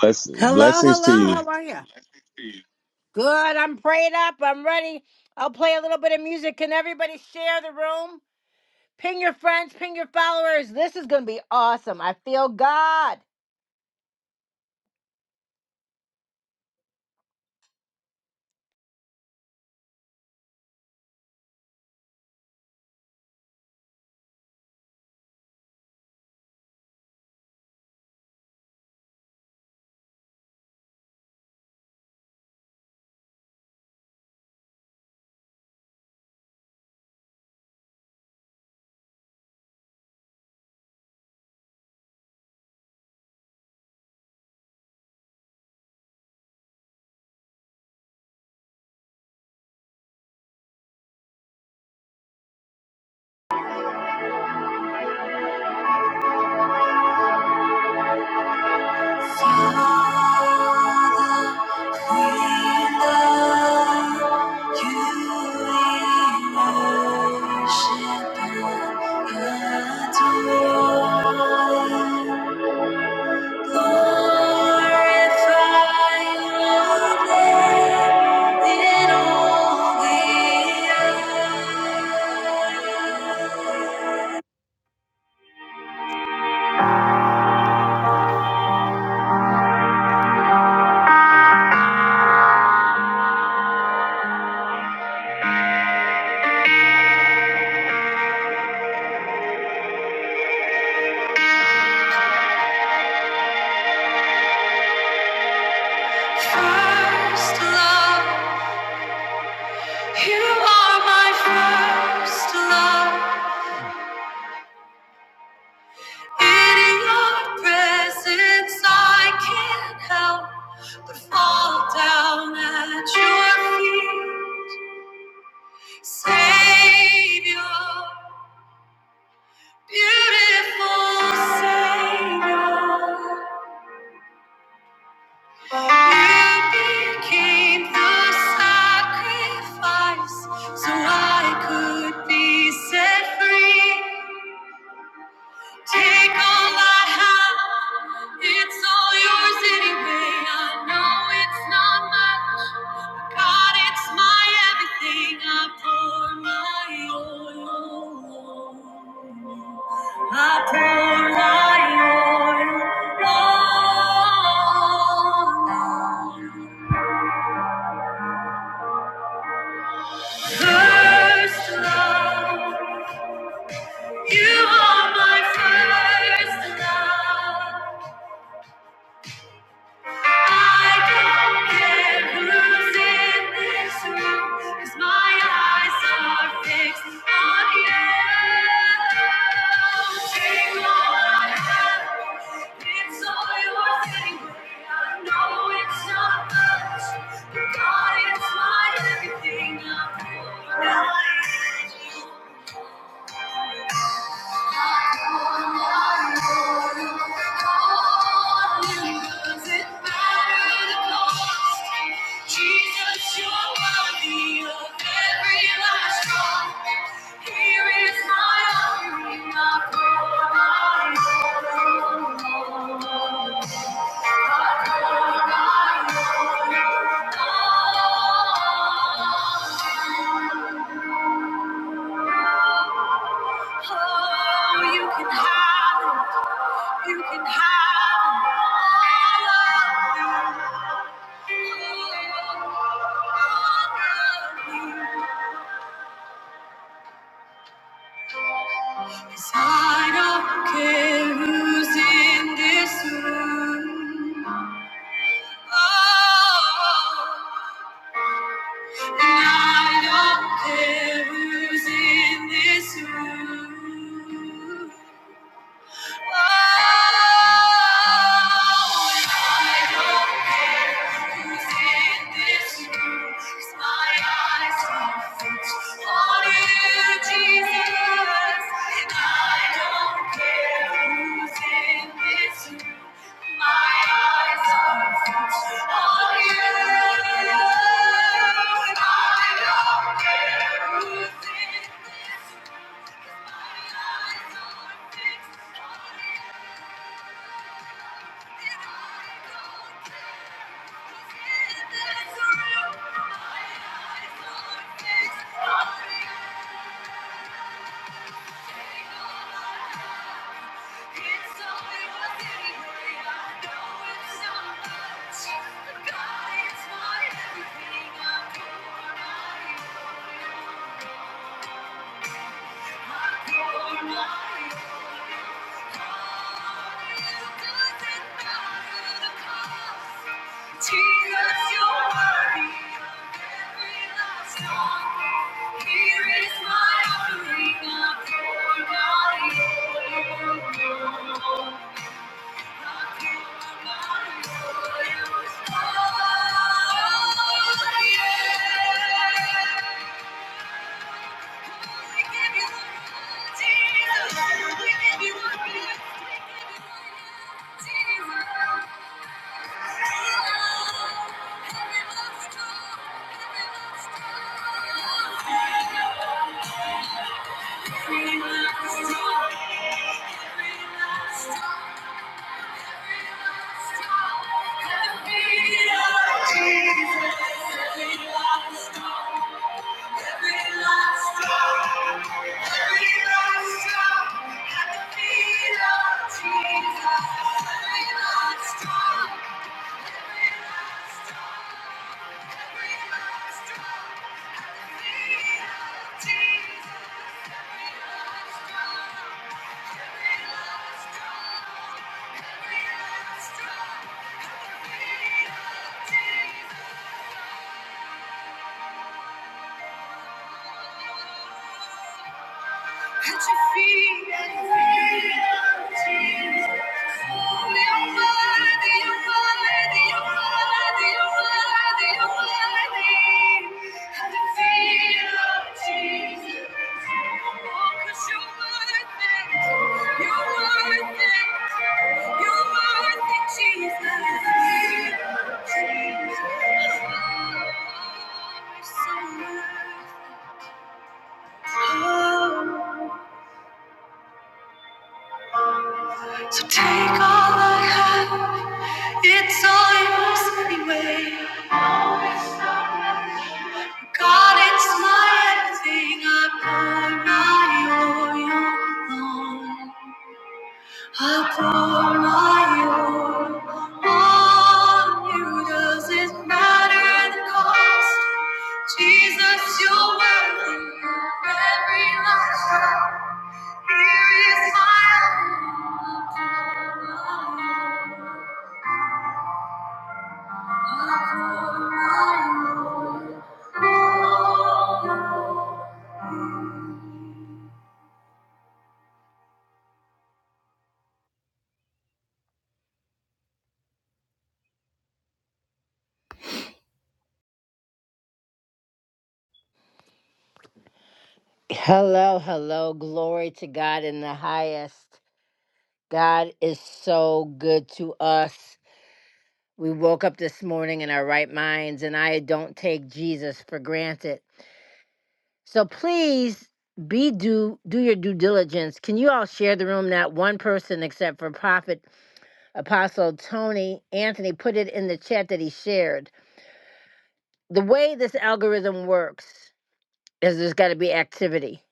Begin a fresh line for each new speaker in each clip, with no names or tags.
Bless,
Hello,
blessings to
hello.
you.
How are you? Good. I'm prayed up. I'm ready. I'll play a little bit of music. Can everybody share the room? Ping your friends, ping your followers. This is going to be awesome. I feel God. First love, you are my first love. In your presence, I can't help but fall down at your feet. Savior, beautiful Savior. You became the sacrifice so I could be set free. Take all I have, it's all yours anyway. I know it's not much, but God, it's my everything. I pour my oil. I pour my oil. on First love, you are my first love. I don't care who's in this room, 'cause my eyes are fixed on you. Take Lord, it's all yours anyway. I know it's not much, but God, it's my everything. I'm pouring out. Jesus, you're worthy of every last drop. Here is my offering, I pour mine Oh, you can have it, you can have it. I love you. Yes, I don't care who's in this room. Oh, and I don't care who's in this room. Oh, Thank you. God, it's my everything. I'm going Yeah. Every last drop, every last drop. Stop! Thank you. At oh Jesus. you're worthy, you're worthy, you worthy, you you're worthy. oh Oh, 'cause you're worth it, you're worth Jesus. Oh, so worth Oh. So take all I have, it's all yours anyway. God, it's my everything. I pour my oil on. I pour my oil on you. Does it matter the cost? Jesus, you're worthy of every last drop. Here is my oil. I pour my oil. Hello, hello. Glory to God in the highest. God is so good to us. We woke up this morning in our right minds, and I don't take Jesus for granted. So please be do do your due diligence. Can you all share the room? Not one person except for Prophet Apostle Tony Anthony put it in the chat that he shared. The way this algorithm works is there's got to be activity.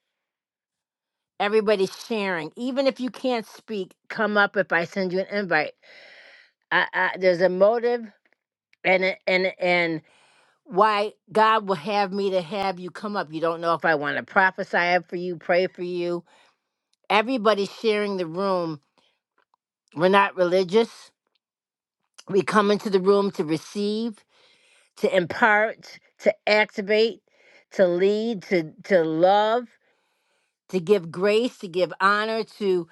everybody's sharing even if you can't speak come up if i send you an invite I, I, there's a motive and a- and and why god will have me to have you come up you don't know if i want to prophesy for you pray for you everybody's sharing the room we're not religious we come into the room to receive to impart to activate to lead to to love to give grace, to give honor, to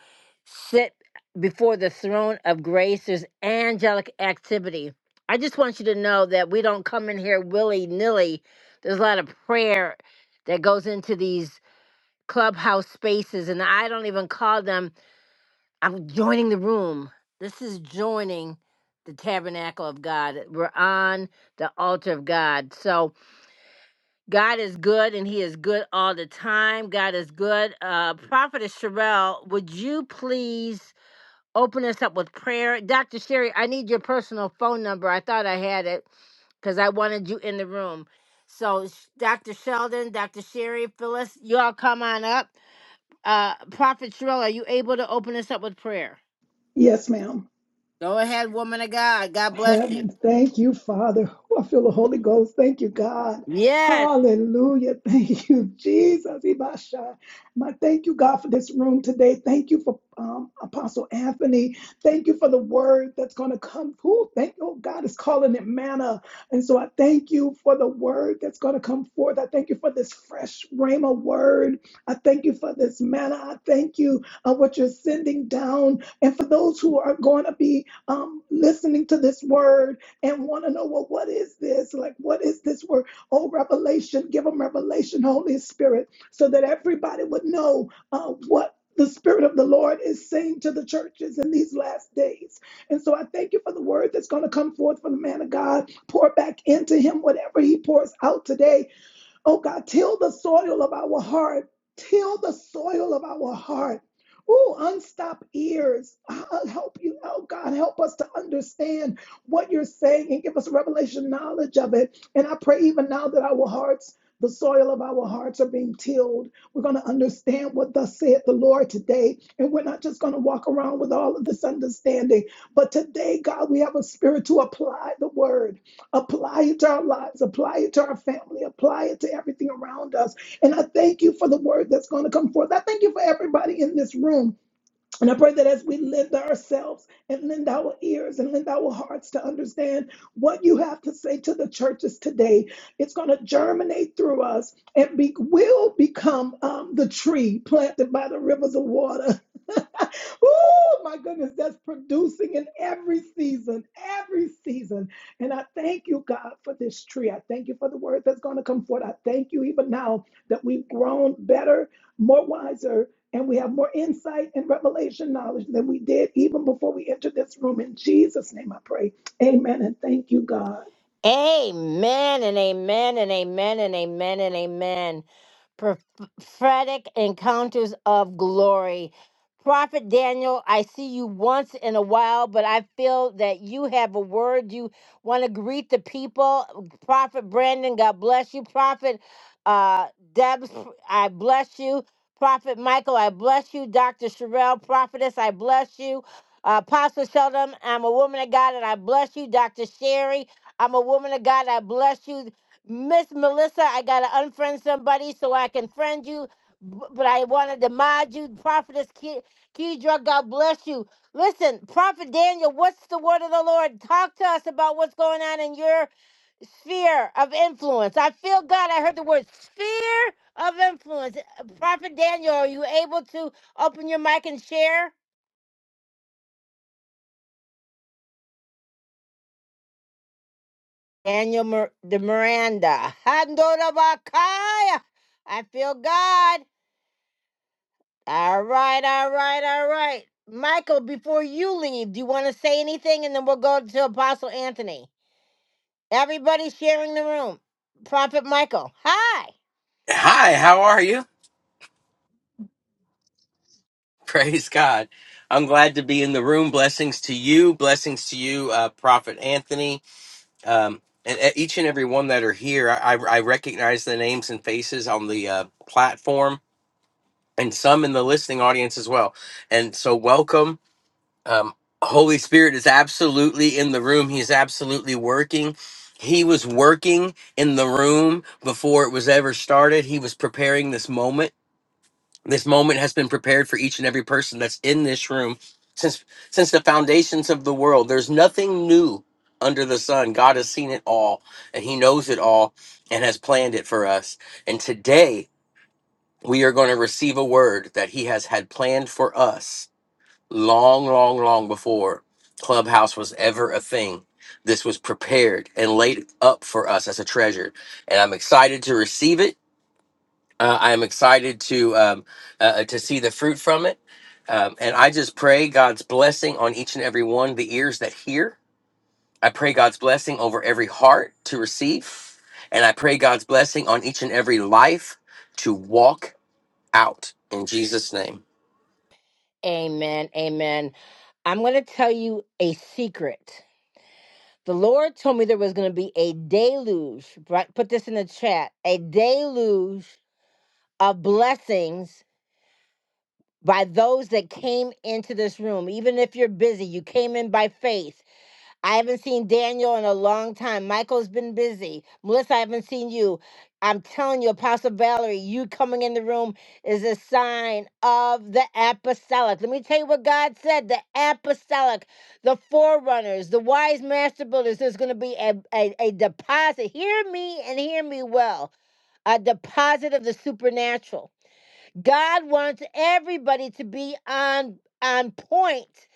sit before the throne of grace. There's angelic activity. I just want you to know that we don't come in here willy nilly. There's a lot of prayer that goes into these clubhouse spaces, and I don't even call them, I'm joining the room. This is joining the tabernacle of God. We're on the altar of God. So, God is good and he is good all the time. God is good. Uh, Prophetess Sherelle, would you please open us up with prayer? Dr. Sherry, I need your personal phone number. I thought I had it because I wanted you in the room. So, Sh- Dr. Sheldon, Dr. Sherry, Phyllis, y'all come on up. Uh, Prophet Sherelle, are you able to open us up with prayer?
Yes, ma'am.
Go ahead, woman of God. God bless you.
Heaven, thank you, Father. Oh, I feel the Holy Ghost. Thank you, God.
Yes.
Hallelujah. Thank you, Jesus. Ibasha. My thank you, God, for this room today. Thank you for um, Apostle Anthony. Thank you for the word that's going to come. Ooh, thank you. Oh, God is calling it manna. And so I thank you for the word that's going to come forth. I thank you for this fresh rhema word. I thank you for this manna. I thank you uh, what you're sending down. And for those who are going to be um, listening to this word and want to know, well, what is this? Like, what is this word? Oh, revelation, give them revelation, Holy Spirit, so that everybody would know uh, what the Spirit of the Lord is saying to the churches in these last days. And so I thank you for the word that's going to come forth from the man of God. Pour back into him whatever he pours out today Oh God, till the soil of our heart. Till the soil of our heart. Oh, unstop ears. I'll help you. Oh God, help us to understand what you're saying and give us revelation knowledge of it. And I pray even now that our hearts, the soil of our hearts are being tilled. We're going to understand what thus saith the Lord today. And we're not just going to walk around with all of this understanding. But today, God, we have a spirit to apply the word. Apply it to our lives, apply it to our family, apply it to everything around us. And I thank you for the word that's going to come forth. I thank you for everybody in this room. And I pray that as we lend ourselves and lend our ears and lend our hearts to understand what you have to say to the churches today, it's going to germinate through us and be, will become um, the tree planted by the rivers of water. oh my goodness, that's producing in every season, every season. And I thank you, God, for this tree. I thank you for the word that's going to come forth. I thank you even now that we've grown better, more wiser, and we have more insight and revelation knowledge than we did even before we entered this room. In Jesus' name I pray. Amen. And thank you, God.
Amen and amen and amen and amen and amen. Prophetic encounters of glory. Prophet Daniel, I see you once in a while, but I feel that you have a word. You want to greet the people. Prophet Brandon, God bless you. Prophet uh, Debs, I bless you. Prophet Michael, I bless you. Dr. Sherelle, prophetess, I bless you. Uh, Apostle Sheldon, I'm a woman of God and I bless you. Dr. Sherry, I'm a woman of God. I bless you. Miss Melissa, I got to unfriend somebody so I can friend you. b- But I wanted to mod you. Prophetess Ke- Kedra, God bless you. Listen, Prophet Daniel, what's the word of the Lord? Talk to us about what's going on in your sphere of influence. I feel God. I heard the word sphere of influence. Prophet Daniel, are you able to open your mic and share? Daniel Mir- de Miranda. Handorabakaya. I feel God. All right, all right, all right. Michael, before you leave, do you want to say anything? And then we'll go to Apostle Anthony. Everybody sharing the room. Prophet Michael, hi.
Hi, how are you? Praise God. I'm glad to be in the room. Blessings to you. Blessings to you, uh, Prophet Anthony. Um, and uh, each and every one that are here, I, I recognize the names and faces on the uh, platform and some in the listening audience as well. And so, welcome. Um, Holy Spirit is absolutely in the room, He is absolutely working. He was working in the room before it was ever started. He was preparing this moment This moment has been prepared for each and every person that's in this room since since the foundations of the world. There's nothing new under the sun. God has seen it all and he knows it all and has planned it for us. And today we are going to receive a word that he has had planned for us long, long, long before Clubhouse was ever a thing. This was prepared and laid up for us as a treasure. And I'm excited to receive it uh, I am excited to um, uh, uh, to see the fruit from it, um, and I just pray God's blessing on each and every one of the ears that hear. I pray God's blessing over every heart to receive, and I pray God's blessing on each and every life to walk out in Jesus' name.
Amen, amen. I'm going to tell you a secret. The Lord told me there was going to be a deluge. right? Put this in the chat a deluge of blessings by those that came into this room. Even if you're busy, you came in by faith I haven't seen Daniel in a long time. Michael's been busy. Melissa, I haven't seen you. I'm telling you, Apostle Valerie, you coming in the room is a sign of the apostolic. Let me tell you what God said the apostolic, the forerunners, the wise master builders. There's going to be a, a, a deposit. Hear me and hear me well a deposit of the supernatural. God wants everybody to be on, on point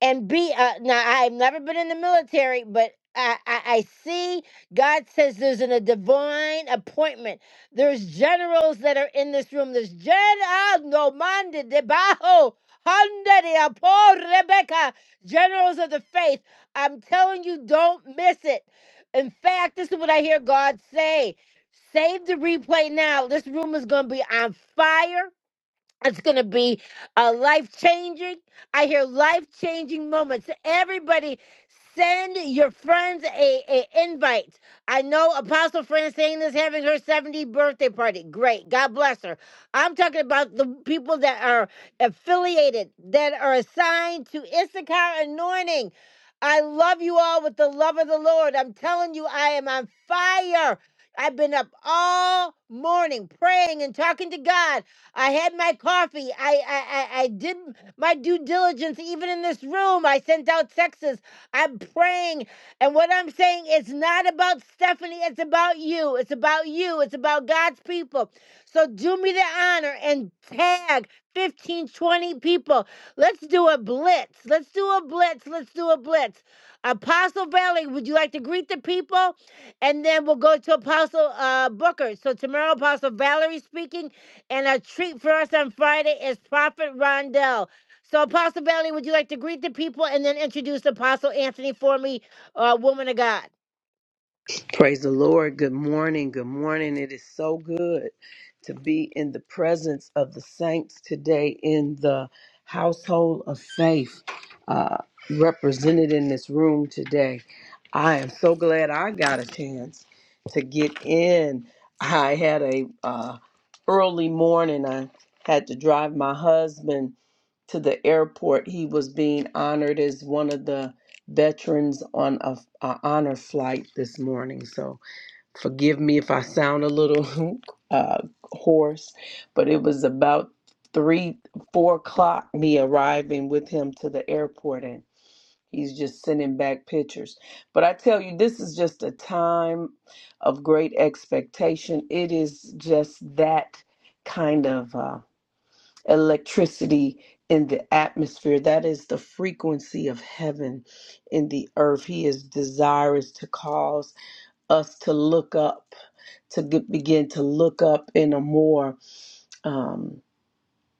and be uh, now i've never been in the military but I, I i see god says there's an, a divine appointment there's generals that are in this room there's general no mande debajo handa de apo Rebecca, generals of the faith. I'm telling you, don't miss it. In fact, this is what I hear God say. Save the replay now. This room is going to be on fire it's going to be a life changing. I hear life changing moments. Everybody, send your friends a, a invite. I know Apostle Francine is having her 70th birthday party. Great. God bless her. I'm talking about the people that are affiliated, that are assigned to Issachar Anointing. I love you all with the love of the Lord. I'm telling you, I am on fire. I've been up all morning praying and talking to God. I had my coffee. I, I I I did my due diligence even in this room. I sent out texts. I'm praying. And what I'm saying is not about Stephanie, it's about you. It's about you. It's about God's people. So do me the honor and tag 15 20 people. Let's do a blitz. Let's do a blitz. Let's do a blitz. Apostle Valley, would you like to greet the people? And then we'll go to Apostle uh, Booker. So tomorrow, Apostle Valerie speaking. And a treat for us on Friday is Prophet Rondell. So, Apostle Bailey, would you like to greet the people and then introduce Apostle Anthony for me, uh, woman of God?
Praise the Lord. Good morning. Good morning. It is so good to be in the presence of the saints today in the household of faith uh, represented in this room today. I am so glad I got a chance to get in. I had a uh, early morning. I had to drive my husband to the airport. He was being honored as one of the veterans on a, a honor flight this morning. So forgive me if I sound a little uh, hoarse, but it was about three, four o'clock me arriving with him to the airport, and he's just sending back pictures. But I tell you, this is just a time of great expectation. It is just that kind of. Uh, electricity in the atmosphere. That is the frequency of heaven in the earth. He is desirous to cause us to look up, to get, begin to look up in a more um,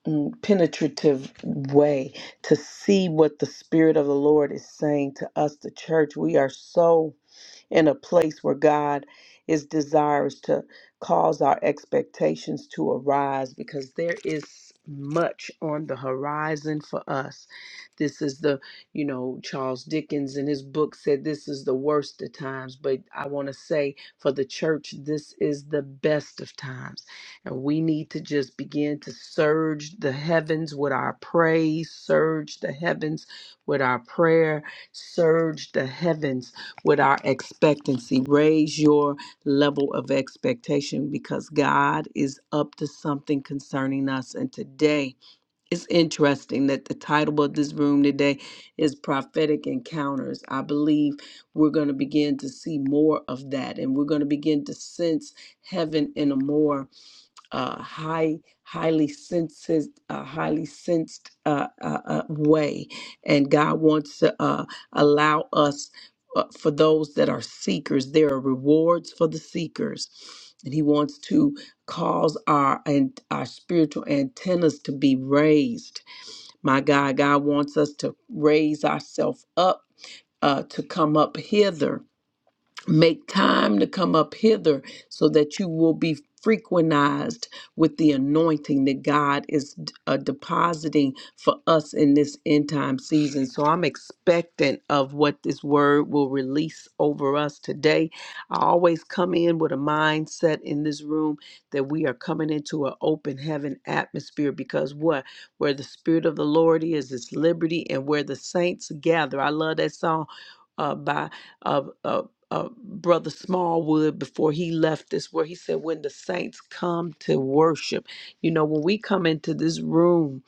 mm, penetrative way, to see what the Spirit of the Lord is saying to us, the church. We are so in a place where God is desirous to cause our expectations to arise because there is much on the horizon for us. This is the, you know, Charles Dickens in his book said this is the worst of times, but I want to say for the church, this is the best of times. And we need to just begin to surge the heavens with our praise, surge the heavens with our prayer, surge the heavens with our expectancy. Raise your level of expectation because God is up to something concerning us. And today, it's interesting that the title of this room today is Prophetic Encounters. I believe we're going to begin to see more of that and we're going to begin to sense heaven in a more uh, high, highly sensed, uh, highly sensed uh, uh, uh, way, and God wants to uh, allow us. uh, For those that are seekers, there are rewards for the seekers, and He wants to cause our and our spiritual antennas to be raised. My God, God wants us to raise ourselves up uh, to come up hither Make time to come up hither so that you will be frequentized with the anointing that God is uh, depositing for us in this end time season. So I'm expectant of what this word will release over us today. I always come in with a mindset in this room that we are coming into an open heaven atmosphere because what? Where the Spirit of the Lord is, it's liberty, and where the saints gather. I love that song. Uh, by uh, Brother Smallwood before he left this, where he said, When the saints come to worship, you know, when we come into this room,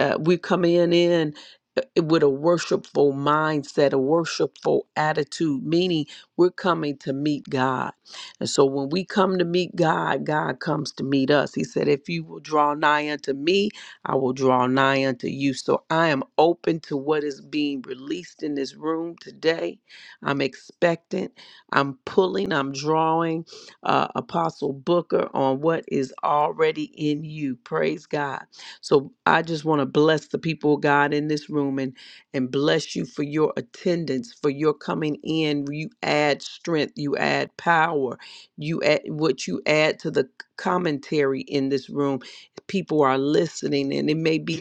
uh, we come in, in uh, with a worshipful mindset, a worshipful attitude, meaning we're coming to meet God. And so when we come to meet God, God comes to meet us. He said, If you will draw nigh unto me, I will draw nigh unto you. So I am open to what is being released in this room today. I'm expectant. I'm pulling, I'm drawing uh, Apostle Booker on what is already in you. Praise God. So I just want to bless the people of God in this room and and bless you for your attendance, for your coming in. You add strength, you add power, you add what you add to the commentary in this room. People are listening, and it may be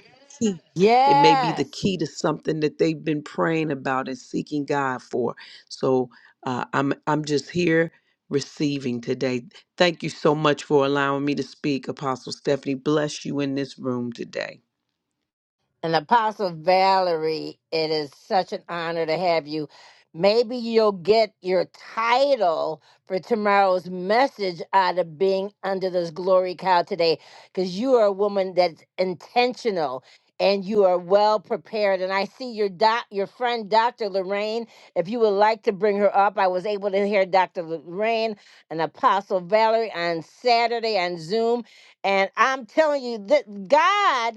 key. It may be the
Yes.
key to something that they've been praying about and seeking God for. So uh, I'm I'm just here receiving today. Thank you so much for allowing me to speak, Apostle Stephanie. Bless you in this room today.
And Apostle Valerie, it is such an honor to have you. Maybe you'll get your title for tomorrow's message out of being under this glory cow today, because you are a woman that's intentional and you are well prepared. And I see your doc, your friend Dr. Lorraine. If you would like to bring her up, I was able to hear Dr. Lorraine and Apostle Valerie on Saturday on Zoom, and I'm telling you that God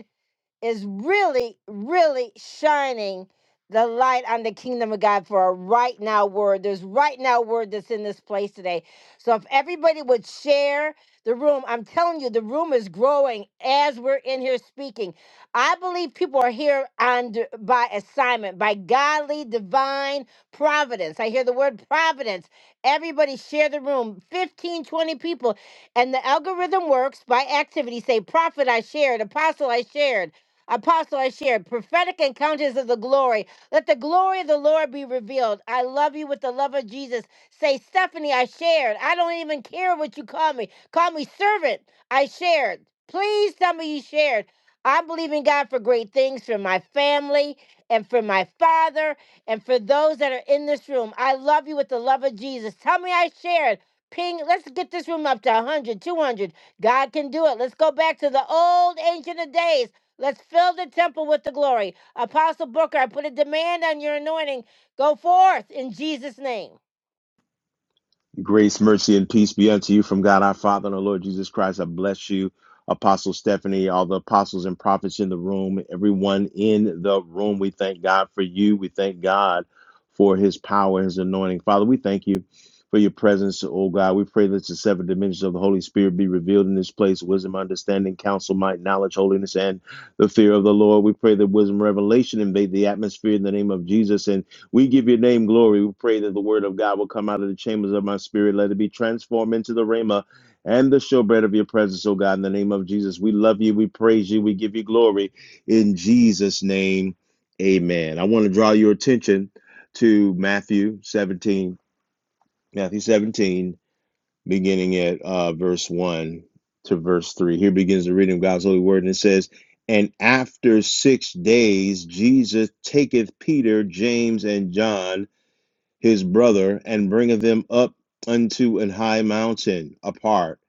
is really, really shining the light on the kingdom of God for a right now word. There's right now word that's in this place today. So if everybody would share the room, I'm telling you, the room is growing as we're in here speaking. I believe people are here on d- by assignment, by godly divine providence. I hear the word providence. Everybody share the room. 15, 20 people. And the algorithm works by activity. Say, prophet, I shared, apostle, I shared. Apostle, I shared prophetic encounters of the glory. Let the glory of the Lord be revealed. I love you with the love of Jesus. Say, Stephanie, I shared. I don't even care what you call me. Call me servant. I shared. Please tell me you shared. I believe in God for great things for my family and for my father and for those that are in this room. I love you with the love of Jesus. Tell me I shared. Ping, let's get this room up to 100, 200. God can do it. Let's go back to the old ancient of days. Let's fill the temple with the glory. Apostle Booker, I put a demand on your anointing. Go forth in Jesus' name.
Grace, mercy, and peace be unto you from God our Father and our Lord Jesus Christ. I bless you, Apostle Stephanie, all the apostles and prophets in the room, everyone in the room. We thank God for you. We thank God for his power, his anointing. Father, we thank you for your presence, oh God. We pray that the seven dimensions of the Holy Spirit be revealed in this place wisdom, understanding, counsel, might, knowledge, holiness, and the fear of the Lord. We pray that wisdom, revelation invade the atmosphere in the name of Jesus and We give your name glory. We pray that the word of God will come out of the chambers of my spirit. Let it be transformed into the rhema and the showbread of your presence, oh God, in the name of Jesus. We love you. We praise you. We give you glory. In Jesus' name, amen. I want to draw your attention to Matthew 17, Matthew 17, beginning at uh, verse 1 to verse 3. Here begins the reading of God's holy word, and it says, And after six days, Jesus taketh Peter, James, and John his brother, and bringeth them up unto an high mountain apart,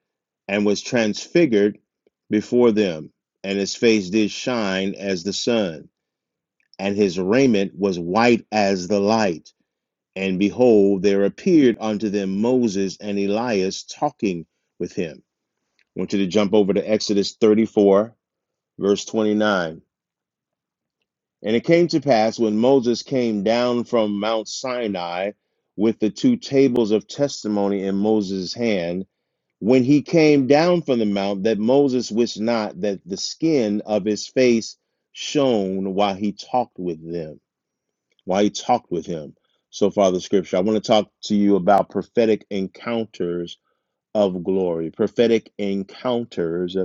and was transfigured before them, and his face did shine as the sun, and his raiment was white as the light. And behold, there appeared unto them Moses and Elias talking with him. I want you to jump over to Exodus 34, verse 29. And it came to pass when Moses came down from Mount Sinai with the two tables of testimony in Moses' hand, when he came down from the mount, that Moses wished not that the skin of his face shone while he talked with them, while he talked with him. So far, the scripture. I want to talk to you about prophetic encounters of glory, prophetic encounters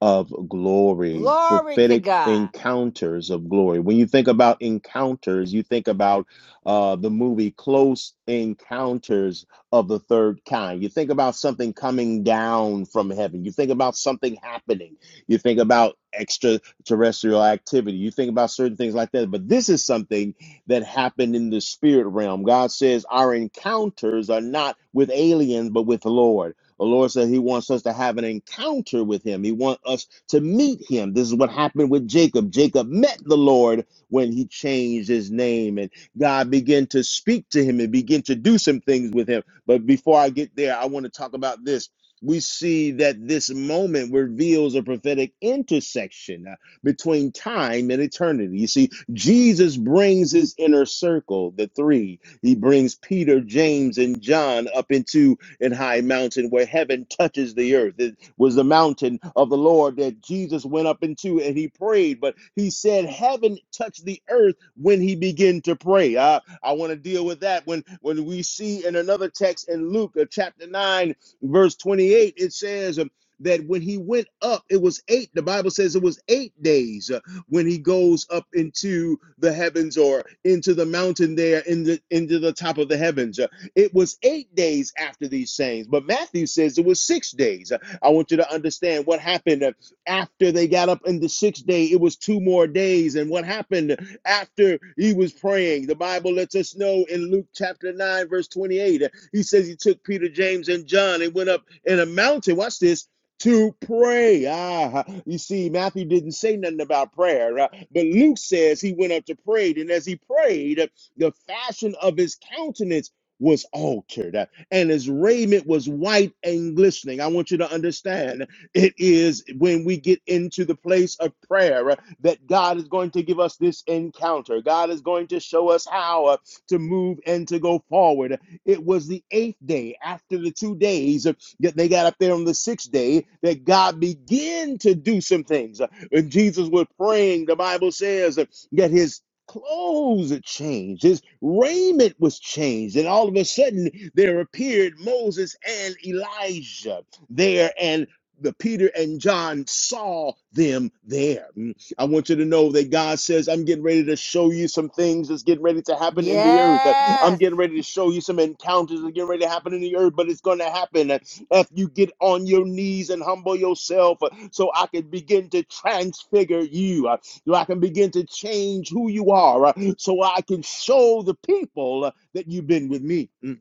of glory,
Glory to
prophetic
God.
encounters of glory. When you think about encounters, you think about uh, the movie Close Encounters of the Third Kind. You think about something coming down from heaven. You think about something happening. You think about extraterrestrial activity. You think about certain things like that. But this is something that happened in the spirit realm. God says our encounters are not with aliens, but with the Lord. The Lord said He wants us to have an encounter with Him. He wants us to meet Him. This is what happened with Jacob. Jacob met the Lord when he changed his name, and God began to speak to him and begin to do some things with him. But before I get there, I want to talk about this. We see that this moment reveals a prophetic intersection uh, between time and eternity. You see, Jesus brings his inner circle, the three. He brings Peter, James, and John up into and high mountain where heaven touches the earth. It was the mountain of the Lord that Jesus went up into and he prayed, but he said heaven touched the earth when he began to pray. I, I want to deal with that when, when we see in another text in Luke uh, chapter 9, verse 28, it says, um, that when he went up, it was eight. The Bible says it was eight days uh, when he goes up into the heavens or into the mountain there in the into the top of the heavens. Uh, it was eight days after these sayings, but Matthew says it was six days. I want you to understand what happened after they got up in the sixth day. It was two more days. And what happened after he was praying? The Bible lets us know in Luke chapter 9, verse 28, he says he took Peter, James, and John and went up in a mountain. Watch this to pray. Ah, you see, Matthew didn't say nothing about prayer, uh, but Luke says he went up to pray, and as he prayed, the fashion of his countenance was altered, uh, and his raiment was white and glistening. I want you to understand it is when we get into the place of prayer uh, that God is going to give us this encounter. God is going to show us how uh, to move and to go forward. It was the eighth day after the two days uh, that they got up there on the sixth day that God began to do some things. Uh, When Jesus was praying, the Bible says uh, that his clothes had changed, his raiment was changed, and all of a sudden there appeared Moses and Elijah there and the Peter and John saw them there. Mm. I want you to know that God says, I'm getting ready to show you some things that's getting ready to happen in the earth. Uh, I'm
Yes.
getting ready to show you some encounters that getting ready to happen in the earth, but it's going to happen uh, if you get on your knees and humble yourself uh, so I can begin to transfigure you. Uh, so I can begin to change who you are, uh, so I can show the people uh, that you've been with me. Mm.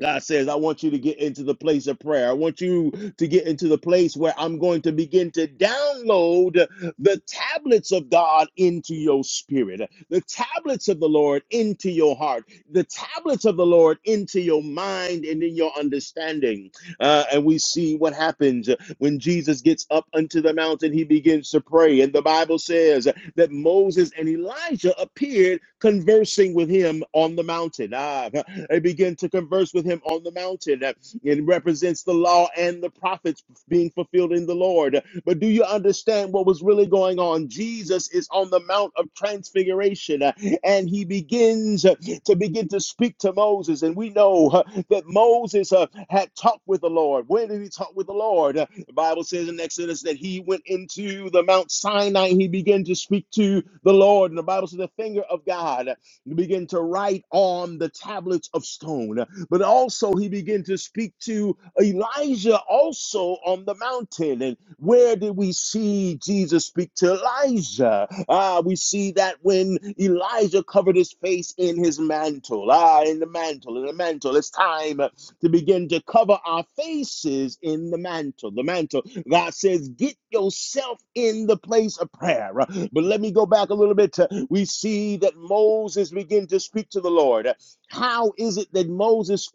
God says, I want you to get into the place of prayer. I want you to get into the place where I'm going to begin to download uh, the tablets of God into your spirit, uh, the tablets of the Lord into your heart, the tablets of the Lord into your mind and in your understanding. Uh, and we see what happens when Jesus gets up unto the mountain, he begins to pray. And the Bible says, that Moses and Elijah appeared conversing with him on the mountain. Ah, they begin to converse with him on the mountain. It represents the law and the prophets being fulfilled in the Lord. But do you understand what was really going on? Jesus is on the Mount of Transfiguration uh, and he begins uh, to begin to speak to Moses. And we know uh, that Moses uh, had talked with the Lord. Where did he talk with the Lord? Uh, The Bible says in Exodus that he went into the Mount Sinai he began to speak to the Lord. And the Bible says the finger of God uh, began to write on the tablets of stone. But also, he began to speak to Elijah also on the mountain. And where did we see Jesus speak to Elijah? Ah, we see that when Elijah covered his face in his mantle, ah, in the mantle, in the mantle. It's time to begin to cover our faces in the mantle. The mantle. God says, get yourself in the place of prayer. But let me go back a little bit. we see that Moses began to speak to the Lord. How is it that Moses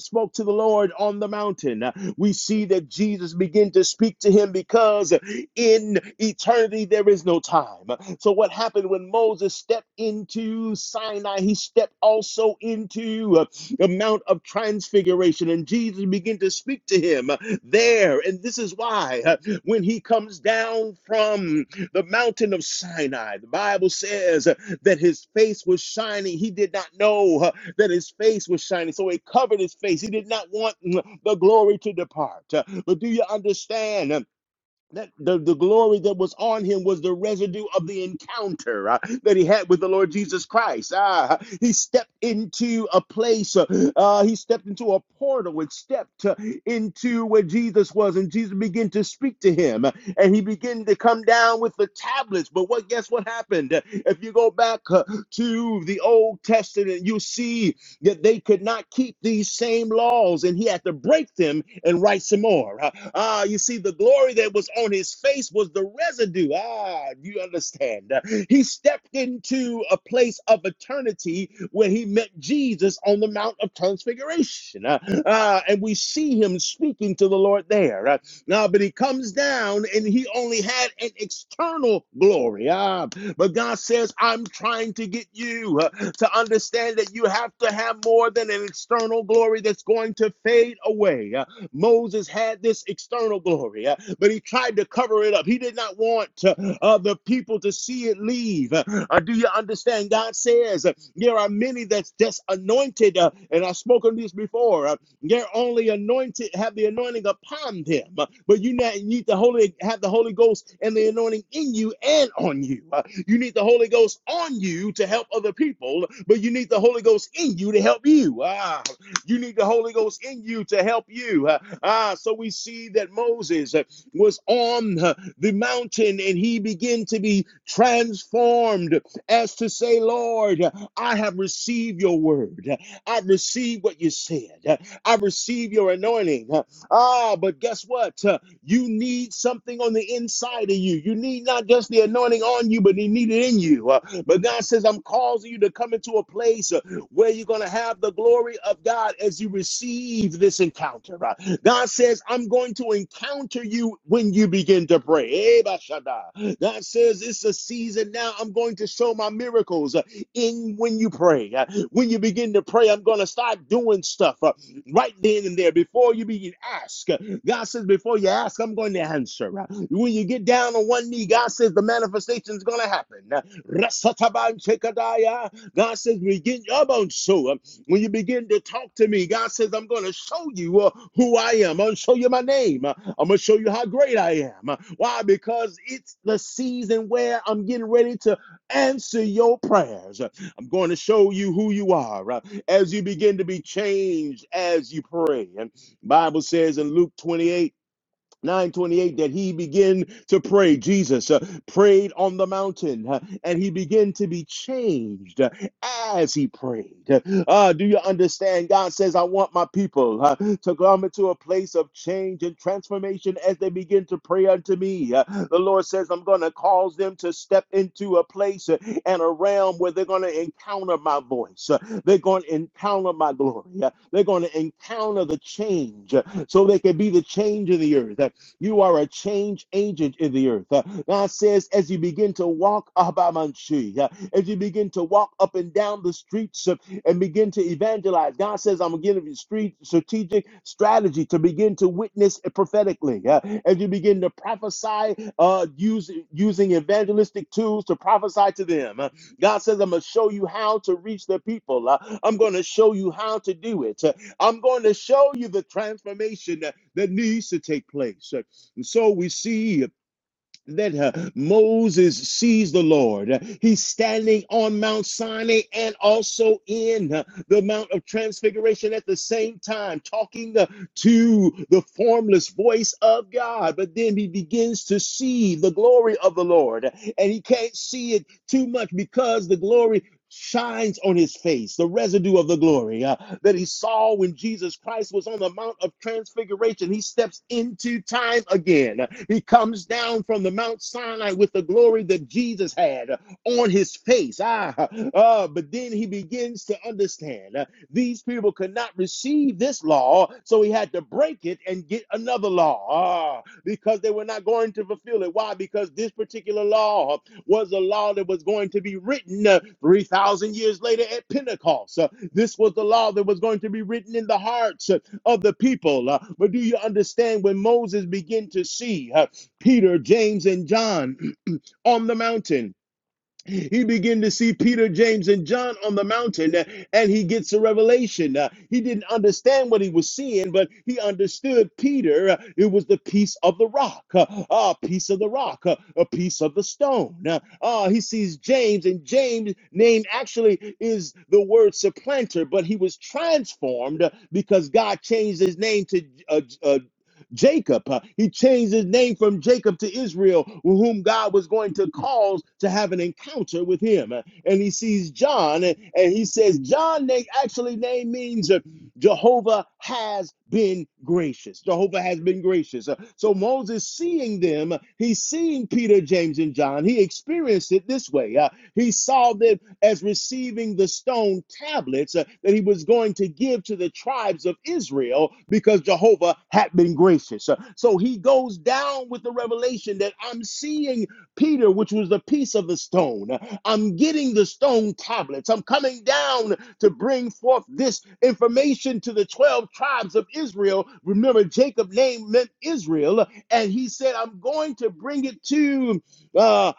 spoke to the Lord on the mountain? Uh, We see that Jesus began to speak to him because in eternity there is no time. So, what happened when Moses stepped into Sinai? He stepped also into uh, the Mount of Transfiguration, and Jesus began to speak to him uh, there. And this is why uh, when he comes down from the mountain of Sinai. The Bible says uh, that his face was shining. He did not know uh, that his face was shining, so he covered his face. He did not want mm, the glory to depart. Uh, But do you understand? uh, that the, the glory that was on him was the residue of the encounter uh, that he had with the Lord Jesus Christ. Ah, he stepped into a place, uh, uh, he stepped into a portal and stepped uh, into where Jesus was, and Jesus began to speak to him, uh, and he began to come down with the tablets. But what guess what happened? If you go back uh, to the Old Testament, you see that they could not keep these same laws and he had to break them and write some more. Ah, ah, you see, the glory that was on his face was the residue. Ah, you understand. Uh, He stepped into a place of eternity when he met Jesus on the Mount of Transfiguration. Ah, ah, and we see him speaking to the Lord there. Uh, now, but he comes down and he only had an external glory. Ah, but God says, I'm trying to get you uh, to understand that you have to have more than an external glory that's going to fade away. Moses had this external glory, uh, but he tried to cover it up. He did not want uh, uh, the people to see it leave. Uh, uh, do you understand? God says uh, there are many that's just anointed, uh, and I've spoken this before. Uh, they're only anointed, have the anointing upon them, uh, but you need the Holy, have the Holy Ghost and the anointing in you and on you. Uh, you need the Holy Ghost on you to help other people, but you need the Holy Ghost in you to help you. Ah, you need the Holy Ghost in you to help you. Uh, ah, so we see that Moses uh, was on uh, the mountain and he began to be transformed as to say, Lord, I have received your word. I received what you said. I receive your anointing. Ah, but guess what? Uh, You need something on the inside of you. You need not just the anointing on you, but you need it in you. Uh, But God says, I'm causing you to come into a place uh, where you're going to have the glory of God as you receive this encounter. Uh, God says, I'm going to encounter you when you begin to pray. Eh, Bashada. God says, It's a season now. I'm going to show my miracles uh, in when you pray. Uh, When you begin to pray, I'm going to start doing stuff uh, right then and there before you begin ask. uh, God says, Before you ask, I'm going to answer. Uh, When you get down on one knee, God says, The manifestation is going to happen. Uh, Rasataban Chekadaya. God says, begin about so. uh, When you begin to talk to me, God says, I'm going to show you uh, who I am. I'm going to show you my name. Uh, I'm going to show you how great I am. Uh, Why? Because it's the season where I'm getting ready to answer your prayers. Uh, I'm going to show you who you are uh, as you begin to be changed as you pray. And the Bible says in Luke 28. 928 that he began to pray jesus uh, prayed on the mountain uh, and he began to be changed uh, as he prayed uh, do you understand god says i want my people uh, to come into a place of change and transformation as they begin to pray unto me Uh, the lord says i'm going to cause them to step into a place uh, and a realm where they're going to encounter my voice Uh, they're going to encounter my glory Uh, they're going to encounter the change uh, so they can be the change in the earth uh, you are a change agent in the earth. Uh, God says, as you begin to walk Abamanshi, uh, as you begin to walk up and down the streets uh, and begin to evangelize, God says, I'm going to give you street strategic strategy to begin to witness prophetically. Uh, as you begin to prophesy uh, using using evangelistic tools to prophesy to them, Uh, God says, I'm going to show you how to reach the people. Uh, I'm going to show you how to do it. Uh, I'm going to show you the transformation that that needs to take place. uh, and so we see that uh, Moses sees the Lord. Uh, He's standing on Mount Sinai and also in uh, the Mount of Transfiguration at the same time, talking uh, to the formless voice of God. But then he begins to see the glory of the Lord, and he can't see it too much because the glory shines on his face, the residue of the glory uh, that he saw when Jesus Christ was on the Mount of Transfiguration. He steps into time again. He comes down from the Mount Sinai with the glory that Jesus had uh, on his face. Ah, uh, but then he begins to understand uh, these people could not receive this law, so he had to break it and get another law ah, because they were not going to fulfill it. Why? Because this particular law was a law that was going to be written uh, 3,000 years later at Pentecost. Uh, this was the law that was going to be written in the hearts uh, of the people. Uh, but do you understand when Moses began to see uh, Peter, James, and John on the mountain? He began to see Peter, James, and John on the mountain, uh, and he gets a revelation. Uh, He didn't understand what he was seeing, but he understood Peter. uh, It was the piece of the rock, uh, a piece of the rock, uh, a piece of the stone. Uh, uh, He sees James, and James' name actually is the word supplanter, but he was transformed uh, because God changed his name to uh, uh, Jacob. Uh, he changed his name from Jacob to Israel, whom God was going to cause to have an encounter with him. Uh, And he sees John, and, and he says, John name, actually name means uh, Jehovah has been gracious. Jehovah has been gracious. Uh, So Moses seeing them, uh, he's seeing Peter, James, and John. He experienced it this way. Uh, He saw that as receiving the stone tablets uh, that he was going to give to the tribes of Israel because Jehovah had been gracious. Uh, So he goes down with the revelation that I'm seeing Peter, which was the piece of the stone. Uh, I'm getting the stone tablets. I'm coming down to bring forth this information to the 12 tribes of Israel. Remember, Jacob name meant Israel. And he said, I'm going to bring it to uh,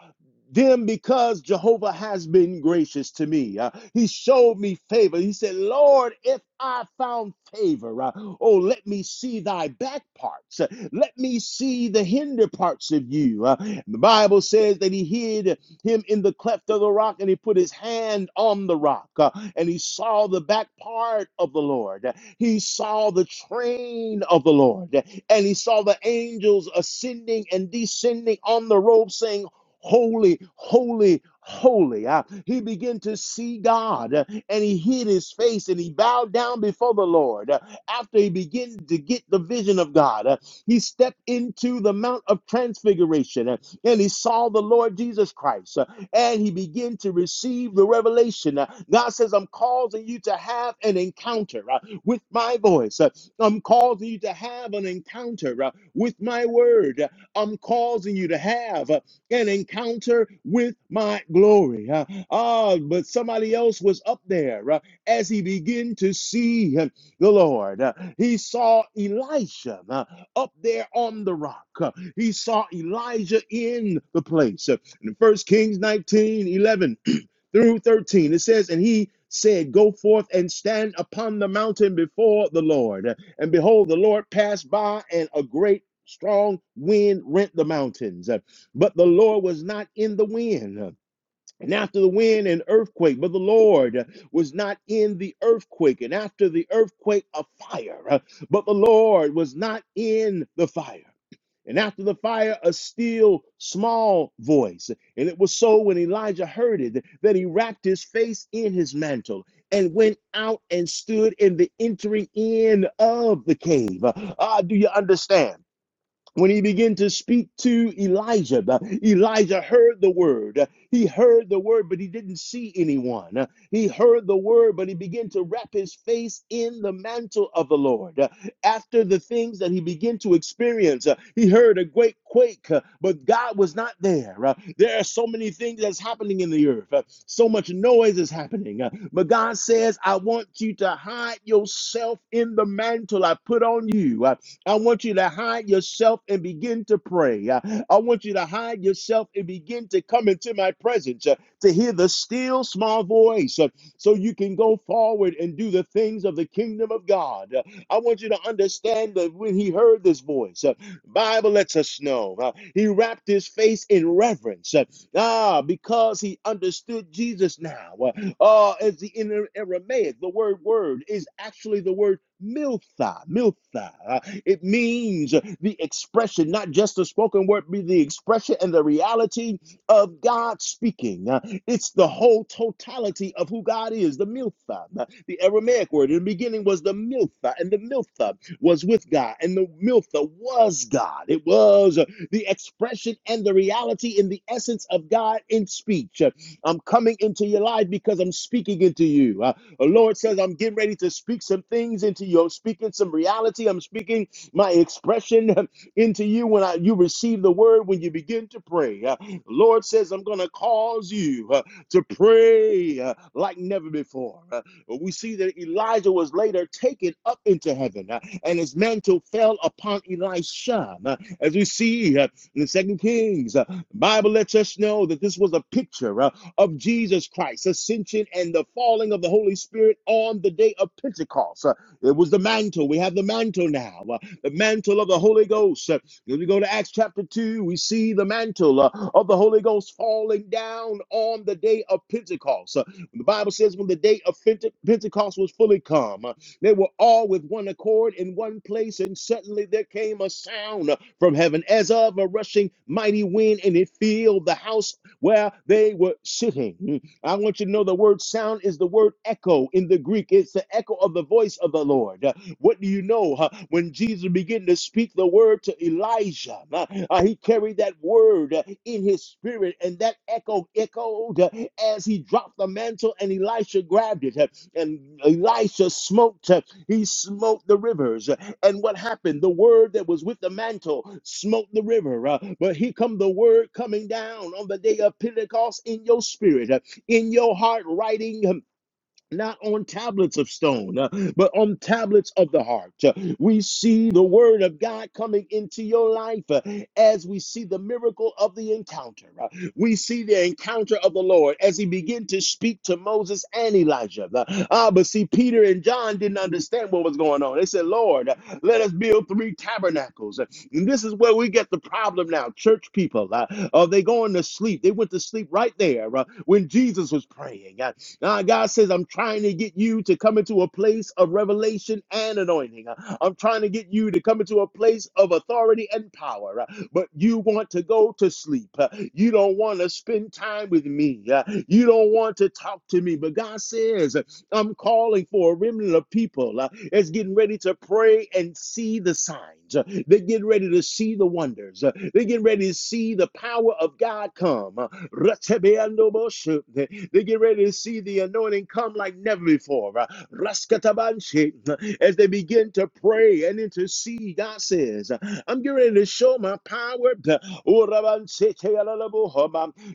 them because Jehovah has been gracious to me. Uh, he showed me favor. He said, Lord, if I found favor, uh, oh, let me see thy back parts. Uh, Let me see the hinder parts of you. Uh, the Bible says that he hid him in the cleft of the rock and he put his hand on the rock uh, and he saw the back part of the Lord. He saw the train of the Lord and he saw the angels ascending and descending on the robe saying, holy, holy, holy. Uh, he began to see God uh, and he hid his face and he bowed down before the Lord. Uh, after he began to get the vision of God, uh, he stepped into the Mount of Transfiguration uh, and he saw the Lord Jesus Christ uh, and he began to receive the revelation. Uh, God says, I'm causing you to have an encounter uh, with my voice. Uh, I'm causing you to have an encounter uh, with my word. Uh, I'm causing you to have. uh, an encounter with my glory. Uh, ah, but somebody else was up there uh, as he began to see uh, the Lord. Uh, he saw Elisha uh, up there on the rock. Uh, he saw Elijah in the place. Uh, in 1 Kings 19:11 through 13. It says, And he said, Go forth and stand upon the mountain before the Lord. And behold, the Lord passed by, and a great strong wind rent the mountains. But the Lord was not in the wind. And after the wind, an earthquake, but the Lord was not in the earthquake. And after the earthquake, a fire, but the Lord was not in the fire. And after the fire, a still small voice. And it was so when Elijah heard it that he wrapped his face in his mantle and went out and stood in the entering in of the cave. Ah, do you understand? when he began to speak to Elijah, Elijah heard the word. He heard the word, but he didn't see anyone. He heard the word, but he began to wrap his face in the mantle of the Lord. After the things that he began to experience, uh, he heard a great quake, uh, but God was not there. Uh, There are so many things that's happening in the earth. Uh, So much noise is happening. Uh, But God says, I want you to hide yourself in the mantle I put on you. I want you to hide yourself and begin to pray. Uh, I want you to hide yourself and begin to come into my presence uh, to hear the still small voice uh, so you can go forward and do the things of the kingdom of God. Uh, I want you to understand that when he heard this voice, uh, Bible lets us know uh, he wrapped his face in reverence. uh, ah, because he understood Jesus now. Uh, uh, as the in er, Aramaic, the word word is actually the word miltha. Miltha. Uh, it means uh, the expression, not just the spoken word, but the expression and the reality of God speaking. Uh, it's the whole totality of who God is, the miltha. Uh, The Aramaic word in the beginning was the miltha, and the miltha was with God, and the Miltha was God. It was uh, the expression and the reality in the essence of God in speech. Uh, I'm coming into your life because I'm speaking into you. Uh, the Lord says, I'm getting ready to speak some things into you. I'm speaking some reality. I'm speaking my expression into you when I, you receive the word, when you begin to pray. Uh, the Lord says, I'm going to cause you uh, to pray uh, like never before. Uh, but we see that Elijah was later taken up into heaven uh, and his mantle fell upon Elisha. Uh, as we see uh, in the second Kings, uh, the Bible lets us know that this was a picture uh, of Jesus Christ's ascension and the falling of the Holy Spirit on the day of Pentecost. Uh, it was the mantle. We have the mantle now, uh, the mantle of the Holy Ghost. Uh, when we go to Acts chapter 2, we see the mantle uh, of the Holy Ghost falling down on the day of Pentecost. uh, the Bible says when the day of Pentecost was fully come, uh, they were all with one accord in one place, and suddenly there came a sound uh, from heaven as of a rushing mighty wind, and it filled the house where they were sitting. Mm. I want you to know the word sound is the word echo in the Greek. It's the echo of the voice of the Lord. What do you know? huh? When Jesus began to speak the word to Elijah, uh, uh, he carried that word uh, in his spirit, and that echo echoed uh, as he dropped the mantle, and Elisha grabbed it, uh, and Elisha smoked. uh, He smote the rivers, uh, and what happened? The word that was with the mantle smote the river. uh, But here come the word coming down on the day of Pentecost in your spirit, uh, in your heart, writing. um, not on tablets of stone, uh, but on tablets of the heart. Uh, we see the word of God coming into your life uh, as we see the miracle of the encounter. Uh, we see the encounter of the Lord as he began to speak to Moses and Elijah. Uh, ah, but see, Peter and John didn't understand what was going on. They said, Lord, uh, let us build three tabernacles. And this is where we get the problem now. Church people, uh, uh, they going to sleep. They went to sleep right there uh, when Jesus was praying. Uh, uh, God says, I'm trying to get you to come into a place of revelation and anointing. Uh, I'm trying to get you to come into a place of authority and power. Uh, but you want to go to sleep. Uh, you don't want to spend time with me. Uh, you don't want to talk to me. But God says, I'm calling for a remnant of people uh, that's getting ready to pray and see the signs. Uh, they're getting ready to see the wonders. Uh, they're getting ready to see the power of God come. Uh, They- get ready to see the anointing come like never before. Uh, As they begin to pray and intercede, God says, I'm getting ready to show my power. Uh,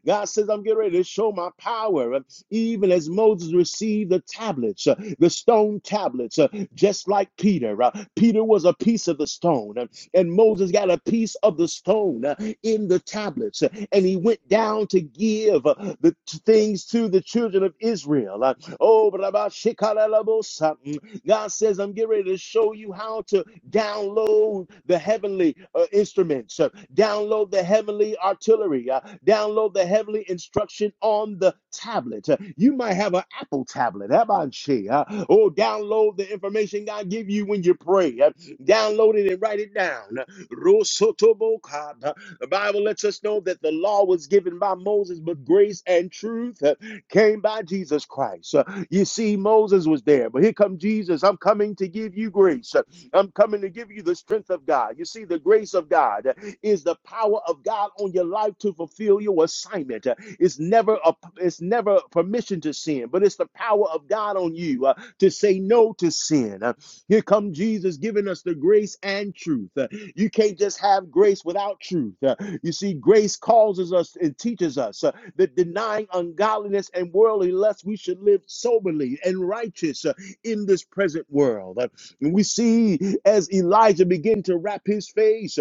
God says, I'm getting ready to show my power even as Moses received the tablets, uh, the stone tablets, uh, just like Peter. Uh, Peter was a piece of the stone, uh, and Moses got a piece of the stone uh, in the tablets, uh, and he went down to give uh, the t- things to the children of Israel. Uh, oh, God says, I'm getting ready to show you how to download the heavenly uh, instruments. Uh, Download the heavenly artillery. Uh, download the heavenly instruction on the tablet. Uh, you might have an Apple tablet. Abanche. Uh, oh, download the information God give you when you pray. Uh, download it and write it down. Rosotobokab. The Bible lets us know that the law was given by Moses, but grace and truth uh, came by Jesus Christ. Uh, You see, Moses was there, but here come Jesus. I'm coming to give you grace. Uh, I'm coming to give you the strength of God. You see, the grace of God is the power of God on your life to fulfill your assignment. Uh, It's never a it's never permission to sin, but it's the power of God on you uh, to say no to sin. Uh, Here come Jesus giving us the grace and truth. Uh, You can't just have grace without truth. Uh, You see, grace causes us and teaches us uh, that denying ungodliness and worldly lust, we should live soberly and righteous uh, in this present world. Uh, we see as Elijah began to wrap his face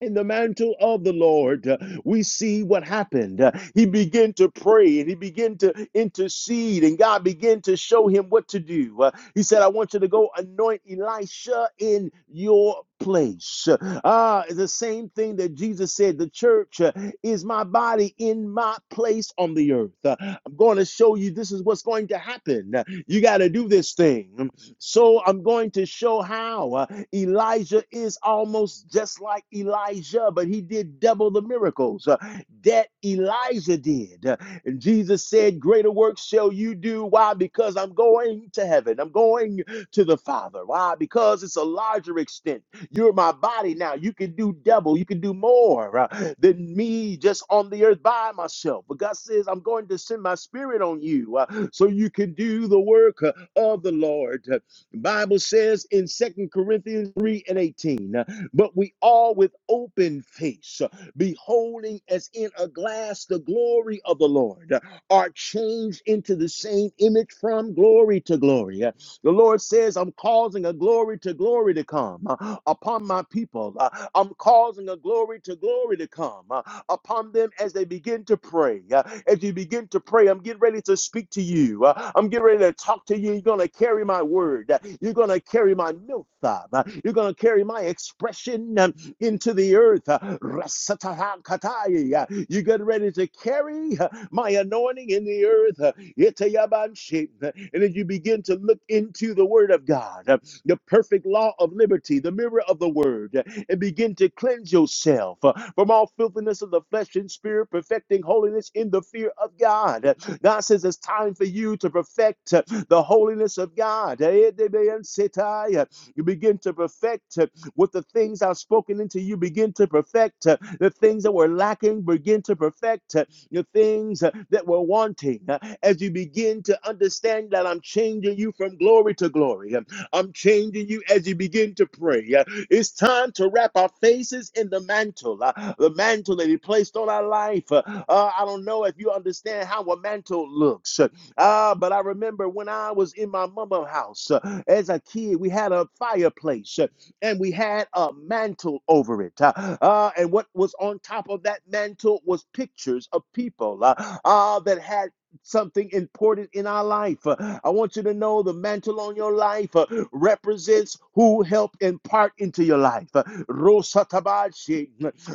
in the mantle of the Lord, uh, we see what happened. Uh, He began to pray and he began to intercede, and God began to show him what to do. Uh, He said, I want you to go anoint Elisha in your place. Ah, it's the same thing that Jesus said the church uh, is my body in my place on the earth. Uh, I'm going to show you this is what's going to happen. Uh, You got to do this thing. So I'm going to show how uh, Elijah is almost just like Elijah, but he did double the miracles uh, that Elijah did. Uh, and Jesus said, Greater works shall you do. Why? Because I'm going to heaven. I'm going to the Father. Why? Because it's a larger extent. You're my body now. You can do double, you can do more uh, than me just on the earth by myself. But God says, I'm going to send my spirit on you uh, so you can do the work uh, of the Lord. The Bible says in Second Corinthians 3 and 18, uh, but we all with open face, uh, beholding as in a glass the glory of the Lord, uh, are changed into the same image from glory to glory. uh, the Lord says, I'm causing a glory to glory to come uh, upon my people. Uh, I'm causing a glory to glory to come uh, upon them as they begin to pray. Uh, As you begin to pray, I'm getting ready to speak to you. Uh, I'm getting ready to talk to you. You're going to carry my word. Uh, You're going to carry my milk. uh, You're going to carry my expression. um, into the earth. Uh, Uh, You get ready to carry uh, my anointing in the earth. Uh, Uh, And then you begin to look into the word of God, uh, the perfect law of liberty, the mirror of the word, uh, and begin to cleanse yourself uh, from all filthiness of the flesh and spirit, perfecting holiness in the fear of God. Uh, God says it's time for you to perfect uh, the holiness of God. Eh, uh, You begin to perfect. uh, with the things I've spoken into you, begin to perfect uh, the things that were lacking, begin to perfect uh, the things uh, that were wanting. Uh, As you begin to understand that I'm changing you from glory to glory, Um, I'm changing you as you begin to pray. Uh, It's time to wrap our faces in the mantle, uh, the mantle that He placed on our life. Uh, uh, I don't know if you understand how a mantle looks. Uh, Ah, but I remember when I was in my mama's house uh, as a kid, we had a fireplace. Uh, and we had a mantle over it. Uh, uh, and what was on top of that mantle was pictures of people uh, uh, that had something important in our life. Uh, I want you to know the mantle on your life uh, represents who helped impart into your life. Uh,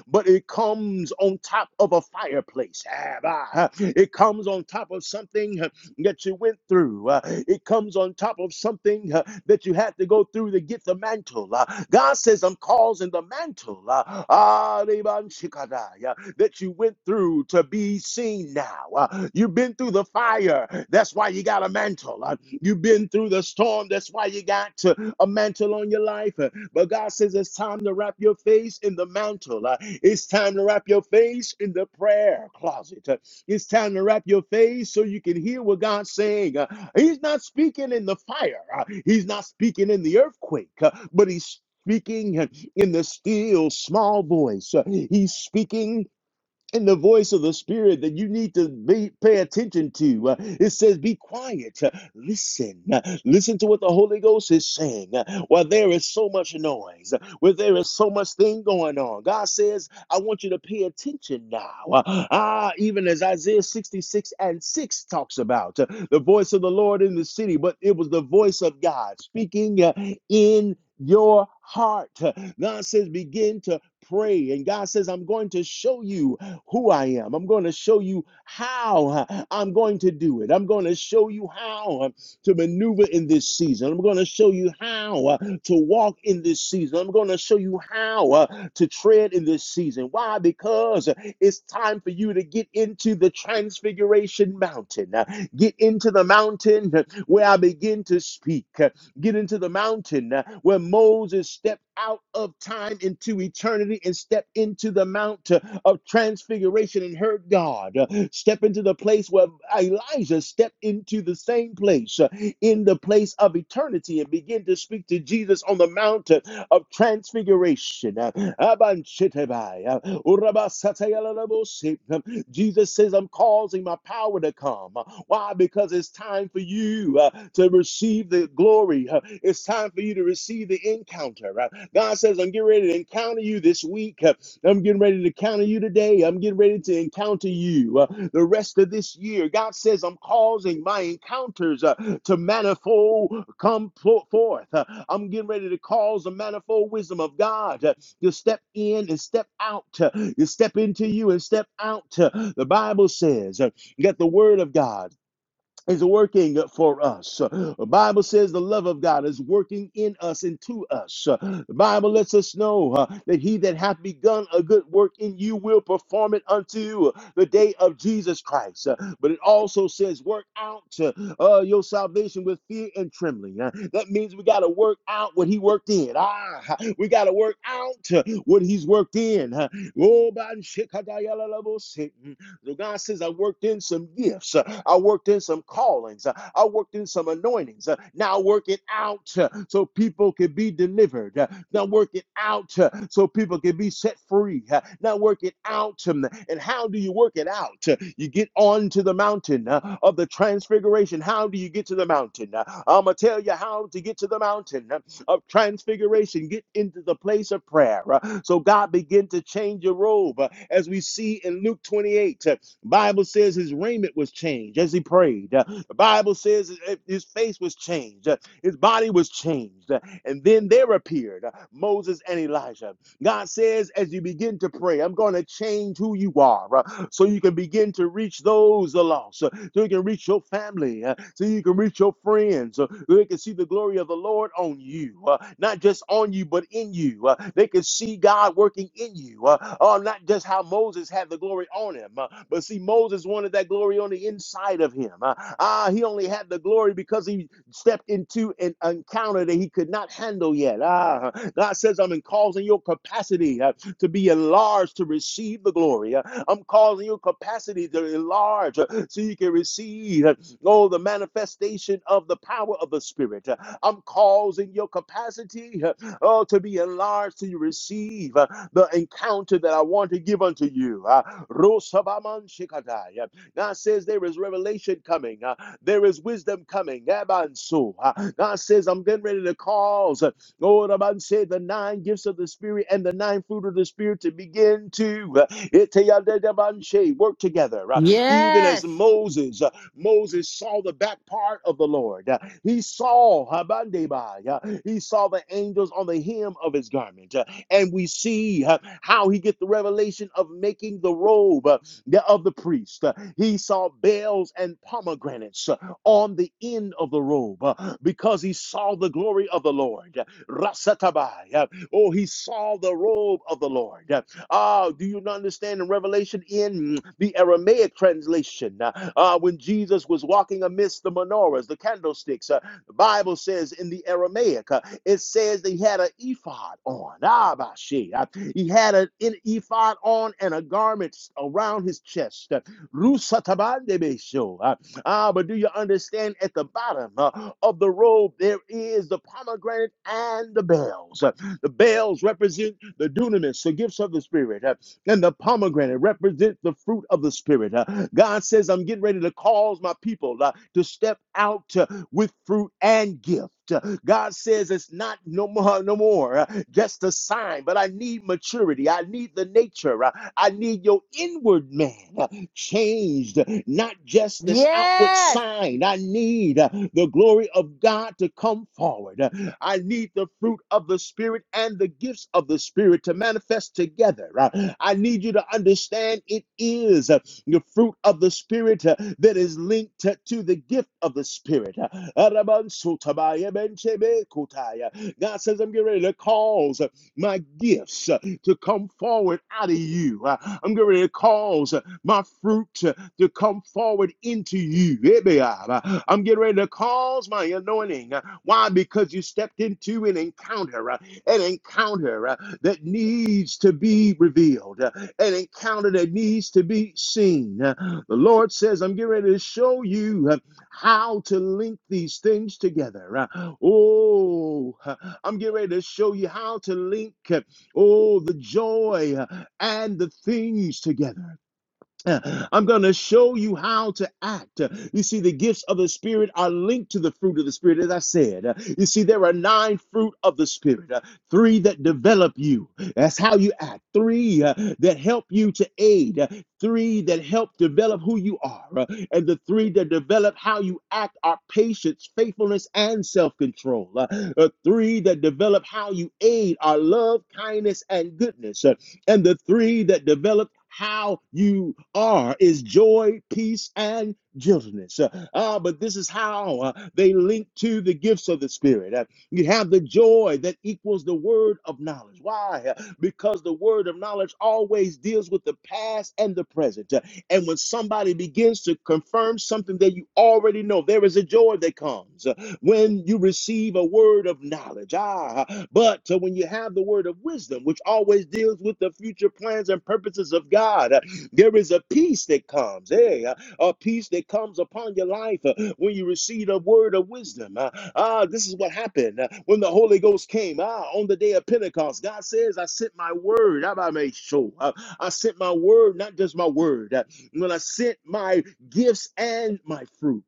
But it comes on top of a fireplace. Ah, It comes on top of something huh, that you went through. Uh, it comes on top of something uh, that you had to go through to get the mantle. Uh, God says, I'm causing the mantle uh, ah, uh, that you went through to be seen now. Uh, you've been through the fire. That's why you got a mantle. Uh, you've been through the storm. That's why you got uh, a mantle on your life. Uh, but God says, it's time to wrap your face in the mantle. Uh, it's time to wrap your face in the prayer closet. Uh, it's time to wrap your face so you can hear what God's saying. Uh, He's not speaking in the fire, uh, He's not speaking in the earthquake, uh, but He's Speaking in the still small voice. Uh, He's speaking and the voice of the spirit that you need to be, pay attention to. Uh, it says, Be quiet, uh, listen, uh, listen to what the Holy Ghost is saying. Uh, while there is so much noise, uh, where there is so much thing going on, God says, I want you to pay attention now. Uh, ah, even as Isaiah 66 and 6 talks about uh, the voice of the Lord in the city, but it was the voice of God speaking uh, in your heart. Uh, God says, Begin to pray. And God says, I'm going to show you who I am. I'm going to show you how uh, I'm going to do it. I'm going to show you how uh, to maneuver in this season. I'm going to show you how uh, to walk in this season. I'm going to show you how uh, to tread in this season. Why? Because uh, it's time for you to get into the Transfiguration Mountain. Uh, Get into the mountain uh, where I begin to speak. huh, get into the mountain uh, where Moses stepped out of time into eternity and stepped into the mount uh, of transfiguration and heard God. Uh, Step into the place where Elijah stepped into the same place uh, in the place of eternity and begin to speak to Jesus on the mountain of transfiguration. Uh, Abanchitebai, uh, Urabasatayalalabosi, uh, Jesus says, I'm causing my power to come. Why? Because it's time for you uh, to receive the glory. Uh, It's time for you to receive the encounter. Uh, God says, I'm getting ready to encounter you this week. Uh, I'm getting ready to encounter you today. I'm getting ready to encounter you. Uh, uh, the rest of this year. God says, I'm causing my encounters uh, to manifold come forth. Uh, I'm getting ready to cause the manifold wisdom of God uh, to step in and step out, uh, to step into you and step out. uh, the Bible says uh, that the word of God is working for us. The Bible says the love of God is working in us and to us. The Bible lets us know uh, that he that hath begun a good work in you will perform it unto the day of Jesus Christ. Uh, But it also says work out uh, uh, your salvation with fear and trembling. Uh, That means we got to work out what he worked in. Ah, we got to work out uh, what he's worked in. Uh, Oh, man, shikadayalalabosi. So God says, I worked in some gifts. Uh, I worked in some callings. Uh, I worked in some anointings. Uh, Now work it out uh, so people can be delivered. Uh, Now work it out uh, so people can be set free. Uh, Now work it out. Um, And how do you work it out? Uh, You get on to the mountain uh, of the transfiguration. How do you get to the mountain? I'm going to tell you how to get to the mountain of transfiguration. Get into the place of prayer. Uh, So God begin to change your robe. Uh, As we see in Luke 28, uh, Bible says his raiment was changed as he prayed. Uh, The Bible says his eh, face was changed. Uh, His body was changed. Uh, And then there appeared uh, Moses and Elijah. God says, as you begin to pray, I'm going to change who you are uh, so you can begin to reach those the lost so you can reach your family, uh, so you can reach your friends, uh, so they can see the glory of the Lord on you, uh, not just on you, but in you. Uh, they can see God working in you, uh, uh, not just how Moses had the glory on him, uh, but see, Moses wanted that glory on the inside of him. Uh, ah, he only had the glory because he stepped into an encounter that he could not handle yet. Ah, God says, I'm in causing your capacity uh, to be enlarged to receive the glory. Uh, I'm causing your capacity to enlarge uh, so you can receive, uh, oh, the manifestation of the power of the Spirit. Uh, I'm causing your capacity, uh, oh, to be enlarged so you receive uh, the encounter that I want to give unto you. Uh, Rosabaman Shikadai. Uh, God says there is revelation coming. Uh, there is wisdom coming. Uh, God says, I'm getting ready to cause, uh, Lord, I'm said the nine gifts of the Spirit and the nine fruit of the Spirit to begin to uh, iteyadabanche, work together. Uh, Even as
Yes.
Moses, uh, Moses saw the back part of the Lord. uh, he saw Habandebai, uh, he saw the angels on the hem of his garment, uh, and we see uh, how he get the revelation of making the robe uh, of the priest. Uh, He saw bells and pomegranates uh, on the end of the robe uh, because he saw the glory of the Lord. Uh, Rasatabai. uh, Oh, he saw the robe of the Lord. Uh, Oh, do you not understand in Revelation in mm, the Aramaic translation? Uh, uh, when Jesus was walking amidst the menorahs, the candlesticks, uh, the Bible says in the Aramaic, uh, it says that he had an ephod on. Ah, bashi. Uh, he had an, an ephod on and a garment around his chest. Uh, Rusatabandebesho. Uh, Ah, but do you understand at the bottom uh, of the robe there is the pomegranate and the bells? Uh, The bells represent the dunamis, the gifts of the Spirit, uh, and the pomegranate represent the fruit of the Spirit. uh. God says, I'm getting ready to cause my people uh, to step out uh, with fruit and gift. Uh, God says it's not no more, no more, uh, just a sign. But I need maturity. I need the nature. uh, I need your inward man uh, changed, not just an outward outward
Yes.
sign. I need uh, the glory of God to come forward. Uh, I need the fruit of the Spirit and the gifts of the Spirit to manifest together. Uh, I need you to understand it is uh, the fruit of the Spirit uh, that is linked to, to the gift of the Spirit. Uh, God says, I'm getting ready to cause uh, my gifts uh, to come forward out of you. Uh, I'm getting ready to cause uh, my fruit to come forward into you. I'm getting ready to cause my anointing. Why? Because you stepped into an encounter, uh, an encounter uh, that needs to be revealed, uh, an encounter that needs to be seen. Uh, The Lord says, I'm getting ready to show you uh, how to link these things together. Uh, Oh, uh, I'm getting ready to show you how to link, uh, oh, the joy uh, and the things together. I'm going to show you how to act. You see, the gifts of the Spirit are linked to the fruit of the Spirit, as I said. You see, there are nine fruit of the Spirit, uh, three that develop you. That's how you act. Three uh, that help you to aid. Uh, Three that help develop who you are. Uh, And the three that develop how you act are patience, faithfulness, and self control. Three that develop how you aid are love, kindness, and goodness. And the three that develop how you are is joy, peace, and gentleness. Uh, ah, but this is how uh, they link to the gifts of the Spirit. Uh, you have the joy that equals the word of knowledge. Why? Uh, Because the word of knowledge always deals with the past and the present. Uh, and when somebody begins to confirm something that you already know, there is a joy that comes when you receive a word of knowledge. Ah, but uh, when you have the word of wisdom, which always deals with the future plans and purposes of God, uh, there is a peace that comes. Hey, uh, a peace that comes upon your life uh, when you receive a word of wisdom. Uh, ah, this is what happened uh, when the Holy Ghost came. Ah, on the day of Pentecost, God says, "I sent my word." I made sure. Uh, I sent my word, not just my word. Uh, When I sent my gifts and my fruit.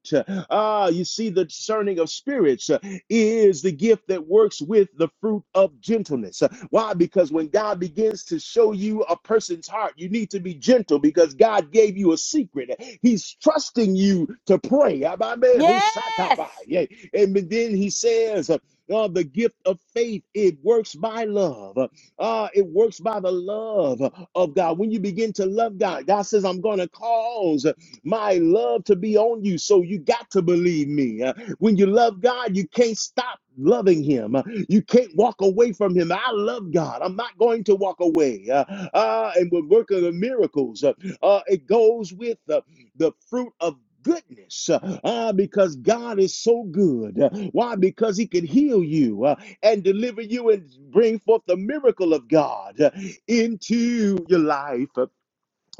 Ah, uh, you see, the discerning of spirits uh, is the gift that works with the fruit of gentleness. Uh, Why? Because when God begins to show you a person's heart, you need to be gentle because God gave you a secret. He's trusting you to pray. Ababe, hushataba.
Yes.
Yeah. And then he says, uh, uh, the gift of faith, it works by love. Uh, it works by the love of God. When you begin to love God, God says, I'm going to cause my love to be on you. So you got to believe me. Uh, when you love God, you can't stop loving him. Uh, You can't walk away from him. I love God. I'm not going to walk away. Uh, uh, and we're working the miracles. Uh, uh, it goes with uh, the fruit of goodness uh, uh, because God is so good. Uh, why? Because he can heal you uh, and deliver you and bring forth the miracle of God uh, into your life. Uh,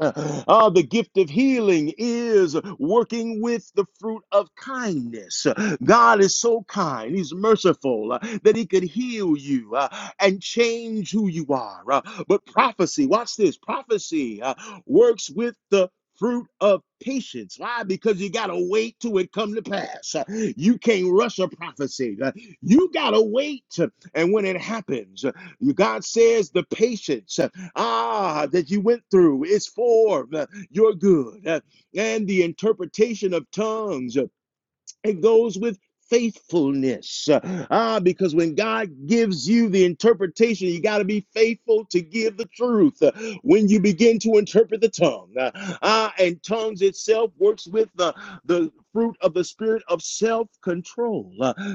Ah, the gift of healing is working with the fruit of kindness. God is so kind, He's merciful uh, that He could heal you uh, and change who you are. Uh, But prophecy, watch this prophecy uh, works with the Fruit of patience. Why? Because you got to wait till it come to pass. Uh, You can't rush a prophecy. Uh, You got to wait. And when it happens, uh, God says the patience. uh, ah, that you went through is for uh, your good. Uh, And the interpretation of tongues it goes with faithfulness. Ah, because when God gives you the interpretation, you got to be faithful to give the truth. When you begin to interpret the tongue, ah, and tongues itself works with the, the fruit of the spirit of self control.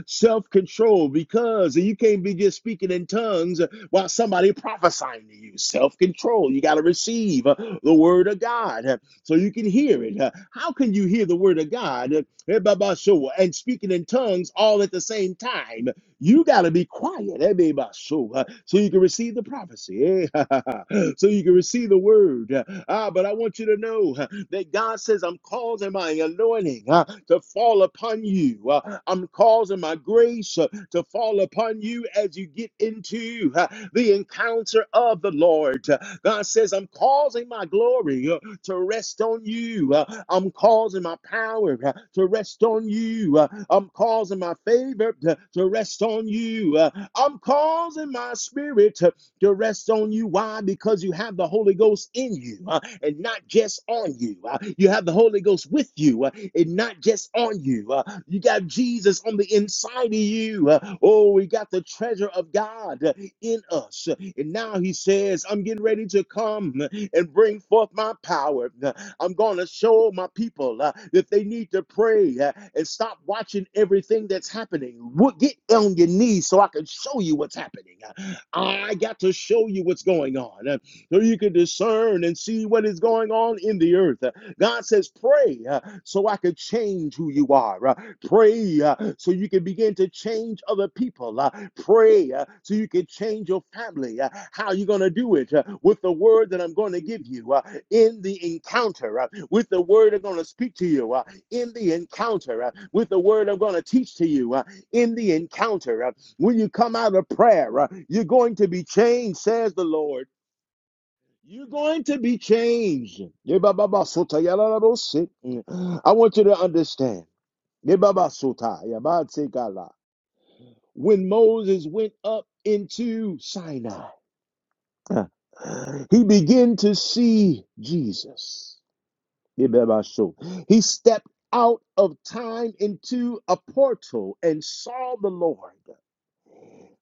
self control, because you can't be just speaking in tongues while somebody prophesying to you. Self control. You got to receive uh, the word of God uh, so you can hear it. Uh, How can you hear the word of God? and speaking in tongues all at the same time. You got to be quiet Ebabasho, uh, so you can receive the prophecy, eh, so you can receive the word. Ah, but I want you to know uh, that God says, I'm causing my anointing uh, to fall upon you, Uh, I'm causing my grace uh, to fall upon you as you get into uh, the encounter of the Lord. God says, I'm causing my glory. uh, to rest on you. Uh, I'm causing my power uh, to rest on you. Uh, I'm causing my favor to, to rest on you. Uh, I'm causing my spirit to rest on you. Why? Because you have the Holy Ghost in you uh, and not just on you. Uh, you have the Holy Ghost with you uh, and not just on you. Uh, you got Jesus on the inside of you. Uh, oh, we got the treasure of God uh, in us. And now he says, I'm getting ready to come and bring forth my power. I'm going to show my people uh, that they need to pray uh, and stop watching everything that's happening. Get on your knees so I can show you what's happening. uh." I got to show you what's going on uh, so you can discern and see what is going on in the earth. Uh, God says, Pray uh, so I could change who you are. Uh, Pray uh, so you can begin to change other people. Uh, Pray uh, so you can change your family. Uh, How are you going to do it? Uh, With the word that I'm going to give you uh, in the encounter, uh, with the word I'm going to speak to you uh, in the encounter, uh, with the word I'm going to teach to you uh, in the encounter. Uh, when you come out of prayer, uh, you're going to be changed, says the Lord. You're going to be changed. Yeah, so si. Mm. I want you to understand. Yeah, so When Moses went up into Sinai, uh, he began to see Jesus. Yeah, so. He stepped out of time into a portal and saw the Lord.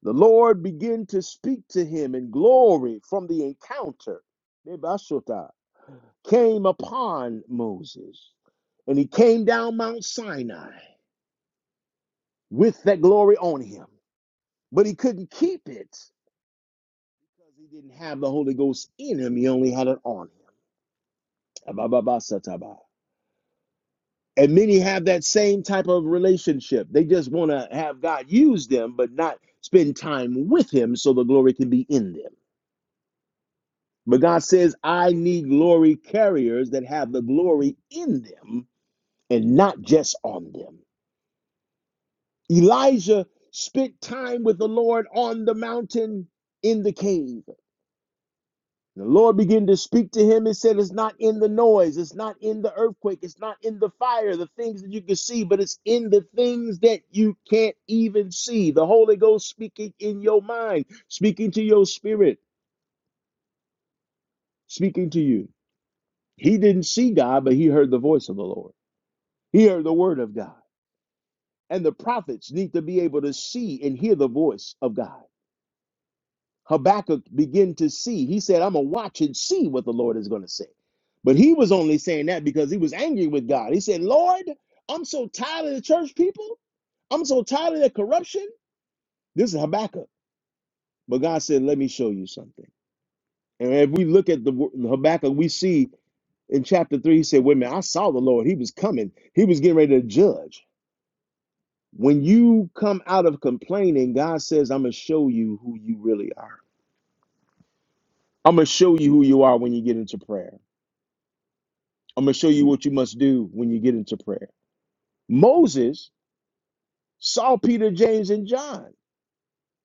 The Lord began to speak to him, and glory from the encounter Nebashota, came upon Moses. And he came down Mount Sinai with that glory on him. But he couldn't keep it because he didn't have the Holy Ghost in him. He only had it on him. And many have that same type of relationship. They just want to have God use them, but not spend time with him so the glory can be in them. But God says, I need glory carriers that have the glory in them and not just on them. Elijah spent time with the Lord on the mountain in the cave. The Lord began to speak to him and said, It's not in the noise, it's not in the earthquake, it's not in the fire, the things that you can see, but it's in the things that you can't even see. The Holy Ghost speaking in your mind, speaking to your spirit, speaking to you. He didn't see God, but he heard the voice of the Lord. hear the word of God. And the prophets need to be able to see and hear the voice of God. Habakkuk began to see. He said, I'm going to watch and see what the Lord is going to say. But he was only saying that because he was angry with God. He said, Lord, I'm so tired of the church people. I'm so tired of the corruption. This is Habakkuk. But God said, Let me show you something. And if we look at the wo- Habakkuk, we see in chapter three, he said, Wait a minute, I saw the Lord. He was coming, he was getting ready to judge. When you come out of complaining, God says, I'm going to show you who you really are. I'm going to show you who you are when you get into prayer. I'm going to show you what you must do when you get into prayer. Moses saw Peter, James, and John,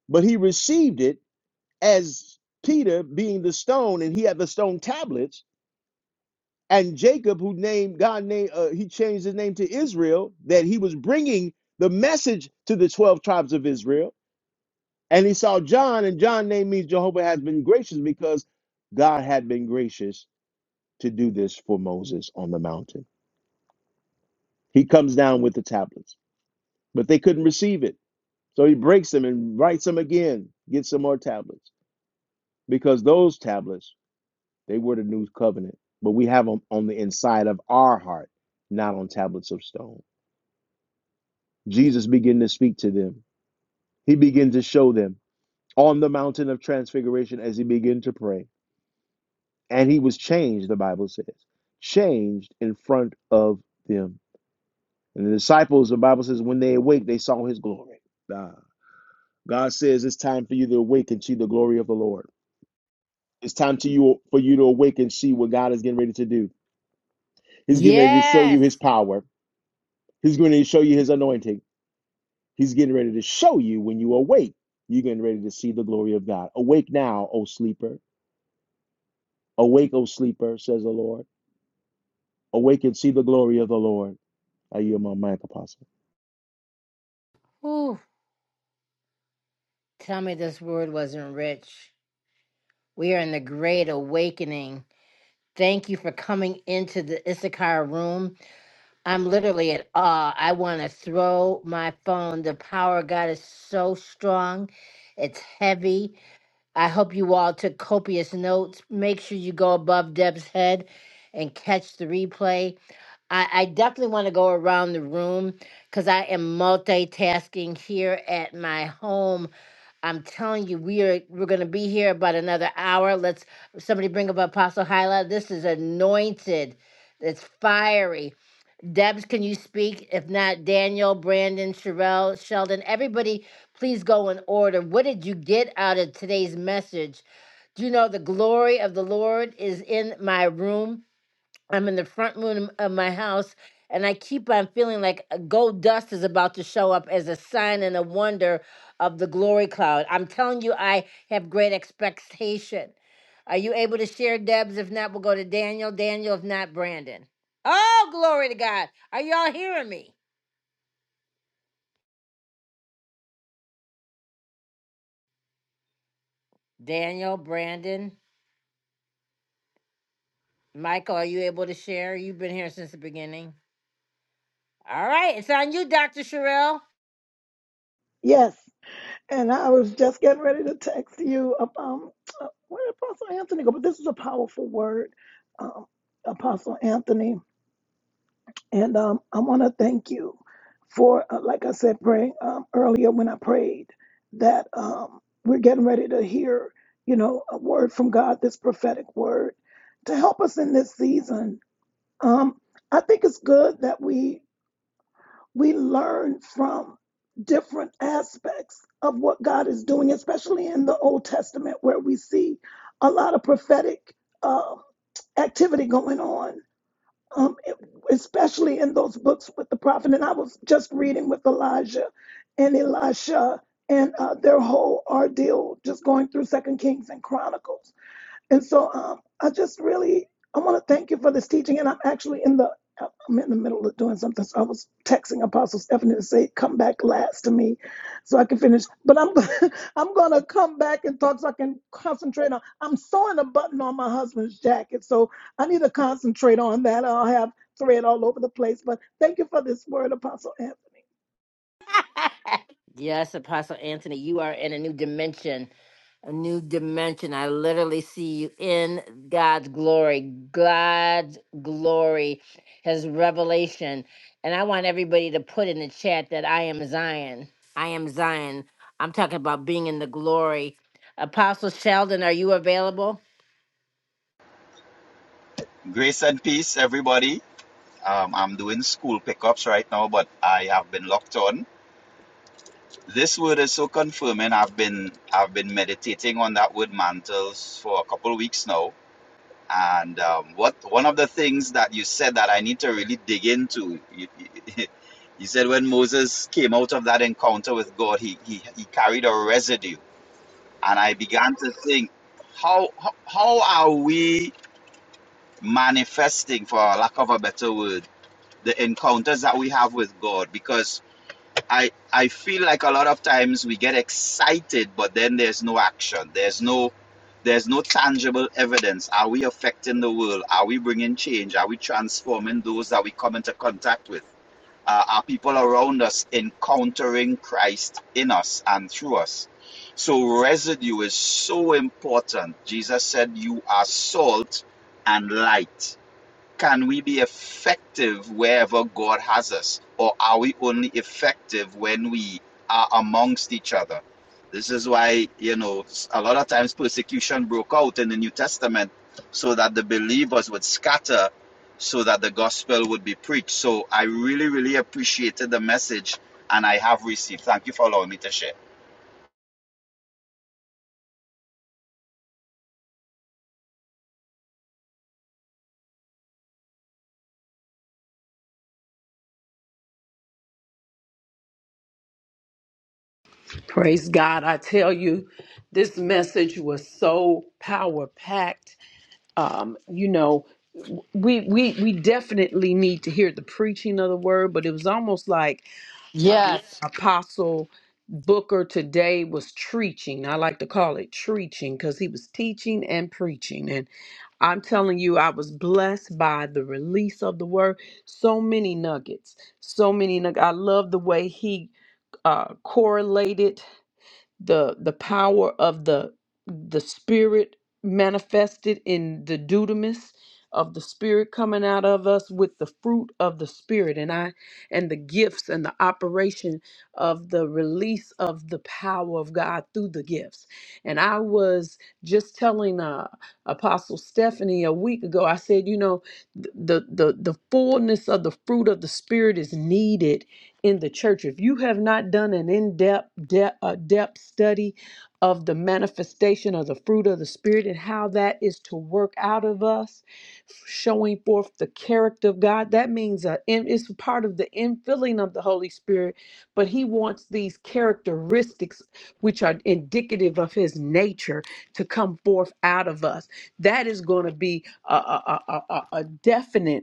but he received it as Peter being the stone, and he had the stone tablets. And Jacob, who named God, named uh, he changed his name to Israel, that he was bringing the message to the 12 tribes of Israel And he saw John, and John name means Jehovah has been gracious because God had been gracious to do this for Moses on the mountain. He comes down with the tablets, but they couldn't receive it. So he breaks them and writes them again, gets some more tablets because those tablets, they were the new covenant, but we have them on the inside of our heart, not on tablets of stone. Jesus began to speak to them. He began to show them on the mountain of transfiguration as he began to pray. And he was changed, the Bible says, changed in front of them. And the disciples, the Bible says, when they awake, they saw his glory. Ah. God says it's time for you to awake and see the glory of the Lord. It's time to you for you to awake and see what God is getting ready to do. He's getting ready to show
Yes.
you his power. He's going to show you his anointing. He's getting ready to show you when you awake, you're getting ready to see the glory of God. Awake now, O sleeper. Awake, O sleeper, says the Lord. Awake and see the glory of the Lord. Are you my mic, Apostle?
Whew. Tell me this word wasn't rich. We are in the great awakening. Thank you for coming into the Issachar room. I'm literally at awe. I want to throw my phone. The power of God is so strong. It's heavy. I hope you all took copious notes. Make sure you go above Deb's head and catch the replay. I, I definitely want to go around the room because I am multitasking here at my home. I'm telling you, we are we're gonna be here about another hour. Let's somebody bring up Apostle Hyla. This is anointed. It's fiery. Debs, can you speak? If not, Daniel, Brandon, Sherelle, Sheldon, everybody, please go in order. What did you get out of today's message? Do you know the glory of the Lord is in my room? I'm in the front room of my house, and I keep on feeling like a gold dust is about to show up as a sign and a wonder of the glory cloud. I'm telling you, I have great expectation. Are you able to share, Debs? If not, we'll go to Daniel. Daniel, if not, Brandon. Oh, glory to God. Are y'all hearing me? Daniel, Brandon, Michael, are you able to share? You've been here since the beginning. All right, it's on you, Dr. Sherrill.
Yes. And I was just getting ready to text you up um uh, where did Apostle Anthony go, but this is a powerful word, um, Apostle Anthony. And um I want to thank you for uh, like I said praying um, earlier when I prayed that um we're getting ready to hear, you know, a word from God, this prophetic word to help us in this season Um, I think it's good that we we learn from different aspects of what God is doing, especially in the Old Testament, where we see a lot of prophetic uh, activity going on, um, e, especially in those books with the prophet. And I was just reading with Elijah and Elisha and uh, their whole ordeal, just going through Second Kings and Chronicles. And so um, I just really I want to thank you for this teaching. And I'm actually in the I'm in the middle of doing something. So I was texting Apostle Stephanie to say come back last to me, so I can finish. But I'm I'm gonna come back and talk so I can concentrate on. I'm sewing a button on my husband's jacket, so I need to concentrate on that. I'll have thread all over the place. But thank you for this word, Apostle Anthony.
Yes, Apostle Anthony, you are in a new dimension a new dimension. I literally see you in God's glory. God's glory, His revelation. And I want everybody to put in the chat that I am Zion. I am Zion. I'm talking about being in the glory. Apostle Sheldon, are you available?
Grace and peace, everybody. Um, I'm doing school pickups right now, but I have been locked on. This word is so confirming. I've been I've been meditating on that word mantles for a couple of weeks now. And um, what one of the things that you said that I need to really dig into, you, you, you said when Moses came out of that encounter with God, he he, he carried a residue, and I began to think, how how, how are we manifesting, for lack of a better word? the encounters that we have with God because I I feel like a lot of times we get excited but then there's no action there's no there's no tangible evidence are we affecting the world are we bringing change are we transforming those that we come into contact with uh, are people around us encountering Christ in us and through us so residue is so important Jesus said you are salt and light can we be effective wherever God has us? Or are we only effective when we are amongst each other? This is why, you know, a lot of times persecution broke out in the New Testament so that the believers would scatter so that the gospel would be preached. So I really, really appreciated the message and I have received. Thank you for allowing me to share.
Praise God. I tell you, this message was so power packed. um, you know, we we we definitely need to hear the preaching of the word, but it was almost like uh, Yeah.
Yes.
Apostle Booker today was preaching. I like to call it preaching because he was teaching and preaching. And I'm telling you, I was blessed by the release of the word. So many nuggets, so many nuggets. I love the way he uh, correlated the the power of the the spirit manifested in the dudamis of the spirit coming out of us with the fruit of the spirit and i and the gifts and the operation of the release of the power of god through the gifts and i was just telling uh apostle stephanie a week ago i said you know th- the the the fullness of the fruit of the spirit is needed in the church. If you have not done an in depth de- uh, depth study of the manifestation of the fruit of the Spirit and how that is to work out of us, showing forth the character of God, that means uh, in- it's part of the infilling of the Holy Spirit. But He wants these characteristics, which are indicative of His nature, to come forth out of us. That is going to be a, a, a, a a- a definite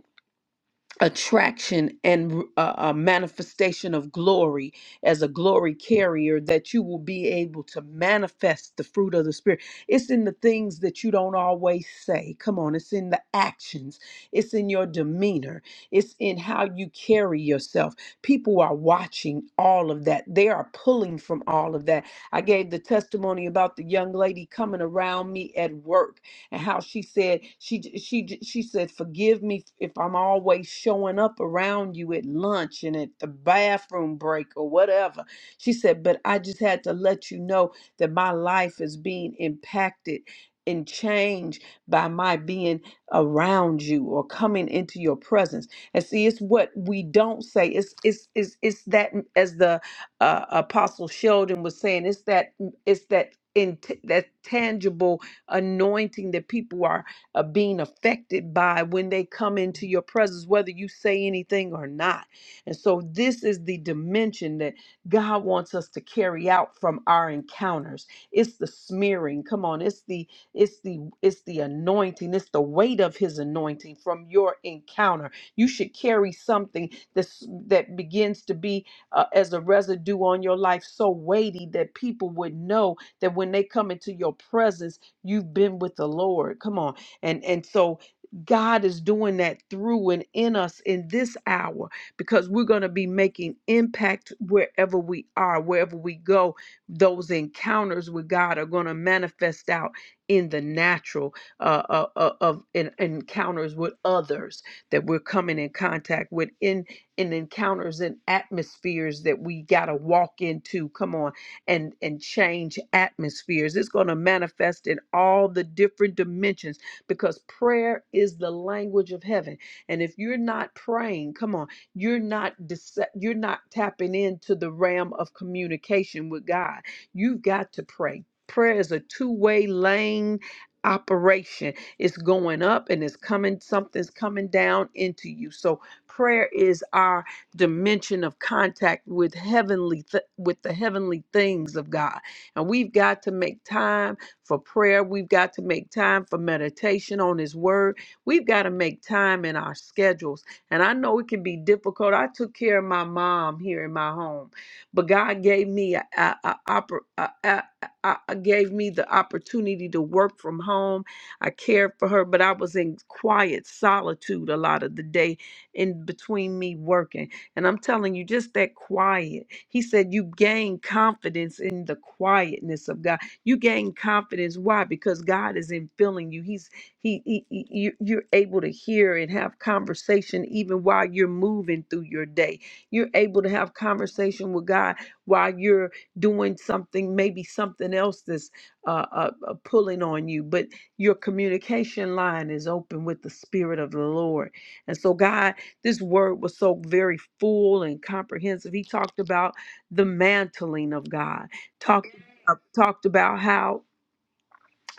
attraction and uh, a manifestation of glory as a glory carrier that you will be able to manifest the fruit of the spirit it's in the things that you don't always say come on it's in the actions it's in your demeanor it's in how you carry yourself people are watching all of that they are pulling from all of that i gave the testimony about the young lady coming around me at work and how she said she she she said forgive me if I'm always showing up around you at lunch and at the bathroom break or whatever. She said, but I just had to let you know that my life is being impacted and changed by my being around you or coming into your presence. And see, it's what we don't say. It's it's it's it's that as the uh, Apostle Sheldon was saying. It's that it's that in that tangible anointing that people are uh, being affected by when they come into your presence, whether you say anything or not. And so, this is the dimension that God wants us to carry out from our encounters. It's the smearing. Come on, it's the it's the it's the anointing. It's the weight of His anointing from your encounter. You should carry something that's that begins to be uh, as a residue on your life, so weighty that people would know that when they come into your presence You've been with the Lord. Come on. And and so God is doing that through and in us in this hour because we're going to be making impact wherever we are, wherever we go. Those encounters with God are going to manifest out in the natural uh, uh, uh, of in, encounters with others that we're coming in contact with in in encounters and atmospheres that we got to walk into. Come on and and change atmospheres it's going to manifest in all the different dimensions because prayer is the language of heaven and if you're not praying come on you're not dece- you're not tapping into the realm of communication with God you've got to pray prayer is a two-way lane operation it's going up and it's coming something's coming down into you so prayer is our dimension of contact with heavenly th- with the heavenly things of God. And we've got to make time for prayer. We've got to make time for meditation on his word. We've got to make time in our schedules. And I know it can be difficult. I took care of my mom here in my home, but God gave me a, a, a, oppor- a, a, a, a- gave me the opportunity to work from home. I cared for her, but I was in quiet solitude a lot of the day in between me working and I'm telling you, just that quiet. He said, You gain confidence in the quietness of God. You gain confidence. Why? Because God is in filling you. He's he, he, he- you, you're able to hear and have conversation even while you're moving through your day. You're able to have conversation with God while you're doing something, maybe something else that's uh, uh, uh, pulling on you, but your communication line is open with the Spirit of the Lord. And so, God. This word was so very full and comprehensive. He talked about the mantling of God, talked, uh, talked about how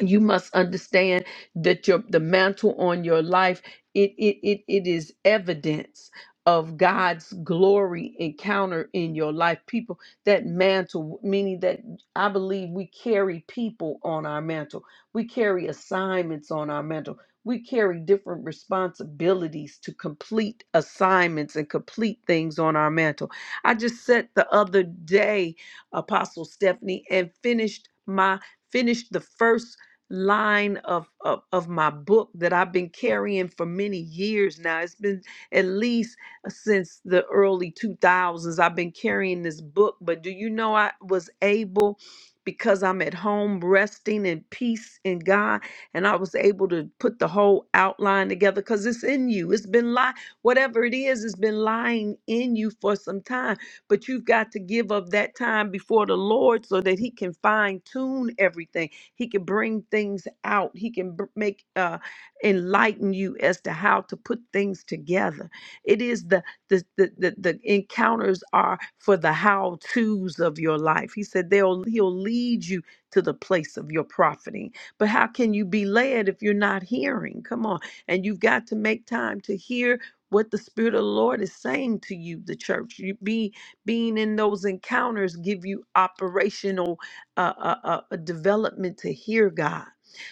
you must understand that your the mantle on your life it it it, it is evidence of God's glory encounter in your life people that mantle meaning that I believe we carry people on our mantle we carry assignments on our mantle we carry different responsibilities to complete assignments and complete things on our mantle I just said the other day apostle Stephanie and finished my finished the first line of, of of my book that I've been carrying for many years now. It's been at least uh, since the early 2000s I've been carrying this book, but do you know I was able because I'm at home resting in peace in God and I was able to put the whole outline together cuz it's in you. It's been lying whatever it is it's been lying in you for some time, but you've got to give up that time before the Lord so that he can fine tune everything he can bring things out. He can br- make uh, enlighten you as to how to put things together. It is the the the the, the encounters are for the how tos of your life. He said they'll he'll lead you to the place of your profiting. But how can you be led if you're not hearing? Come on, and you've got to make time to hear. What the Spirit of the Lord is saying to you, the church, you be being in those encounters give you operational a, a, a development to hear God.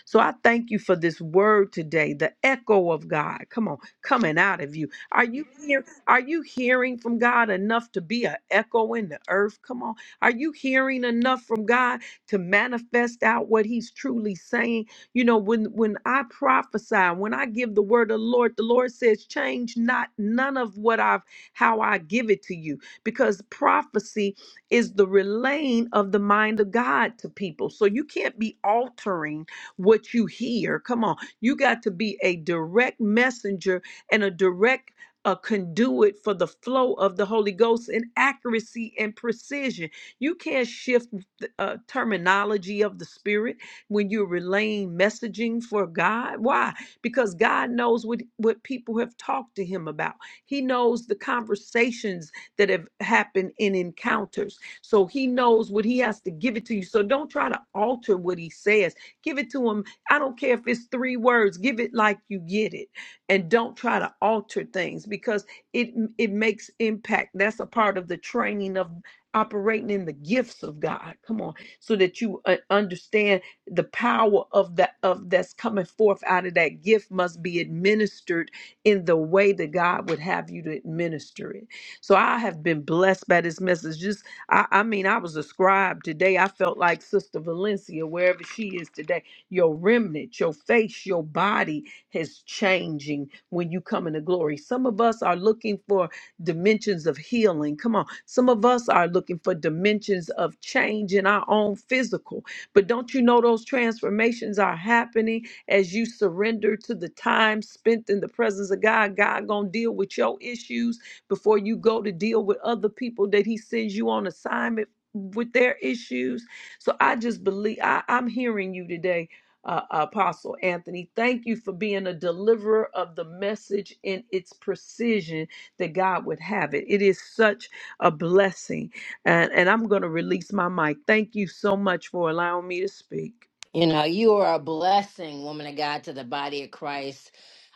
So I thank you for this word today, the echo of God. Come on, coming out of you. Are you here? Are you hearing from God enough to be an echo in the earth? Come on. Are you hearing enough from God to manifest out what He's truly saying? You know, when when I prophesy, when I give the word of the Lord, the Lord says, change not none of what I've how I give it to you. Because prophecy is the relaying of the mind of God to people. So you can't be altering what you hear. Come on. You got to be a direct messenger and a direct a conduit for the flow of the Holy Ghost in accuracy and precision. You can't shift the uh, terminology of the Spirit when you're relaying messaging for God. Why? Because God knows what, what people have talked to Him about, He knows the conversations that have happened in encounters. So he knows what he has to give it to you. So don't try to alter what he says. Give it to him. I don't care if it's three words. Give it like you get it. And don't try to alter things because it it makes impact. That's a part of the training of operating in the gifts of God. Come on. So that you uh, understand the power of that of that's coming forth out of that gift must be administered in the way that God would have you to administer it. So I have been blessed by this message. Just I, I mean, I was a scribe today. I felt like Sister Valencia, wherever she is today. Your remnant, your face, your body is changing when you come into glory. Some of us are looking for dimensions of healing. Come on. Some of us are looking for dimensions of change in our own physical. But don't you know those transformations are happening as you surrender to the time spent in the presence of God? God gonna deal with your issues before you go to deal with other people that he sends you on assignment with their issues. So I just believe I, I'm hearing you today, uh, Apostle Anthony. Thank you for being a deliverer of the message in its precision that God would have it. It is such a blessing. And, and I'm going to release my mic. Thank you so much for allowing me to speak.
You know, you are a blessing, woman of God, to the body of Christ.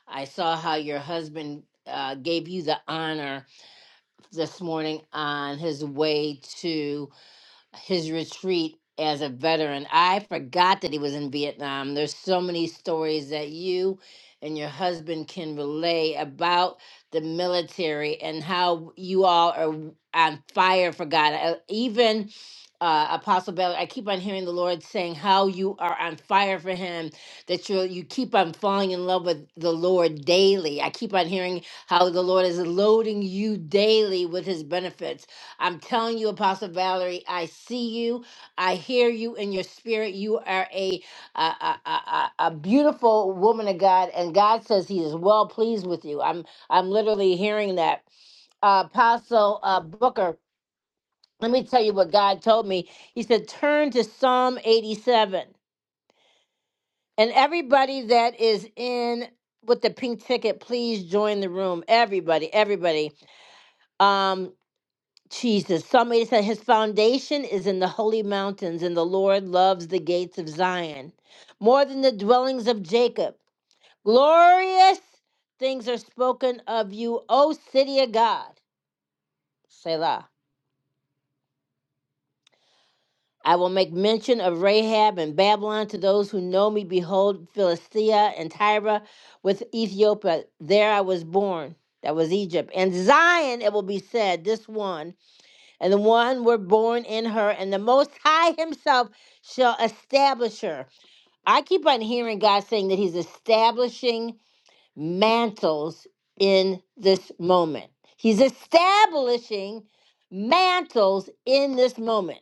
I saw how your husband uh, gave you the honor this morning on his way to his retreat as a veteran. I forgot that he was in Vietnam. There's so many stories that you and your husband can relay about the military and how you all are w- on fire for God. Uh, Even uh, Apostle Bell, I keep on hearing the Lord saying how you are on fire for Him. That you you keep on falling in love with the Lord daily. I keep on hearing how the Lord is loading you daily with His benefits I'm telling you, Apostle Valerie, I see you. I hear you in your spirit. You are a a, a, a, a a beautiful woman of God, and God says He is well pleased with you. I'm I'm literally hearing that. Uh, Apostle uh, Booker, let me tell you what God told me. He said, "Turn to Psalm 87." And everybody that is in with the pink ticket, please join the room. Everybody, everybody. Um, Jesus. Somebody said, His foundation is in the holy mountains, and the Lord loves the gates of Zion more than the dwellings of Jacob. Glorious things are spoken of you, O city of God. Selah. I will make mention of Rahab and Babylon to those who know me. Behold, Philistia and Tyre with Ethiopia. There I was born. That was Egypt. And Zion, it will be said, this one. and the one were born in her, and the Most High Himself shall establish her. I keep on hearing God saying that He's establishing mantles in this moment. He's establishing mantles in this moment.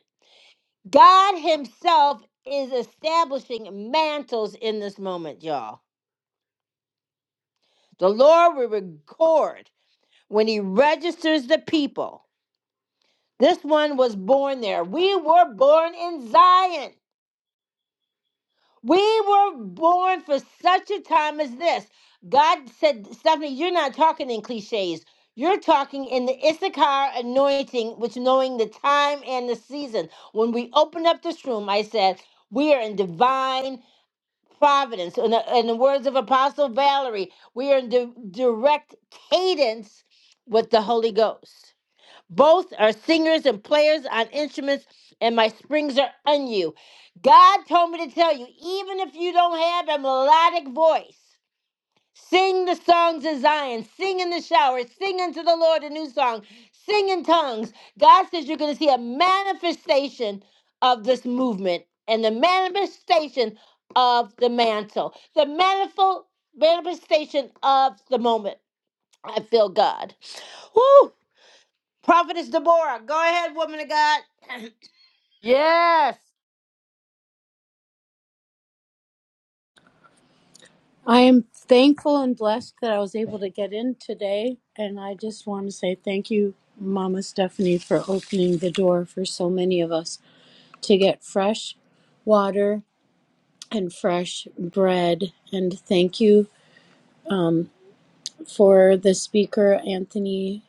God Himself is establishing mantles in this moment, y'all. The Lord will record when He registers the people. This one was born there. We were born in Zion. We were born for such a time as this. God said, Stephanie, you're not talking in cliches. You're talking in the Issachar anointing, which knowing the time and the season. When we opened up this room, I said, we are in divine providence. In the, in the words of Apostle Valerie, we are in di- direct cadence with the Holy Ghost. Both are singers and players on instruments, and my springs are on you. God told me to tell you, even if you don't have a melodic voice, sing the songs of Zion, sing in the shower, sing unto the Lord a new song, sing in tongues. God says you're going to see a manifestation of this movement and the manifestation of the mantle, the manifold manifestation of the moment. I feel God. Woo. Prophetess Deborah, go ahead, woman of God. Yes.
I am thankful and blessed that I was able to get in today. And I just want to say thank you, Mama Stephanie, for opening the door for so many of us to get fresh water and fresh bread. And thank you for the speaker, Anthony.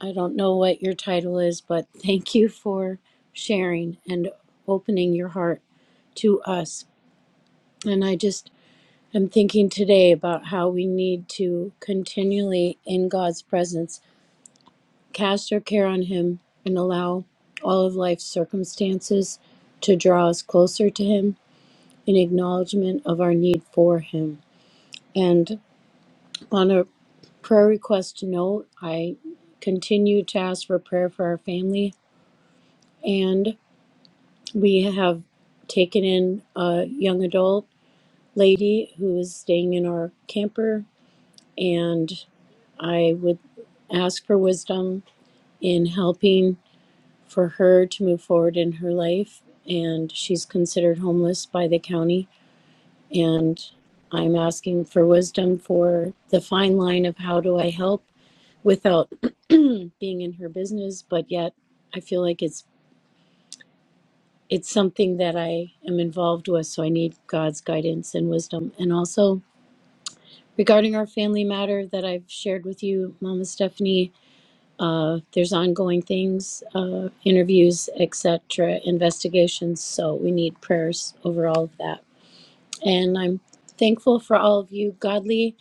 I don't know what your title is, but thank you for sharing and opening your heart to us. And I just I'm thinking today about how we need to continually, in God's presence, cast our care on Him and allow all of life's circumstances to draw us closer to Him in acknowledgement of our need for Him. And on a prayer request note, I continue to ask for prayer for our family. And we have taken in a young adult lady who is staying in our camper and I would ask for wisdom in helping for her to move forward in her life. And she's considered homeless by the county. And I'm asking for wisdom for the fine line of how do I help without being in her business, but yet I feel like it's it's something that I am involved with, so I need God's guidance and wisdom. And also regarding our family matter that I've shared with you, Mama Stephanie, Uh, there's ongoing things, uh, interviews, etc., investigations. So we need prayers over all of that. And I'm thankful for all of you, godly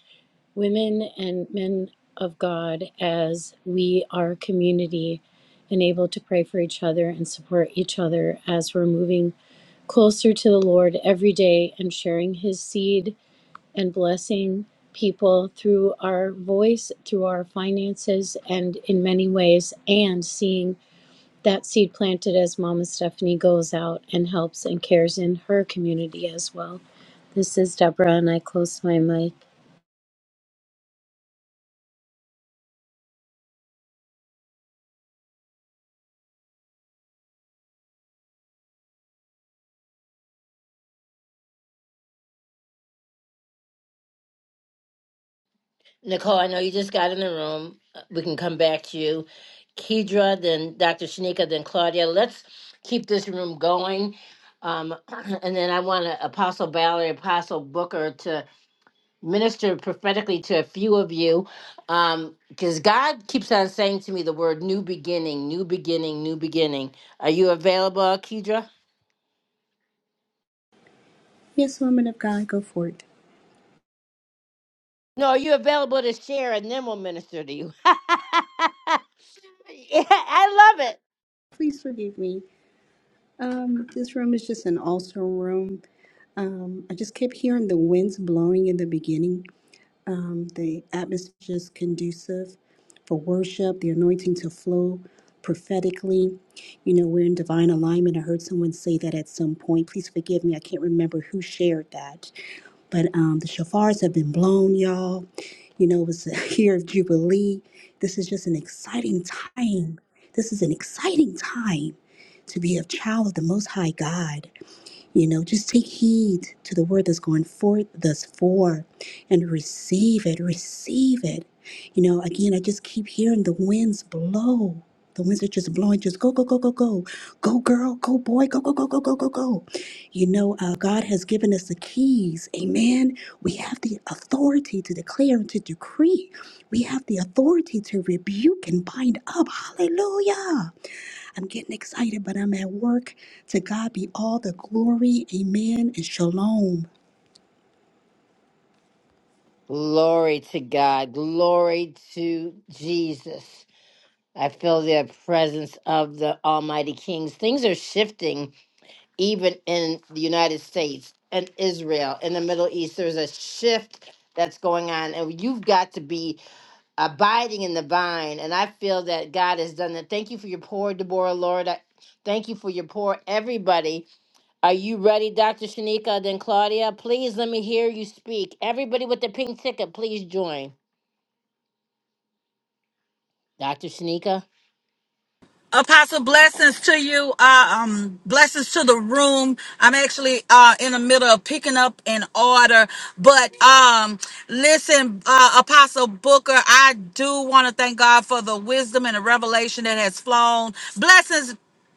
women and men of God, as we are a community and able to pray for each other and support each other as we're moving closer to the Lord every day and sharing His seed and blessing people through our voice, through our finances, and in many ways, and seeing that seed planted as Mama Stephanie goes out and helps and cares in her community as well. This is Deborah, and I close my mic.
Nicole, I know you just got in the room. Uh, We can come back to you. Kedra, then Dr. Shanika, then Claudia. Let's keep this room going. Um, and then I want to Apostle Valerie, Apostle Booker to minister prophetically to a few of you. Because God keeps on saying to me the word new beginning, new beginning, new beginning. Are you available, Kedra?
Yes, woman of God, go for it.
No, are you available to share and then we'll minister to you? yeah, I love it.
Please forgive me. Um, this room is just an awesome room. Um, I just kept hearing the winds blowing in the beginning. Um, the atmosphere is just conducive for worship, the anointing to flow prophetically. You know, we're in divine alignment. I heard someone say that at some point. Please forgive me. I can't remember who shared that. But um, the shafars have been blown, y'all. You know, it was a year of Jubilee. This is just an exciting time. This is an exciting time to be a child of the Most High God. You know, just take heed to the word that's going forth thus far and receive it, receive it. You know, again, I just keep hearing the winds blow. The winds are just blowing, just go, go, go, go, go. Go, girl, go, boy, go, go, go, go, go, go, go. You know, uh, God has given us the keys. Amen. We have the authority to declare and to decree. We have the authority to rebuke and bind up. Hallelujah. I'm getting excited, but I'm at work. To God be all the glory. Amen and shalom.
Glory to God. Glory to Jesus. I feel the presence of the Almighty Kings. Things are shifting even in the United States and Israel, in the Middle East. There's a shift that's going on, and you've got to be abiding in the vine. And I feel that God has done that. Thank you for your pour, Deborah, Lord. I, thank you for your pour, everybody Are you ready, Dr. Shanika? Then Claudia, please let me hear you speak. Everybody with the pink ticket, please join. Dr. Shanika.
Apostle, blessings to you. Uh, um, blessings to the room. I'm actually uh, in the middle of picking up an order, but um, listen, uh, Apostle Booker, I do want to thank God for the wisdom and the revelation that has flown. Blessings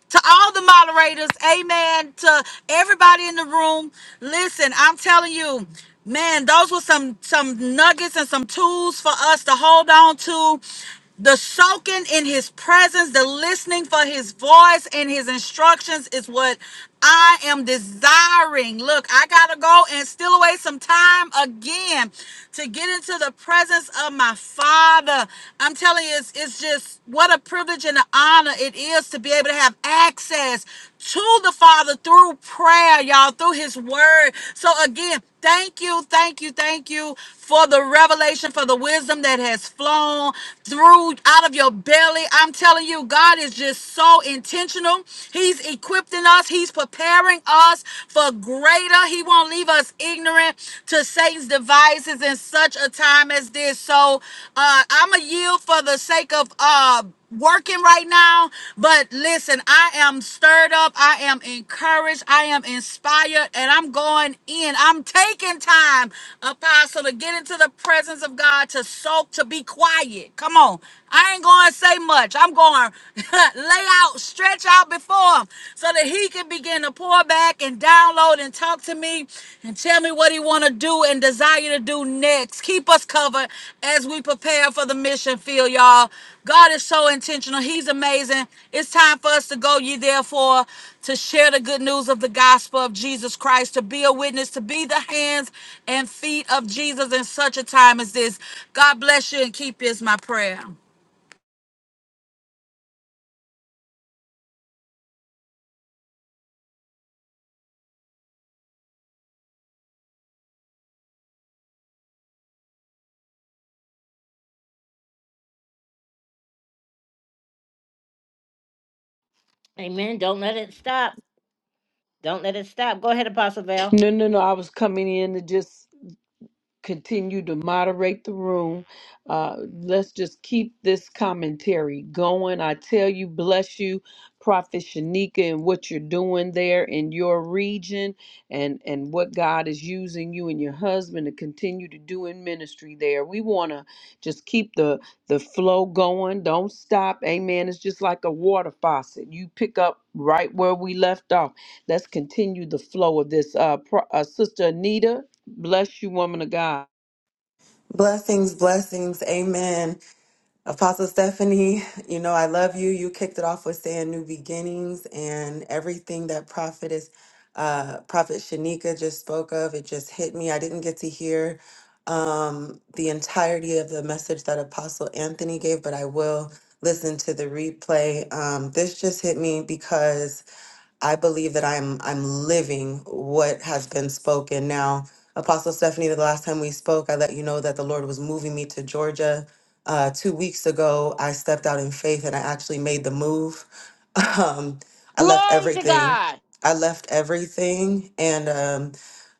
to all the moderators, amen, to everybody in the room. Listen, I'm telling you, man, those were some some nuggets and some tools for us to hold on to. The soaking in his presence, the listening for his voice and his instructions is what I am desiring. Look, I got to go and steal away some time again to get into the presence of my Father. I'm telling you, it's, it's just what a privilege and an honor it is to be able to have access to the Father through prayer, y'all, through His Word. So, again, thank you, thank you, thank you for the revelation, for the wisdom that has flown through out of your belly. I'm telling you, God is just so intentional intentional. He's equipping us. He's preparing us for greater. He won't leave us ignorant to Satan's devices in such a time as this. So uh, I'm a yield for the sake of uh, working right now. But listen, I am stirred up. I am encouraged. I am inspired. And I'm going in. I'm taking time, Apostle, to get into the presence of God, to soak, to be quiet. Come on. I ain't going to say much. I'm going arm, lay out, stretch out before him so that he can begin to pour back and download and talk to me and tell me what he want to do and desire to do next. Keep us covered as we prepare for the mission field, y'all. God is so intentional. He's amazing. It's time for us to go ye therefore to share the good news of the gospel of Jesus Christ, to be a witness, to be the hands and feet of Jesus in such a time as this. God bless you and keep you is my prayer.
Amen. Don't let it stop. Don't let it stop. Go ahead, Apostle Val.
No, no, no. I was coming in to just continue to moderate the room. Uh, let's just keep this commentary going. I tell you, bless you, Prophet Shanika, and what you're doing there in your region, and and what God is using you and your husband to continue to do in ministry there. We want to just keep the the flow going. Don't stop. Amen. It's just like a water faucet. You pick up right where we left off. Let's continue the flow of this. Uh, pro- uh Sister Anita. Bless you, woman of God.
Blessings, blessings. Amen. Apostle Stephanie, you know, I love you. You kicked it off with saying new beginnings and everything that prophetess, uh, Prophet Shanika just spoke of. It just hit me. I didn't get to hear um, the entirety of the message that Apostle Anthony gave, but I will listen to the replay. Um, this just hit me because I believe that I'm I'm living what has been spoken. Now, Apostle Stephanie, the last time we spoke, I let you know that the Lord was moving me to Georgia. Uh, two weeks ago, I stepped out in faith and I actually made the move. Um, I left
Glory to
everything.
God.
I left everything, and um,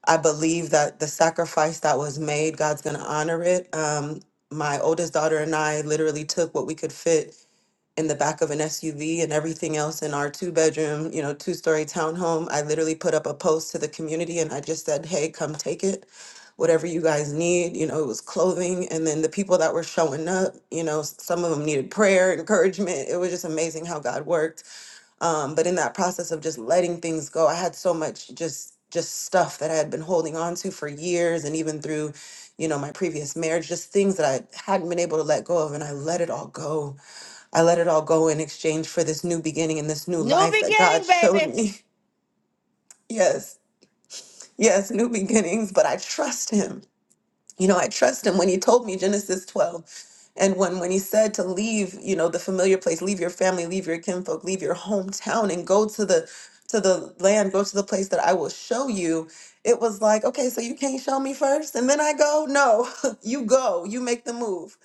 I believe that the sacrifice that was made, God's going to honor it. Um, my oldest daughter and I literally took what we could fit in the back of an SUV and everything else in our two bedroom, you know, two story townhome. I literally put up a post to the community and I just said, hey, come take it. Whatever you guys need, you know, it was clothing. And then the people that were showing up, you know, s- some of them needed prayer, encouragement. It was just amazing how God worked. Um, but in that process of just letting things go, I had so much just just stuff that I had been holding on to for years and even through, you know, my previous marriage, just things that I hadn't been able to let go of. And I let it all go I let it all go in exchange for this new beginning and this new
New
life that God
beginning,
showed
baby.
me. Yes, yes, new beginnings, but I trust Him you know, I trust him when he told me Genesis 12. And when, when he said to leave, you know, the familiar place, leave your family, leave your kinfolk, leave your hometown and go to the to the land, go to the place that I will show you. It was like, okay, so you can't show me first and then I go? No, you go, you make the move.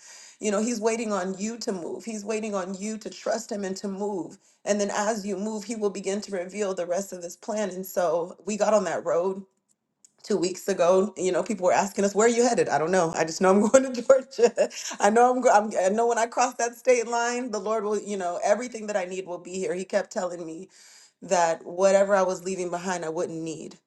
You know, he's waiting on you to move. He's waiting on you to trust him and to move. And then as you move, he will begin to reveal the rest of his plan. And so we got on that road two weeks ago, you know, people were asking us, "Where are you headed?" I don't know. I just know I'm going to Georgia. I know I'm, go- I'm. I know when I cross that state line, the Lord will, you know, everything that I need will be here. He kept telling me, that whatever I was leaving behind, I wouldn't need,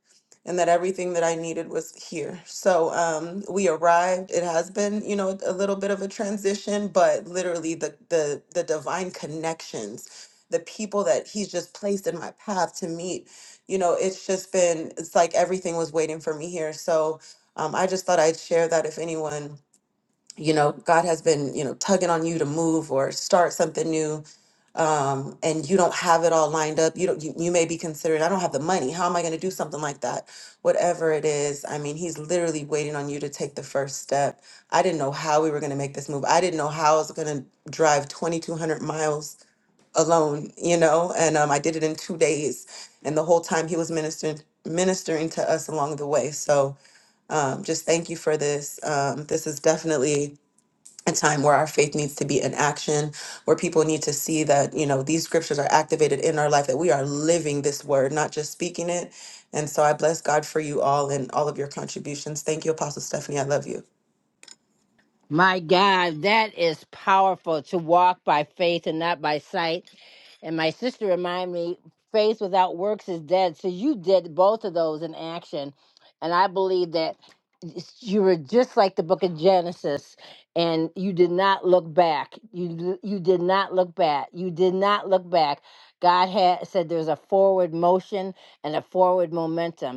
and that everything that I needed was here. So um, we arrived. It has been, you know, a little bit of a transition, but literally the the the divine connections, the people that He's just placed in my path to meet, you know, it's just been. It's like everything was waiting for me here. So um, I just thought I'd share that if anyone you know god has been you know tugging on you to move or start something new um and you don't have it all lined up you don't you, you may be considering i don't have the money how am i going to do something like that whatever it is i mean he's literally waiting on you to take the first step i didn't know how we were going to make this move i didn't know how i was going to drive 2200 miles alone you know and um, i did it in two days and the whole time he was ministering ministering to us along the way so um, just thank you for this um, this is definitely a time where our faith needs to be in action, where people need to see that, you know, these scriptures are activated in our life, that we are living this word, not just speaking it. And so I bless God for you all and all of your contributions. Thank you, Apostle Stephanie. I love you.
My God, that is powerful to walk by faith and not by sight. And my sister reminded me, faith without works is dead. So you did both of those in action. And I believe that you were just like the book of Genesis and you did not look back. You you did not look back. You did not look back. God had said there's a forward motion and a forward momentum.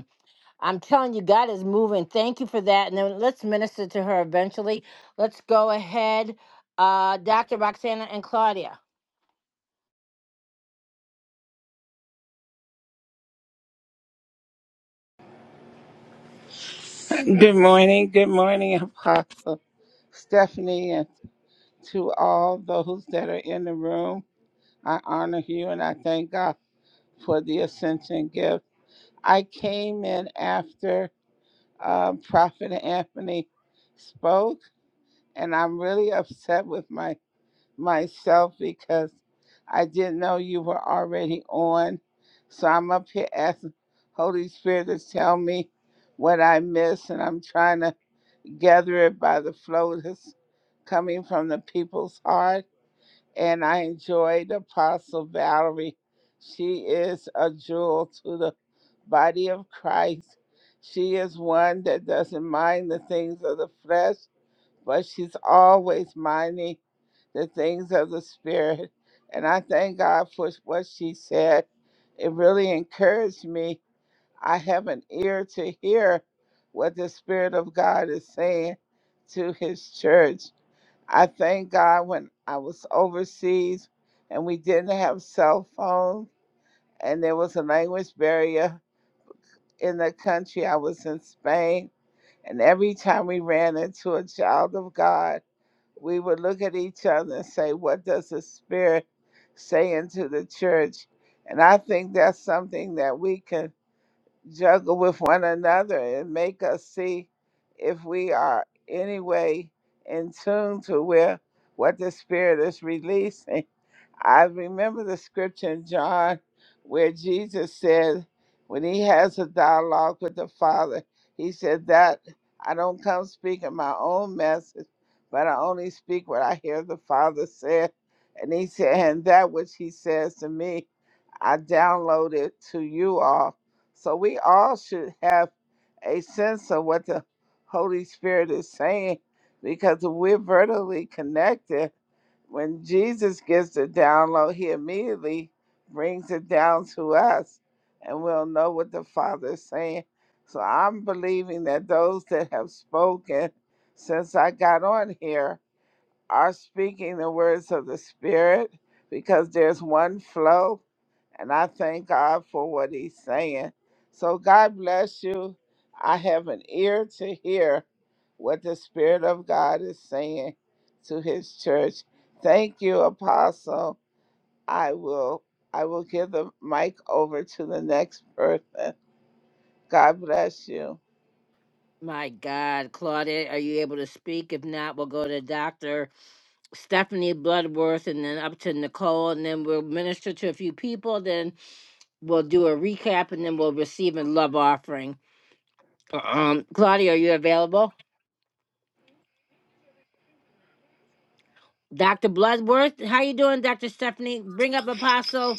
I'm telling you, God is moving. Thank you for that. And then let's minister to her eventually. Let's go ahead. Uh, Dr. Roxana and Claudia.
Good morning, good morning, Apostle Stephanie, and to all those that are in the room. I honor you and I thank God for the ascension gift. I came in after uh, Prophet Anthony spoke, and I'm really upset with my myself because I didn't know you were already on. So I'm up here asking Holy Spirit to tell me what I missed, and I'm trying to. Gather It by the Flow is coming from the people's heart. And I enjoyed Apostle Valerie. She is a jewel to the body of Christ. She is one that doesn't mind the things of the flesh, but she's always minding the things of the spirit. And I thank God for what she said. It really encouraged me I have an ear to hear what the Spirit of God is saying to His church. I thank God when I was overseas and we didn't have cell phones and there was a language barrier in the country. I was in Spain, and every time we ran into a child of God, we would look at each other and say, What does the Spirit say into the church? And I think that's something that we can juggle with one another and make us see if we are anyway in tune to where what the spirit is releasing I remember the scripture in John where Jesus said, when he has a dialogue with the Father, he said, That I don't come speaking my own message, but I only speak what I hear the Father said. And he said, And that which he says to me, I download it to you all. So we all should have a sense of what the Holy Spirit is saying because we're vertically connected when Jesus gives the download, he immediately brings it down to us and we'll know what the Father is saying. So I'm believing that those that have spoken since I got on here are speaking the words of the Spirit because there's one flow. And I thank God for what He's saying. So God bless you. I have an ear to hear what the Spirit of God is saying to His church. Thank you, Apostle. I will. I will give the mic over to the next person. God bless you.
My God, Claudia, are you able to speak? If not, we'll go to Dr. Stephanie Bloodworth and then up to Nicole, and then we'll minister to a few people. Then we'll do a recap and then we'll receive a love offering. Um, Claudia, are you available? Dr. Bloodworth, how you doing, Dr. Stephanie? Bring up Apostle.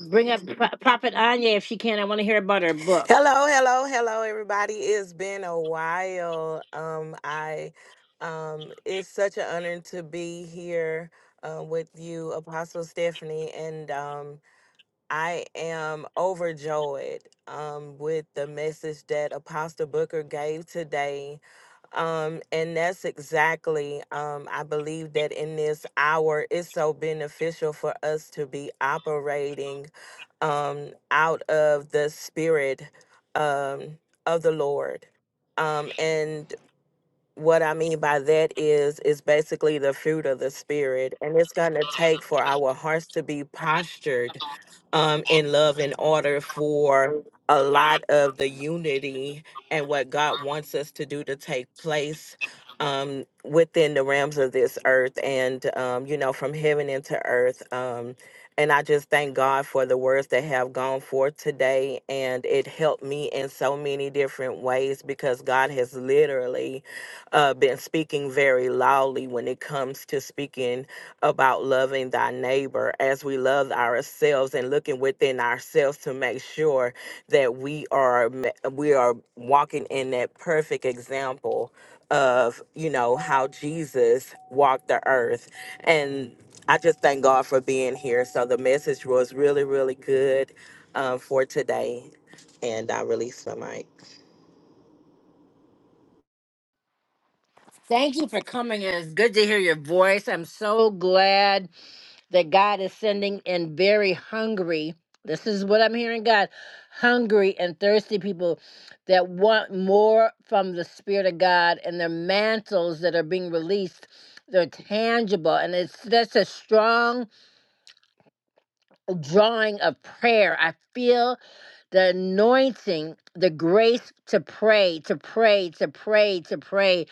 Bring up Pro- Prophet Anya if she can. I want to hear about her book.
Hello, hello, hello, everybody. It's been a while. Um, I um it's such an honor to be here um with you, Apostle Stephanie, and um I am overjoyed um with the message that Apostle Booker gave today um, and that's exactly, um, I believe that in this hour, it's so beneficial for us to be operating um, out of the spirit um, of the Lord. Um, and what I mean by that is is basically the fruit of the spirit, and it's going to take for our hearts to be postured um, in love in order for a lot of the unity and what God wants us to do to take place um, within the realms of this earth and um, you know from heaven into earth. Um, and I just thank God for the words that have gone forth today, and it helped me in so many different ways because God has literally uh, been speaking very loudly when it comes to speaking about loving thy neighbor as we love ourselves and looking within ourselves to make sure that we are ma- we are walking in that perfect example of you know how Jesus walked the earth and I just thank God for being here so the message was really really good um, for today and I released my mic
Thank you for coming. It's good to hear your voice. I'm so glad that God is sending in very hungry. This is what I'm hearing, God. Hungry and thirsty people that want more from the Spirit of God and their mantles that are being released. They're tangible. And it's that's a strong drawing of prayer. I feel the anointing, the grace to pray, to pray, to pray, to pray,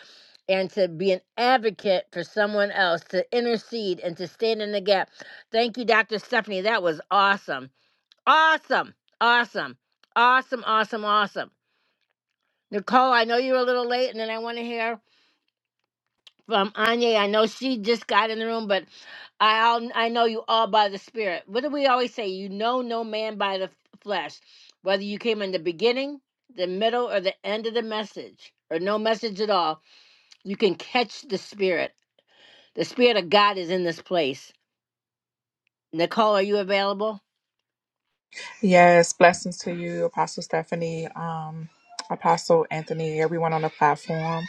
and to be an advocate for someone else, to intercede and to stand in the gap. Thank you, Dr. Stephanie. That was awesome. Awesome. Awesome. Awesome. Awesome. Awesome. Nicole, I know you're a little late, and then I want to hear from Anya. I know she just got in the room, but I all, I know you all by the Spirit. What do we always say? You know no man by the f- flesh, whether you came in the beginning, the middle, or the end of the message, or no message at all. You can catch the Spirit. The Spirit of God is in this place. Nicole, are you available?
Yes, blessings to you, Apostle Stephanie, um, Apostle Anthony, everyone on the platform.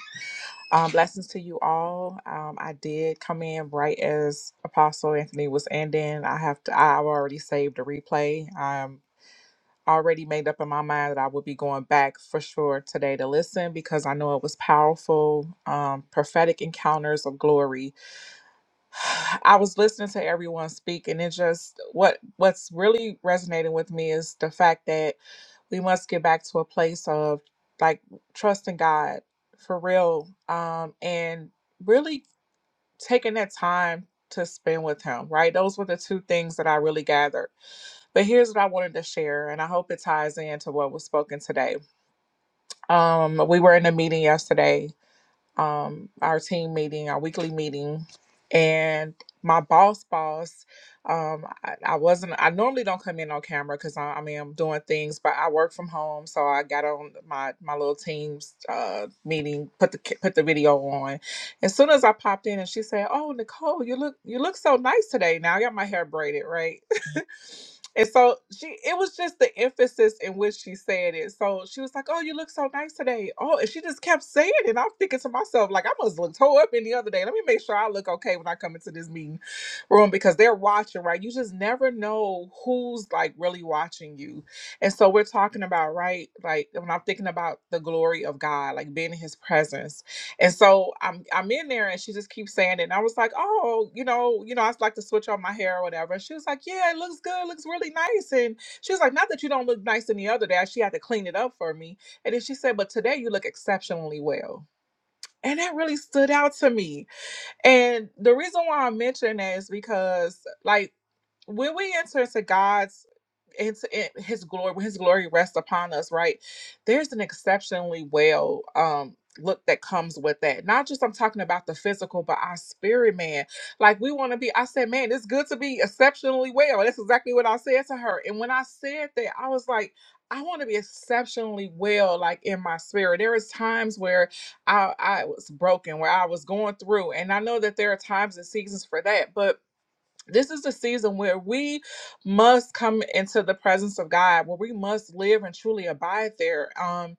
Um, blessings to you all. Um, I did come in right as Apostle Anthony was ending. I have to. I already saved a replay. I'm already made up in my mind that I will be going back for sure today to listen because I know it was powerful. Um, prophetic encounters of glory I was listening to everyone speak, and it just what what's really resonating with me is the fact that we must get back to a place of like trusting God for real, um, and really taking that time to spend with Him. Right, those were the two things that I really gathered. But here's what I wanted to share, and I hope it ties into what was spoken today. Um, we were in a meeting yesterday, um, our team meeting, our weekly meeting, and my boss, boss, um, I, I wasn't. I normally don't come in on camera because I, I mean I'm doing things, but I work from home, so I got on my my little team's uh, meeting, put the ca- put the video on. As soon as I popped in, and she said, "Oh, Nicole, you look you look so nice today." Now I got my hair braided, right? And so she, it was just the emphasis in which she said it. So she was like, "Oh, you look so nice today." Oh, and she just kept saying it. I'm thinking to myself, like, I must look tore up any other day. Let me make sure I look okay when I come into this meeting room because they're watching, right? You just never know who's like really watching you. And so we're talking about, right? Like when I'm thinking about the glory of God, like being in His presence and so I'm I'm in there and she just keeps saying it. And I was like, oh, you know, you know, I like to switch on my hair or whatever. And she was like, yeah, it looks good, looks really nice. And she was like, not that you don't look nice any other day. She had to clean it up for me. And then she said, but today you look exceptionally well. And that really stood out to me and the reason why i mention that is because, like, when we enter into God's into it- His glory, when His glory rests upon us, right? There's an exceptionally well um look that comes with that. Not just I'm talking about the physical, but our spirit, man. Like we want to be. I said, man, it's good to be exceptionally well. That's exactly what I said to her. And when I said that, I was like. I want to be exceptionally well, like in my spirit. There is times where I I was broken, where I was going through. And I know that there are times and seasons for that, but this is the season where we must come into the presence of God, where we must live and truly abide there. Um,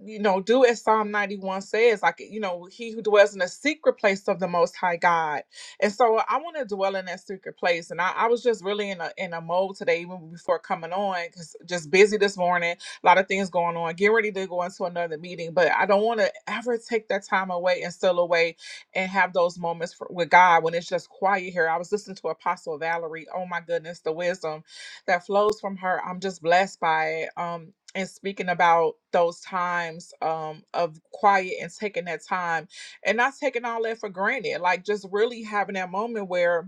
you know, do as Psalm 91 says, like, you know, he who dwells in the secret place of the most high God. And so I want to dwell in that secret place. And I, I was just really in a in a mode today, even before coming on, because just busy this morning, a lot of things going on, get ready to go into another meeting. But I don't want to ever take that time away and still away and have those moments for, with God when it's just quiet here. I was listening to Apostle Valerie. Oh my goodness, the wisdom that flows from her. I'm just blessed by it. Um, and speaking about those times um, of quiet and taking that time and not taking all that for granted, like just really having that moment where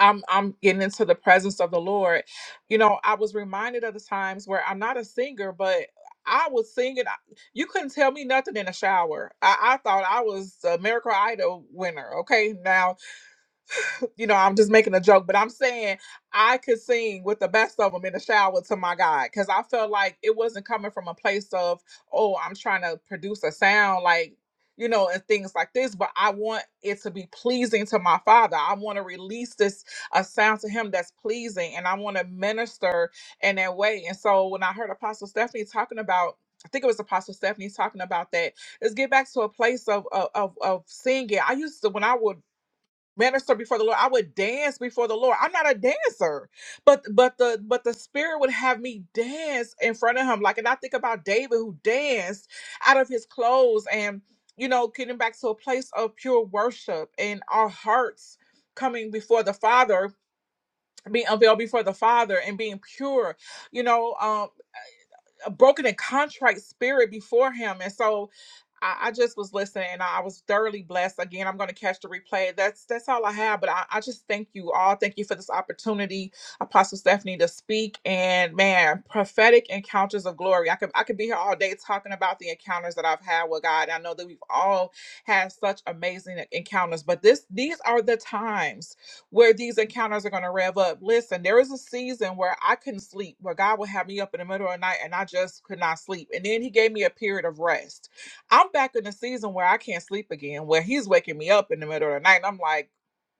I'm I'm getting into the presence of the Lord. You know, I was reminded of the times where I'm not a singer, but I was singing. I- You couldn't tell me nothing in the shower. I, I thought I was a Miracle Idol winner. Okay, now you know, I'm just making a joke, but I'm saying I could sing with the best of them in the shower to my God because I felt like it wasn't coming from a place of, oh, I'm trying to produce a sound like, you know, and things like this, but I want it to be pleasing to my Father. I want to release this a sound to Him that's pleasing, and I want to minister in that way. And so when I heard Apostle Stephanie talking about, I think it was Apostle Stephanie talking about that let's get back to a place of of of, of singing. I used to when I would minister before the Lord. I would dance before the Lord. I'm not a dancer, but but the but the Spirit would have me dance in front of Him. Like, and I think about David who danced out of his clothes, and you know, getting back to a place of pure worship and our hearts coming before the Father, being unveiled before the Father, and being pure. You know, um, a broken and contrite spirit before him. And so I, I just was listening and I was thoroughly blessed. Again, I'm gonna catch the replay. That's that's all I have. But I, I just thank you all. Thank you for this opportunity, Apostle Stephanie, to speak. And man, prophetic encounters of glory. I could I could be here all day talking about the encounters that I've had with God. I know that we've all had such amazing encounters, but this these are the times where these encounters are going to rev up. Listen, there was a season where I couldn't sleep, where God would have me up in the middle of the night and I just could not sleep. And then He gave me a period of rest. I'm back in the season where I can't sleep again, where He's waking me up in the middle of the night. And I'm like,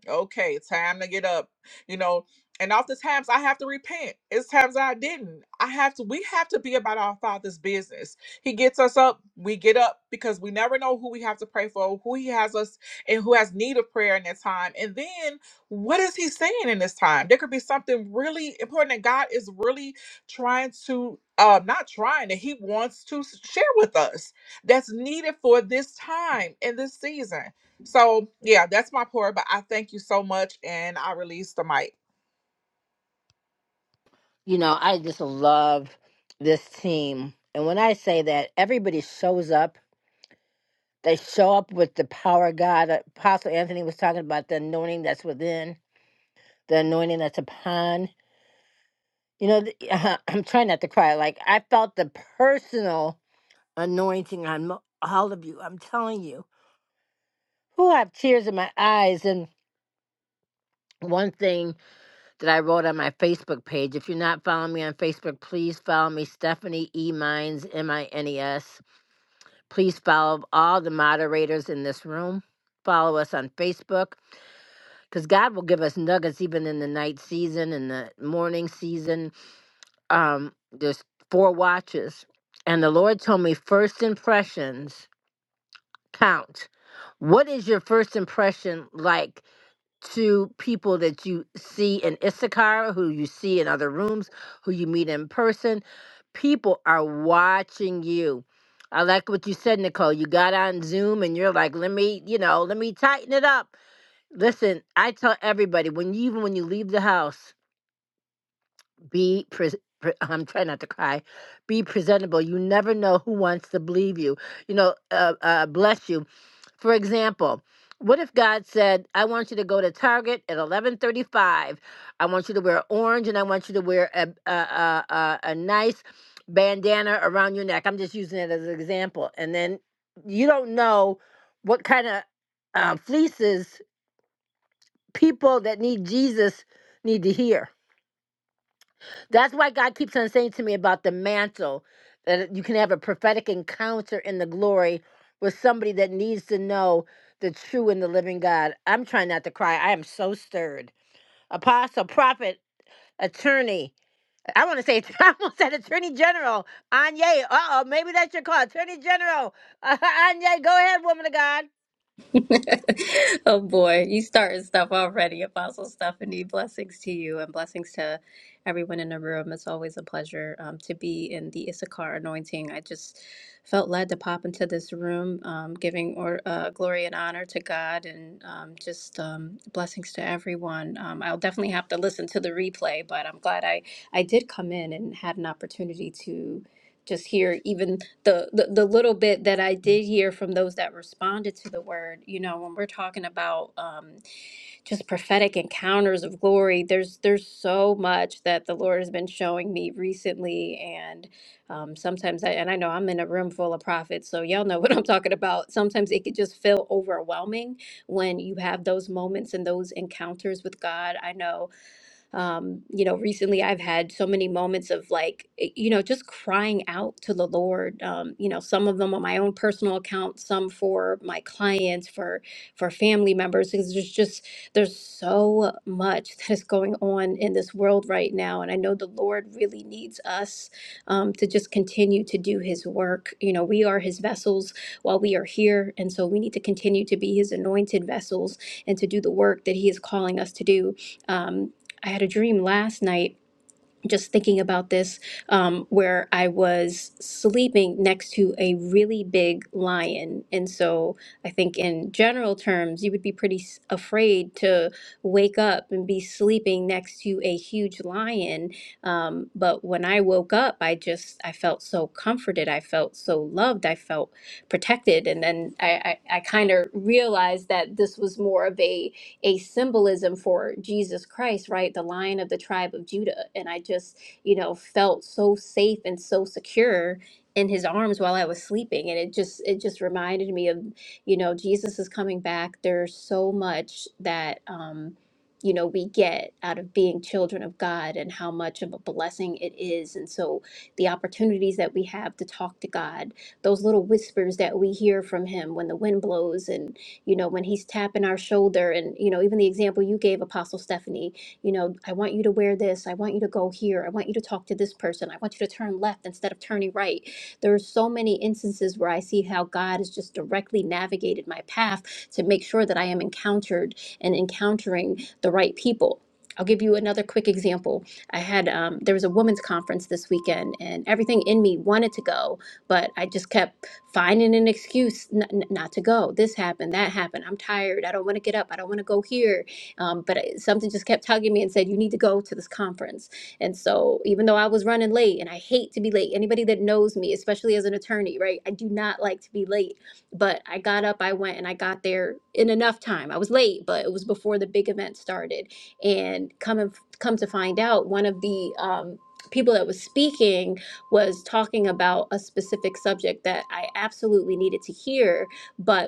okay, time to get up, you know. And oftentimes I have to repent. It's times I didn't. I have to, we have to be about our father's business. He gets us up, we get up because we never know who we have to pray for, who he has us and who has need of prayer in that time. And then what is he saying in this time? There could be something really important that God is really trying to, uh, not trying, that he wants to s- share with us that's needed for this time and this season. So yeah, that's my pour. But I thank you so much, and I release the mic.
You know, I just love this team, and when I say that, everybody shows up. They show up with the power of God. Apostle Anthony was talking about the anointing that's within the anointing that's upon. You know, th- I'm trying not to cry. Like I felt the personal anointing on mo- all of you. I'm telling you, who I have tears in my eyes. And one thing that I wrote on my Facebook page. If you're not following me on Facebook, please follow me, Stephanie E Mines M I N E S. Please follow all the moderators in this room. Follow us on Facebook because God will give us nuggets even in the night season and the morning season um there's four watches and the lord told me first impressions count what is your first impression like to people that you see in issachar who you see in other rooms who you meet in person people are watching you i like what you said nicole you got on zoom and you're like let me you know let me tighten it up listen i tell everybody when you even when you leave the house be pre- pre- i'm trying not to cry be presentable you never know who wants to believe you you know uh, uh, bless you for example what if god said i want you to go to target at 11.35 i want you to wear orange and i want you to wear a, a, a, a, a nice bandana around your neck i'm just using it as an example and then you don't know what kind of uh, fleeces people that need jesus need to hear that's why God keeps on saying to me about the mantle that you can have a prophetic encounter in the glory with somebody that needs to know the true and the living God. I'm trying not to cry. I am so stirred. Apostle, prophet, attorney. I want to say, I almost said Attorney General. Anya, uh oh, maybe that's your call. Attorney General. Anya, go ahead, woman of God.
Oh boy, you starting stuff already, Apostle Stephanie. Blessings to you and blessings to everyone in the room. It's always a pleasure um, to be in the Issachar anointing. I just felt led to pop into this room, um, giving or uh, glory and honor to God, and um, just um, blessings to everyone. Um, I'll definitely have to listen to the replay, but I'm glad I I did come in and had an opportunity to just hear even the, the the little bit that I did hear from those that responded to the word. You know, when we're talking about um, just prophetic encounters of glory, there's there's so much that the Lord has been showing me recently, and um, sometimes I and I know I'm in a room full of prophets, so y'all know what I'm talking about. Sometimes it could just feel overwhelming when you have those moments and those encounters with God. I know um, you know, recently I've had so many moments of like, eh, you know, just crying out to the Lord. Um, you know, some of them on my own personal account, some for my clients, for for family members, because there's just there's so much that is going on in this world right now, and I know the Lord really needs us um, to just continue to do His work. You know, we are His vessels while we are here, and so we need to continue to be His anointed vessels and to do the work that He is calling us to do. Um, I had a dream last night, just thinking about this, um, where I was sleeping next to a really big lion. And so I think, in general terms, you would be pretty s- afraid to wake up and be sleeping next to a huge lion. Um, but when I woke up, I just I felt so comforted. I felt so loved. I felt protected. And then I I, I kind of realized that this was more of a a symbolism for Jesus Christ, right? The lion of the tribe of Judah. And I just, you know, felt so safe and so secure in his arms while I was sleeping. And it just it just reminded me of, you know, Jesus is coming back. There's so much that um you know we get out of being children of God and how much of a blessing it is. And so the opportunities that we have to talk to God, those little whispers that we hear from him when the wind blows and you know, when he's tapping our shoulder and, you know, even the example you gave, Apostle Stephanie, you know, I want you to wear this. I want you to go here. I want you to talk to this person. I want you to turn left instead of turning right. There are so many instances where I see how God has just directly navigated my path to make sure that I am encountered and encountering the right people. I'll give you another quick example. I had um, there was a women's conference this weekend, and everything in me wanted to go, but I just kept finding an excuse n- n- not to go. This happened, that happened. I'm tired. I don't want to get up. I don't want to go here. Um, but I- something just kept tugging me and said, You need to go to this conference. And so, even though I was running late, and I hate to be late, anybody that knows me, especially as an attorney, right? I do not like to be late. But I got up, I went, and I got there in enough time. I was late, but it was before the big event started. And come and come to find out, one of the um, people that was speaking was talking about a specific subject that I absolutely needed to hear, but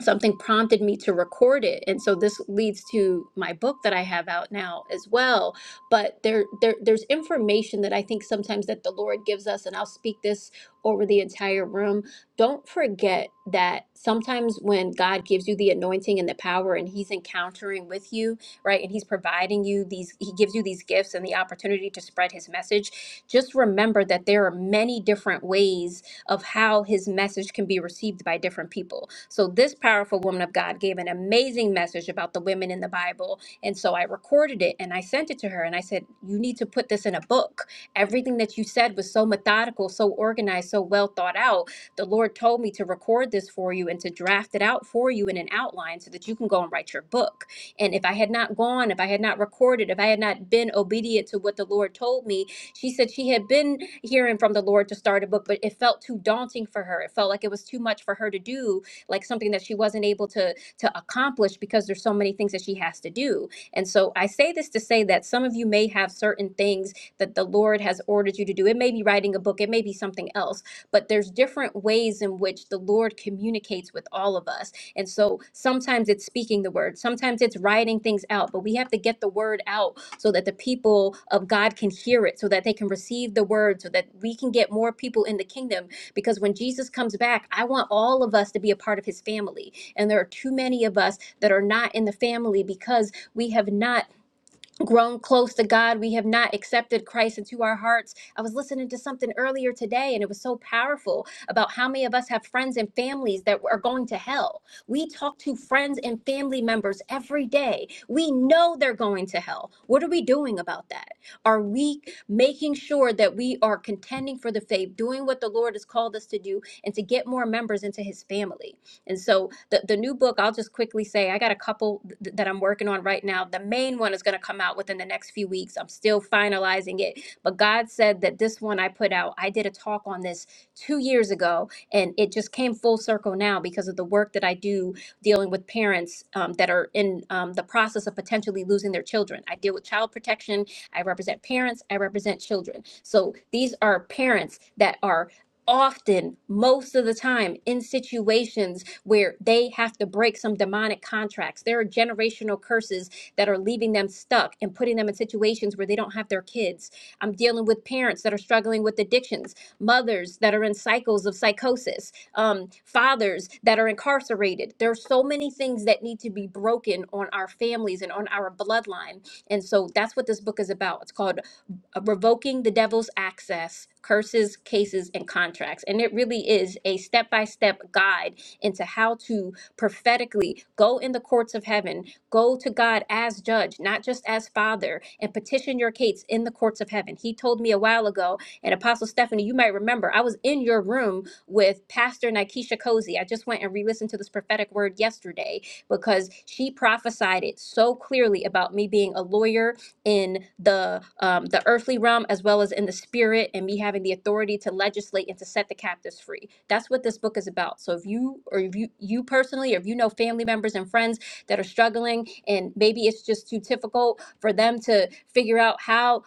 something prompted me to record it and so this leads to my book that i have out now as well but there, there there's information that i think sometimes that the lord gives us and i'll speak this over the entire room don't forget that sometimes when god gives you the anointing and the power and he's encountering with you right and he's providing you these he gives you these gifts and the opportunity to spread his message just remember that there are many different ways of how his message can be received by different people. So, this powerful woman of God gave an amazing message about the women in the Bible. And so I recorded it and I sent it to her and I said, You need to put this in a book. Everything that you said was so methodical, so organized, so well thought out. The Lord told me to record this for you and to draft it out for you in an outline so that you can go and write your book. And if I had not gone, if I had not recorded, if I had not been obedient to what the Lord told me, she said she had been hearing from the Lord to start a book, but it felt too daunting for her. It felt like it was too much for her to do, like something that she wasn't able to to accomplish because there's so many things that she has to do. And so I say this to say that some of you may have certain things that the Lord has ordered you to do. It may be writing a book, it may be something else, but there's different ways in which the Lord communicates with all of us. And so sometimes it's speaking the word, sometimes it's writing things out, but we have to get the word out so that the people of God can hear it, so that they can receive the word, so that we can get more people in the kingdom. Because when Jesus comes back, I want all of us to be a part of his family. And there are too many of us that are not in the family because we have not grown close to God. We have not accepted Christ into our hearts. I was listening to something earlier today and it was so powerful about how many of us have friends and families that are going to hell. We talk to friends and family members every day. We know they're going to hell. What are we doing about that? Are we making sure that we are contending for the faith, doing what the Lord has called us to do, and to get more members into his family? And so the, the new book, I'll just quickly say, I got a couple th- that I'm working on right now. The main one is going to come out within the next few weeks. I'm still finalizing it. But God said that this one I put out, I did a talk on this two years ago, and it just came full circle now because of the work that I do dealing with parents um, that are in um, the process of potentially losing their children. I deal with child protection. I represent parents. I represent children. So these are parents that are often, most of the time, in situations where they have to break some demonic contracts. There are generational curses that are leaving them stuck and putting them in situations where they don't have their kids. I'm dealing with parents that are struggling with addictions, mothers that are in cycles of psychosis, um, fathers that are incarcerated. There are so many things that need to be broken on our families and on our bloodline. And so that's what this book is about. It's called uh, revoking the devil's access, curses, cases, and contracts. And it really is a step by step guide into how to prophetically go in the courts of heaven, go to God as judge, not just as father, and petition your case in the courts of heaven. He told me a while ago, and Apostle Stephanie, you might remember, I was in your room with Pastor Nikesha Cozy. I just went and re listened to this prophetic word yesterday because she prophesied it so clearly about me being a lawyer in the um, the earthly realm as well as in the spirit and me having the authority to legislate and to set the captives free that's what this book is about so if you or if you you personally or if you know family members and friends that are struggling and maybe it's just too difficult for them to figure out how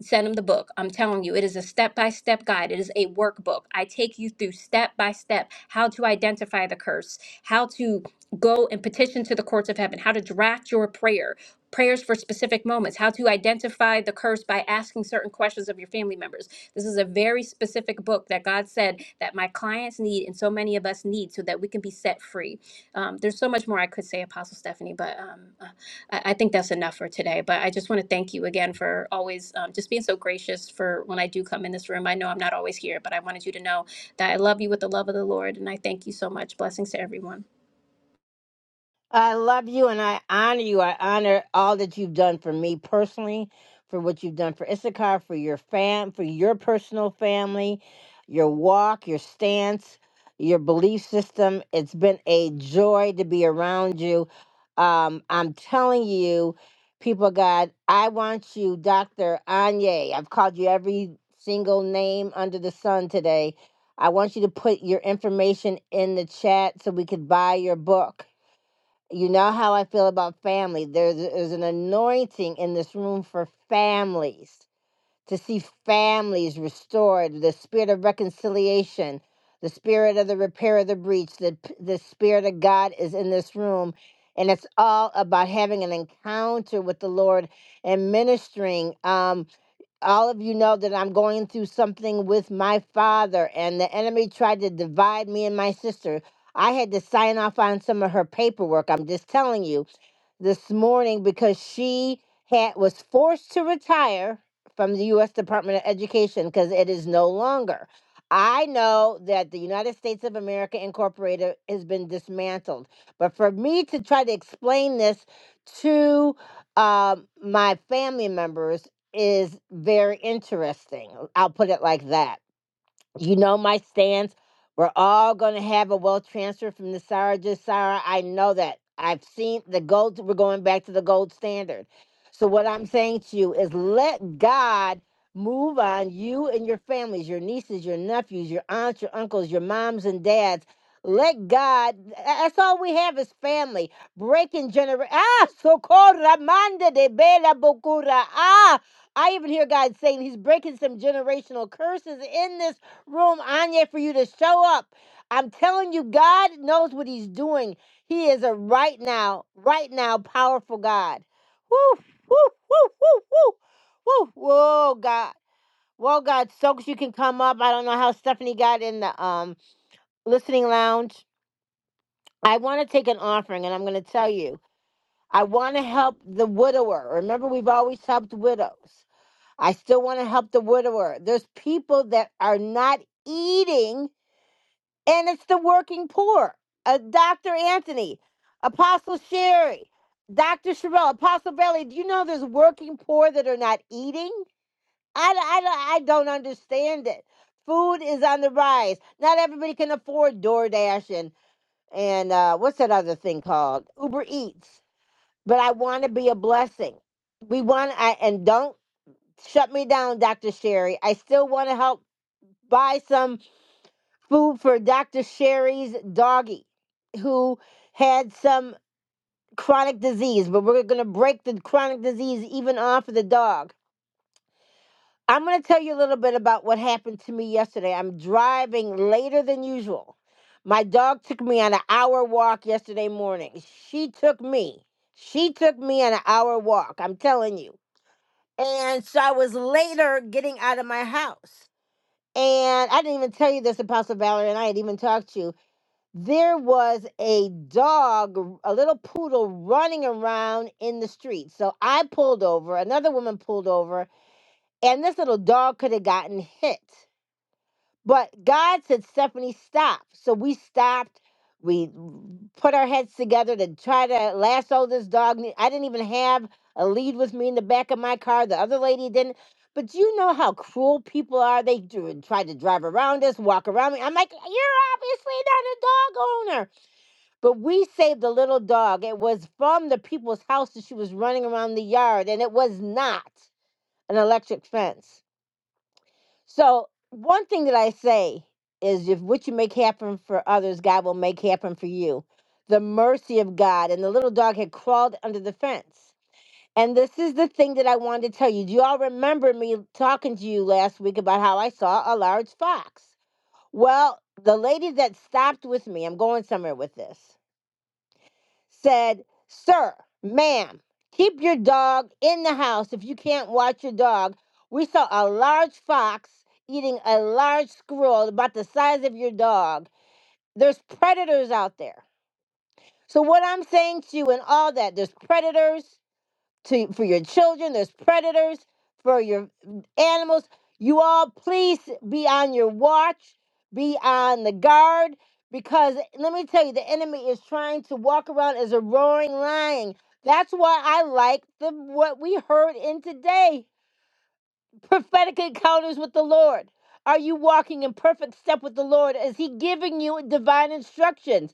send them the book. I'm telling you, it is a step by step guide. It is a workbook. I take you through step by step how to identify the curse, how to go and petition to the courts of heaven, how to draft your prayer, prayers for specific moments, how to identify the curse by asking certain questions of your family members. This is a very specific book that God said that my clients need and so many of us need so that we can be set free. Um, there's so much more I could say, Apostle Stephanie, but um, uh, I, I think that's enough for today. But I just want to thank you again for always um, just being so gracious for when I do come in this room. I know I'm not always here, but I wanted you to know that I love you with the love of the Lord, and I thank you so much. Blessings to everyone.
I love you and I honor you. I honor all that you've done for me personally, for what you've done for Issachar, for your fam, for your personal family, your walk, your stance, your belief system. It's been a joy to be around you. Um, I'm telling you, people, of God, I want you, Dr. Anye. I've called you every single name under the sun today. I want you to put your information in the chat so we could buy your book you know how I feel about family. There's, there's an anointing in this room for families, to see families restored, the spirit of reconciliation, the spirit of the repair of the breach, the, p- the spirit of God is in this room. And it's all about having an encounter with the Lord and ministering. Um all of you know that I'm going through something with my father, and the enemy tried to divide me and my sister. I had to sign off on some of her paperwork. I'm just telling you this morning because she had was forced to retire from the US Department of Education because it is no longer. I know that the United States of America Incorporated has been dismantled, but for me to try to explain this to um, my family members is very interesting. I'll put it like that. You know my stance. We're all going to have a wealth transfer from the Sarah to Sarah. I know that. I've seen the gold. We're going back to the gold standard. So what I'm saying to you is let God move on you and your families, your nieces, your nephews, your aunts, your uncles, your moms and dads. Let God, that's all we have is family. Breaking generation. Ah, so called Ramanda de Bela Bocura. Ah, I even hear God saying he's breaking some generational curses in this room on there for you to show up. I'm telling you, God knows what He's doing. He is a right now, right now powerful God. Woo, woo, woo, woo, woo, woo. Whoa, God. Whoa, God. Soaks, you can come up. I don't know how Stephanie got in the um listening lounge. I want to take an offering, and I'm going to tell you, I want to help the widower. Remember, we've always helped widows. I still want to help the widower. There's people that are not eating and it's the working poor. Uh, Dr. Anthony, Apostle Sherry, Dr. Sherelle, Apostle Bailey, do you know there's working poor that are not eating? I I I I, d- I don't understand it. Food is on the rise. Not everybody can afford DoorDash and, and uh, what's that other thing called? Uber Eats. But I want to be a blessing. We want, I, and don't shut me down, Dr. Sherry. I still want to help buy some food for Dr. Sherry's doggy, who had some chronic disease, but we're going to break the chronic disease even off of the dog. I'm going to tell you a little bit about what happened to me yesterday. I'm driving later than usual. My dog took me on an hour walk yesterday morning. She took me. She took me on an hour walk, I'm telling you. And so I was later getting out of my house. And I didn't even tell you this, Apostle Valerie, and I had even talked to you. there was a dog, a little poodle running around in the street. So I pulled over, another woman pulled over, and this little dog could have gotten hit. But God said, Stephanie, stop. So we stopped. We put our heads together to try to lasso this dog. I didn't even have a lead with me in the back of my car. The other lady didn't. But you know how cruel people are. They do, try to drive around us, walk around me. I'm like, you're obviously not a dog owner. But we saved the little dog. It was from the people's house that she was running around the yard, and it was not an electric fence. So, one thing that I say is if what you make happen for others, God will make happen for you. The mercy of God. And the little dog had crawled under the fence. And this is the thing that I wanted to tell you. Do you all remember me talking to you last week about how I saw a large fox? Well, the lady that stopped with me, I'm going somewhere with this said, Sir, ma'am, keep your dog in the house if you can't watch your dog. We saw a large fox eating a large squirrel about the size of your dog. There's predators out there. So, what I'm saying to you and all that, there's predators, to for your children. There's predators for your animals. You all please be on your watch, be on the guard, because let me tell you, the enemy is trying to walk around as a roaring lion. That's why I like the what we heard in today prophetic encounters with the Lord. Are you walking in perfect step with the Lord? Is He giving you divine instructions?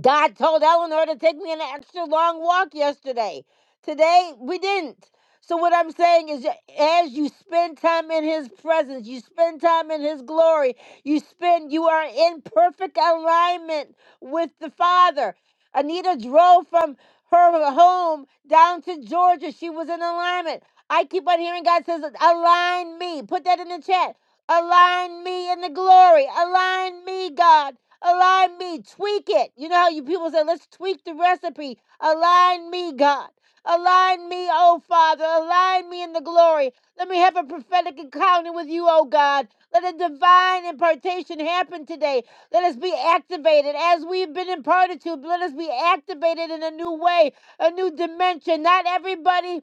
God told Eleanor to take me an extra long walk yesterday. Today, we didn't. So, what I'm saying is, as you spend time in His presence, you spend time in His glory, you spend, you are in perfect alignment with the Father. Anita drove from her home down to Georgia. She was in alignment. I keep on hearing God says, align me. Put that in the chat. Align me in the glory. Align me, God. Align me, tweak it. You know how you people say, let's tweak the recipe. Align me, God. Align me, oh Father. Align me in the glory. Let me have a prophetic encounter with you, oh God. Let a divine impartation happen today. Let us be activated as we've been imparted to. Let us be activated in a new way, a new dimension. Not everybody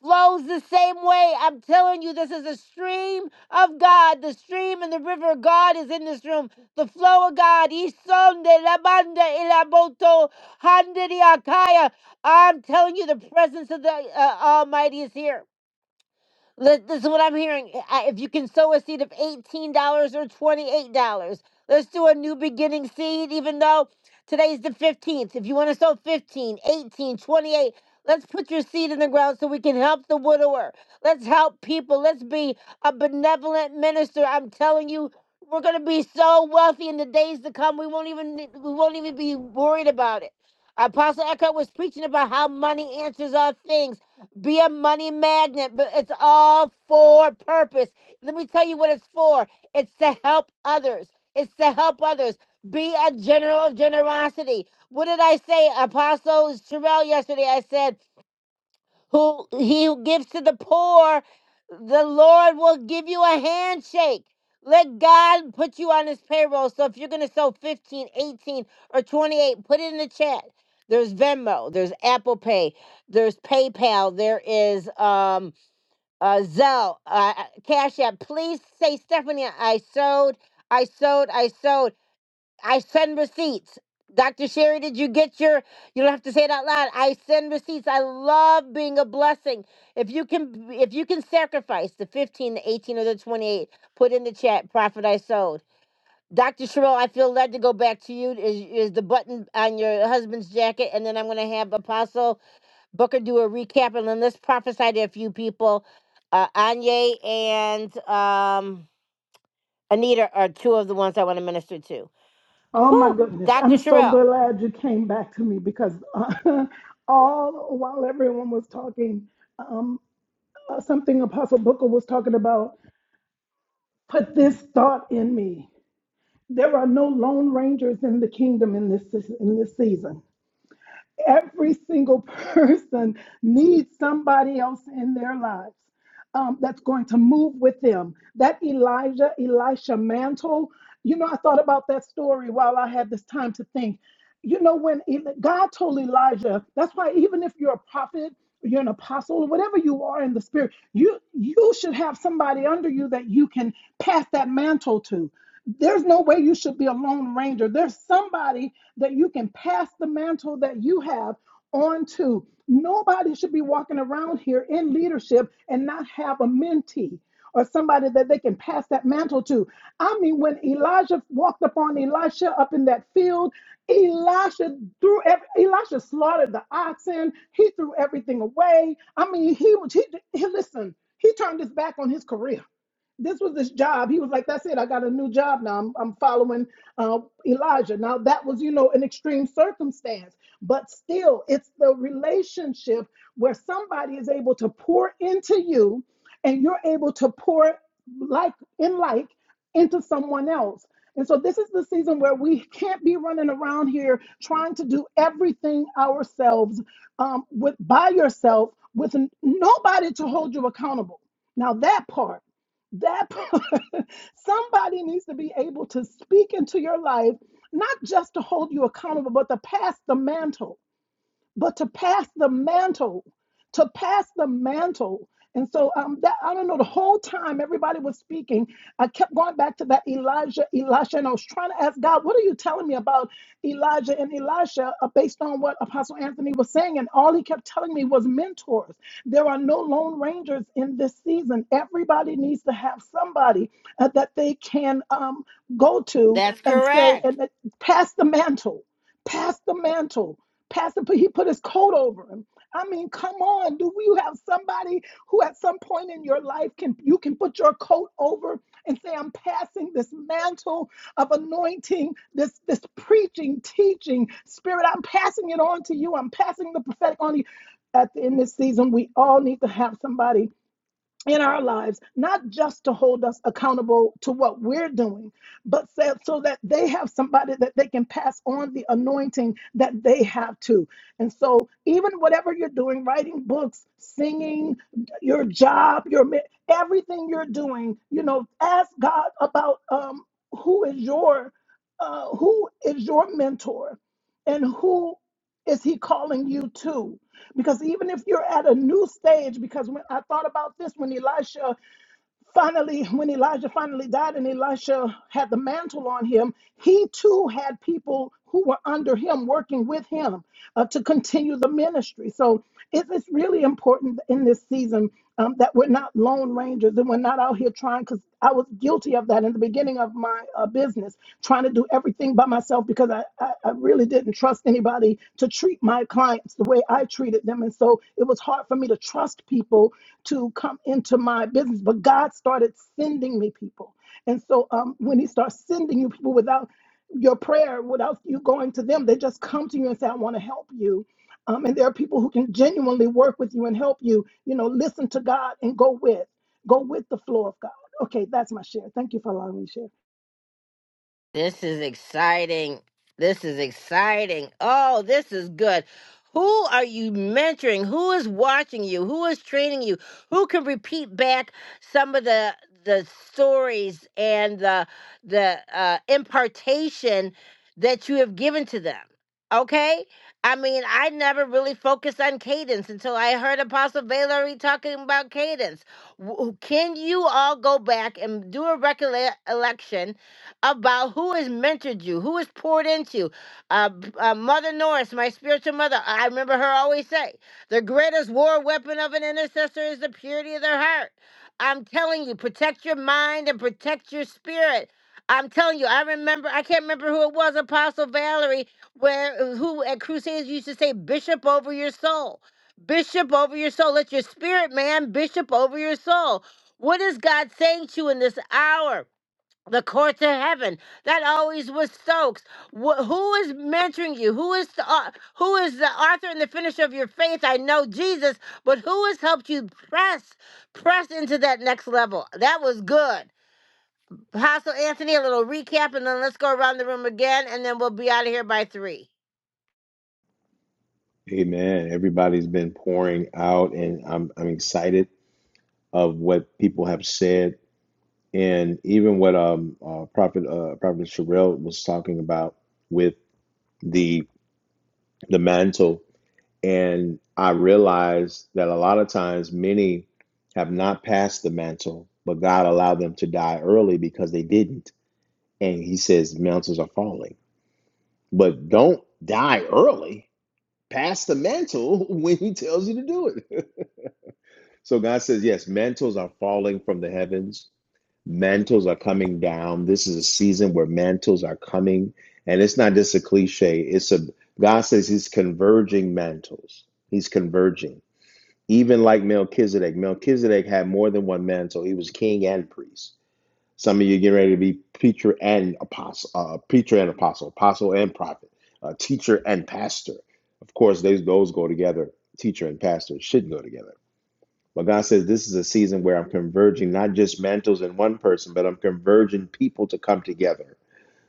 flows the same way. I'm telling you, this is a stream of God. The stream and the river of God is in this room. The flow of God. Isonde labanda ilaboto handiriakaya. I'm telling you, the presence of the uh, Almighty is here. Let, this is what I'm hearing. eh, I- If you can sow a seed of $18 or $28, let's do a new beginning seed, even though today's the 15th. If you want to sow fifteen, eighteen, twenty-eight, let's put your seed in the ground so we can help the widower. Let's help people. Let's be a benevolent minister. I'm telling you, we're going to be so wealthy in the days to come. We won't even we won't even be worried about it. Apostle Eckhart was preaching about how money answers all things. Be a money magnet, but it's all for purpose. Let me tell you what it's for. It's to help others. It's to help others. Be a general of generosity. What did I say, Apostle Sherelle yesterday? I said who he who gives to the poor, the Lord will give you a handshake. Let God put you on his payroll. So if you're going to sell 15, 18, or 28, put it in the chat. There's Venmo, there's Apple Pay, there's PayPal, there is um uh Zelle, uh, uh, Cash App. Please say Stephanie, I sewed, I sewed, I sewed. I send receipts. Dr. Sherry, did you get your? You don't have to say it out loud. I send receipts. I love being a blessing. If you can, if you can sacrifice the fifteen, the eighteen, or the twenty-eight, put in the chat. Profit I sowed. Dr. Sherrill, I feel led to go back to you. Is is the button on your husband's jacket? And then I'm going to have Apostle Booker do a recap, and then let's prophesy to a few people. Uh, Anya and um, Anita are two of the ones I want to minister to.
Oh my
Whew,
goodness. I'm
Dr.
so
Sherrill.
glad you came back to me because uh, all while everyone was talking, um, uh, something Apostle Booker was talking about put this thought in me. There are no lone rangers in the kingdom in this in this season. Every single person needs somebody else in their lives um, that's going to move with them. That Elijah, Elisha mantle, you know, I thought about that story while I had this time to think. You know, when El- God told Elijah, that's why even if you're a prophet, you're an apostle, whatever you are in the spirit, you you should have somebody under you that you can pass that mantle to. There's no way you should be a lone ranger. There's somebody that you can pass the mantle that you have onto. Nobody should be walking around here in leadership and not have a mentee or somebody that they can pass that mantle to. I mean, when Elijah walked upon Elisha up in that field, Elisha threw every, Elisha slaughtered the oxen. He threw everything away. I mean, he was he, he listen. He turned his back on his career this was his job. He was like, "That's it. I got a new job now. I'm, I'm following uh, Elijah." Now that was, you know, an extreme circumstance, but still, it's the relationship where somebody is able to pour into you, and you're able to pour like in like into someone else. And so this is the season where we can't be running around here trying to do everything ourselves um, with by yourself with n- nobody to hold you accountable. Now that part that somebody needs to be able to speak into your life not just to hold you accountable but to pass the mantle but to pass the mantle, to pass the mantle. And so um, that I don't know. The whole time everybody was speaking, I kept going back to that Elijah, Elisha, and I was trying to ask God, "What are you telling me about Elijah and Elisha?" Uh, based on what Apostle Anthony was saying, and all he kept telling me was mentors. There are no lone rangers in this season. Everybody needs to have somebody uh, that they can um, go to
That's
and say
correct.
and uh, pass the mantle Pass the mantle. Pass Pastor, he put his coat over him. I mean, come on. Do you have somebody who at some point in your life can you can put your coat over and say, I'm passing this mantle of anointing, this this preaching, teaching spirit. I'm passing it on to you. I'm passing the prophetic on to you. At the end of this season, we all need to have somebody in our lives, not just to hold us accountable to what we're doing, but so, so that they have somebody that they can pass on the anointing that they have too. And so, even whatever you're doing, writing books, singing, your job, your mi- everything you're doing, you know, ask God about um, who is your uh, who is your mentor, and who is he calling you to? Because even if you're at a new stage, because when I thought about this when Elisha finally, when Elijah finally died and Elisha had the mantle on him, he too had people who were under him working with him uh, to continue the ministry. So it is really important in this season um, that we're not lone rangers and we're not out here trying. because because I was guilty of that in the beginning of my uh, business, trying to do everything by myself because I, I, I really didn't trust anybody to treat my clients the way I treated them. And so it was hard for me to trust people to come into my business. But God started sending me people. And so um, when He starts sending you people without your prayer, without you going to them, they just come to you and say, I want to help you. Um, and there are people who can genuinely work with you and help you. You know, listen to God and go with, go with the flow of God. Okay, that's my share. Thank you for allowing me to share.
This is exciting. This is exciting. Oh, this is good. Who are you mentoring? Who is watching you? Who is training you? Who can repeat back some of the the stories and the the uh, impartation that you have given to them? Okay, I mean, I never really focused on cadence until I heard Apostle Valerie talking about cadence. W- Can you all go back and do a recollection? about who has mentored you, who has poured into you. Uh, b- uh, mother Norris, my spiritual mother, I remember her always say, the greatest war weapon of an intercessor is the purity of their heart. I'm telling you, protect your mind and protect your spirit. I'm telling you, I remember, I can't remember who it was, Apostle Valerie, where uh, who at Crusades used to say, Bishop over your soul. Bishop over your soul. Let your spirit, man, bishop over your soul. What is God saying to you in this hour? the courts of heaven. That always was Stokes. Wh- who is mentoring you? Who is the au- who is the author and the finisher of your faith? I know Jesus, but who has helped you press press into that next level? That was good, Apostle Anthony. A little recap, and then let's go around the room again, and then we'll be out of here by three.
Amen. Everybody's been pouring out, and I'm I'm excited of what people have said, and even what um uh, Prophet uh, Prophet Sherelle was talking about with the the mantle, and I realized that a lot of times many have not passed the mantle, but God allowed them to die early because they didn't, and He says mantles are falling, but don't die early. Pass the mantle when He tells you to do it. So God says, yes, mantles are falling from the heavens. Mantles are coming down. This is a season where mantles are coming. And it's not just a cliche. It's a God says he's converging mantles. He's converging. Even like Melchizedek. Melchizedek had more than one mantle. He was king and priest. Some of you getting ready to be preacher and apostle, uh, preacher and apostle, apostle and prophet, uh, teacher and pastor. Of course, those those go together. Teacher and pastor should go together but God says this is a season where I'm converging not just mantles in one person, but I'm converging people to come together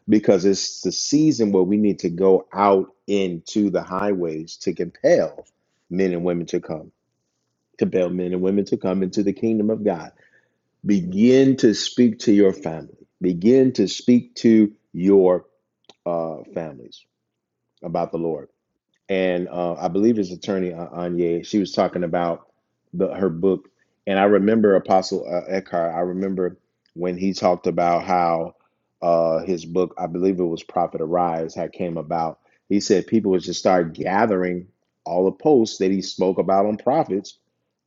because it's the season where we need to go out into the highways to compel men and women to come, compel men and women to come into the kingdom of God. Begin to speak to your family, begin to speak to your uh, families about the Lord and uh, I believe his attorney A- Anye. She was talking about the her book, and I remember Apostle uh, Eckhart. I remember when he talked about how uh, his book, I believe it was Prophet Arise, had came about. He said people would just start gathering all the posts that he spoke about on prophets,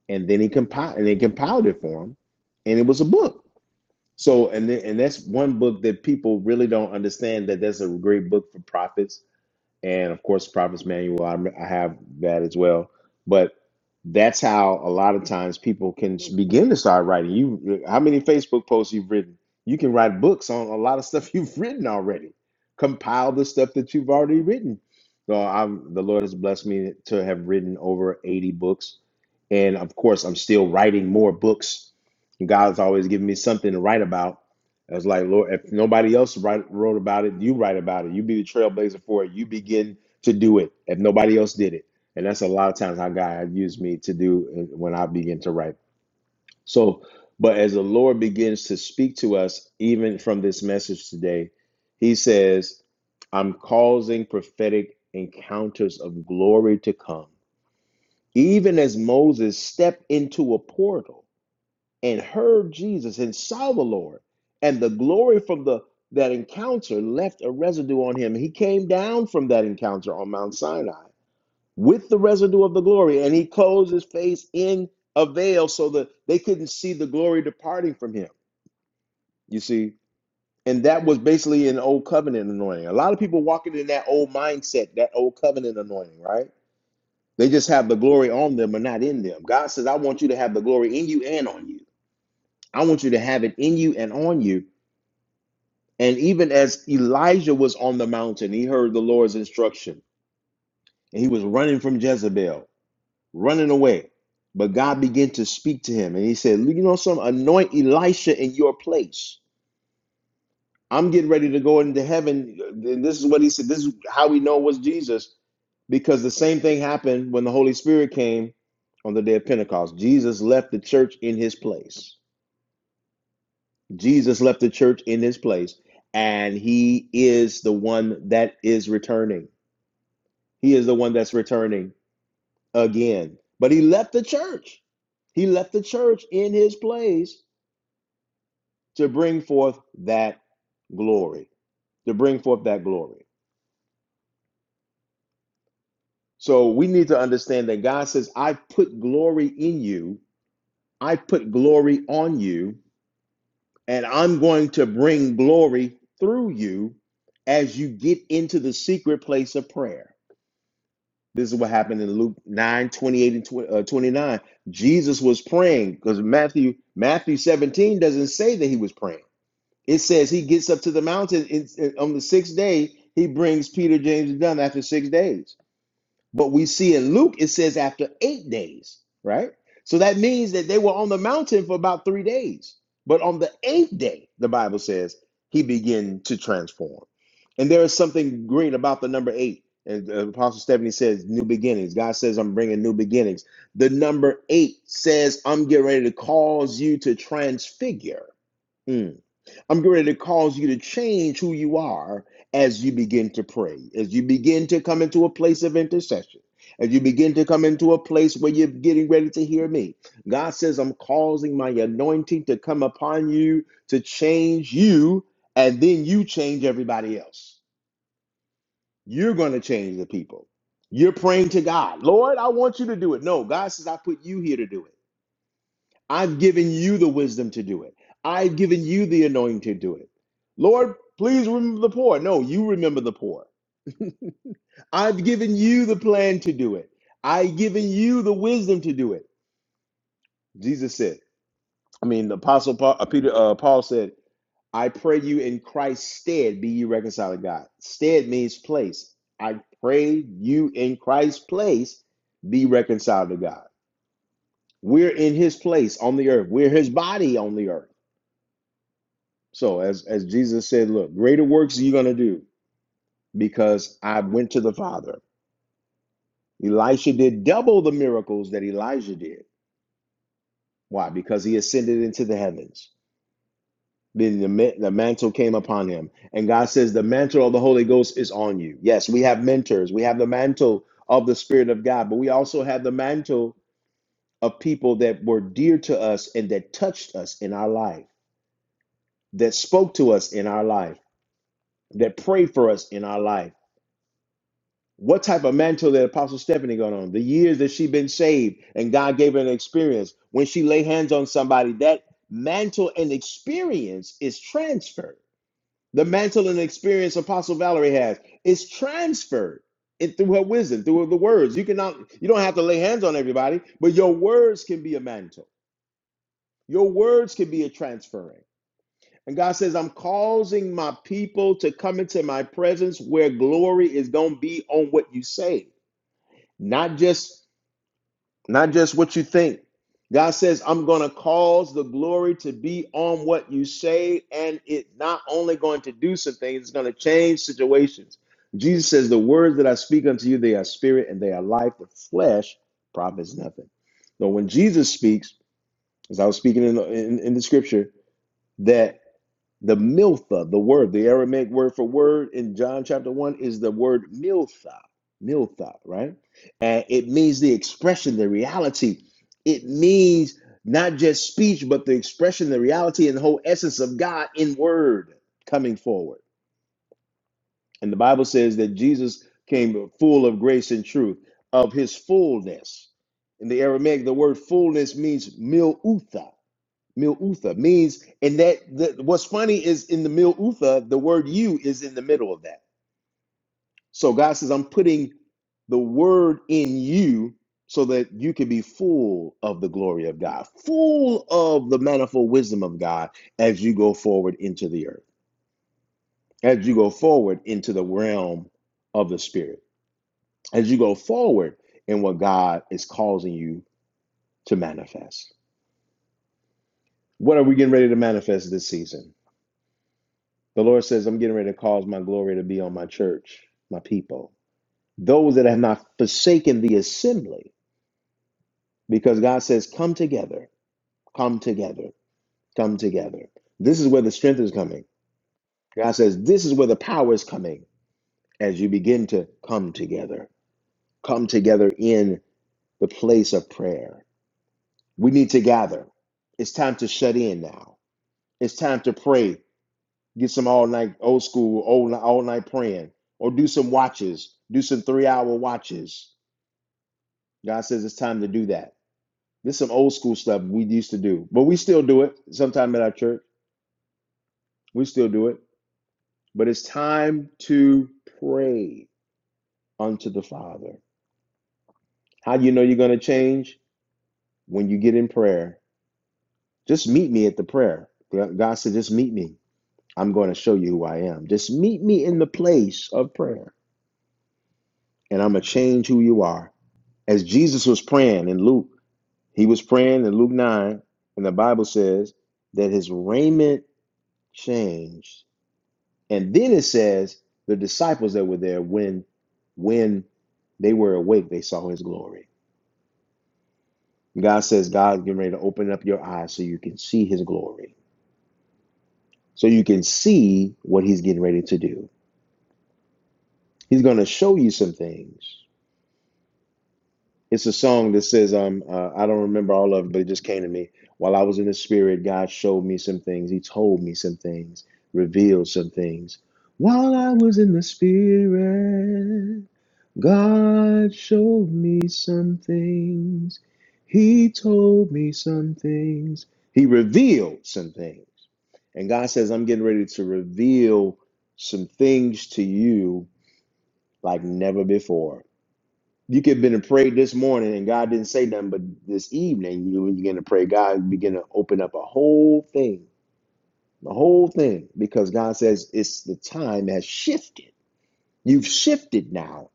and then he compiled and they compiled it for him, and it was a book. So and th- and that's one book that people really don't understand that that's a great book for prophets and of course prophet's manual I, I have that as well but that's how a lot of times people can begin to start writing you how many facebook posts you've written you can write books on a lot of stuff you've written already compile the stuff that you've already written so i'm the lord has blessed me to have written over 80 books and of course i'm still writing more books god's always giving me something to write about I was like, Lord, if nobody else write, wrote about it, you write about it. You be the trailblazer for it. You begin to do it if nobody else did it. And that's a lot of times how God used me to do when I begin to write. So, but as the Lord begins to speak to us, even from this message today, He says, I'm causing prophetic encounters of glory to come. Even as Moses stepped into a portal and heard Jesus and saw the Lord. And the glory from the that encounter left a residue on him. He came down from that encounter on Mount Sinai with the residue of the glory, and he closed his face in a veil so that they couldn't see the glory departing from him. You see, and that was basically an old covenant anointing. A lot of people walking in that old mindset, that old covenant anointing, right? They just have the glory on them but not in them. God says, I want you to have the glory in you and on you. I want you to have it in you and on you And even as Elijah was on the mountain, he heard the Lord's instruction and he was running from Jezebel, running away. But God began to speak to him and he said, You know, some anoint Elisha in your place. I'm getting ready to go into heaven. And this is what he said. This is how we know it was Jesus because the same thing happened when the Holy Spirit came on the day of Pentecost. Jesus left the church in his place. Jesus left the church in his place, and he is the one that is returning. He is the one that's returning again. But he left the church. He left the church in his place to bring forth that glory, to bring forth that glory. So we need to understand that God says, I put glory in you, I put glory on you, and I'm going to bring glory through you as you get into the secret place of prayer. This is what happened in Luke 9 28 and uh, 29. Jesus was praying because Matthew Matthew 17 doesn't say that he was praying. It says he gets up to the mountain it's- it- on the sixth day. He brings Peter, James, and John after six days. But we see in Luke, it says after eight days, right? So that means that they were on the mountain for about three days. But on the eighth day, the Bible says, he began to transform. And there is something great about the number eight. And uh, Apostle Stephanie says, new beginnings. God says, I'm bringing new beginnings. The number eight says, I'm getting ready to cause you to transfigure. Hmm. I'm getting ready to cause you to change who you are as you begin to pray, as you begin to come into a place of intercession, as you begin to come into a place where you're getting ready to hear me. God says, I'm causing my anointing to come upon you to change you, and then you change everybody else. You're going to change the people. You're praying to God, Lord, I want you to do it. No, God says, I put you here to do it. I've given you the wisdom to do it. I've given you the anointing to do it. Lord, please remember the poor. No, you remember the poor. I've given you the plan to do it. I've given you the wisdom to do it. Jesus said, I mean, the apostle Paul, uh, Peter, uh, Paul said, I pray you in Christ's stead be you reconciled to God. Stead means place. I pray you in Christ's place be reconciled to God. We're in his place on the earth. We're his body on the earth. So as as Jesus said, look, greater works you're gonna do because I went to the Father. Elisha did double the miracles that Elijah did. Why? Because he ascended into the heavens. Then the, the mantle came upon him. And God says, The mantle of the Holy Ghost is on you. Yes, we have mentors. We have the mantle of the Spirit of God, but we also have the mantle of people that were dear to us and that touched us in our life, that spoke to us in our life, that prayed for us in our life what type of mantle that Apostle Stephanie got on, the years that she been saved, and God gave her an experience. When she lay hands on somebody, that mantle and experience is transferred. The mantle and experience Apostle Valerie has is transferred it, through her wisdom, through the words. You cannot, you don't have to lay hands on everybody, but your words can be a mantle. Your words can be a transferring. And God says, I'm causing my people to come into my presence where glory is going to be on what you say not just not just what you think god says i'm going to cause the glory to be on what you say and it's not only going to do some things it's going to change situations jesus says the words that i speak unto you they are spirit and they are life the flesh profits nothing so when jesus speaks as i was speaking in the, in, in the scripture that. The miltha, the word, the Aramaic word for word in John chapter 1 is the word miltha, miltha, right? And it means the expression, the reality. It means not just speech, but the expression, the reality, and the whole essence of God in word coming forward. And the Bible says that Jesus came full of grace and truth, of his fullness. In the Aramaic, the word fullness means milutha. Mil Utha means, and that the, what's funny is in the Mil Utha, the word you is in the middle of that. So God says, I'm putting the word in you so that you can be full of the glory of God, full of the manifold wisdom of God as you go forward into the earth, as you go forward into the realm of the spirit, as you go forward in what God is causing you to manifest. What are we getting ready to manifest this season? The Lord says, I'm getting ready to cause my glory to be on my church, my people. Those that have not forsaken the assembly, because God says, Come together, come together, come together. This is where the strength is coming. God says, This is where the power is coming as you begin to come together, come together in the place of prayer. We need to gather. It's time to shut in now. It's time to pray get some all night old school old all night praying or do some watches do some three hour watches god says it's time to do that this is some old school stuff we used to do but we still do it sometime at our church we still do it but it's time to pray unto the father how do you know you're going to change when you get in prayer just meet me at the prayer god said just meet me i'm going to show you who i am just meet me in the place of prayer and i'm going to change who you are As Jesus was praying in Luke, he was praying in Luke 9, and the Bible says that his raiment changed. And then it says the disciples that were there when when they were awake, they saw his glory. God says, God's getting ready to open up your eyes so you can see his glory, so you can see what he's getting ready to do. He's going to show you some things. it's a song that says um uh, I don't remember all of it, but it just came to me. While I was in the spirit, God showed me some things. He told me some things, revealed some things. While I was in the spirit, God showed me some things. He told me some things. He revealed some things. And God says, I'm getting ready to reveal some things to you like never before. You could have been to pray this morning and God didn't say nothing, but this evening, you when you begin to pray, God begin to open up a whole thing, the whole thing, because God says it's the time has shifted. You've shifted now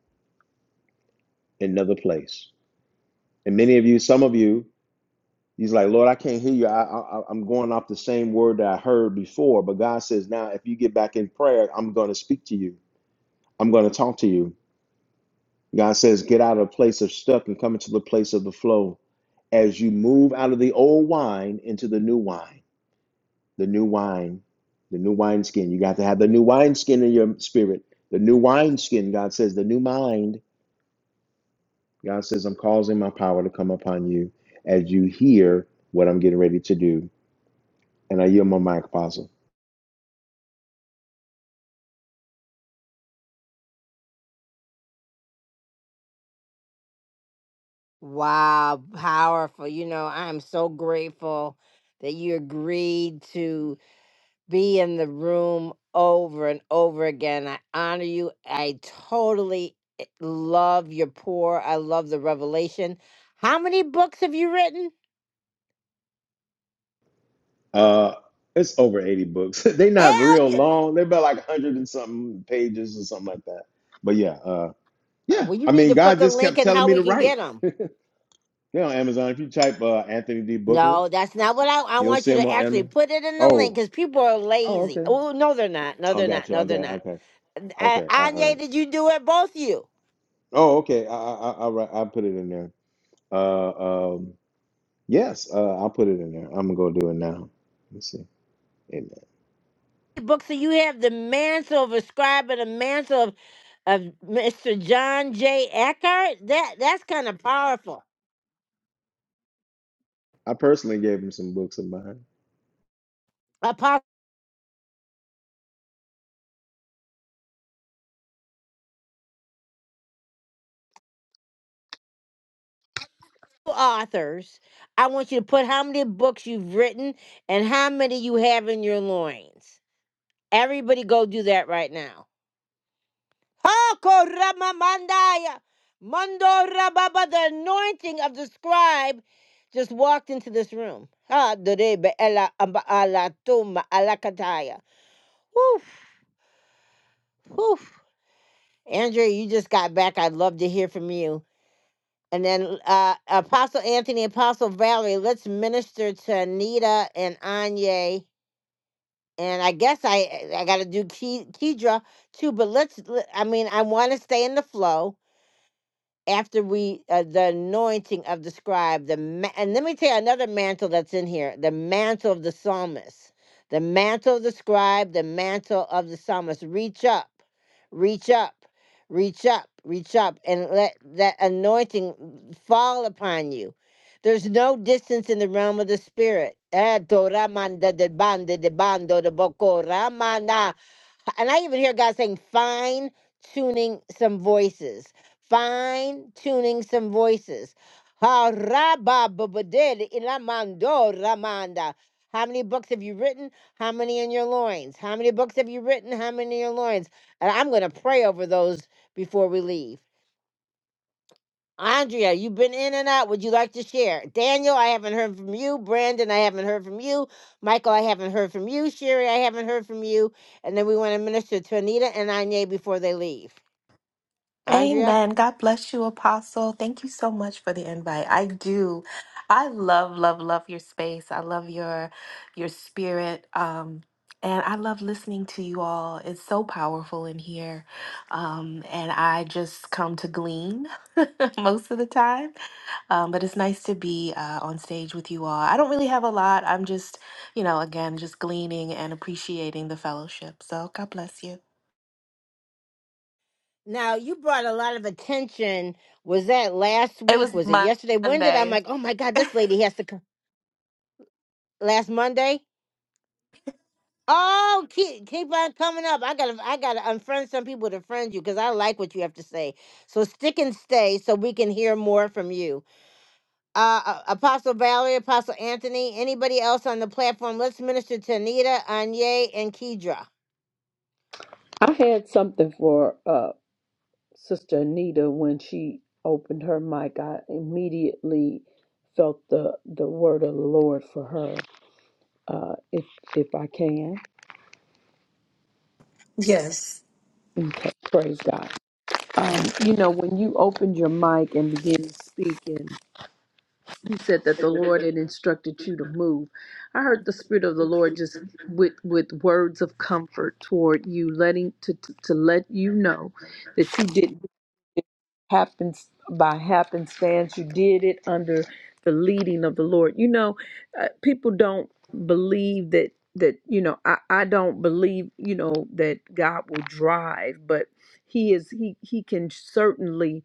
in another place. And many of you, some of you, he's like, Lord, I can't hear you. I, I, I'm going off the same word that I heard before. But God says, now if you get back in prayer, I'm going to speak to you. I'm going to talk to you. God says, get out of the place of stuck and come into the place of the flow as you move out of the old wine into the new wine, the new wine, the new wineskin. You got to have the new wineskin in your spirit. The new wineskin, God says, the new mind. God says, I'm causing my power to come upon you as you hear what I'm getting ready to do. And I yield my mic, Apostle.
Wow, powerful! You know, I am so grateful that you agreed to. be in the room over and over again. I honor you. I totally eh, love your pour. I love the revelation. How many books have you written?
Uh, it's over 80 books. They're not real
Elge-
long. They're about like 100 and something pages or something like that. But yeah,
Uh,
Yeah,
Well, you
I
need
mean,
to put
God
the
just
link
kept
in
telling
how
me
we
to
can
write.
get them.
You know, Amazon. If you type uh, Anthony D. Booker,
No, that's not what I, I
you'll
want
see
you
him
to
on
actually
Amazon.
put it in the link
Oh,
because people are
oh,
lazy.
okay.
Oh, no, they're not. No,
I
they're
got
not.
you. I
No, they're
got.
not.
Okay.
Uh,
Okay. I, all
Anya,
right.
did you do it? Both of you.
Oh, okay. I, I, I, all right. I'll put it in there. Uh, um, yes. Uh, I'll put it in there. I'm gonna go do it now. Let's see. Amen.
book. So you have the mantle of a scribe and the mantle of, of Mr. John J. Eckhart. That that's kind of powerful.
I personally gave him some books of mine.
Apostle authors, I want you to put how many books you've written and how many you have in your loins. Everybody go do that right now. Ha, ko, rama, mandaya. Mando rababa, the anointing of the scribe just walked into this room. Ha, derebe, ela, amba, ala, tuma, alakataya. Woof, woof. Andrea, you just got back. I'd love to hear from you. And then uh, Apostle Anthony, Apostle Valerie, let's minister to Anita and Anya. And I guess I I got to do Ke- Kedra too, but let's. I mean, I want to stay in the flow after we uh, the anointing of the scribe the ma- and let me tell you another mantle that's in here the mantle of the psalmist the mantle of the scribe the mantle of the psalmist reach up reach up reach up reach up and let that anointing fall upon you there's no distance in the realm of the spirit Eh, to ramanda de bande de bando de boko ramana. And I even hear God saying, fine tuning some voices, fine tuning some voices. Ha, ra, ba, ba, ba, de, de, ila, man, do, ra, man, da. How many books have you written? How many in your loins? How many books have you written? How many in your loins? And I'm going to pray over those before we leave. Andrea, you've been in and out. Would you like to share? Daniel, I haven't heard from you. Brandon, I haven't heard from you. Michael, I haven't heard from you. Sherry, I haven't heard from you. And then we want to minister to Anita and Anya before they leave. Andrea?
Amen. God bless you, Apostle. Thank you so much for the invite. I do. I love, love, love your space. I love your your spirit. Um, and I love listening to you all. It's so powerful in here. Um, and I just come to glean most of the time. Um, but it's nice to be uh, on stage with you all. I don't really have a lot. I'm just, you know, again, just gleaning and appreciating the fellowship. So God bless you.
Now, you brought a lot of attention. Was that last
It was
week? Was it yesterday? When did I'm
Monday.
like, oh my God, this lady has to come? Last Monday? Oh, keep, keep on coming up. I gotta, I gotta unfriend some people to friend you because I like what you have to say. So stick and stay so we can hear more from you. uh, uh, Apostle Valerie, Apostle Anthony, anybody else on the platform. Let's minister to Anita, Anye, and Kedra.
I had something for uh, Sister Anita when she opened her mic. I immediately felt the, the word of the Lord for her, uh, if if I can.
Yes.
Okay, praise God. Um, you know, when you opened your mic and began to speak, and you said that the Lord had instructed you to move, I heard the Spirit of the Lord just with with words of comfort toward you, letting to to, to let you know that you did it happened by happenstance. You did it under the leading of the Lord. You know, uh, people don't believe that that you know. I I don't believe you know that God will drive, but He is He He can certainly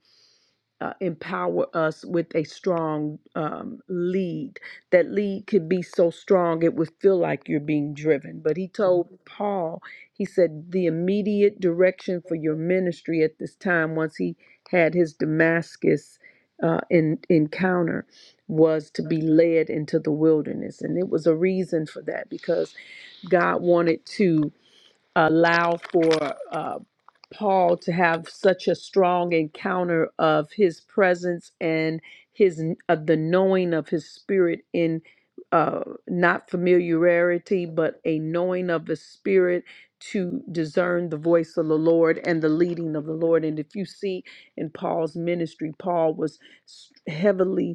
uh, empower us with a strong um, lead. That lead could be so strong it would feel like you're being driven. But he told Paul, he said, the immediate direction for your ministry at this time, once he had his Damascus uh, in, encounter, was to be led into the wilderness. And it was a reason for that because God wanted to allow for uh, Paul to have such a strong encounter of his presence and his of the knowing of his spirit in uh, not familiarity, but a knowing of the spirit to discern the voice of the Lord and the leading of the Lord. And if you see in Paul's ministry, Paul was s- heavily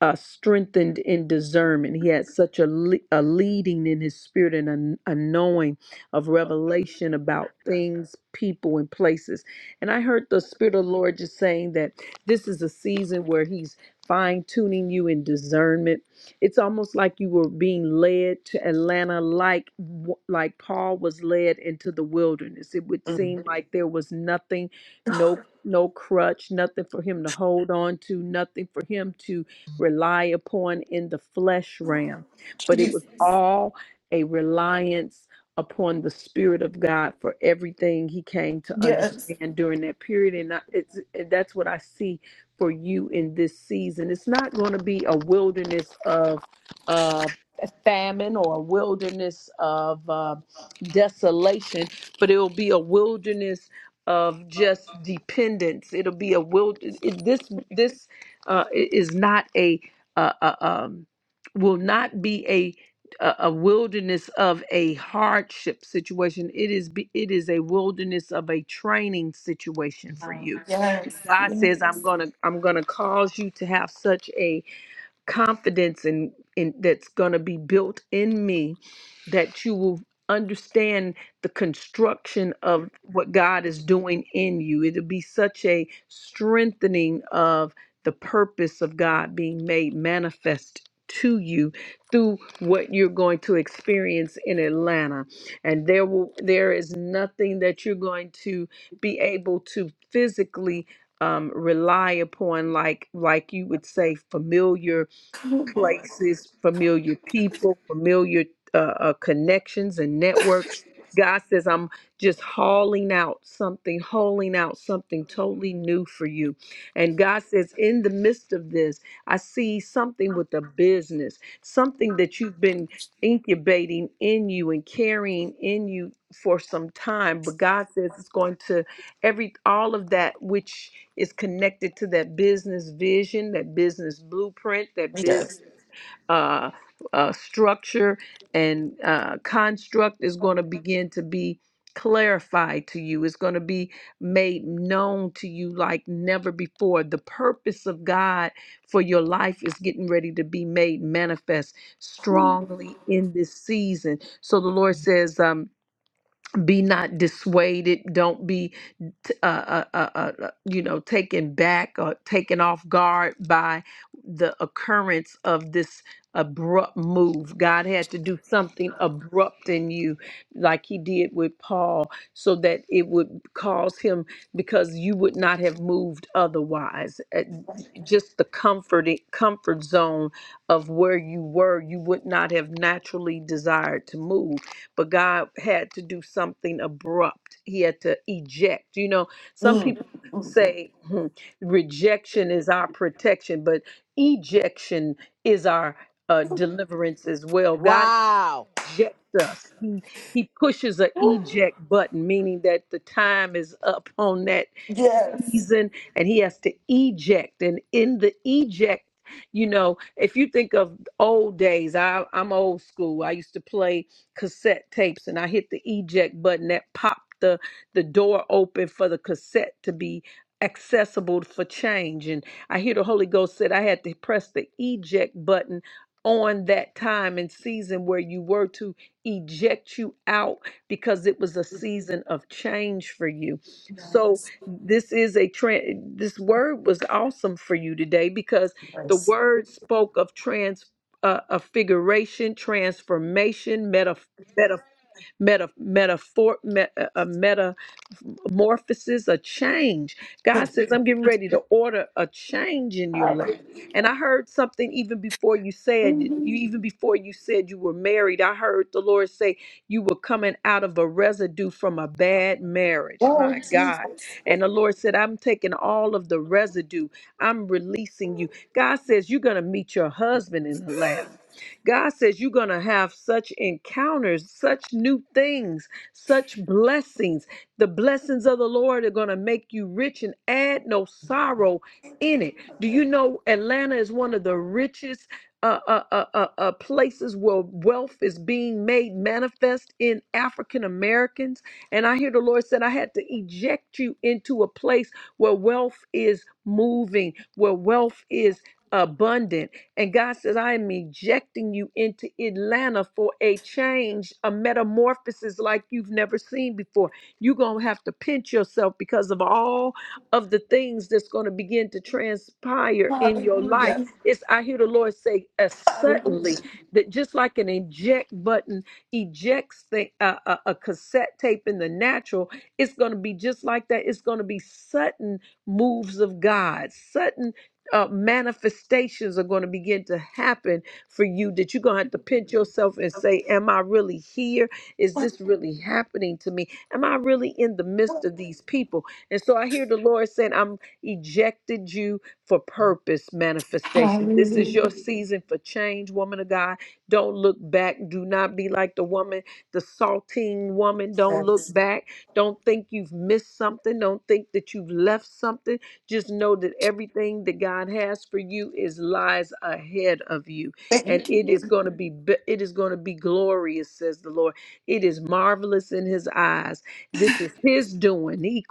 uh, strengthened in discernment. He had such a, le- a leading in his spirit and a, a knowing of revelation about things, people, and places. And I heard the Spirit of the Lord just saying that this is a season where He's fine tuning you in discernment. It's almost like you were being led to Atlanta, like w- like Paul was led into the wilderness. It would
Mm.
seem like there was nothing, no no crutch, nothing for him to hold on to, nothing for him to rely upon in the flesh realm, but it
You-
was all a reliance upon the Spirit of God for everything he came to
Yes.
understand during that period. And I, it's, that's what I see for you in this season. It's not going to be a wilderness of uh, famine or a wilderness of uh, desolation, but it will be a wilderness of just dependence. It'll be a wild. It, This this uh, is not a uh, uh, um, will not be a a a wilderness of a hardship situation. It is be, it is a wilderness of a training situation for you. God says, "I'm gonna I'm gonna cause you to have such a confidence in, in that's going to be built in me that you will understand the construction of what God is doing in you. It'll be such a strengthening of the purpose of God being made manifest to you through what you're going to experience in Atlanta. And there will there is nothing that you're going to be able to physically um, rely upon like like you would say familiar places, familiar people, familiar uh, uh, connections and networks. God says, I'm just hauling out something, hauling out something totally new for you. And God says, in the midst of this, I see something with a business, something that you've been incubating in you and carrying in you for some time. But God says it's going to every all of that which is connected to that business vision, that business blueprint, that business
Yes.
uh, uh, structure and uh, construct is going to begin to be clarified to you. It's going to be made known to you like never before. The purpose of God for your life is getting ready to be made manifest strongly in this season. So the Lord says, um, be not dissuaded don't be t- uh, uh, uh, uh, uh, you know taken back or taken off guard by the occurrence of this abrupt move god had to do something abrupt in you like he did with paul so that it would cause him because you would not have moved otherwise Uh, just the comfort comfort zone of where you were you would not have naturally desired to move but God had to do something abrupt. He had to eject. You know, some
Mm.
people Mhm. say hmm, rejection is our protection, but ejection is our uh, deliverance as well. God
Wow.
eject us. He he pushes a eject button, meaning that the time is up on that
Yes.
season, and he has to eject. And in the eject, you know, if you think of old days, I, I'm old school. I used to play cassette tapes, and I hit the eject button that popped the the door open for the cassette to be accessible for change and i hear the holy ghost said i had to press the eject button on that time and season where you were to eject you out because it was a season of change for you. So this is a trend this word was awesome for you today because the word spoke of trans uh, of figuration, transformation, meta meta meta metaphor meta, uh, uh, meta metamorphosis, a change. God says, I'm getting ready to order a change in your
Hallelujah.
life. And I heard something even before you said, you even before you said you were married, I heard the Lord say you were coming out of a residue from a bad marriage. My
Oh, Jesus.
God. And the Lord said, I'm taking all of the residue, I'm releasing you. God says, You're going to meet your husband in the lamb. God says you're going to have such encounters, such new things, such blessings. The blessings of the Lord are going to make you rich and add no sorrow in it. Do you know Atlanta is one of the richest uh, uh, uh, uh, uh, places where wealth is being made manifest in African Americans? And I hear the Lord said, I had to eject you into a place where wealth is moving, where wealth is abundant. And God says, I am ejecting you into Atlanta for a change, a metamorphosis like you've never seen before you're going to have to pinch yourself because of all of the things that's going to begin to transpire in your life.
Hallelujah.
It's, I hear the Lord say, uh, suddenly,
Hallelujah.
that just like an eject button ejects the, uh, a, a cassette tape in the natural, it's going to be just like that. It's going to be sudden moves of God, sudden. Uh, manifestations are going to begin to happen for you that you're going to have to pinch yourself and say, Am I really here? Is this really happening to me? Am I really in the midst of these people? And so I hear the Lord saying, I'm ejected you for purpose manifestation. This is your
Hallelujah.
season for change, woman of God. Don't look back. Do not be like the woman, the saltine woman. Don't look back. Don't think you've missed something. Don't think that you've left something. Just know that everything that God has for you is lies ahead of you. And
Thank you.
it is going to be be- it is going to be glorious, says the Lord. It is marvelous in his eyes this is his doing. He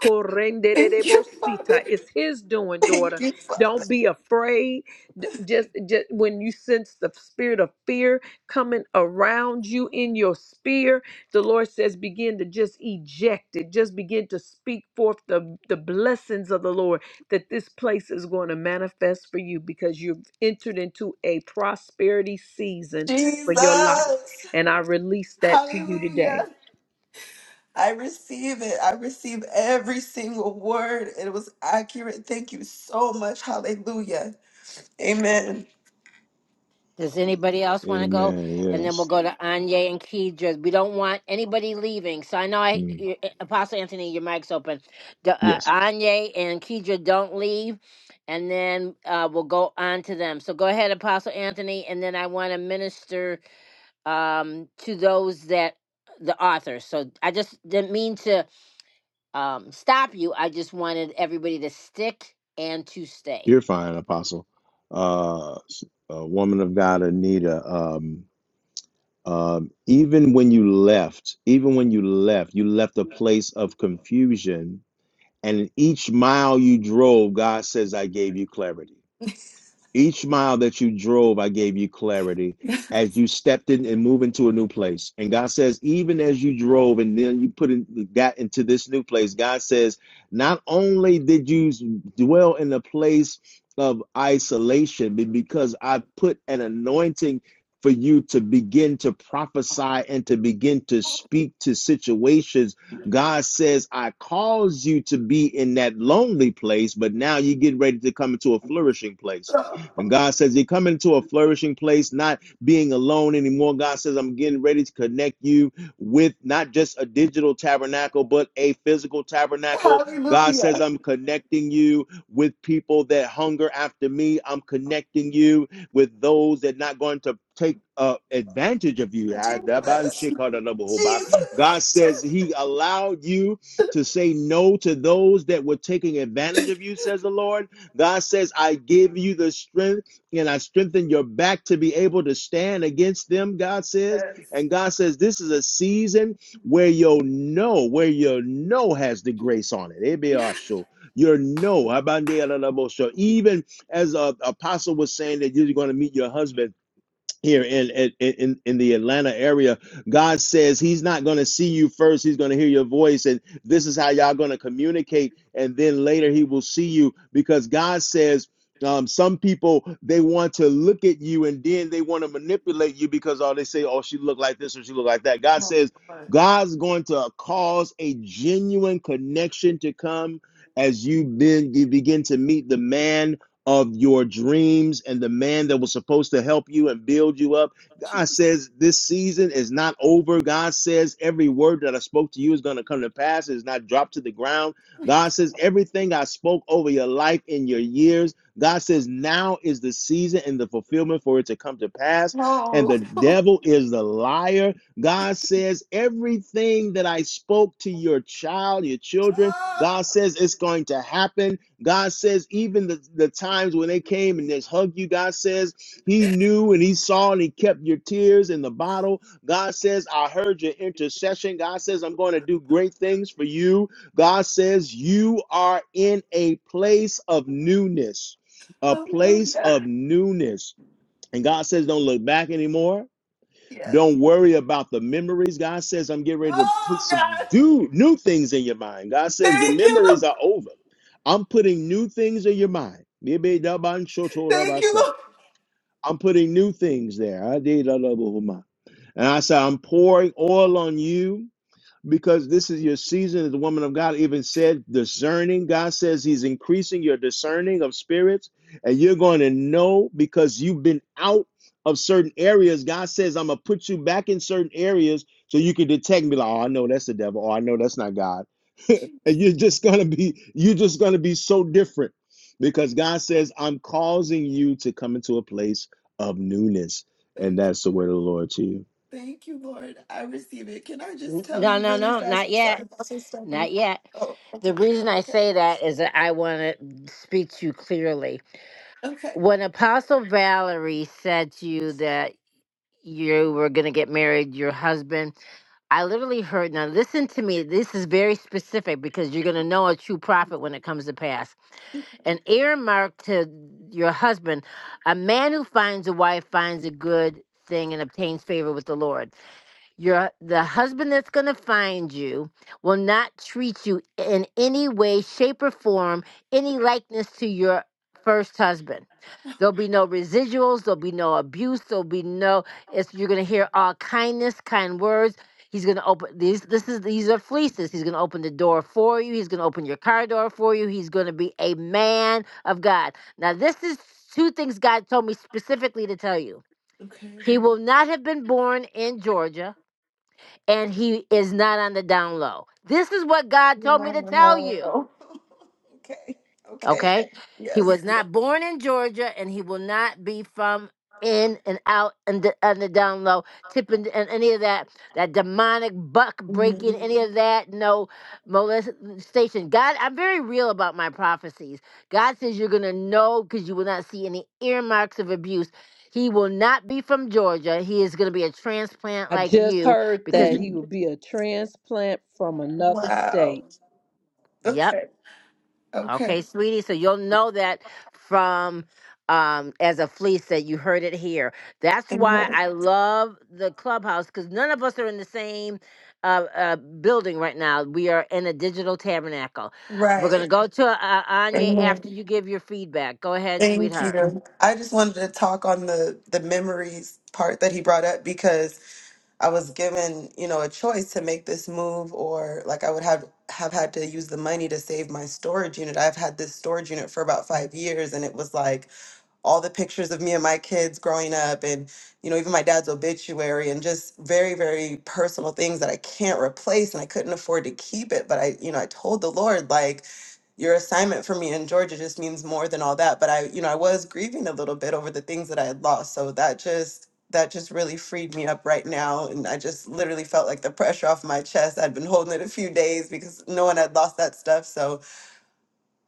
Thank you, Father.
correnderebosita. It's his doing,
Thank
daughter.
you, Father.
Don't be afraid. D- Just, just when you sense the spirit of fear coming around you in your spear, the Lord says, begin to just eject it. Just begin to speak forth the, the blessings of the Lord that this place is going to manifest for you because you've entered into a prosperity season for your life.
Jesus.
And I release that to you today.
Hallelujah. I receive it. I receive every single word. It was accurate. Thank you so much. Hallelujah. Amen.
Does anybody else want to go?
Amen.
And then we'll
Yes.
go to Anya and Kedra. We don't want anybody leaving. So I know I,
Mm.
you- eh, Apostle Anthony, your mic's open. D- uh,
Yes.
Anya and Kedra don't leave, and then uh, we'll go on to them. So go ahead, Apostle Anthony, and then I want to minister um, to those that the authors. So I just didn't mean to um, stop you. I just wanted everybody to stick and to stay.
You're fine, Apostle. Uh, s- a woman of God, Anita. Um, Um, even when you left, even when you left, you left a place of confusion. And in each mile you drove, God says, I gave you clarity. Each mile that you drove, I gave you clarity as you stepped in and moved into a new place. And God says, even as you drove and then you put in, got into this new place, God says, not only did you dwell in a place of isolation, but because I put an anointing for you to begin to prophesy and to begin to speak to situations God says, I caused you to be in that lonely place, but now you get ready to come into a flourishing place.
So,
And God says, You're coming to a flourishing place, not being alone anymore. God says, I'm getting ready to connect you with not just a digital tabernacle, but a physical tabernacle. God
Hallelujah.
says, I'm connecting you with people that hunger after me. I'm connecting you with those that are not going to take uh, advantage of you. God
Jesus.
says he allowed you to say no to those that were taking advantage of you, says the Lord. God says, I give you the strength and I strengthen your back to be able to stand against them, God says.
Yes.
And God says, This is a season where your no, where your no has the grace on it. Ebeasho. Your no. Even as uh, Apostle was saying that you're going to meet your husband here in in in, in the Atlanta area. God says He's not going to see you first; He's going to hear your voice, and this is how y'all going to communicate. And then later He will see you because God says. Um, some people they want to look at you and then they want to manipulate you because all oh, they say, oh, she look like this or she look like that. God
Oh,
says
Lord.
God's going to cause a genuine connection to come as you then you begin to meet the man of your dreams and the man that was supposed to help you and build you up. God
Jesus.
says this season is not over. God says every word that I spoke to you is going to come to pass, it's not dropped to the ground. God says everything I spoke over your life in your years. God says now is the season and the fulfillment for it to come to pass. And
Oh.
the devil is the liar. God says everything that I spoke to your child, your children,
oh.
God says it's going to happen. God says, even the, the times when they came and just hugged you, God says, He knew and He saw and He kept your tears in the bottle. God says, I heard your intercession. God says, I'm going to do great things for you. God says, You are in a place of newness, a place
Hallelujah.
of newness. And God says, Don't look back anymore.
Yes.
Don't worry about the memories. God says, I'm getting ready to put
Oh,
some
God.
do, new things in your mind. God says, the
Thank you,
memories are
Lord.
over. I'm putting new things in your mind.
Thank you, Lord.
I'm putting new things there. And I said, I'm pouring oil on you because this is your season as the woman of God even said discerning God says he's increasing your discerning of spirits and you're going to know because you've been out of certain areas God says I'm going to put you back in certain areas so you can detect me like oh I know that's the devil oh I know that's not God and
Jesus,
you're just going to be you're just going to be so different because God says I'm causing you to come into a place of newness and
thank you.
that's the word of the Lord to you
Thank you, Lord. I receive it. Can I just
N-
tell
No,
you
no,
really
no,
fast?
not
I'm
yet,
sorry, Pastor Stephanie.
not yet.
Oh, okay.
The reason I
Okay.
say that is that I want to speak to you clearly.
Okay.
When Apostle Valerie said to you that you were going to get married, your husband, I literally heard, now listen to me, this is very specific because you're going to know a true prophet when it comes to pass. An earmark to your husband, a man who finds a wife finds a good thing and obtains favor with the Lord. Your the husband that's going to find you will not treat you in any way, shape, or form any likeness to your first husband. There'll be no residuals. There'll be no abuse. There'll be no. It's you're going to hear all kindness, kind words. He's going to open these. This is these are fleeces. He's going to open the door for you. He's going to open your car door for you. He's going to be a man of God. Now this is two things God told me specifically to tell you.
Okay.
He will not have been born in Georgia and he is not on the down low. This is what God told me to tell you.
Wow. Okay. Okay.
Okay. He
Yes.
was not born in Georgia and he will not be from in and out and the, on the down low, tipping and any of that, that demonic buck breaking,
Mhm.
any of that, no molestation. God, I'm very real about my prophecies. God says you're going to know because you will not see any earmarks of abuse. He will not be from Georgia. He is going to be a transplant
I
like
just
you
heard that
because,
he
Mhm.
would be a transplant from another
Wow.
state.
yep
Okay. Okay.
Okay, sweetie. So you'll know that from um as a fleece that you heard it here. That's why
Amen.
I love the clubhouse because none of us are in the same uh, uh building right now. We are in a digital tabernacle. We're
Right.
gonna go to uh, Anya after
Amen.
you give your feedback. Go ahead,
Thank
sweetheart.
you. I just wanted to talk on the the memories part that he brought up because. I was given, you know, a choice to make this move or like I would have have had to use the money to save my storage unit. I've had this storage unit for about 5 years and it was like all the pictures of me and my kids growing up and you know even my dad's obituary and just very very personal things that i can't replace and i couldn't afford to keep it but i you know i told the lord like your assignment for me in georgia just means more than all that but i you know i was grieving a little bit over the things that i had lost so that just that just really freed me up right now and i just literally felt like the pressure off my chest i'd been holding it a few days because no one had lost that stuff so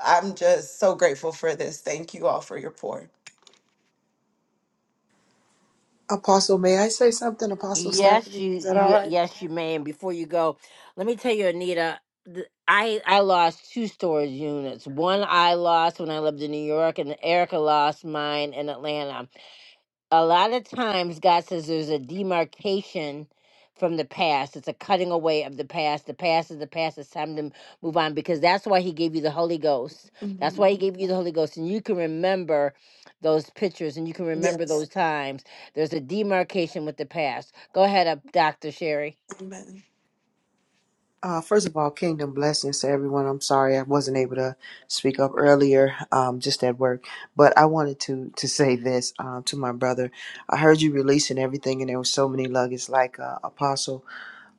i'm just so grateful for this thank you all for your pour
Apostle, may I say something, Apostle
Yes,
Stephanie? Is
you,
that all
you
right?
yes you may. And before you go, let me tell you, Anita, th- I I lost two storage units. One I lost when I lived in New York, and Erica lost mine in Atlanta a lot of times God says there's a demarcation from the past. It's a cutting away of the past. The past is the past. It's time to move on because that's why He gave you the Holy Ghost. That's why He gave you the Holy Ghost. And you can remember those pictures and you can remember
Yes.
those times. There's a demarcation with the past. Go ahead, up, Dr. Sherry.
Amen.
Uh, first of all, kingdom blessings to everyone. I'm sorry I wasn't able to speak up earlier, um, just at work. But I wanted to to say this um, to my brother. I heard you releasing everything, and there was so many nuggets, like uh, Apostle.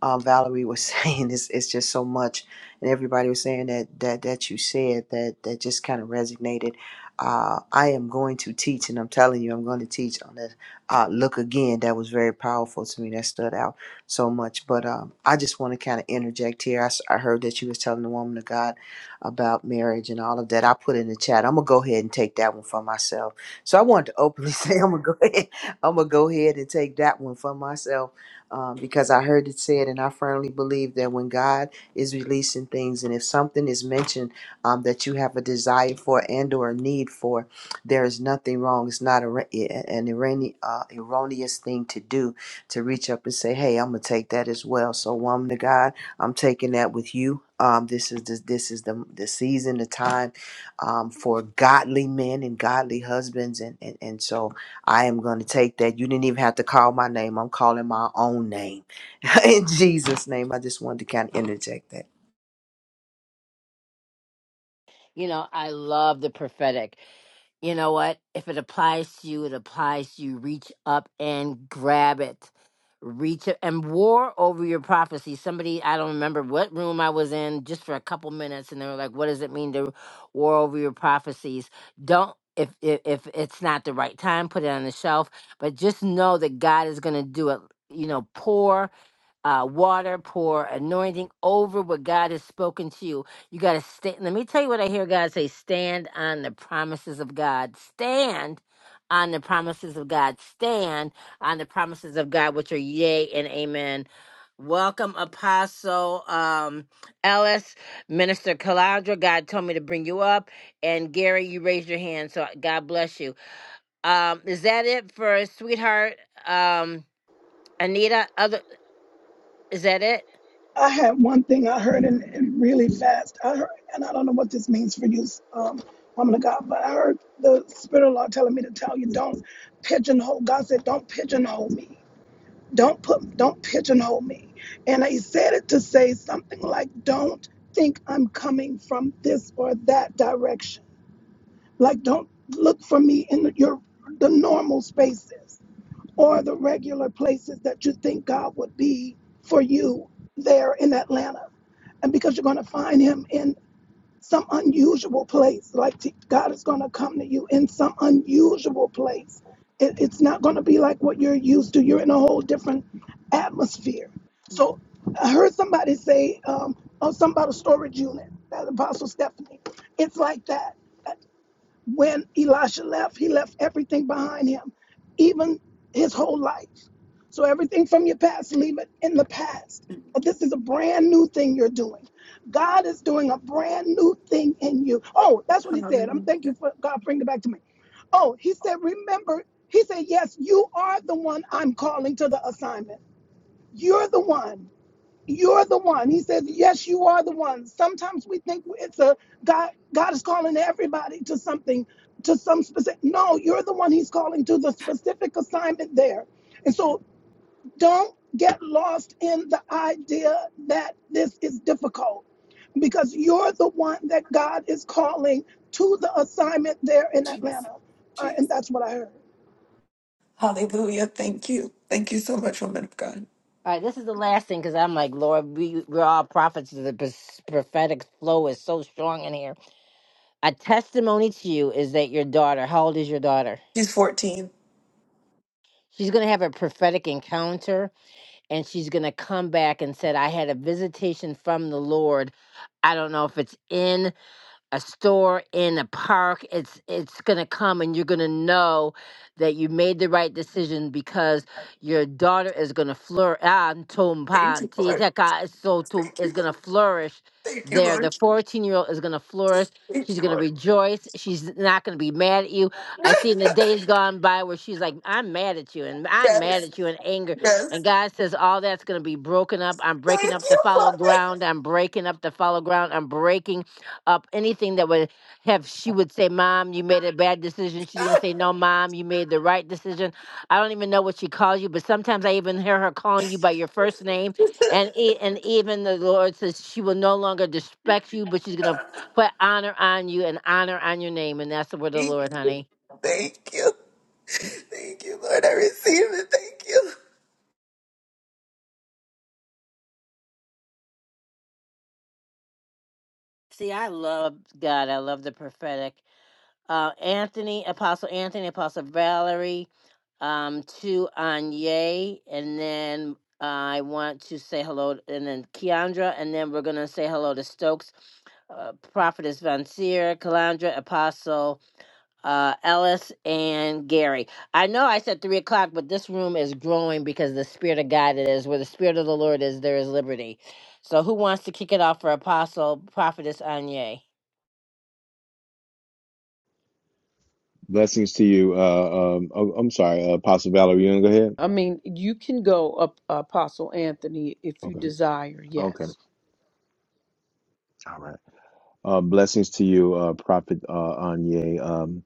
um, Valerie was saying it's, it's just so much, and everybody was saying that that that you said that that just kind of resonated. Uh, I am going to teach, and I'm telling you, I'm going to teach on this. Uh, look again, that was very powerful to me. That stood out so much. But um, I just want to kind of interject here. I, s- I heard that you was telling the woman of God about marriage and all of that. I put in the chat. I'm gonna go ahead and take that one for myself. So I wanted to openly say I'm gonna go ahead. I'm gonna go ahead and take that one for myself um, because I heard it said, and I firmly believe that when God is releasing things, and if something is mentioned um, that you have a desire for and or a need for, there is nothing wrong. It's not a, an errone- uh, erroneous thing to do to reach up and say, "Hey, I'm gonna take that as well." So, woman of God, I'm taking that with you. Um, this is the, this is the the season, the time um, for godly men and godly husbands, and and, and so I am going to take that. You didn't even have to call my name. I'm calling my own name. In Jesus' name, I just wanted to kind of interject that.
You know, I love the prophetic. You know what? If it applies to you, it applies to you. Reach up and grab it. Reach up and war over your prophecy. Somebody, I don't remember what room I was in, just for a couple minutes, and they were like, "What does it mean to war over your prophecies?" Don't if if, if it's not the right time, put it on the shelf. But just know that God is going to do it. You know, pour uh, water, pour anointing over what God has spoken to you. You got to stand. Let me tell you what I hear God say stand on the promises of God. Stand on the promises of God. Stand on the promises of God, which are yea and amen. Welcome, Apostle um, Ellis, Minister Calandra. God told me to bring you up. And Gary, you raised your hand, so God bless you. Um, is that it for sweetheart um, Anita? Other is that it?
I had one thing I heard and, and really fast. I heard, and I don't know what this means for you, um, woman of God, but I heard the Spirit of the Lord telling me to tell you, don't pigeonhole. God said, don't pigeonhole me. Don't put, don't pigeonhole me. And He said it to say something like, don't think I'm coming from this or that direction. Like, don't look for me in your the normal spaces. or the regular places that you think God would be for you there in Atlanta. And because you're going to find him in some unusual place, like t- God is going to come to you in some unusual place. It, it's not going to be like what you're used to. You're in a whole different atmosphere. So I heard somebody say, um, oh, something about a storage unit, that Apostle Stephanie. It's like that. When Elisha left, he left everything behind him, even his whole life. So everything from your past, leave it in the past. But this is a brand new thing you're doing. God is doing a brand new thing in you. Oh, that's what he said. I'm thank you
Hallelujah.
for God bringing it back to me. Oh, he said, remember, he said, yes, you are the one I'm calling to the assignment. You're the one. You're the one. He says, Yes, you are the one. Sometimes we think it's a God, God is calling everybody to something, to some specific. No, you're the one he's calling to the specific assignment there. And so don't get lost in the idea that this is difficult because you're the one that God is calling to the assignment there in
Jesus.
Atlanta. All right,
Jesus.
and that's what I heard.
Hallelujah. Thank you. Thank you so much, woman of God.
All right, this is the last thing because I'm like, Lord, we, we're all prophets. The pros- prophetic flow is so strong in here. A testimony to you is that your daughter, how old is your daughter?
She's 14.
She's going to have a prophetic encounter and she's going to come back and said, I had a visitation from the Lord. I don't know if it's in. a store in a park it's it's going to come and you're going to know that you made the right decision because your daughter is going to flourish is
Thank you, Lord.
going
Thank you, Lord.
to flourish
Thank you,
there the
Lord.
14 year old is going to flourish
Thank
she's
you,
going to
Lord.
rejoice she's not going to be mad at you i seen the days gone by where she's like i'm mad at you and i'm mad
Yes.
at you in anger and
Yes.
god says all that's going to be broken up i'm breaking
Thank
up the
you,
fallow
Father.
ground i'm breaking up the fallow ground i'm breaking up anything that would have she would say mom you made a bad decision she's going to say no mom you made the right decision i don't even know what she calls you but sometimes i even hear her calling you by your first name and e- and even the lord says she will no longer disrespect you but she's going to put honor on you and honor on your name and that's the word of the
Thank
lord
you.
honey
Thank you. Thank you, Lord. I receive it. Thank you.
see i love god i love the prophetic uh, Anthony, Apostle Anthony, Apostle Valerie, um, to Anye, and then I want to say hello, and then Keandra, and then we're gonna say hello to Stokes, uh, Prophetess Von Seer, Calandra, Apostle uh, Ellis, and Gary. I know I said three o'clock, but this room is growing because the Spirit of God it is. Where the Spirit of the Lord is, there is liberty. So, who wants to kick it off for Apostle Prophetess Anye?
Blessings to you. Uh, um, oh, I'm sorry, uh, Apostle Valerie. You want to go ahead?
I mean, you can go, up, Apostle Anthony, if you
Okay.
desire.
Okay.
Yes.
All right. Uh, blessings to you, uh, Prophet uh, Anye. Um,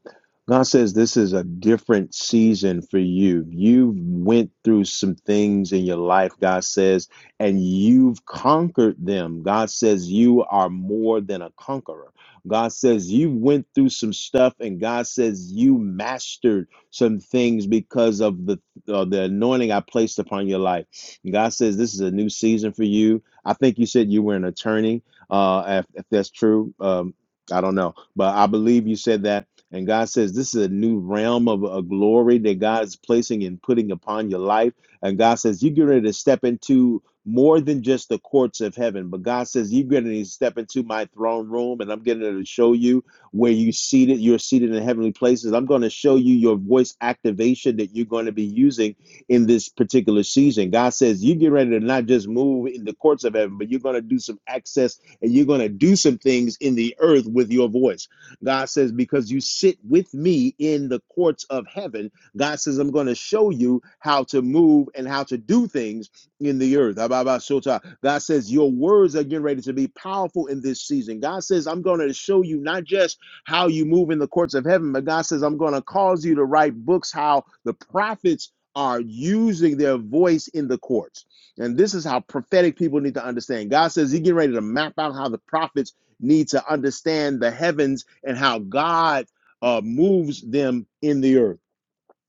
God says this is a different season for you. You've went through some things in your life, God says, and you've conquered them. God says you are more than a conqueror. God says you went through some stuff, and God says you mastered some things because of the uh, the anointing I placed upon your life. God says this is a new season for you. I think you said you were an attorney. Uh, if, if that's true, um, I don't know, but I believe you said that. And God says this is a new realm of a glory that God is placing and putting upon your life. And God says you're getting ready to step into more than just the courts of heaven, but God says you're getting ready to step into my throne room, and I'm getting ready to show you where you seated, you're seated in heavenly places. I'm going to show you your voice activation that you're going to be using in this particular season. God says you get ready to not just move in the courts of heaven, but you're going to do some access and you're going to do some things in the earth with your voice. God says, Because you sit with me in the courts of heaven, God says, I'm going to show you how to move and how to do things in the earth. Ababasota. God says, Your words are getting ready to be powerful in this season. God says, I'm going to show you not just how you move in the courts of heaven, but God says, I'm going to cause you to write books how the prophets are using their voice in the courts. And this is how prophetic people need to understand. God says He's getting ready to map out how the prophets need to understand the heavens and how God uh, moves them in the earth.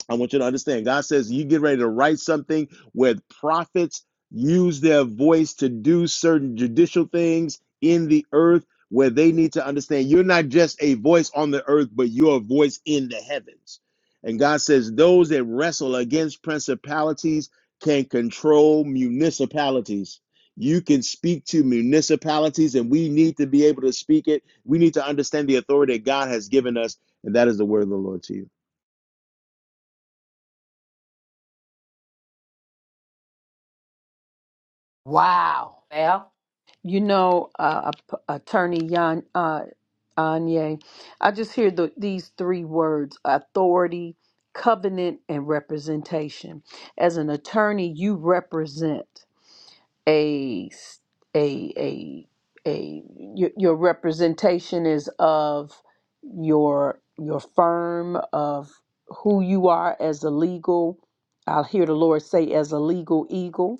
I want you to understand. God says you get ready to write something where prophets use their voice to do certain judicial things in the earth where they need to understand you're not just a voice on the earth, but you're a voice in the heavens. And God says those that wrestle against principalities can control municipalities. You can speak to municipalities, and we need to be able to speak it. We need to understand the authority that God has given us, and that is the word of the Lord to
Wow. Well,
You know, uh, Ap- Attorney Yan, uh, Anye, I just hear the, these three words authority, covenant, and representation. As an attorney, you represent. a s- a a a your, your representation is of your your firm of who you are as a legal I'll hear the Lord say as a legal eagle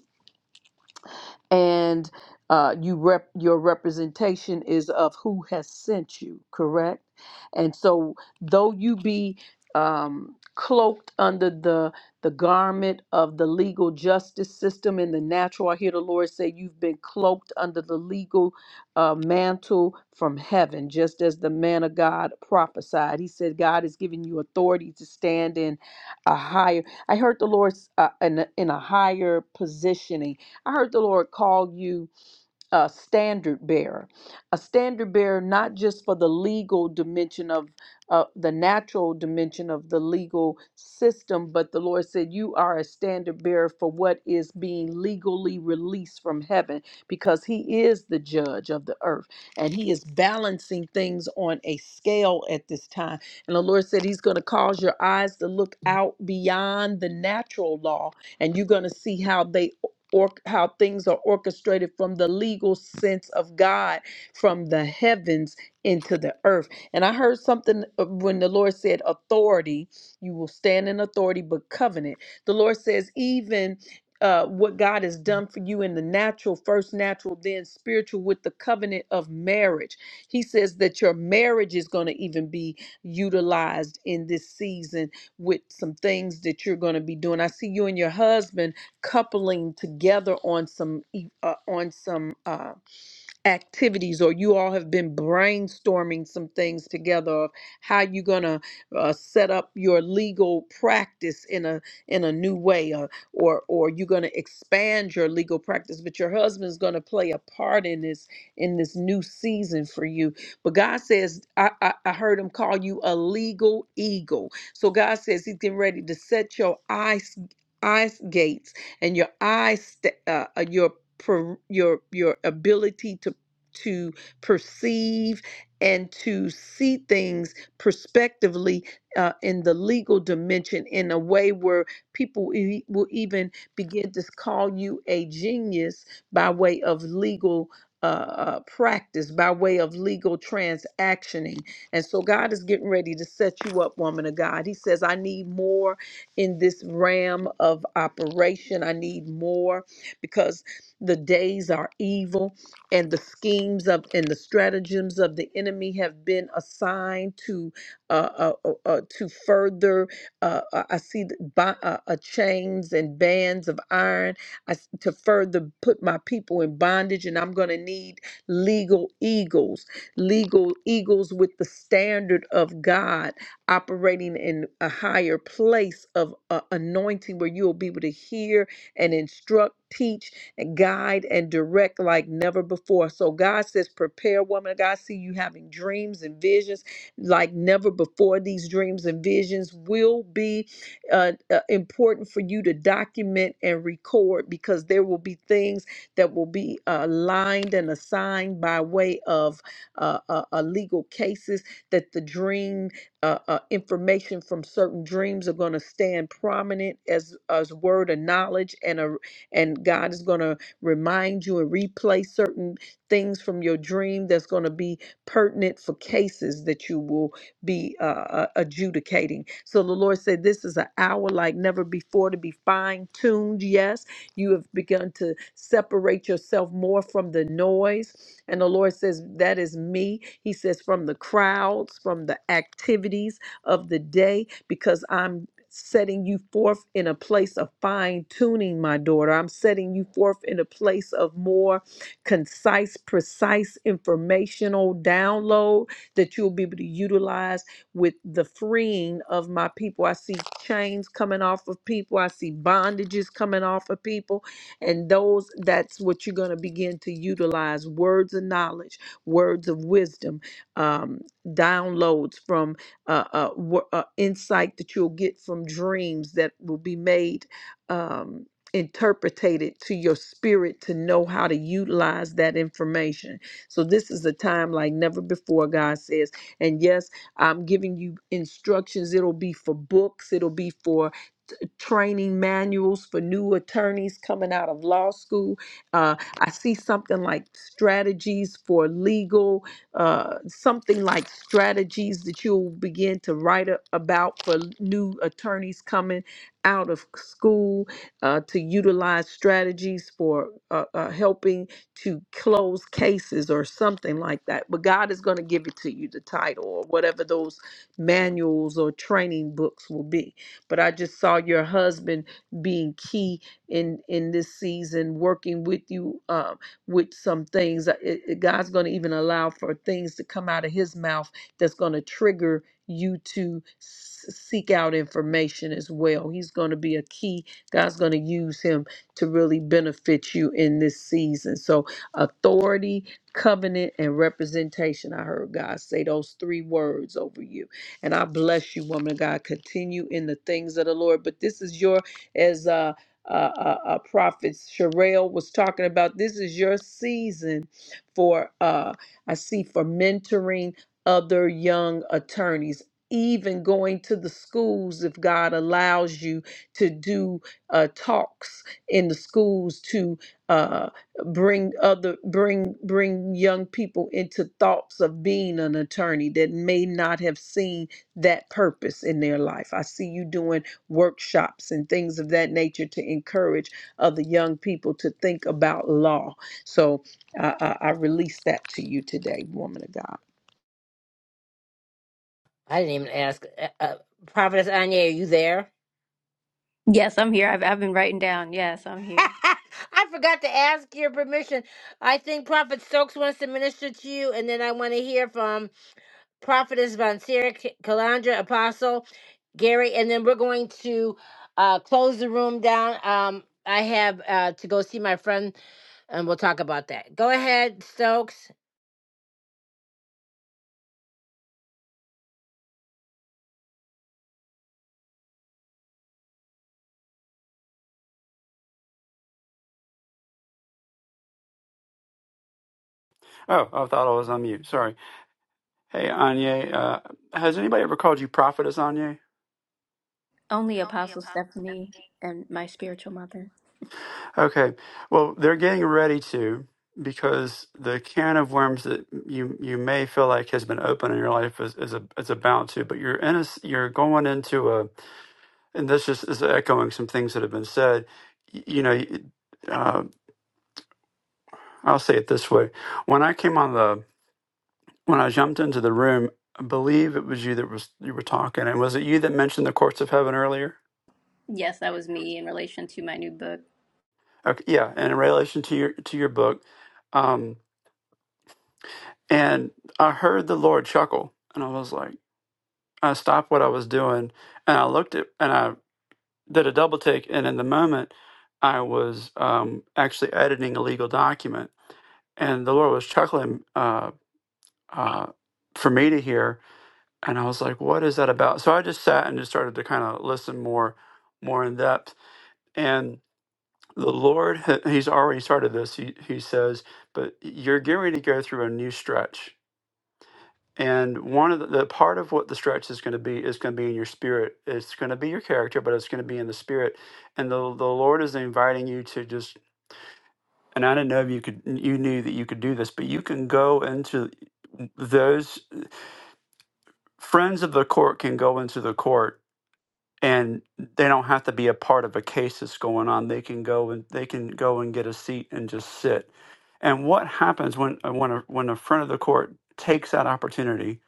and uh, you rep your representation is of who has sent you, correct? And so, though you be um, cloaked under the the garment of the legal justice system in the natural, I hear the Lord say you've been cloaked under the legal uh, mantle from heaven, just as the man of God prophesied. He said God is giving you authority to stand in a higher. I heard the Lord uh, in a, in a higher positioning I heard the Lord call you a standard bearer, a standard bearer not just for the legal dimension of uh, the natural dimension of the legal system, but the Lord said you are a standard bearer for what is being legally released from heaven because He is the judge of the earth and He is balancing things on a scale at this time. And the Lord said He's going to cause your eyes to look out beyond the natural law and you're going to see how they or how things are orchestrated from the legal sense of God from the heavens into the earth. And I heard something uh, when the Lord said authority, you will stand in authority but covenant. The Lord says even uh, what God has done for you in the natural, first natural, then spiritual, with the covenant of marriage. He says that your marriage is going to even be utilized in this season with some things that you're going to be doing. I see you and your husband coupling together on some e- uh, on some. Uh, activities or you all have been brainstorming some things together of how you're going to uh, set up your legal practice in a in a new way or or, or you're going to expand your legal practice but your husband's going to play a part in this in this new season for you but god says I, I i heard him call you a legal eagle so god says he's getting ready to set your eyes eyes gates and your eyes sta- uh, uh, your pro- your your ability to to perceive and to see things prospectively uh, in the legal dimension in a way where people e- will even begin to call you a genius by way of legal uh, uh, practice, by way of legal transactioning. And so God is getting ready to set you up, woman of God. He says, I need more in this realm of operation. I need more because the days are evil and the schemes of and the stratagems of the enemy have been assigned to uh, uh, uh, uh, to further. Uh, uh, I see the, bi- uh, uh, chains and bands of iron I s to further put my people in bondage, and I'm going to need legal eagles, legal eagles with the standard of God operating in a higher place of uh, anointing, where you'll be able to hear and instruct, teach guide and direct like never before. So God says, prepare, woman of God. See you having dreams and visions like never before. These dreams and visions will be uh, uh, important for you to document and record because there will be things that will be aligned and assigned by way of uh, uh, uh, legal cases that the dream uh, uh, information from certain dreams are going to stand prominent as as word of knowledge and a and God is going to remind you and replay certain things from your dream that's going to be pertinent for cases that you will be uh, uh, adjudicating. So the Lord said, This is an hour like never before to be fine tuned. Yes, you have begun to separate yourself more from the noise. And the Lord says, That is me. He says, From the crowds, from the activities of the day, because I'm setting you forth in a place of fine tuning, my daughter. I'm setting you forth in a place of more concise, precise informational download that you'll be able to utilize with the freeing of my people. I see chains coming off of people, I see bondages coming off of people, and those that's what you're going to begin to utilize words of knowledge, words of wisdom, um, downloads from uh, uh, wo- uh, insight that you'll get from dreams that will be made um, interpreted to your spirit to know how to utilize that information. So this is a time like never before, God says. And yes, I'm giving you instructions. It'll be for books. It'll be for training manuals for new attorneys coming out of law school. Uh, I see something like strategies for legal, uh, something like strategies that you'll begin to write a- about for new attorneys coming out of school uh, to utilize strategies for uh, uh, helping to close cases or something like that. But God is going to give it to you, the title or whatever those manuals or training books will be but I just saw your husband being key in in this season, working with you um, with some things. Uh, it- it- God's going to even allow for things to come out of His mouth that's going to trigger you to s- seek out information as well. He's going to be a key. God's going to use him to really benefit you in this season. So authority, covenant, and representation. I heard God say those three words over you and I bless you, woman of God. Continue in the things of the Lord. But this is your, as uh, uh, uh, uh, Prophet Sherelle was talking about, this is your season for, uh, I see, for mentoring other young attorneys. Even going to the schools, if God allows you to do uh, talks in the schools to uh, bring other bring bring young people into thoughts of being an attorney that may not have seen that purpose in their life. I see you doing workshops and things of that nature to encourage other young people to think about law. So I, I, I release that to you today, woman of God.
I didn't even ask. Uh, uh, Prophetess Anya, are you there?
Yes, I'm here. I've I've been writing down. Yes, I'm here.
I forgot to ask your permission. I think Prophet Stokes wants to minister to you, and then I want to hear from Prophetess Von Sarah K- Kalandra, Apostle Gary, and then we're going to uh, close the room down. Um, I have uh, to go see my friend, and we'll talk about that. Go ahead, Stokes.
Oh, I thought I was on mute. Sorry. Hey, Anya, uh, has anybody ever called you prophetess Anya?
Only Apostle Stephanie and my spiritual mother.
Okay. Well, they're getting ready to because the can of worms that you you may feel like has been open in your life is is, a, is about to, but you're in a s- you're going into a and this just is echoing some things that have been said. Y- You know, y- uh, I'll say it this way: when I came on the when I jumped into the room, I believe it was you that was you were talking, and was it you that mentioned the courts of heaven earlier?
Yes, that was me in relation to my new book.
Okay, yeah, and in relation to your to your book, um, and I heard the Lord chuckle, and I was like, I stopped what I was doing, and I looked at, and I did a double take, and in the moment, I was um, actually editing a legal document, and the Lord was chuckling uh, uh, for me to hear, and I was like, what is that about? So I just sat and just started to kind of listen more, more in depth, and the Lord, ha- He's already started this. He, he says, but you're getting ready to go through a new stretch. And one of the, the part of what the stretch is going to be is going to be in your spirit. It's going to be your character, but it's going to be in the spirit. And the, the Lord is inviting you to just, and I didn't know if you could, you knew that you could do this, but you can go into those friends of the court can go into the court and they don't have to be a part of a case that's going on. They can go and they can go and get a seat and just sit. And what happens when uh, when a, when a friend of the court takes that opportunity?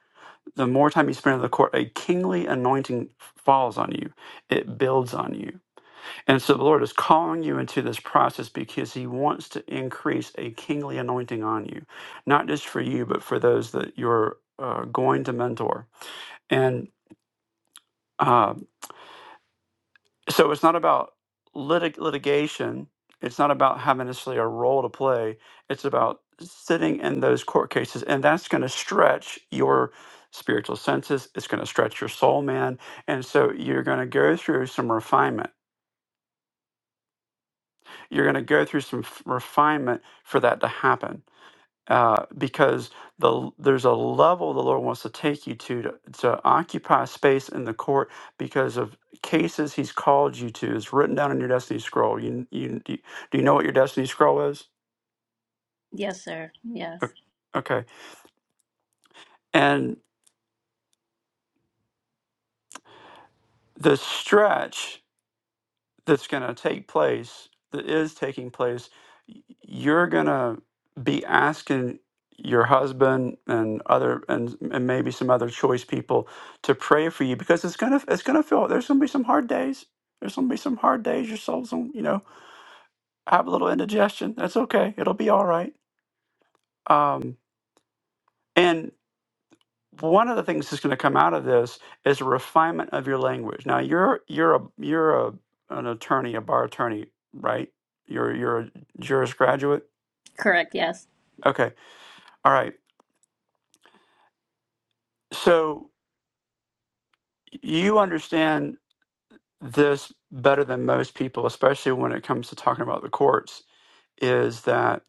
The more time you spend in the court, a kingly anointing falls on you. It builds on you. And so the Lord is calling you into this process because He wants to increase a kingly anointing on you, not just for you, but for those that you're uh, going to mentor. And uh, so it's not about litig- litigation it's not about having necessarily a role to play it's about sitting in those court cases and that's going to stretch your spiritual senses it's going to stretch your soul man and so you're going to go through some refinement you're going to go through some f- refinement for that to happen uh, because the there's a level the Lord wants to take you to, to to occupy space in the court because of cases He's called you to. It's written down in your destiny scroll. You you do you do you know what your destiny scroll is?
Yes, sir.
O-
Yes.
Okay, and the stretch that's going to take place, that is taking place, y- you're going to be asking your husband and other and, and maybe some other choice people to pray for you because it's gonna it's gonna feel there's gonna be some hard days there's gonna be some hard days your soul's gonna you know have a little indigestion that's okay it'll be all right um and one of the things that's going to come out of this is a refinement of your language. Now you're you're a you're a an attorney, a bar attorney, right? You're you're a juris graduate.
Correct. Yes.
Okay, all right. So you understand this better than most people, especially when it comes to talking about the courts. Is that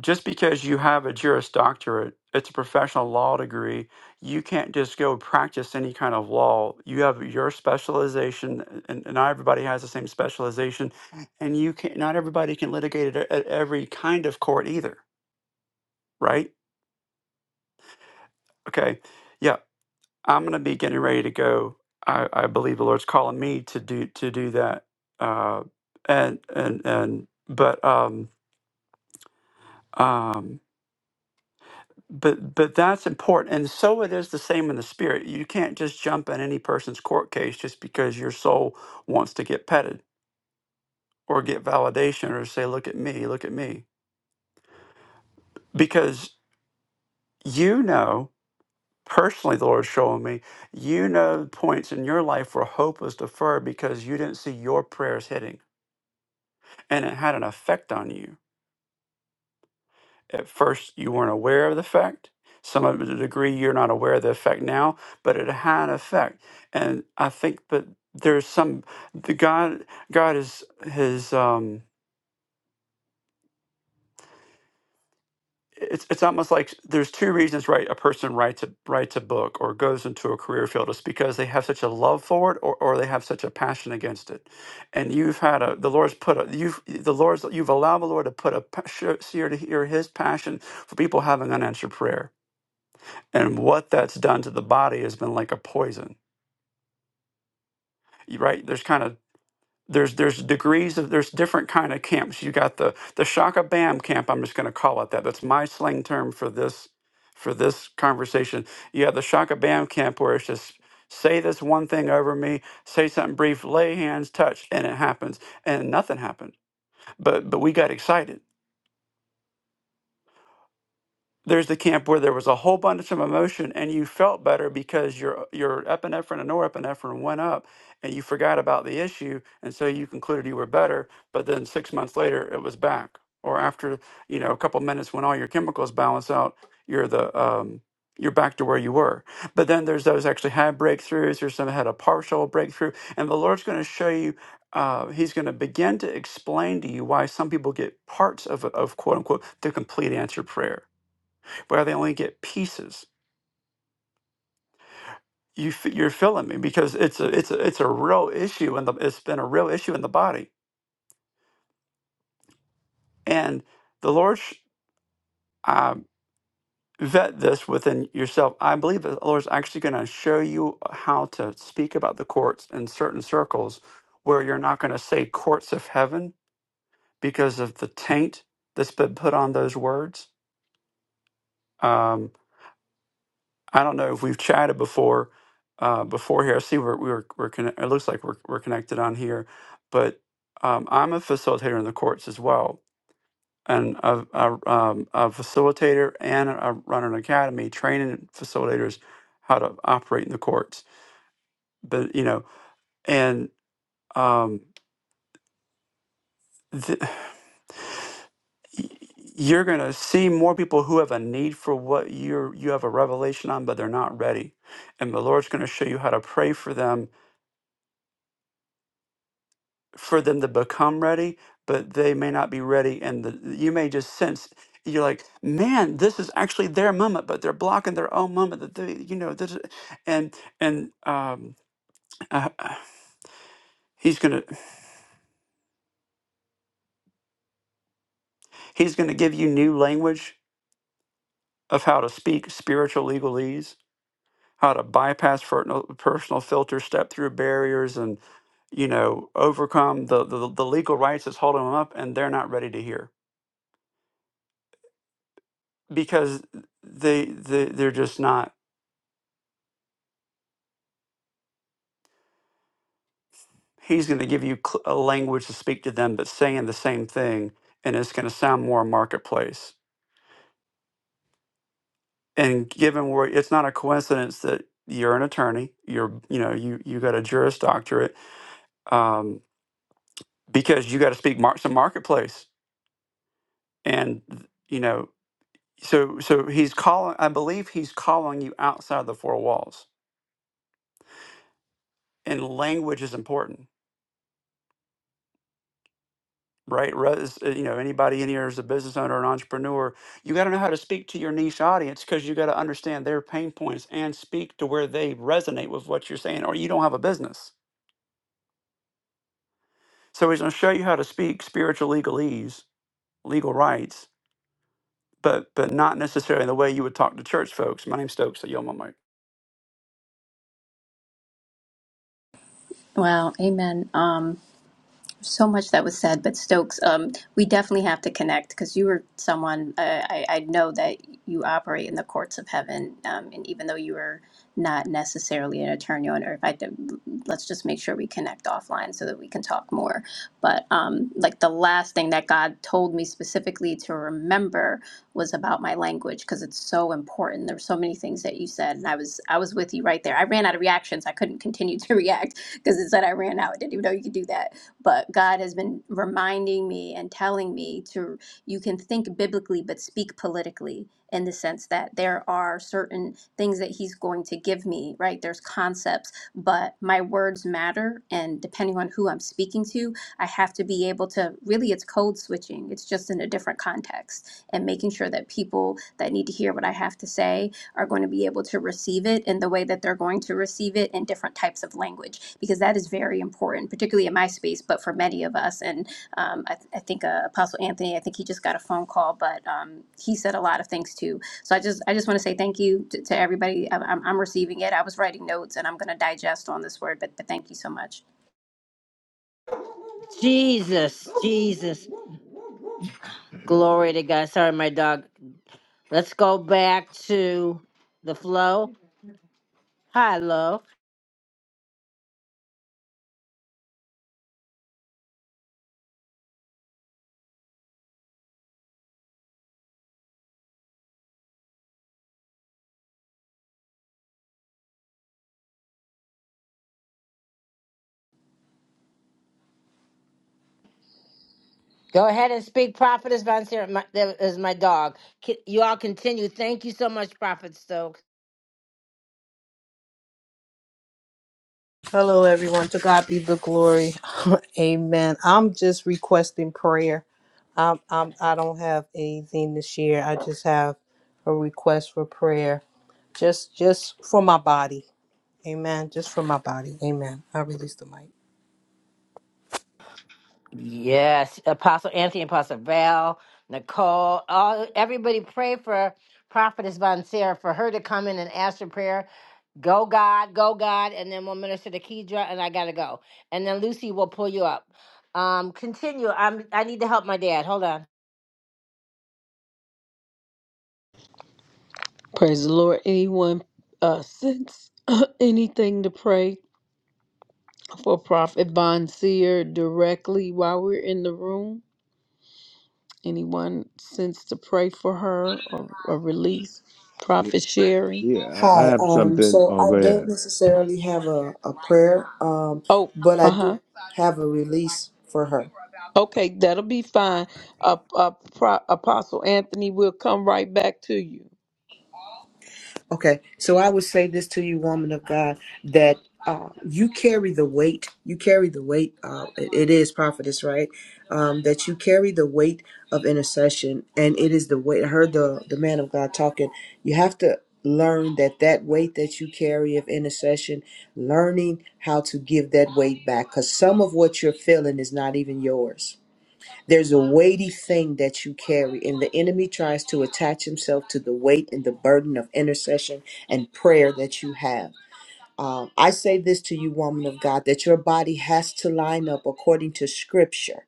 just because you have a Juris Doctorate, it's a professional law degree, you can't just go practice any kind of law. You have your specialization, and, and not everybody has the same specialization, and you can't. Not everybody can litigate at, at every kind of court either, right? Okay, yeah, I'm gonna be getting ready to go. I, I believe the Lord's calling me to do to do that, uh, and and and but um um but but that's important and so it is the same in the spirit you can't just jump in any person's court case just because your soul wants to get petted or get validation or say look at me look at me because you know personally the lord's showing me you know points in your life where hope was deferred because you didn't see your prayers hitting and it had an effect on you at first you weren't aware of the effect. Some of it to a degree you're not aware of the effect now, but it had an effect. And I think that there's some the God God is his um it's it's almost like there's two reasons right a person writes a writes a book or goes into a career field is because they have such a love for it or, or they have such a passion against it. And you've had a the Lord's put a you've the Lord's you've allowed the Lord to put a pa- sh- seer to hear his passion for people having unanswered prayer and what that's done to the body has been like a poison You- right there's kind of there's there's degrees of there's different kind of camps you got the the shaka bam camp i'm just going to call it that that's my slang term for this for this conversation you have the shaka bam camp where it's just say this one thing over me say something brief lay hands touch and it happens and nothing happened but but we got excited there's the camp where there was a whole bunch of emotion and you felt better because your your epinephrine and norepinephrine went up and you forgot about the issue and so you concluded you were better but then 6 months later it was back or after you know a couple minutes when all your chemicals balance out you're the um you're back to where you were but then there's those actually had breakthroughs There's some had a partial breakthrough and the lord's going to show you uh, he's going to begin to explain to you why some people get parts of, of quote unquote the complete answer prayer where they only get pieces. You f- you're feeling me because it's a it's a it's a real issue and it's been a real issue in the body. And the Lord sh- uh, vet this within yourself. I believe that the Lord's actually going to show you how to speak about the courts in certain circles where you're not going to say courts of heaven because of the taint that's been put on those words. Um, I don't know if we've chatted before, uh, before here. I see we're we're we're conne- it looks like we're we're connected on here, but um, I'm a facilitator in the courts as well, and a, a, um, a facilitator and I run an academy training facilitators how to operate in the courts. But you know, and um, th- y- you're gonna see more people who have a need for what you're you have a revelation on, but they're not ready, and the Lord's gonna show you how to pray for them for them to become ready, but they may not be ready. And the, you may just sense you're like, man, this is actually their moment, but they're blocking their own moment. That they, you know, this, is-" and and um, uh, uh, he's gonna he's gonna give you new language of how to speak spiritual legalese, how to bypass fertile- personal filters, step through barriers, and you know, overcome the the, the legal rights that's holding them up, and they're not ready to hear because they, they they're just not. he's going to give you cl- a language to speak to them that's saying the same thing and it's going to sound more marketplace and given where it's not a coincidence that you're an attorney you're you know you you got a juris doctorate um, because you got to speak mar- some marketplace and you know so so he's calling i believe he's calling you outside the four walls and language is important right? Re- uh, You know, anybody in here is a business owner, an entrepreneur. You got to know how to speak to your niche audience because you got to understand their pain points and speak to where they resonate with what you're saying, or you don't have a business. So he's going to show you how to speak spiritual legalese, legal rights, but but not necessarily the way you would talk to church folks. My name's Stokes. So yo, my mic.
Wow. Amen. Um, so much that was said, but Stokes, um, we definitely have to connect because you were someone uh, I, I know that you operate in the courts of heaven, um, and even though you are not necessarily an attorney on earth, I think- let's just make sure we connect offline so that we can talk more. But um, like the last thing that God told me specifically to remember was about my language because it's so important. There were so many things that you said, and I was I was with you right there. I ran out of reactions. I couldn't continue to react because it said I ran out. I didn't even know you could do that but God has been reminding me and telling me to you can think biblically but speak politically in the sense that there are certain things that he's going to give me, right? There's concepts, but my words matter and depending on who I'm speaking to, I have to be able to really it's code switching. It's just in a different context and making sure that people that need to hear what I have to say are going to be able to receive it in the way that they're going to receive it in different types of language, because that is very important, particularly in my space, but for many of us. And um, I, th I think uh, Apostle Anthony, I think he just got a phone call, but um, he said a lot of things too. So I just, I just want to say thank you to, to everybody. I, am I'm I'm receiving it. I was writing notes, and I'm going to digest on this word, but, but thank you so much.
Jesus, Jesus. Glory to God. Sorry, my dog. Let's go back to the flow. Hi, love. Go ahead and speak, Prophetess Von Sarah. My, that is my dog. Ki- You all continue. Thank you so much, Prophet Stokes.
Hello, everyone. To God be the glory. Amen. I'm just requesting prayer. Um, I'm, I don't have anything to share. I just have a request for prayer. Just, just for my body. Amen. Just for my body. Amen. I release the mic.
Yes, Apostle Anthony, Apostle Val, Nicole, all everybody pray for Prophetess Von Sarah for her to come in and ask for prayer. Go God, go God, and then we'll minister to Kedra, and I gotta go. And then Lucy will pull you up. Um, continue. I'm. I need to help my dad. Hold on.
Praise the Lord. Anyone uh, sense anything to pray? for Prophet Von Seer directly while we're in the room. Anyone since to pray for her or, or release
you.
Prophet Sherry?
Yeah, I I
Hi,
have
um,
something.
so
Oh,
I
go
don't
ahead.
necessarily have a, a prayer, um,
Oh,
but I
uh
do
huh.
have a release for her.
Okay, that'll be fine. Uh, uh, Pro- Apostle Anthony, we'll come right back to you.
Okay, so I would say this to you, woman of God, that uh, you carry the weight. You carry the weight. Uh, it it is prophetess, right? Um, that you carry the weight of intercession, and it is the weight. I heard the the man of God talking. You have to learn that that weight that you carry of intercession, learning how to give that weight back, because some of what you're feeling is not even yours there's a weighty thing that you carry, and the enemy tries to attach himself to the weight and the burden of intercession and prayer that you have. Um, I say this to you, woman of God, that your body has to line up according to scripture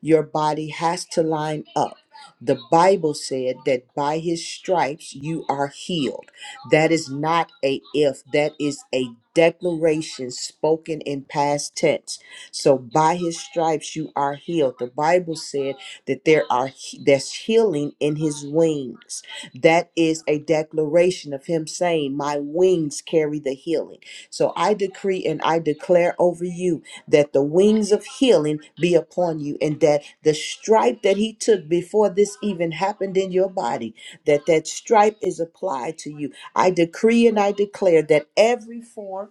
your body has to line up. The Bible said that by his stripes you are healed. That is not a if, that is a declaration spoken in past tense. So by his stripes you are healed. The Bible said that there are there's healing in his wings. That is a declaration of him saying, "My wings carry the healing." So I decree and I declare over you that the wings of healing be upon you and that the stripe that he took before this even happened in your body that that stripe is applied to you i decree and i declare that every form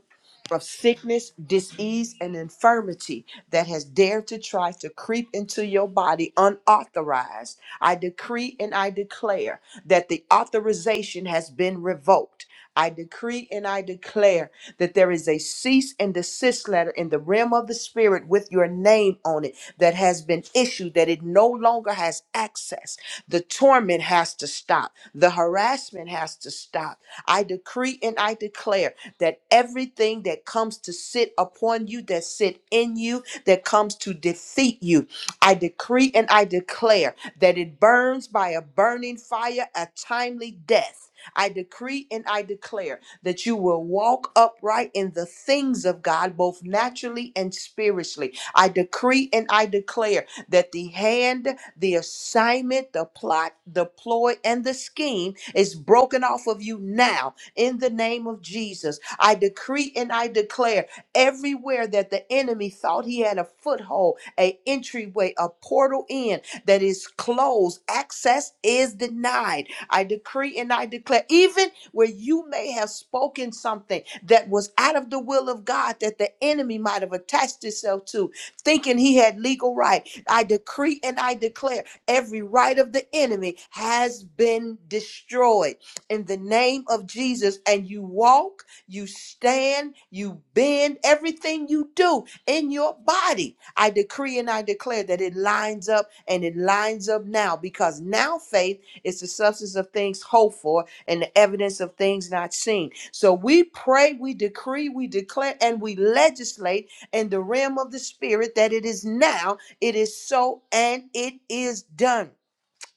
of sickness, disease, and infirmity that has dared to try to creep into your body unauthorized. I decree and I declare that the authorization has been revoked I decree and I declare that there is a cease and desist letter in the realm of the spirit with your name on it that has been issued, that it no longer has access. The torment has to stop, the harassment has to stop. I decree and I declare that everything that comes to sit upon you, that sit in you, that comes to defeat you, I decree and I declare that it burns by a burning fire, a timely death. I decree and I declare that you will walk upright in the things of God, both naturally and spiritually. I decree and I declare that the hand, the assignment, the plot, the ploy, and the scheme is broken off of you now in the name of Jesus. I decree and I declare everywhere that the enemy thought he had a foothold, a entryway, a portal in that is closed, access is denied I decree and I declare, even where you may have spoken something that was out of the will of God that the enemy might have attached itself to, thinking he had legal right, I decree and I declare every right of the enemy has been destroyed in the name of Jesus. And you walk, you stand, you bend, everything you do in your body. I decree and I declare that it lines up and it lines up now because now faith is the substance of things hoped for and the evidence of things not seen. So we pray, we decree, we declare, and we legislate in the realm of the spirit that it is now, it is so, and it is done.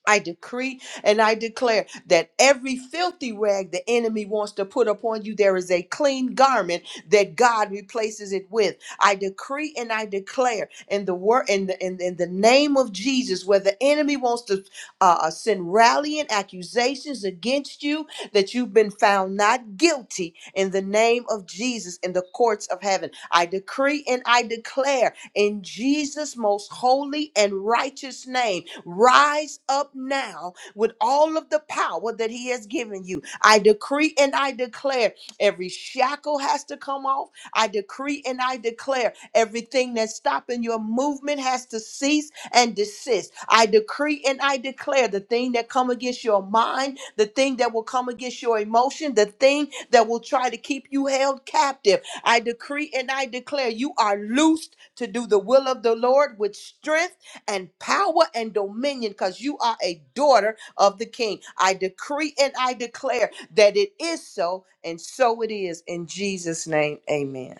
I decree and I declare that every filthy rag the enemy wants to put upon you, there is a clean garment that God replaces it with. I decree and I declare in the word in the in, in the name of Jesus, where the enemy wants to uh, uh, send rallying accusations against you, that you've been found not guilty in the name of Jesus in the courts of heaven. I decree and I declare in Jesus' most holy and righteous name Rise up now with all of the power that He has given you. I decree and I declare every shackle has to come off. I decree and I declare everything that's stopping your movement has to cease and desist. I decree and I declare the thing that come against your mind, the thing that will come against your emotion, the thing that will try to keep you held captive. I decree and I declare you are loosed to do the will of the Lord with strength and power and dominion because you are a daughter of the king. I decree and I declare that it is so, and so it is in Jesus' name. Amen.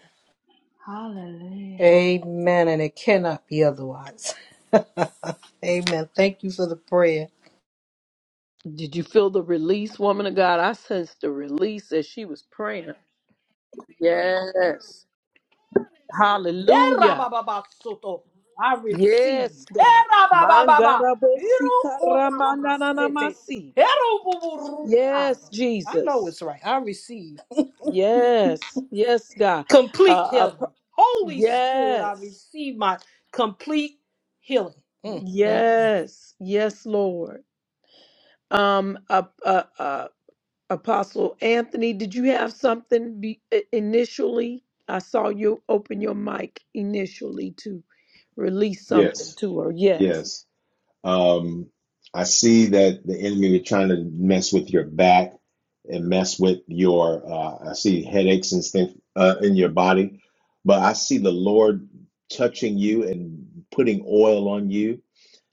Hallelujah.
Amen. And it cannot be otherwise. Amen. Thank you for the prayer.
Did you feel the release, woman of God? I sensed the release as she was praying. Yes. Hallelujah.
Erabababasoto. I receive.
Yes, God.
Erababababa.
Mangarabosika
Irukunamasete. Erububurukai.
Yes,
I know
Jesus.
it's right. I receive
Yes. Yes, God.
complete
Uh, uh,
healing.
p-
Holy Spirit, I
yes.
receive my complete healing. Mm, mm.
Yes. Yes, Lord. Um, uh, uh, uh, Apostle Anthony, did you have something be- i- initially? I saw you open your mic initially to release something
Yes,
to her. Yes.
yes. Um, I see that the enemy is trying to mess with your back and mess with your. Uh, I see headaches and stuff uh, in your body, but I see the Lord touching you and putting oil on you.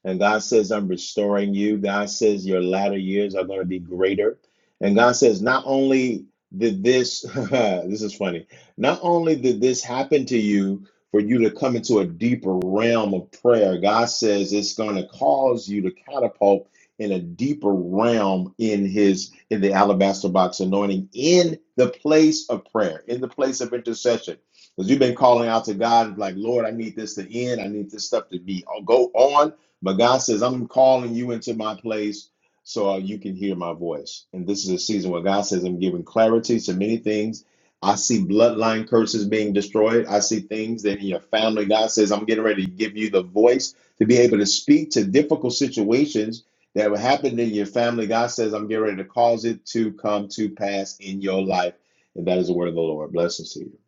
And God says, I'm restoring you. God says, your latter years are going to be greater. And God says, not only did this, this is funny, not only did this happen to you for you to come into a deeper realm of prayer, God says it's going to cause you to catapult in a deeper realm in his in the alabaster box anointing in the place of prayer in the place of intercession because you've been calling out to god like lord i need this to end i need this stuff to be I'll go on but God says, I'm calling you into my place so uh, you can hear my voice. And this is a season where God says, I'm giving clarity to many things. I see bloodline curses being destroyed. I see things that in your family, God says, I'm getting ready to give you the voice to be able to speak to difficult situations that have happened in your family. God says, I'm getting ready to cause it to come to pass in your life. And that is the word of the Lord. Blessings to you.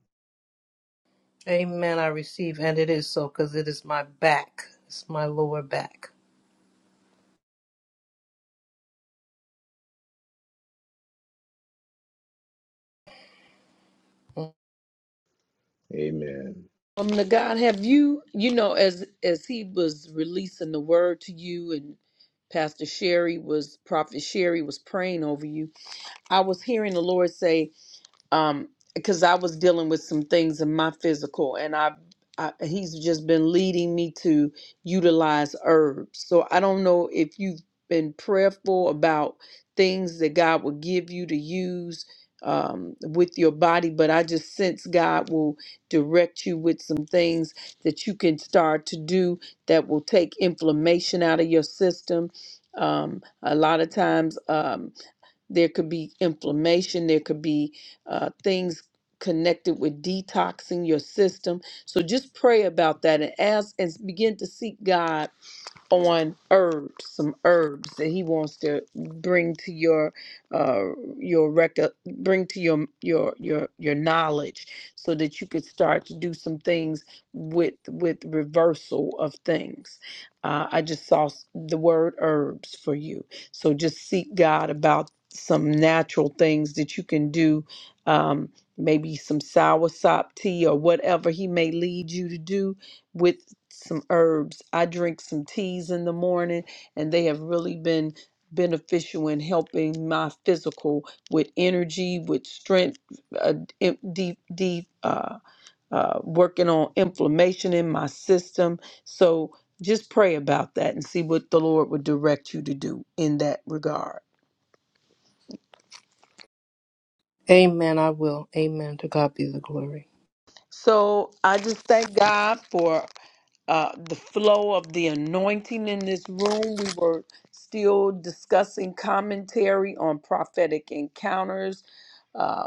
Amen. I receive, and it is so because it is my back. It's my lower back. Mm.
Amen.
Um, to God, have you, you know, as as he was releasing the word to you and Pastor Sherry was, Prophet Sherry was praying over you I was hearing the Lord say, um, because I was dealing with some things in my physical, and I, I, He's just been leading me to utilize herbs. So I don't know if you've been prayerful about things that God will give you to use um, with your body, but I just sense God will direct you with some things that you can start to do that will take inflammation out of your system. Um, a lot of times. um, there could be inflammation. There could be uh, things connected with detoxing your system. So just pray about that and ask and begin to seek God on herbs, some herbs that he wants to bring to your uh your record bring to your your your your knowledge so that you could start to do some things with with reversal of things. Uh, I just saw s- the word herbs for you. So just seek God about some natural things that you can do um maybe some soursop tea or whatever he may lead you to do with some herbs. I drink some teas in the morning, and they have really been beneficial in helping my physical with energy, with strength, uh, im- deep, deep, uh, uh, working on inflammation in my system. So just pray about that and see what the Lord would direct you to do in that regard.
Amen. I will. Amen. To God be the glory.
So I just thank God for uh, the flow of the anointing in this room. We were still discussing commentary on prophetic encounters. uh,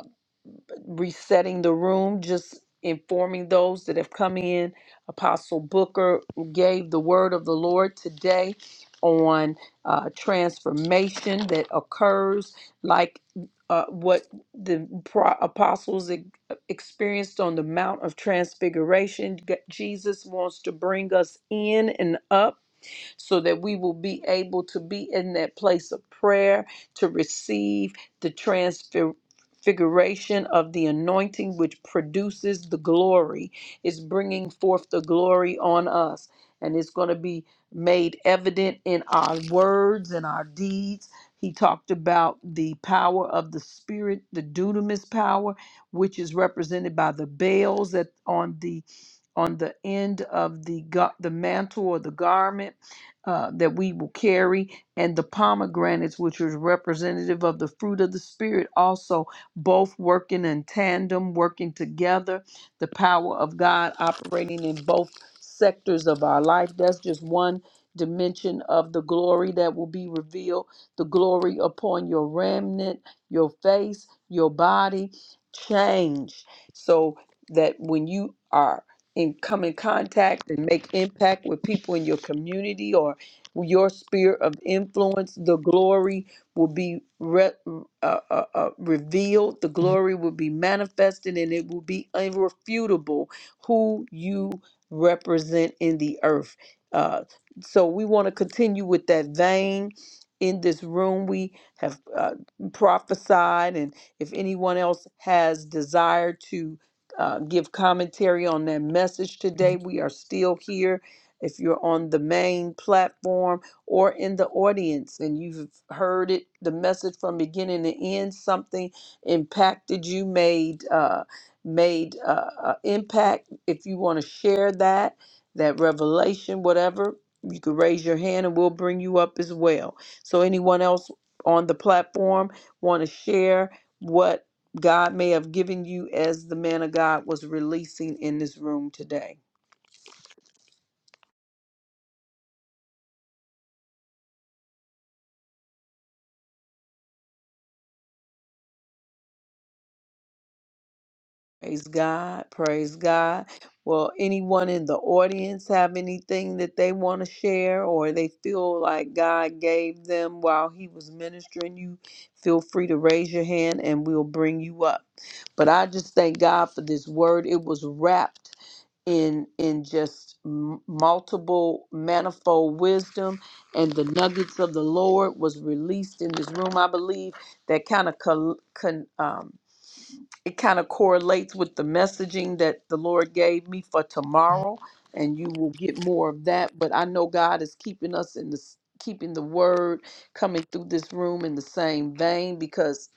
resetting the room, just informing those that have come in. Apostle Booker gave the word of the Lord today on uh, transformation that occurs, like uh, what the pro- apostles e- experienced on the Mount of Transfiguration. G- Jesus wants to bring us in and up so that we will be able to be in that place of prayer to receive the transfiguration of the anointing which produces the glory It's bringing forth the glory on us and it's going to be made evident in our words and our deeds he talked about the power of the spirit the dunamis power which is represented by the bells that on the on the end of the gar- the mantle or the garment uh, that we will carry, and the pomegranates, which is representative of the fruit of the Spirit, also both working in tandem, working together, the power of God operating in both sectors of our life. That's just one dimension of the glory that will be revealed the glory upon your remnant, your face, your body. Change so that when you are in come in contact and make impact with people in your community or your sphere of influence, the glory will be re- uh, uh, uh, revealed, the glory will be manifested, and it will be irrefutable who you represent in the earth. Uh, so we want to continue with that vein. In this room, we have uh, prophesied, and if anyone else has desire to uh, give commentary on that message today, we are still here if you're on the main platform or in the audience and you've heard it, the message from beginning to end, something impacted you, made uh, made uh, uh, impact. If you want to share that, that revelation, whatever, you can raise your hand and we'll bring you up as well. So anyone else on the platform want to share what God may have given you as the man of God was releasing in this room today? Praise God. Praise God. Well, anyone in the audience have anything that they want to share or they feel like God gave them while he was ministering you, feel free to raise your hand and we'll bring you up. But I just thank God for this word. It was wrapped in in just m- multiple manifold wisdom and the nuggets of the Lord was released in this room. I believe that kind of it kind of correlates with the messaging that the Lord gave me for tomorrow, and you will get more of that. But I know God is keeping us in this, keeping the word coming through this room in the same vein because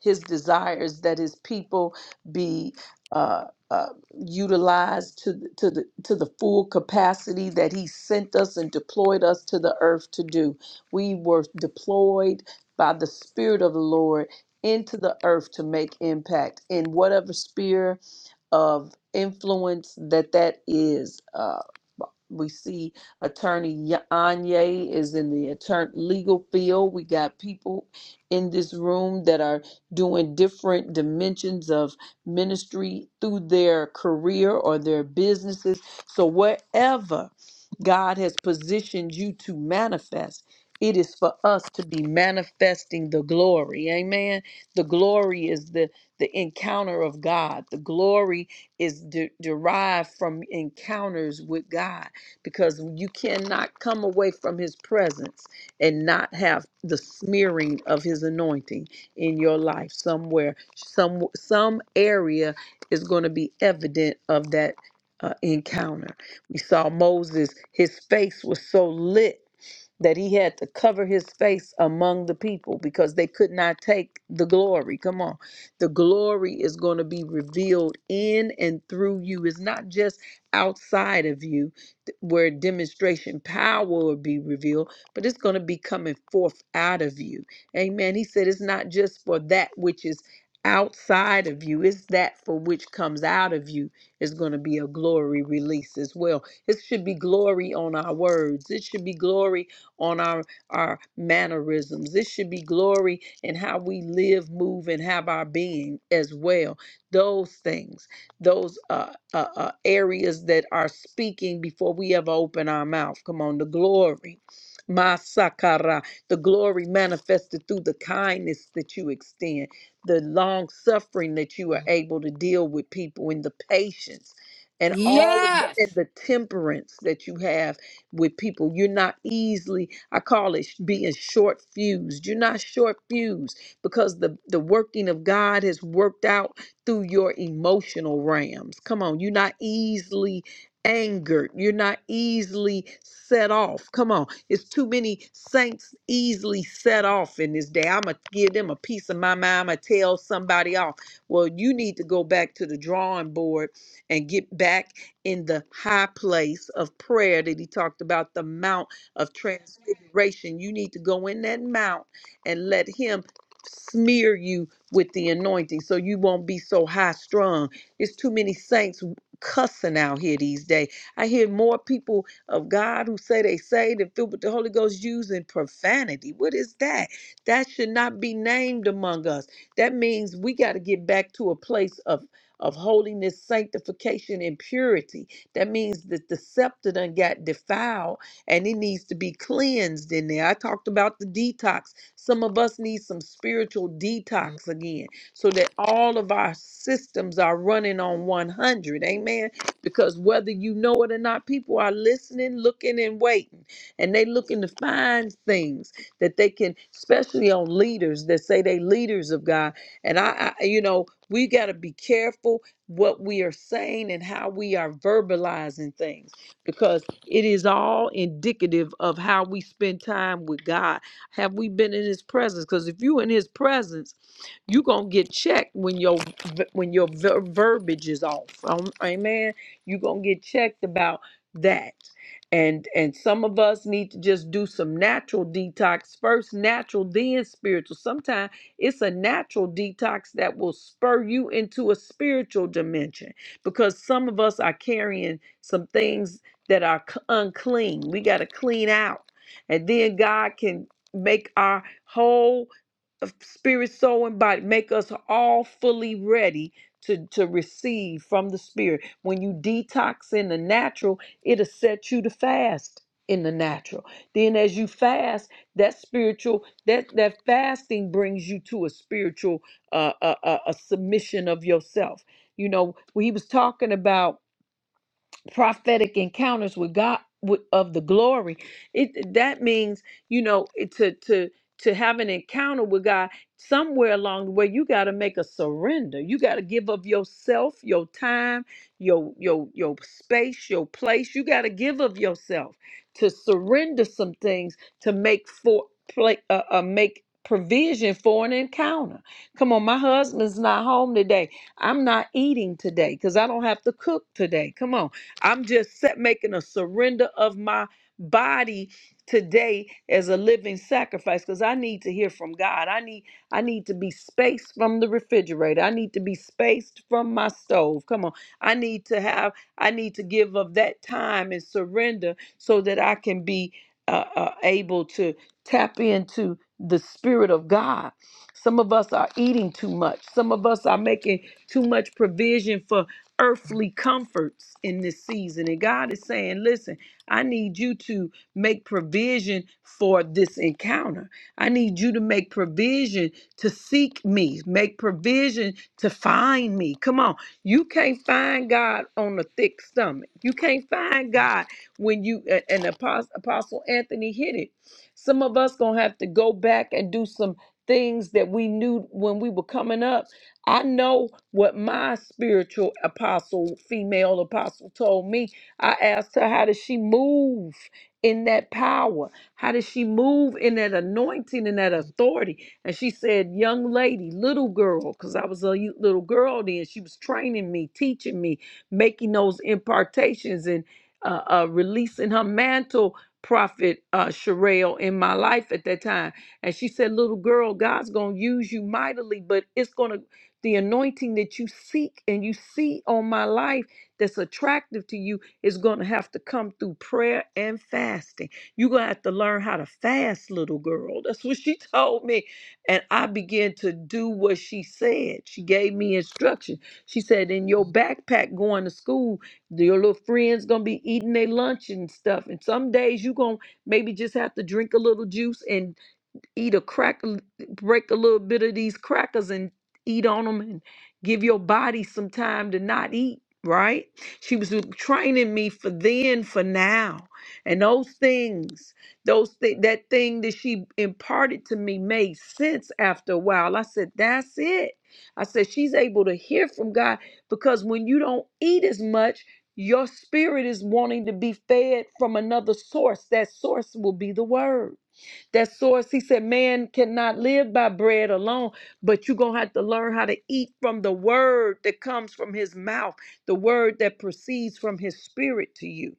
his desires that his people be uh, uh, utilized to the, to the to the full capacity that he sent us and deployed us to the earth to do. We were deployed by the Spirit of the Lord into the earth to make impact in whatever sphere of influence that that is. Uh, we see attorney Anye is in the attorney legal field. We got people in this room that are doing different dimensions of ministry through their career or their businesses. So wherever God has positioned you to manifest, it is for us to be manifesting the glory. Amen. The glory is the the encounter of God. The glory is de- derived from encounters with God because you cannot come away from his presence and not have the smearing of his anointing in your life somewhere some some area is going to be evident of that uh, encounter we saw moses his face was so lit that he had to cover his face among the people because they could not take the glory. Come on. The glory is going to be revealed in and through you. It's not just outside of you, where demonstration power will be revealed, but it's going to be coming forth out of you. Amen. He said it's not just for that which is outside of you, it's that for which comes out of you is going to be a glory release as well. It should be glory on our words, it should be glory on our, our mannerisms, it should be glory in how we live, move, and have our being as well. Those things those uh, uh, uh, areas that are speaking before we ever open our mouth. Come on, the glory. Masakara, the glory manifested through the kindness that you extend, the long suffering that you are able to deal with people, and the patience, and all of the,
Yes.
and the temperance that you have with people. You're not easily, I call it being short fused. You're not short fused because the, the working of God has worked out through your emotional realms. Come on, you're not easily angered. You're not easily set off. Come on, it's too many saints easily set off in this day. I'm going to give them a piece of my mind. I'm going to tell somebody off. Well, you need to go back to the drawing board and get back in the high place of prayer that he talked about, the mount of transfiguration. You need to go in that mount and let him smear you with the anointing so you won't be so high strung. It's too many saints cussing out here these days. I hear more people of God who say they saved and filled with the Holy Ghost using profanity. What is that? That should not be named among us. That means we got to get back to a place of of holiness, sanctification, and purity. That means that the scepter done got defiled and it needs to be cleansed in there. I talked about the detox some of us need some spiritual detox again so that all of our systems are running on 100. Amen. Because whether you know it or not, people are listening, looking, and waiting. And they looking to find things that they can, especially on leaders that say they leaders of God. And I, I you know, we got to be careful what we are saying and how we are verbalizing things because it is all indicative of how we spend time with God have we been in his presence? Because if you in his presence, you gonna get checked when your when your ver- verbiage is off. Um, amen. You gonna get checked about that. And and some of us need to just do some natural detox first, natural then spiritual. Sometimes it's a natural detox that will spur you into a spiritual dimension because some of us are carrying some things that are c- unclean. We got to clean out. And then God can make our whole of spirit, soul, and body. Make us all fully ready to, to receive from the spirit. When you detox in the natural, it'll set you to fast in the natural. Then as you fast, that spiritual, that, that fasting brings you to a spiritual, uh, uh, uh, a submission of yourself. You know, when he was talking about prophetic encounters with God with, of the glory. It that means you know it- to to to have an encounter with God somewhere along the way. You got to make a surrender. You got to give of yourself, your time, your your your space, your place. You got to give of yourself to surrender some things to make for play uh, uh, make provision for an encounter. Come on, my husband's not home today. I'm not eating today because I don't have to cook today. Come on. I'm just set, making a surrender of my body today as a living sacrifice because I need to hear from God. I need I need to be spaced from the refrigerator. I need to be spaced from my stove. Come on. I need to have I need to give of that time and surrender so that I can be uh, uh, able to tap into the spirit of God. Some of us are eating too much. Some of us are making too much provision for earthly comforts in this season. And God is saying, listen, I need you to make provision for this encounter. I need you to make provision to seek me, make provision to find me. Come on. You can't find God on a thick stomach. You can't find God when you, a- and Apostle, Apostle Anthony hit it. Some of us going to have to go back and do some things that we knew when we were coming up I know what my spiritual apostle, female apostle, told me. I asked her, How does she move in that power? How does she move in that anointing and that authority? And she said, Young lady, little girl, because I was a y- little girl then, she was training me, teaching me, making those impartations and uh, uh, releasing her mantle. Prophet uh, Sherelle in my life at that time. And she said, Little girl, God's going to use you mightily, but it's going to the anointing that you seek and you see on my life that's attractive to you is going to have to come through prayer and fasting. You're going to have to learn how to fast, little girl. That's what she told me. And I began to do what she said. She gave me instruction. She said, In your backpack going to school, your little friends going to be eating their lunch and stuff. And some days you're going to maybe just have to drink a little juice and eat a crack, break a little bit of these crackers and eat on them and give your body some time to not eat, right? She was training me for then, for now. And those things, those thi- that thing that she imparted to me made sense after a while. I said, that's it. I said, she's able to hear from God because when you don't eat as much, your spirit is wanting to be fed from another source. That source will be the word. That source, he said, man cannot live by bread alone, but you're going to have to learn how to eat from the word that comes from his mouth, the word that proceeds from his spirit to you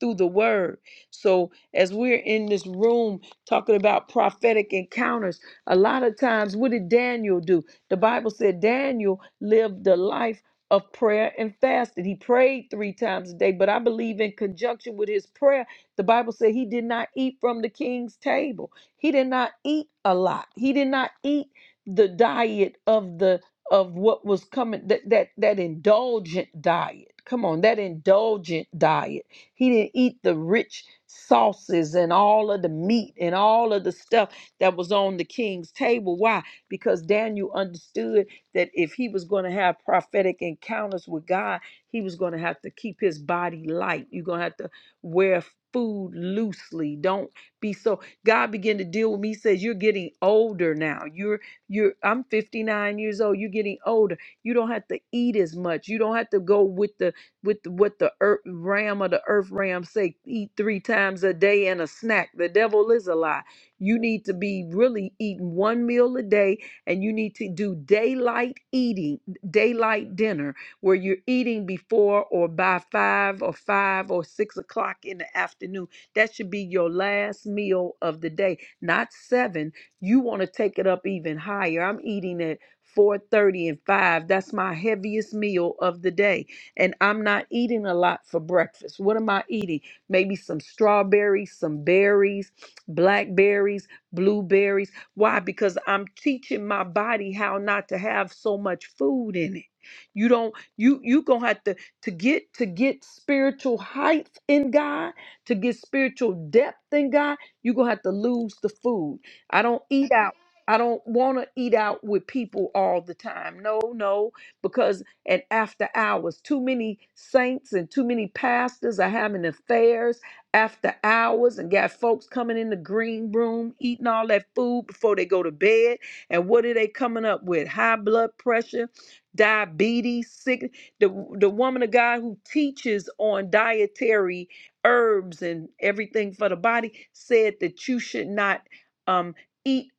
through the word. So, as we're in this room talking about prophetic encounters, a lot of times, what did Daniel do? The Bible said Daniel lived the life of prayer and fasted. He prayed three times a day, but I believe in conjunction with his prayer, the Bible said he did not eat from the king's table. He did not eat a lot. He did not eat the diet of the of what was coming that that that indulgent diet. Come on, that indulgent diet. He didn't eat the rich sauces and all of the meat and all of the stuff that was on the king's table. Why? Because Daniel understood that if he was going to have prophetic encounters with God, he was going to have to keep his body light. You're going to have to wear food loosely. Don't be so God began to deal with me. He says, You're getting older now. You're you're I'm 59 years old. You're getting older. You don't have to eat as much. You don't have to go with the with what the earth ram of the earth ram say eat three times a day and a snack the devil is a lie you need to be really eating one meal a day and you need to do daylight eating daylight dinner where you're eating before or by five or five or six o'clock in the afternoon that should be your last meal of the day not seven you want to take it up even higher i'm eating at 4:30 and 5 that's my heaviest meal of the day and I'm not eating a lot for breakfast. What am I eating? Maybe some strawberries, some berries, blackberries, blueberries. Why? Because I'm teaching my body how not to have so much food in it. You don't you you going to have to to get to get spiritual height in God, to get spiritual depth in God, you're going to have to lose the food. I don't eat out I don't want to eat out with people all the time. No, no, because and after hours. Too many saints and too many pastors are having affairs after hours and got folks coming in the green room eating all that food before they go to bed. And what are they coming up with? High blood pressure, diabetes, sick. The, the woman of God who teaches on dietary herbs and everything for the body said that you should not um, eat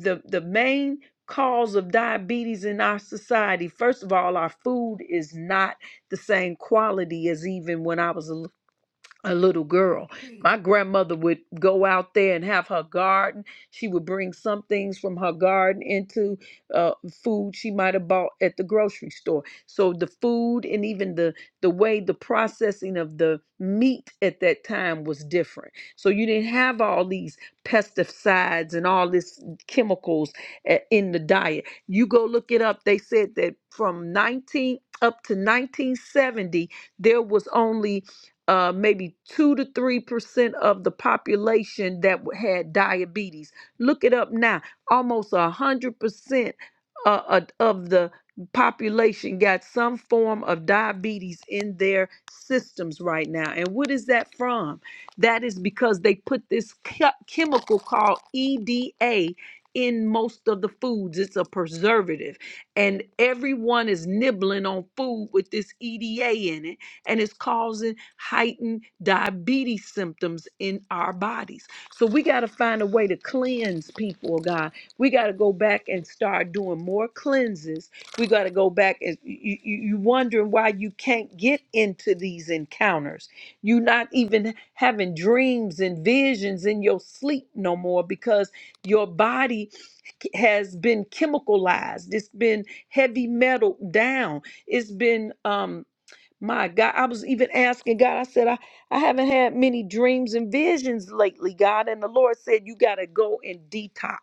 the the main cause of diabetes in our society. First of all, our food is not the same quality as even when I was a a little girl. My grandmother would go out there and have her garden. She would bring some things from her garden into uh, food she might have bought at the grocery store. So the food and even the the way the processing of the meat at that time was different. So you didn't have all these pesticides and all this chemicals a- in the diet. You go look it up. They said that from 19 up to 1970 there was only uh, maybe two to three percent of the population that w- had diabetes. Look it up now. Almost a hundred percent uh, uh, of the population got some form of diabetes in their systems right now. And what is that from? That is because they put this che- chemical called EDA in most of the foods. It's a preservative, and everyone is nibbling on food with this EDA in it and it's causing heightened diabetes symptoms in our bodies. So we got to find a way to cleanse people, oh God. We got to go back and start doing more cleanses. We got to go back and you, you, you wondering why you can't get into these encounters. you are not even having dreams and visions in your sleep no more because your body has been chemicalized. It's been heavy metal down. It's been um, my God, I was even asking God, I said, I, I haven't had many dreams and visions lately, God. And the Lord said, You got to go and detox.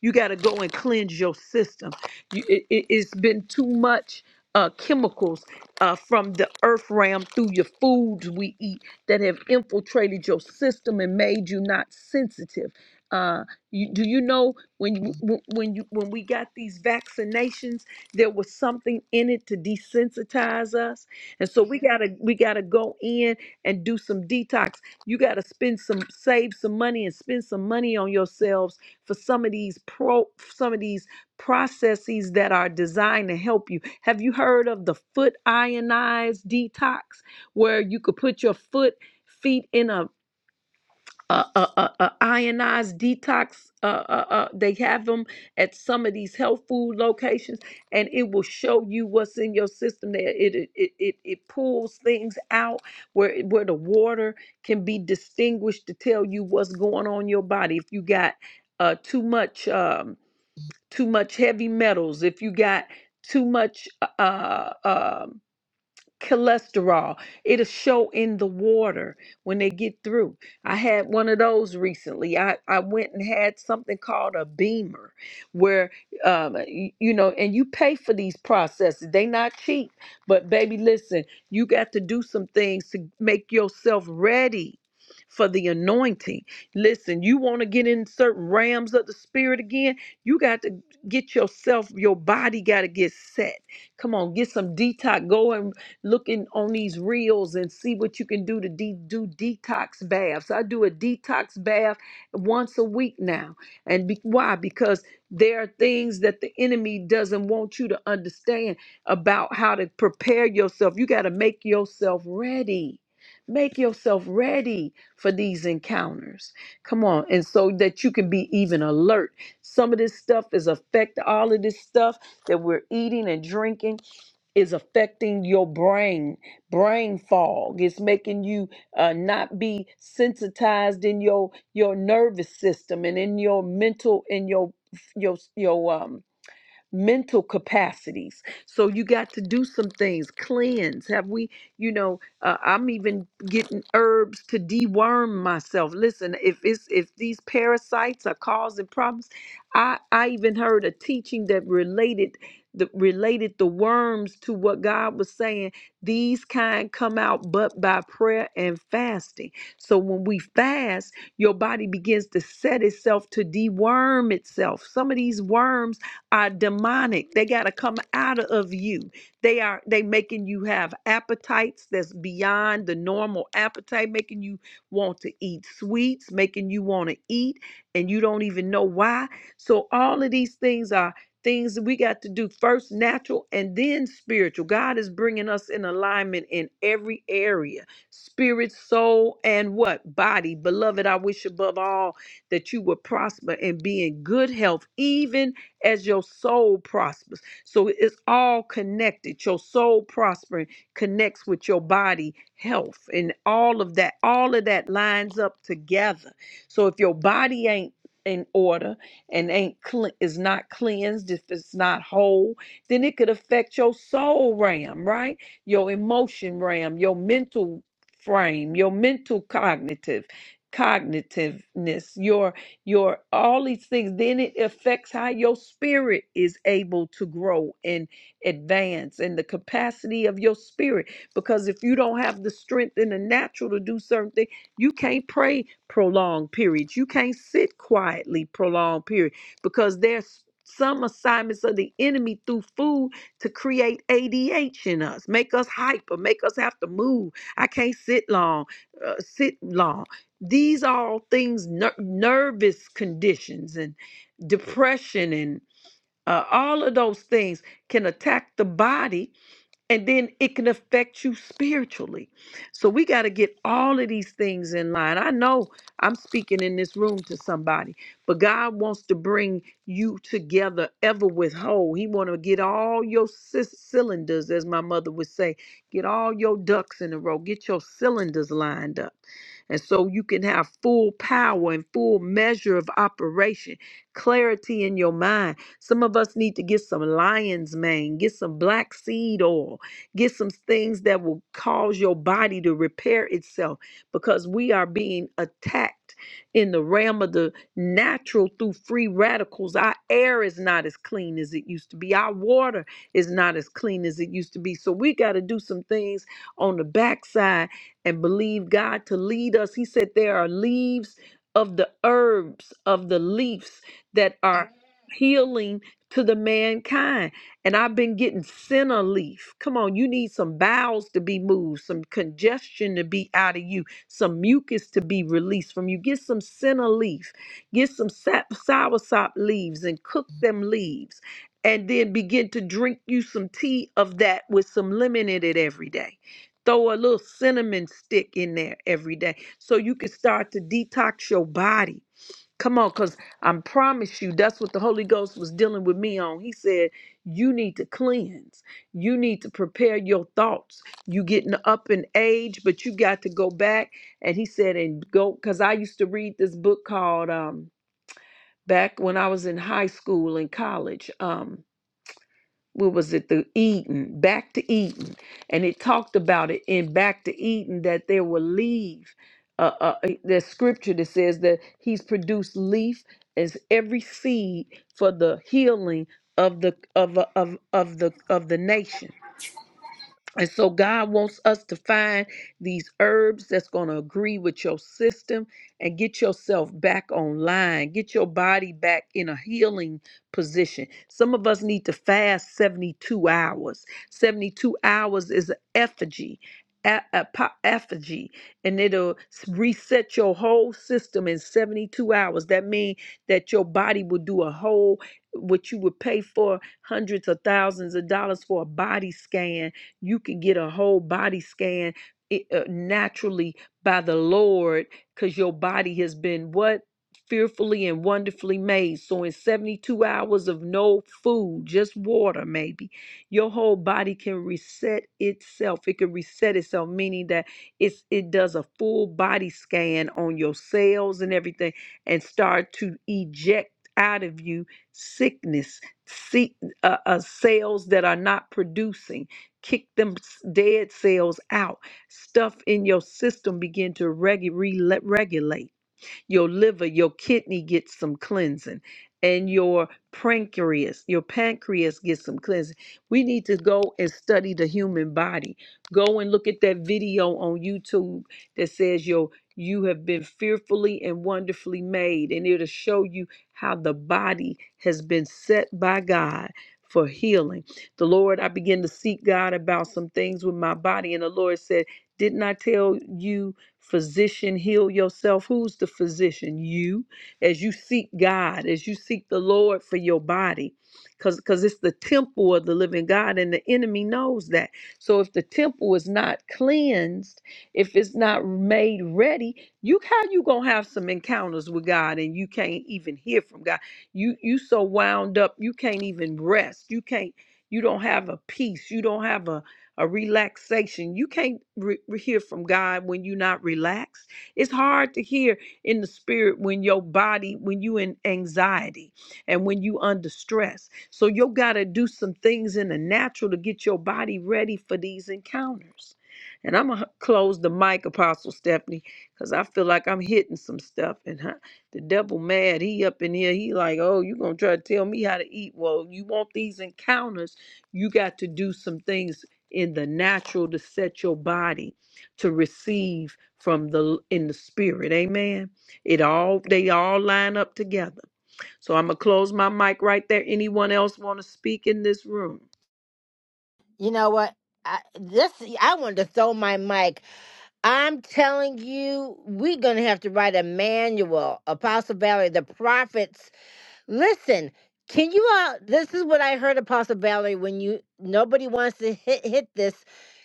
You got to go and cleanse your system. You, it, it- it's been too much uh, chemicals uh, from the earth realm through your foods we eat that have infiltrated your system and made you not sensitive. Uh, you, do you know when you, when when you when we got these vaccinations, there was something in it to desensitize us? And so we gotta we gotta go in and do some detox. You gotta spend some save some money and spend some money on yourselves for some of these pro some of these processes that are designed to help you. Have you heard of the foot ionized detox where you could put your foot feet in a uh, uh, uh, uh, ionized detox. Uh, uh, uh, they have them at some of these health food locations, and it will show you what's in your system. There, it it it, it it pulls things out where it- where the water can be distinguished to tell you what's going on in your body. If you got uh, too much um, too much heavy metals, if you got too much uh, uh, um cholesterol. It'll show in the water when they get through. I had one of those recently. I, I went and had something called a beamer where, um, y- you know, and you pay for these processes. They not cheap, but baby, listen, you got to do some things to make yourself ready for the anointing. Listen, you want to get in certain realms of the spirit again, you got to get yourself, your body got to get set. Come on, get some detox going looking on these reels and see what you can do to de- do detox baths. I do a detox bath once a week now. And be- why? Because there are things that the enemy doesn't want you to understand about how to prepare yourself. You got to make yourself ready. Make yourself ready for these encounters. Come on. And so that you can be even alert. Some of this stuff is affect all of this stuff that we're eating and drinking is affecting your brain brain fog it's making you uh, not be sensitized in your your nervous system and in your mental in your your your um mental capacities. So you got to do some things, cleanse. Have we, you know, uh, I'm even getting herbs to deworm myself. Listen, if it's if these parasites are causing problems, I I even heard a teaching that related the related the worms to what God was saying. These kind come out but by prayer and fasting. So when we fast, your body begins to set itself to deworm itself. Some of these worms are demonic. They got to come out of you. They are they making you have appetites that's beyond the normal appetite, making you want to eat sweets, making you want to eat and you don't even know why. So all of these things are things that we got to do first natural and then spiritual. God is bringing us in alignment in every area. Spirit, soul, and what? Body. Beloved, I wish above all that you would prosper and be in good health even as your soul prospers. So it's all connected. Your soul prospering connects with your body health and all of that. All of that lines up together. So if your body ain't in order and ain't cle- is not cleansed, if it's not whole, then it could affect your soul ram, right? Your emotion ram, your mental frame, your mental cognitive cognitiveness, your your all these things then it affects how your spirit is able to grow and advance and the capacity of your spirit because if you don't have the strength in the natural to do certain things you can't pray prolonged periods you can't sit quietly prolonged period because there's some assignments of the enemy through food to create ADH in us, make us hyper, make us have to move. I can't sit long, uh, sit long these are all things ner- nervous conditions and depression and uh, all of those things can attack the body and then it can affect you spiritually so we got to get all of these things in line i know i'm speaking in this room to somebody but god wants to bring you together ever with whole he want to get all your cy- cylinders as my mother would say get all your ducks in a row get your cylinders lined up and so you can have full power and full measure of operation, clarity in your mind. Some of us need to get some lion's mane, get some black seed oil, get some things that will cause your body to repair itself because we are being attacked in the realm of the natural through free radicals. Our air is not as clean as it used to be, our water is not as clean as it used to be. So we got to do some things on the backside and believe God to lead us. He said there are leaves of the herbs of the leaves that are Amen. healing to the mankind. And I've been getting senna leaf. Come on, you need some bowels to be moved, some congestion to be out of you, some mucus to be released from you. Get some senna leaf, get some sap, soursop leaves, and cook them leaves. And then begin to drink you some tea of that with some lemon in it every day Throw a little cinnamon stick in there every day so you can start to detox your body. Come on, because I promise you, that's what the Holy Ghost was dealing with me on. He said, You need to cleanse. You need to prepare your thoughts. You getting up in age, but you got to go back. And he said, and go, because I used to read this book called um back when I was in high school and college. Um, what was it the eden back to eden and it talked about it in back to eden that there will leave uh, uh uh, eh, there's scripture that says that he's produced leaf as every seed for the healing of the of of of the of the nation and so God wants us to find these herbs that's going to agree with your system and get yourself back online. Get your body back in a healing position. Some of us need to fast 72 hours. 72 hours is an effigy. A, a po- effigy and it'll s- reset your whole system in 72 hours that means that your body will do a whole what you would pay for hundreds of thousands of dollars for a body scan you can get a whole body scan it, uh, naturally by the Lord because your body has been what? Fearfully and wonderfully made. So, in 72 hours of no food, just water, maybe, your whole body can reset itself. It can reset itself, meaning that it's, it does a full body scan on your cells and everything and start to eject out of you sickness, see, uh, uh, cells that are not producing kick them s- dead cells out. Stuff in your system begin to regu- rele- regulate your liver, your kidney gets some cleansing, and your pancreas, your pancreas gets some cleansing. We need to go and study the human body. Go and look at that video on YouTube that says your you have been fearfully and wonderfully made, and it'll show you how the body has been set by God for healing. The Lord, I began to seek God about some things with my body, and the Lord said, Didn't I tell you? Physician, heal yourself. Who's the physician? You. As you seek God, as you seek the Lord for your body, because because it's the temple of the living God, and the enemy knows that. So if the temple is not cleansed, if it's not made ready, you how you gonna have some encounters with God and you can't even hear from God. You you so wound up, you can't even rest. You can't. You don't have a peace. You don't have a a relaxation. You can't re- hear from God when you're not relaxed. It's hard to hear in the spirit when your body, when you in anxiety and when you under stress. So you got to do some things in the natural to get your body ready for these encounters. And I'm gonna close the mic, Apostle Stephanie, because I feel like I'm hitting some stuff, and huh, the devil mad. He up in here. He like, oh, you gonna try to tell me how to eat? Well, you want these encounters you got to do some things in the natural to set your body to receive from the in the spirit. Amen. It all they all line up together. So I'm gonna close my mic right there. Anyone else want to speak in this room?
You know what? I, this I wanted to throw my mic. I'm telling you, we're going to have to write a manual. Apostle Valerie, the prophets. Listen, can you all? This is what I heard, Apostle Valerie, when you nobody wants to hit, hit this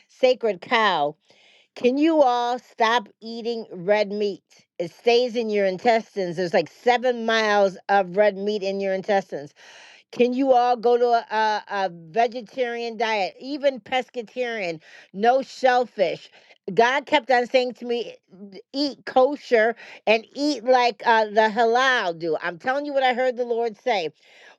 sacred cow. Can you all stop eating red meat? It stays in your intestines. There's like seven miles of red meat in your intestines. Can you all go to a, a, a vegetarian diet, even pescatarian? No shellfish. God kept on saying to me, eat kosher and eat like uh, the halal do. I'm telling you what I heard the Lord say.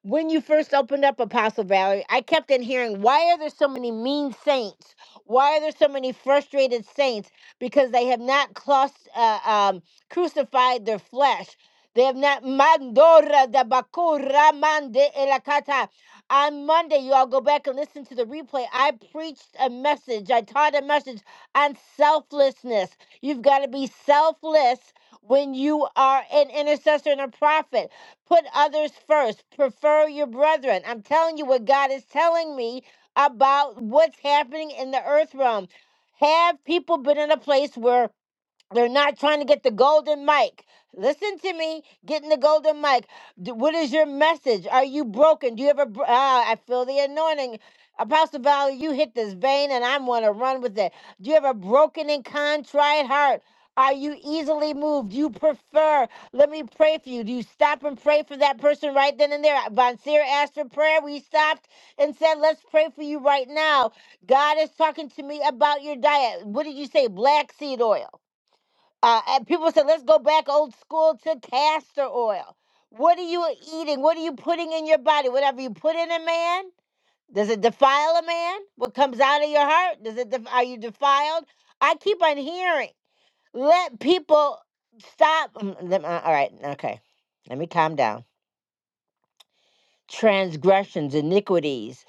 When you first opened up Apostle Valerie, I kept on hearing, why are there so many mean saints? Why are there so many frustrated saints? Because they have not clus- uh, um, crucified their flesh they have not mandora da bakura mande elakata. On Monday, you all go back and listen to the replay. I preached a message. I taught a message on selflessness. You've got to be selfless when you are an intercessor and a prophet. Put others first. Prefer your brethren. I'm telling you what God is telling me about what's happening in the earth realm. Have people been in a place where they're not trying to get the golden mic. Listen to me, getting the golden mic. D- What is your message? Are you broken? Do you ever? bro- Ah, I feel the anointing. Apostle Valley, you hit this vein and I'm going to run with it. Do you have a broken and contrite heart? Are you easily moved? Do you prefer? Let me pray for you. Do you stop and pray for that person right then and there? Von Seer asked for prayer. We stopped and said, let's pray for you right now. God is talking to me about your diet. What did you say? Black seed oil. Uh, and people said, let's go back old school to castor oil. What are you eating? What are you putting in your body? Whatever you put in a man, does it defile a man? What comes out of your heart, does it? Def- are you defiled? I keep on hearing. Let people stop. mm, let- uh, all right, okay. Let me calm down. Transgressions, iniquities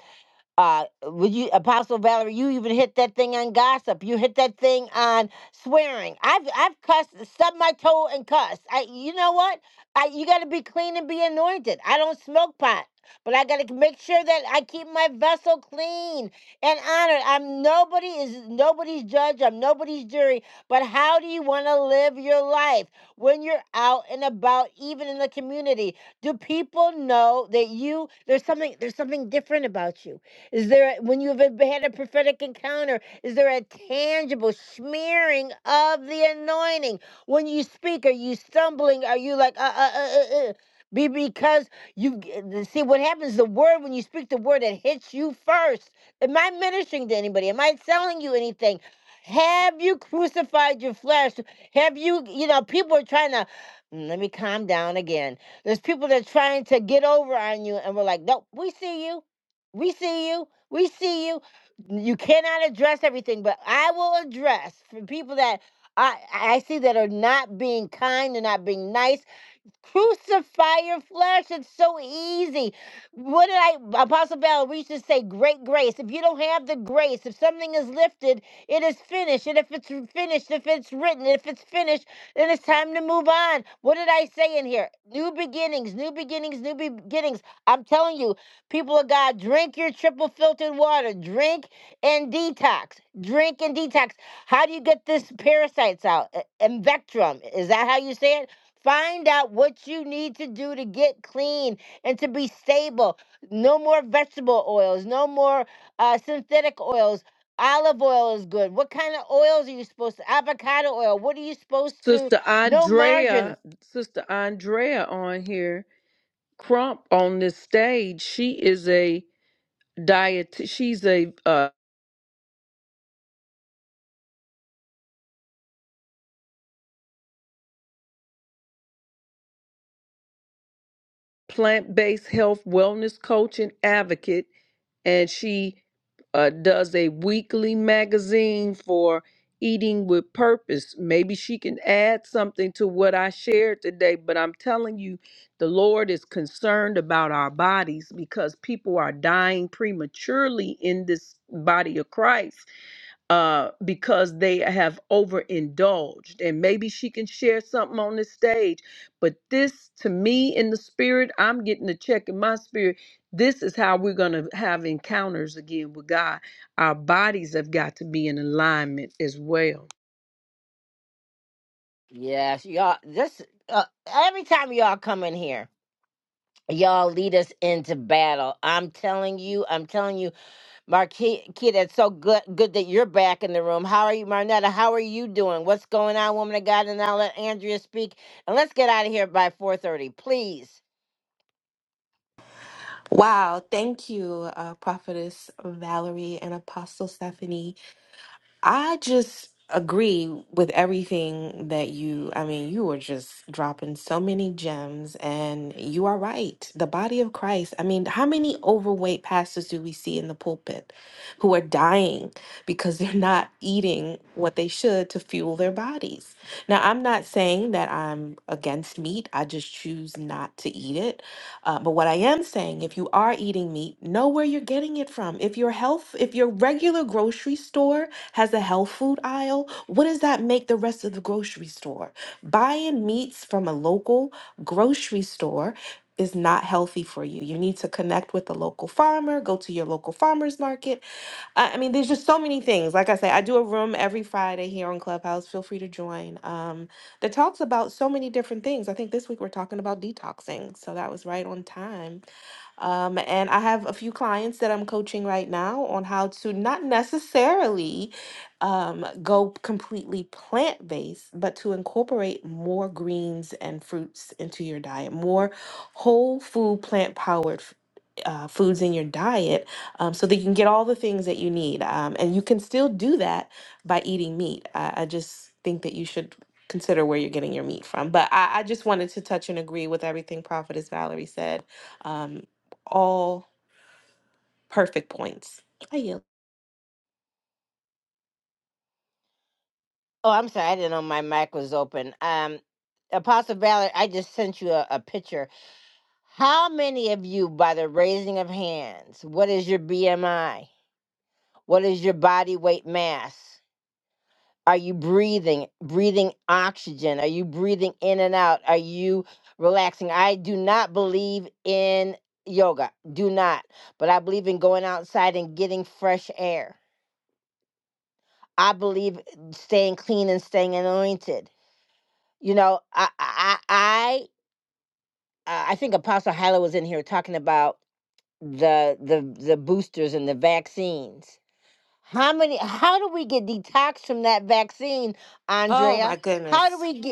uh would you apostle valerie you even hit that thing on gossip you hit that thing on swearing i've i've cussed stubbed my toe and cussed i you know what i you got to be clean and be anointed i don't smoke pot but i got to make sure that i keep my vessel clean and honored i'm nobody is nobody's judge i'm nobody's jury but how do you want to live your life when you're out and about even in the community do people know that you there's something there's something different about you is there, a- when you've had a prophetic encounter, is there a tangible smearing of the anointing? When you speak, are you stumbling? Are you like, uh, uh, uh, uh, uh? Be because you g- the- see what happens the word when you speak the word it hits you first. Am I ministering to anybody? Am I telling you anything? Have you crucified your flesh? Have you, you know, people are trying to, Mm, let me calm down again. There's people that are trying to get over on you, and we're like, nope, we see you. We see you. We see you. You cannot address everything, but I will address for people that I, I see that are not being kind, they're not being nice, Crucify your flesh. It's so easy. What did I, Apostle Bell, we used to say great grace. If you don't have the grace, if something is lifted, it is finished. And if it's finished, if it's written, if it's finished, then it's time to move on. What did I say in here? New beginnings, new beginnings, new beginnings. I'm telling you, people of God, drink your triple filtered water. Drink and detox. Drink and detox. How do you get this parasites out? E- Invectrum. Is that how you say it? Find out what you need to do to get clean and to be stable. No more vegetable oils, no more uh, synthetic oils. Olive oil is good. What kind of oils are you supposed to? Avocado oil. What are you supposed to?
Sister
No margarine.
Andrea, Sister Andrea on here, Crump on this stage. She is a diet. She's a uh, plant-based health wellness coach and advocate and she uh, does a weekly magazine for eating with purpose. Maybe she can add something to what I shared today, but I'm telling you, the Lord is concerned about our bodies because people are dying prematurely in this body of Christ uh, because they have overindulged. And maybe she can share something on the stage. But this, to me, in the spirit, I'm getting a check in my spirit this is how we're going to have encounters again with God. Our bodies have got to be in alignment as well.
Yes, y'all. This uh, every time y'all come in here, y'all lead us into battle. I'm telling you. I'm telling you. Marquita, it's so good good that you're back in the room. How are you, Marnetta? How are you doing? What's going on, woman of God? And I'll let Andrea speak. And let's get out of here by 4.30, please.
Wow, thank you, uh, Prophetess Valerie and Apostle Stephanie. I just agree with everything that you, I mean, you were just dropping so many gems, and you are right. The body of Christ, I mean, how many overweight pastors do we see in the pulpit who are dying because they're not eating what they should to fuel their bodies? Now, I'm not saying that I'm against meat, I just choose not to eat it. Uh, but what I am saying, if you are eating meat, know where you're getting it from. If your health, if your regular grocery store, has a health food aisle. What does that make the rest of the grocery store? Buying meats from a local grocery store is not healthy for you. You need to connect with the local farmer, go to your local farmer's market. I, I mean, there's just so many things. Like I say, I do a room every Friday here on Clubhouse. Feel free to join. Um, that talks about so many different things. I think this week we're talking about detoxing. So that was right on time. Um, and I have a few clients that I'm coaching right now on how to not necessarily um, go completely plant based, but to incorporate more greens and fruits into your diet, more whole food, plant powered uh, foods in your diet um, so that you can get all the things that you need. Um, and you can still do that by eating meat. I, I just think that you should consider where you're getting your meat from. But I, I just wanted to touch and agree with everything Prophetess Valerie said. Um all perfect points. I yield.
Oh, I'm sorry. I didn't know my mic was open. Um, Apostle Valerie, I just sent you a, a picture. How many of you, by the raising of hands, what is your BMI? What is your body weight mass? Are you breathing, breathing oxygen? Are you breathing in and out? Are you relaxing? I do not believe in yoga, do not, but I believe in going outside and getting fresh air. I believe staying clean and staying anointed. You know, I, I, I, I I think Apostle Hyla was in here talking about the the the boosters and the vaccines. How many? How do we get detoxed from that vaccine,
Oh my
Andrea? How do
goodness.
we get?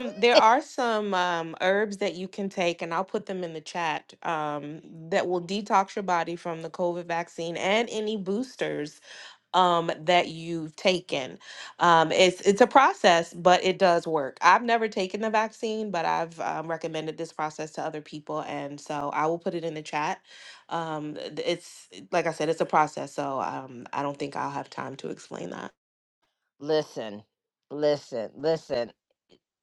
Um, There are some um, herbs that you can take, and I'll put them in the chat, um, that will detox your body from the COVID vaccine and any boosters um, that you've taken. Um, it's it's a process, but it does work. I've never taken the vaccine, but I've um, recommended this process to other people, and so I will put it in the chat. Um, th- it's like I said, it's a process, so um, I don't think I'll have time to explain that.
Listen, listen, listen.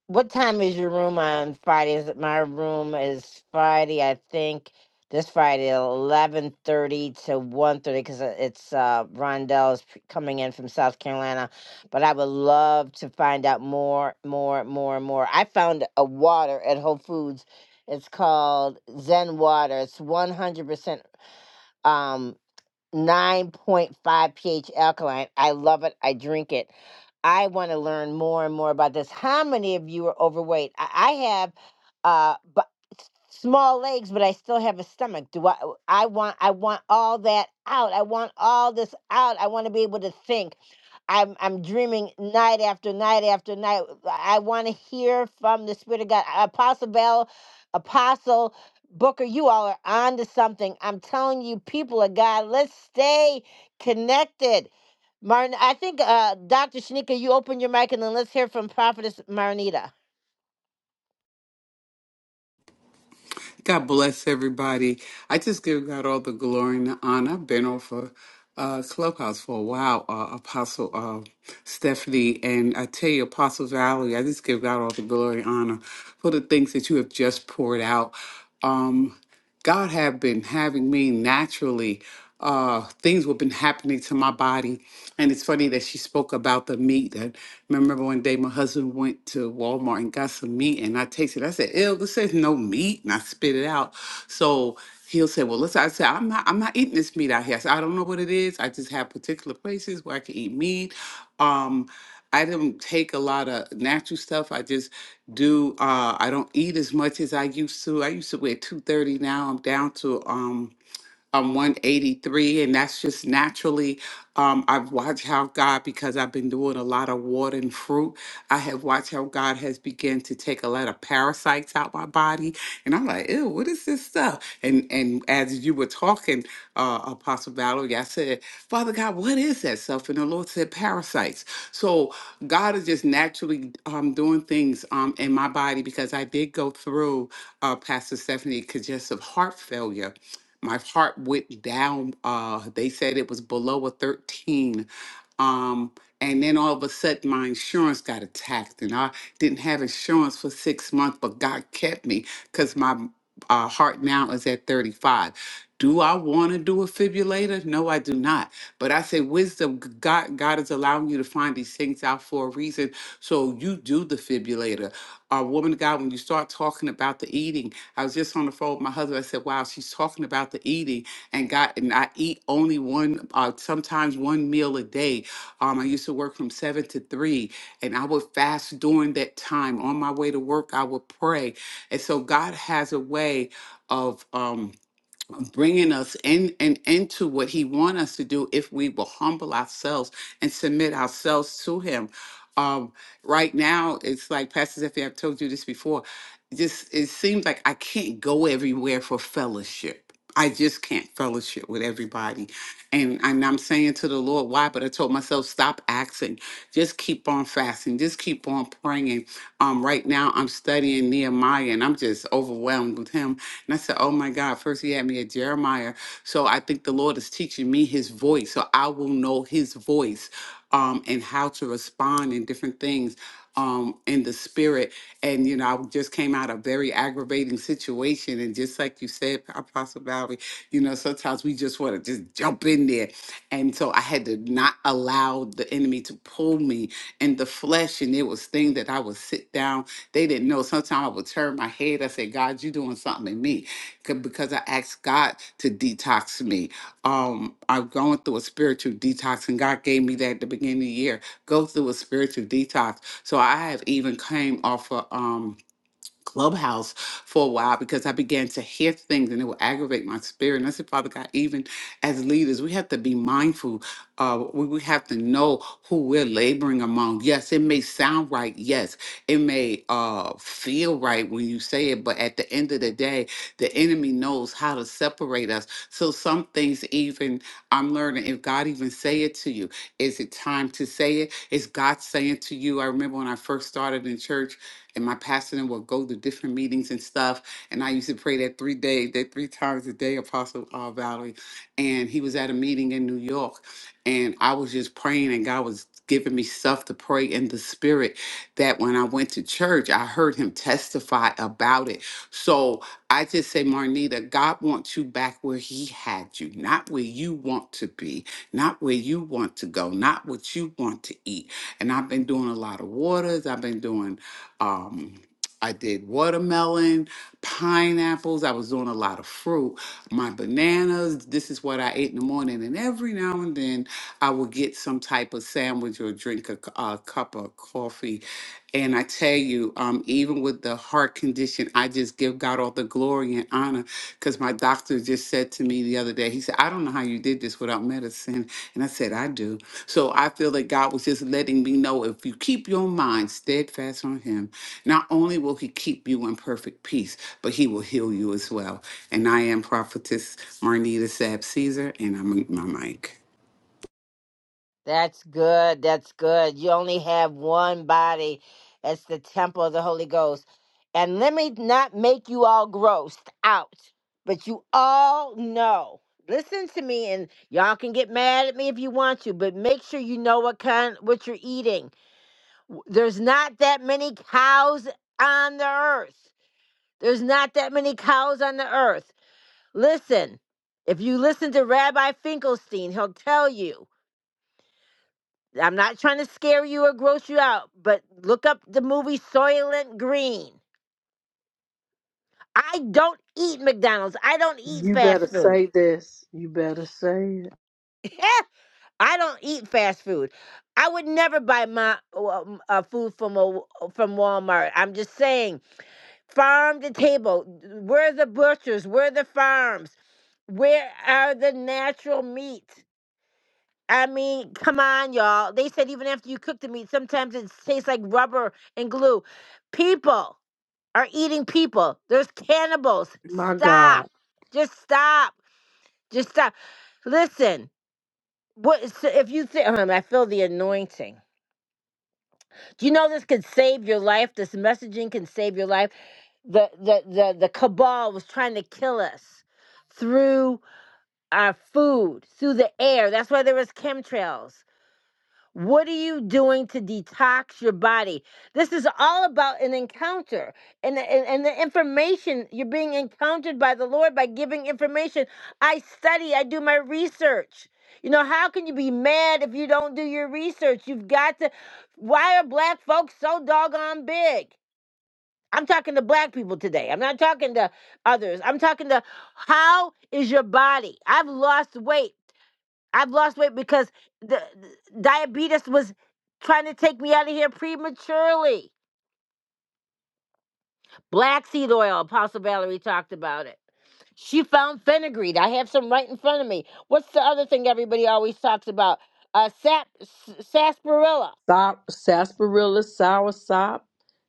What time is your room on Friday? Is it my room is Friday, I think. This Friday, eleven thirty to one thirty, because it's uh, Rondell is p- coming in from South Carolina. But I would love to find out more, more, more, more. I found a water at Whole Foods. It's called Zen Water. It's one hundred percent um, 9.5 pH alkaline. I love it. I drink it. I want to learn more and more about this. How many of you are overweight? I, I have uh but small legs, but I still have a stomach. Do I I want I want all that out. I want all this out. I want to be able to think. I'm I'm dreaming night after night after night. I want to hear from the Spirit of God. Apostle Bell, Apostle. Booker, you all are on to something. I'm telling you, people of God, let's stay connected. Martin, I think uh, Dr. Shanika, you open your mic and then let's hear from Prophetess Marnita.
God bless everybody. I just give God all the glory and the honor. I've been off of uh, Clubhouse for a while, uh, Apostle uh, Stephanie. And I tell you, Apostle Valerie, I just give God all the glory and honor for the things that you have just poured out. Um, God have been having me naturally. Uh, things have been happening to my body. And it's funny that she spoke about the meat. Remember one day my husband went to Walmart and got some meat, and I tasted. it. I said, "Ew, this is no meat," and I spit it out. So he'll say, "Well, listen," I said, "I'm not, I'm not eating this meat out here." I said, "I don't know what it is. I just have particular places where I can eat meat." Um, I don't take a lot of natural stuff. I just do. Uh, I don't eat as much as I used to. I used to weigh two thirty. Now I'm down to. um." um, 183, and that's just naturally. Um, I've watched how God, because I've been doing a lot of water and fruit, I have watched how God has begun to take a lot of parasites out my body, and I'm like, ew, what is this stuff? And and as you were talking, uh, Apostle Valerie, I said, Father God, what is that stuff? And the Lord said, parasites. So God is just naturally um, doing things um, in my body because I did go through uh, Pastor Stephanie congestive heart failure my heart went down. Uh, they said it was below a 13 um, and then all of a sudden, my insurance got attacked, and I didn't have insurance for six months, but God kept me because my uh, heart now is at 35. Do I want to do a fibrillator? No, I do not. But I say, wisdom, g- God, God is allowing you to find these things out for a reason. So you do the fibrillator. Uh, woman of God, when you start talking about the eating, I was just on the phone with my husband. I said, wow, she's talking about the eating and God, and I eat only one, uh, sometimes one meal a day um, I used to work from seven to three, and I would fast during that time. On my way to work, I would pray. And so God has a way of. Um, bringing us in and into what he wants us to do if we will humble ourselves and submit ourselves to him um, right now it's like pastor Zephyr, i've told you this before just it seems like i can't go everywhere for fellowship i just can't fellowship with everybody and, and i'm saying to the lord why but i told myself stop asking just keep on fasting just keep on praying um, right now i'm studying nehemiah and i'm just overwhelmed with him and I said, Oh my God, first he had me at Jeremiah. So I think the Lord is teaching me his voice. So I will know his voice um, and how to respond in different things um, in the spirit. And, you know, I just came out of a very aggravating situation. And just like you said, Apostle Valerie, you know, sometimes we just want to just jump in there. And so I had to not allow the enemy to pull me in the flesh. And there was things that I would sit down they didn't know. Sometimes I would turn my head. I said, God, you doing something in me. 'Cause- Because I asked God to detox me. Um, I'm going through a spiritual detox, and God gave me that at the beginning of the year. Go through a spiritual detox. So I have even came off of um Clubhouse for a while because I began to hear things and it would aggravate my spirit. And I said, Father God, even as leaders, we have to be mindful. Uh, we, we have to know who we're laboring among. Yes, it may sound right. Yes, it may uh, feel right when you say it, but at the end of the day, the enemy knows how to separate us. So some things, even I'm learning, if God even say it to you, is it time to say it? Is God saying to you? I remember when I first started in church and my pastor and would go to different meetings and stuff. And I used to pray that three days, that three times a day, Apostle uh, Valerie. And he was at a meeting in New York, and I was just praying, and God was giving me stuff to pray in the spirit. That when I went to church, I heard him testify about it. So I just say, Marnita, God wants you back where He had you, not where you want to be, not where you want to go, not what you want to eat. And I've been doing a lot of waters. I've been doing um, I did watermelon, pineapples. I was doing a lot of fruit. My bananas. This is what I ate in the morning. And every now and then, I would get some type of sandwich or drink a, c- a cup of coffee. And I tell you, um, even with the heart condition, I just give God all the glory and honor because my doctor just said to me the other day, he said, I don't know how you did this without medicine. And I said, I do. So I feel that God was just letting me know if you keep your mind steadfast on Him, not only will He keep you in perfect peace, but He will heal you as well. And I am Prophetess Marnita Sab Caesar, and I'm my mic.
That's good. That's good. You only have one body. It's the temple of the Holy Ghost. And let me not make you all grossed out, but you all know. Listen to me, and y'all can get mad at me if you want to, but make sure you know what kind what you're eating. W- There's not that many cows on the earth. There's not that many cows on the earth. Listen, if you listen to Rabbi Finkelstein, he'll tell you I'm not trying to scare you or gross you out, but look up the movie Soylent Green. I don't eat McDonald's. I don't eat
You
fast
better
food.
say this. You better say it.
I don't eat fast food. I would never buy my um, uh, food from a, from Walmart. I'm just saying, farm to table. Where are the butchers? Where are the farms? Where are the natural meats? I mean, come on, y'all. They said even after you cook the meat, sometimes it tastes like rubber and glue. People. are eating people. There's cannibals.
My
Stop.
God.
Just stop. Just stop. Listen. What so if you think um, I feel the anointing. Do you know this could save your life? This messaging can save your life. The the the, the cabal was trying to kill us through our food, through the air. That's why there was chemtrails. What are you doing to detox your body? This is all about an encounter and the, and, and the information you're being encountered by the Lord by giving information. I study, I do my research. You know, how can you be mad if you don't do your research? You've got to. Why are black folks so doggone big? I'm talking to black people today. I'm not talking to others. I'm talking to how is your body? I've lost weight. I've lost weight because the, the diabetes was trying to take me out of here prematurely. Black seed oil, Apostle Valerie talked about it. She found fenugreek. I have some right in front of me. What's the other thing everybody always talks about? Uh, sap, s- sarsaparilla.
Sop, sarsaparilla, soursop,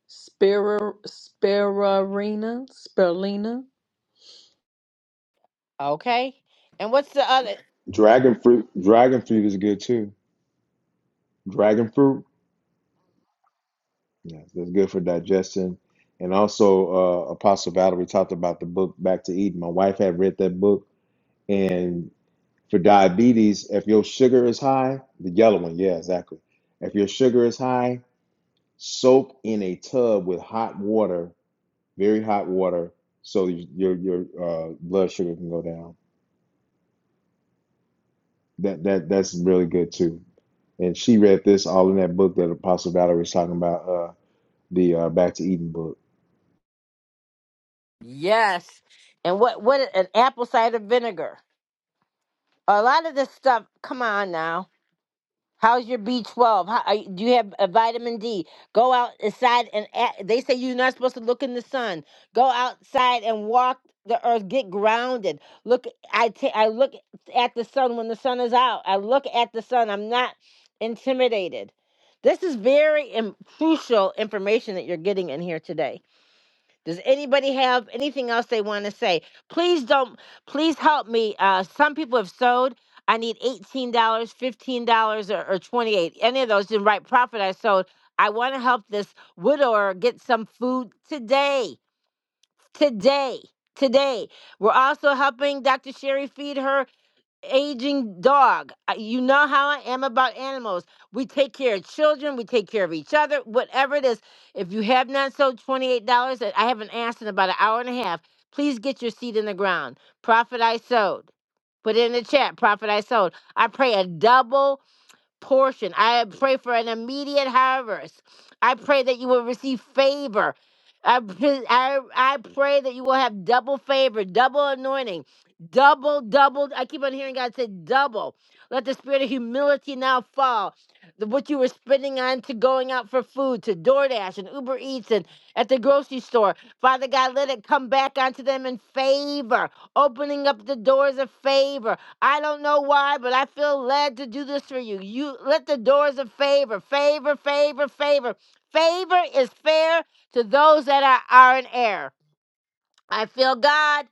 spira, spirarina, spirulina.
Okay. And what's the other?
Dragon fruit, dragon fruit is good too. Dragon fruit. Yes, that's good for digestion. And also, uh, Apostle Valerie talked about the book Back to Eden. My wife had read that book. And for diabetes, if your sugar is high, the yellow one, yeah, exactly. If your sugar is high, soak in a tub with hot water, very hot water, so your your uh, blood sugar can go down. That that that's really good too. And she read this all in that book that Apostle Valerie was talking about, uh, the uh, Back to Eden book.
Yes. And what? What? An apple cider vinegar. A lot of this stuff. Come on now How's your B12? How, are, you- do you have a vitamin D? Go out outside and a they say you're not supposed to look in the sun. Go outside and walk the earth. Get grounded. Look, I ta- I look at the sun when the sun is out. I look at the sun. I'm not intimidated. This is very im- crucial information that you're getting in here today. Does anybody have anything else they want to say? Please don't. Please help me. Uh, some people have sewed. I need eighteen dollars, fifteen dollars, or, or twenty-eight. dollars. Any of those didn't write profit. I sewed. I want to help this widower get some food today. Today. Today. We're also helping Dr. Sherry feed her aging dog. Uh, You know how I am about animals. We take care of children, we take care of each other, whatever it is. If you have not sold $28, that I haven't asked in about an hour and a half, please get your seed in the ground. Profit I sowed. Put it in the chat, profit I sowed. I pray a double portion. I pray for an immediate harvest. I pray that you will receive favor. I, pray- I, I pray that you will have double favor, double anointing, double, double. I keep on hearing God say double. Let the spirit of humility now fall. The- What you were spending on to going out for food, to DoorDash and Uber Eats and at the grocery store. Father God, let it come back onto them in favor, opening up the doors of favor. I don't know why, but I feel led to do this for you. You let the doors of favor, favor, favor, favor. Favor is fair to those that are, are in error. I feel God.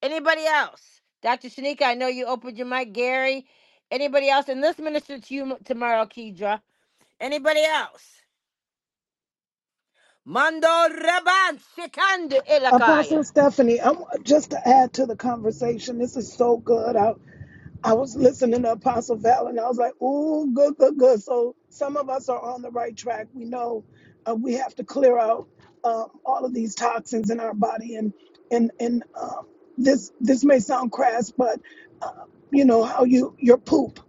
Anybody else? Dr. Shanika, I know you opened your mic. Gary, anybody else? And let's minister to you tomorrow, Kedra. Anybody else? Mando Raban Sikand
Apostle
Ilakaya.
Stephanie, I want just to add to the conversation, this is so good. I I was listening to Apostle Val, and I was like, "Ooh, good, good, good." So some of us are on the right track. We know uh, we have to clear out um, all of these toxins in our body, and and and um, this this may sound crass, but uh, you know how you your poop,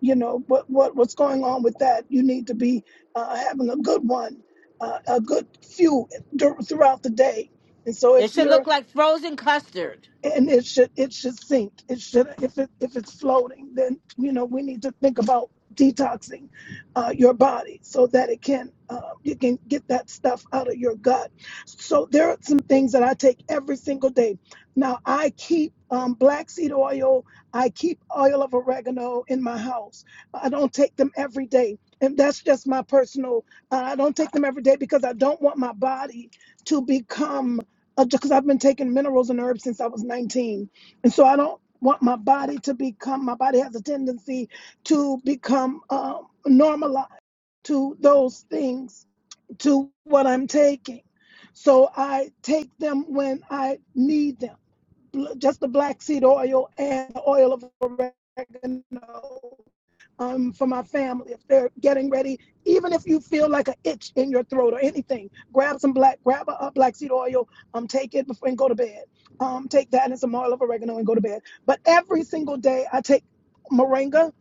you know what what what's going on with that. You need to be uh, having a good one, uh, a good few dur- throughout the day. And so if
It should
you're
look like frozen custard.
and it should it should sink. It should if it if it's floating, then you know we need to think about detoxing uh, your body so that it can uh, you can get that stuff out of your gut. So there are some things that I take every single day. Now I keep um, black seed oil. I keep oil of oregano in my house. I don't take them every day. And that's just my personal. Uh, I don't take them every day because I don't want my body to become because I've been taking minerals and herbs since I was 19. And so I don't want my body to become, my body has a tendency to become um, normalized to those things, to what I'm taking. So I take them when I need them. Just the black seed oil and the oil of oregano um, for my family if they're getting ready. Even if you feel like an itch in your throat or anything, grab some black, grab a, a black seed oil, um, take it before and go to bed. Um, take that and some oil of oregano and go to bed. But every single day, I take moringa,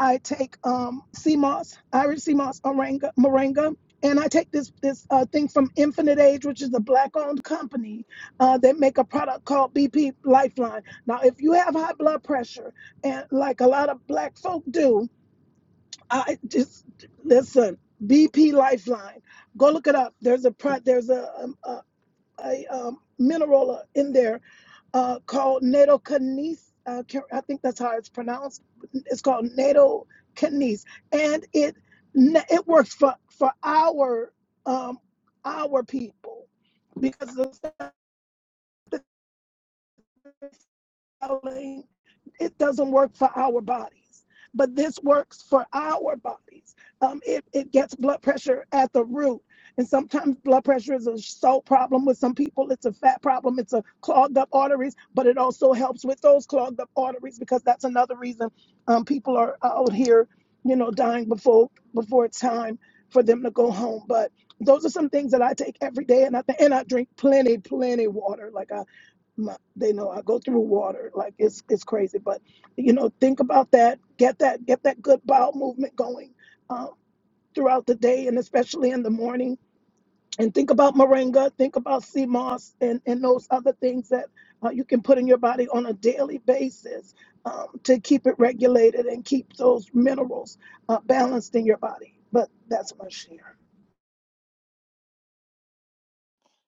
I take um, sea moss, Irish sea moss, moringa, moringa, and I take this this uh, thing from Infinite Age, which is a black-owned company uh, that make a product called BP Lifeline. Now, if you have high blood pressure, and like a lot of black folk do, I just listen. BP Lifeline. Go look it up. There's a pro- there's a, um, a, a um, mineral uh, in there uh, called nattochannese. Uh, ca- I think that's how it's pronounced. It's called nattochannese, and it it works for for our um, our people because of the It doesn't work for our bodies, but this works for our bodies. Um, it, it gets blood pressure at the root. And sometimes blood pressure is a salt problem with some people. It's a fat problem. It's a clogged up arteries, but it also helps with those clogged up arteries because that's another reason um, people are out here, you know, dying before before it's time for them to go home. But those are some things that I take every day, and I th- and I drink plenty, plenty water. Like my, they know I go through water like it's it's crazy. But you know, think about that. Get that get that good bowel movement going um, throughout the day and especially in the morning. And think about moringa. Think about sea moss and and those other things that uh, you can put in your body on a daily basis um, to keep it regulated and keep those minerals uh, balanced in your body. But that's my share.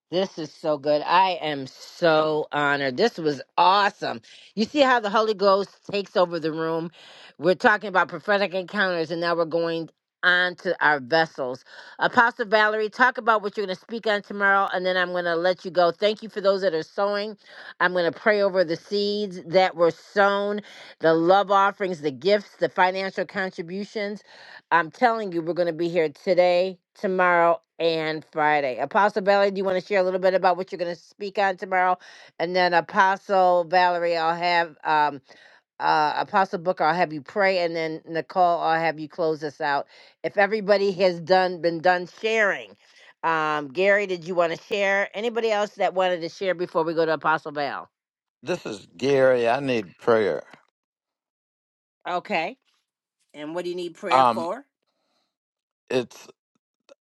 This is so good. I am so honored. This was awesome. You see how the Holy Ghost takes over the room? We're talking about prophetic encounters, and now we're going on to our vessels. Apostle Valerie, talk about what you're going to speak on tomorrow, and then I'm going to let you go. Thank you for those that are sowing. I'm going to pray over the seeds that were sown, the love offerings, the gifts, the financial contributions. I'm telling you, we're going to be here today, tomorrow, and Friday. Apostle Valerie, do you want to share a little bit about what you're going to speak on tomorrow? And then Apostle Valerie, I'll have um, uh, Apostle Booker, I'll have you pray, and then Nicole, I'll have you close us out. If everybody has done been done sharing, um, Gary, did you want to share? Anybody else that wanted to share before we go to Apostle Val?
This is Gary. I need prayer.
Okay. And what do you need prayer
Um,
for?
it's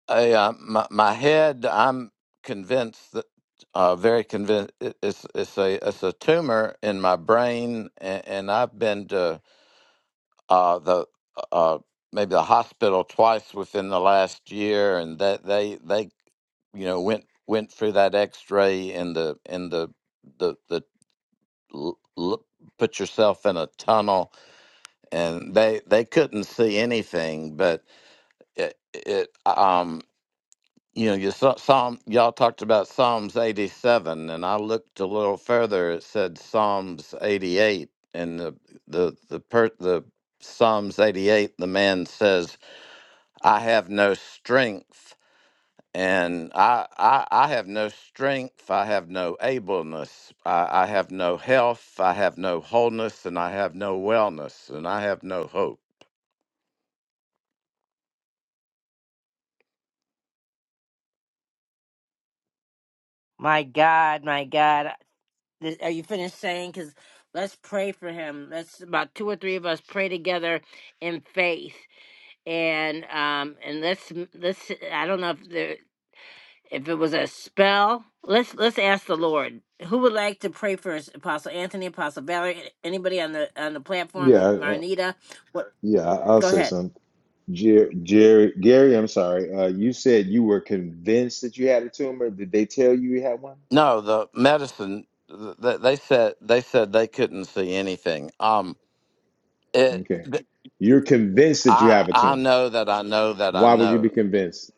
a uh, my, my head. I'm convinced that uh, very convinced it's it's a it's a tumor in my brain, and, and I've been to uh, the uh, maybe the hospital twice within the last year, and that they they you know went went through that X-ray and the and the the the l- l- put yourself in a tunnel, and they they couldn't see anything, but it, it um you know you saw psalm y'all talked about psalms 87 and i looked a little further it said psalms 88 and the the the per the psalms 88 the man says i have no strength and i i, I have no strength i have no ableness I, I have no health i have no wholeness and i have no wellness and i have no hope
My God, my God. Th- Are you finished saying? Because let's pray for him. Let's about two or three of us pray together in faith, and um, and let's let's. I don't know if there if it was a spell. Let's let's ask the Lord. Who would like to pray for Apostle Anthony, Apostle Valerie, anybody on the on the platform,
Yeah,
Marnita? What?
Yeah, I- I'll
Go
say
ahead.
something. Jerry, Jerry, Gary, I'm sorry. Uh, you said you were convinced that you had a tumor. Did they tell you you had one?
No, the medicine. th- th- They said they said they couldn't see anything. Um, it.
Okay.
th-
You're convinced that you
I
have a
I
tumor.
know that I know that I
Why would you be
know.
convinced?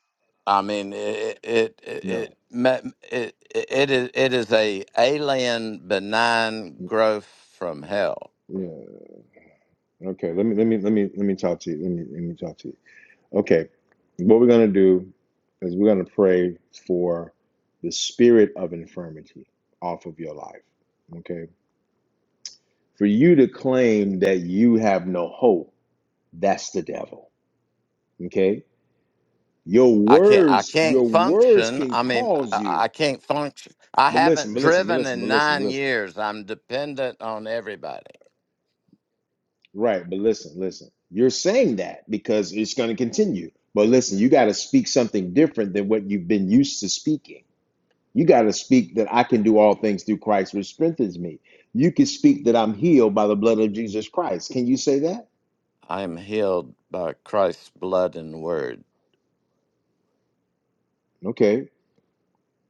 I mean, it it it it
No.
me- it, it is it is a alien benign
N-
growth from hell.
Yeah. Okay. Let me let me let me let me talk to you. Let me let me talk to you. Okay. What we're gonna do is we're gonna pray for the spirit of infirmity off of your life. Okay. For you to claim that you have no hope, that's the devil. Okay Your
I can't I
words,
can't
your words
function.
can
I mean,
cause
I,
you.
I can't function. I
But listen,
haven't
but listen, but
driven
listen,
in
but listen, but
nine
listen.
years. I'm dependent on everybody.
Right, but listen, listen. You're saying that because it's going to continue. But listen, you got to speak something different than what you've been used to speaking. You got to speak that I can do all things through Christ, which strengthens me. You can speak that I'm healed by the blood of Jesus Christ. Can you say that?
I am healed by Christ's blood and word.
Okay.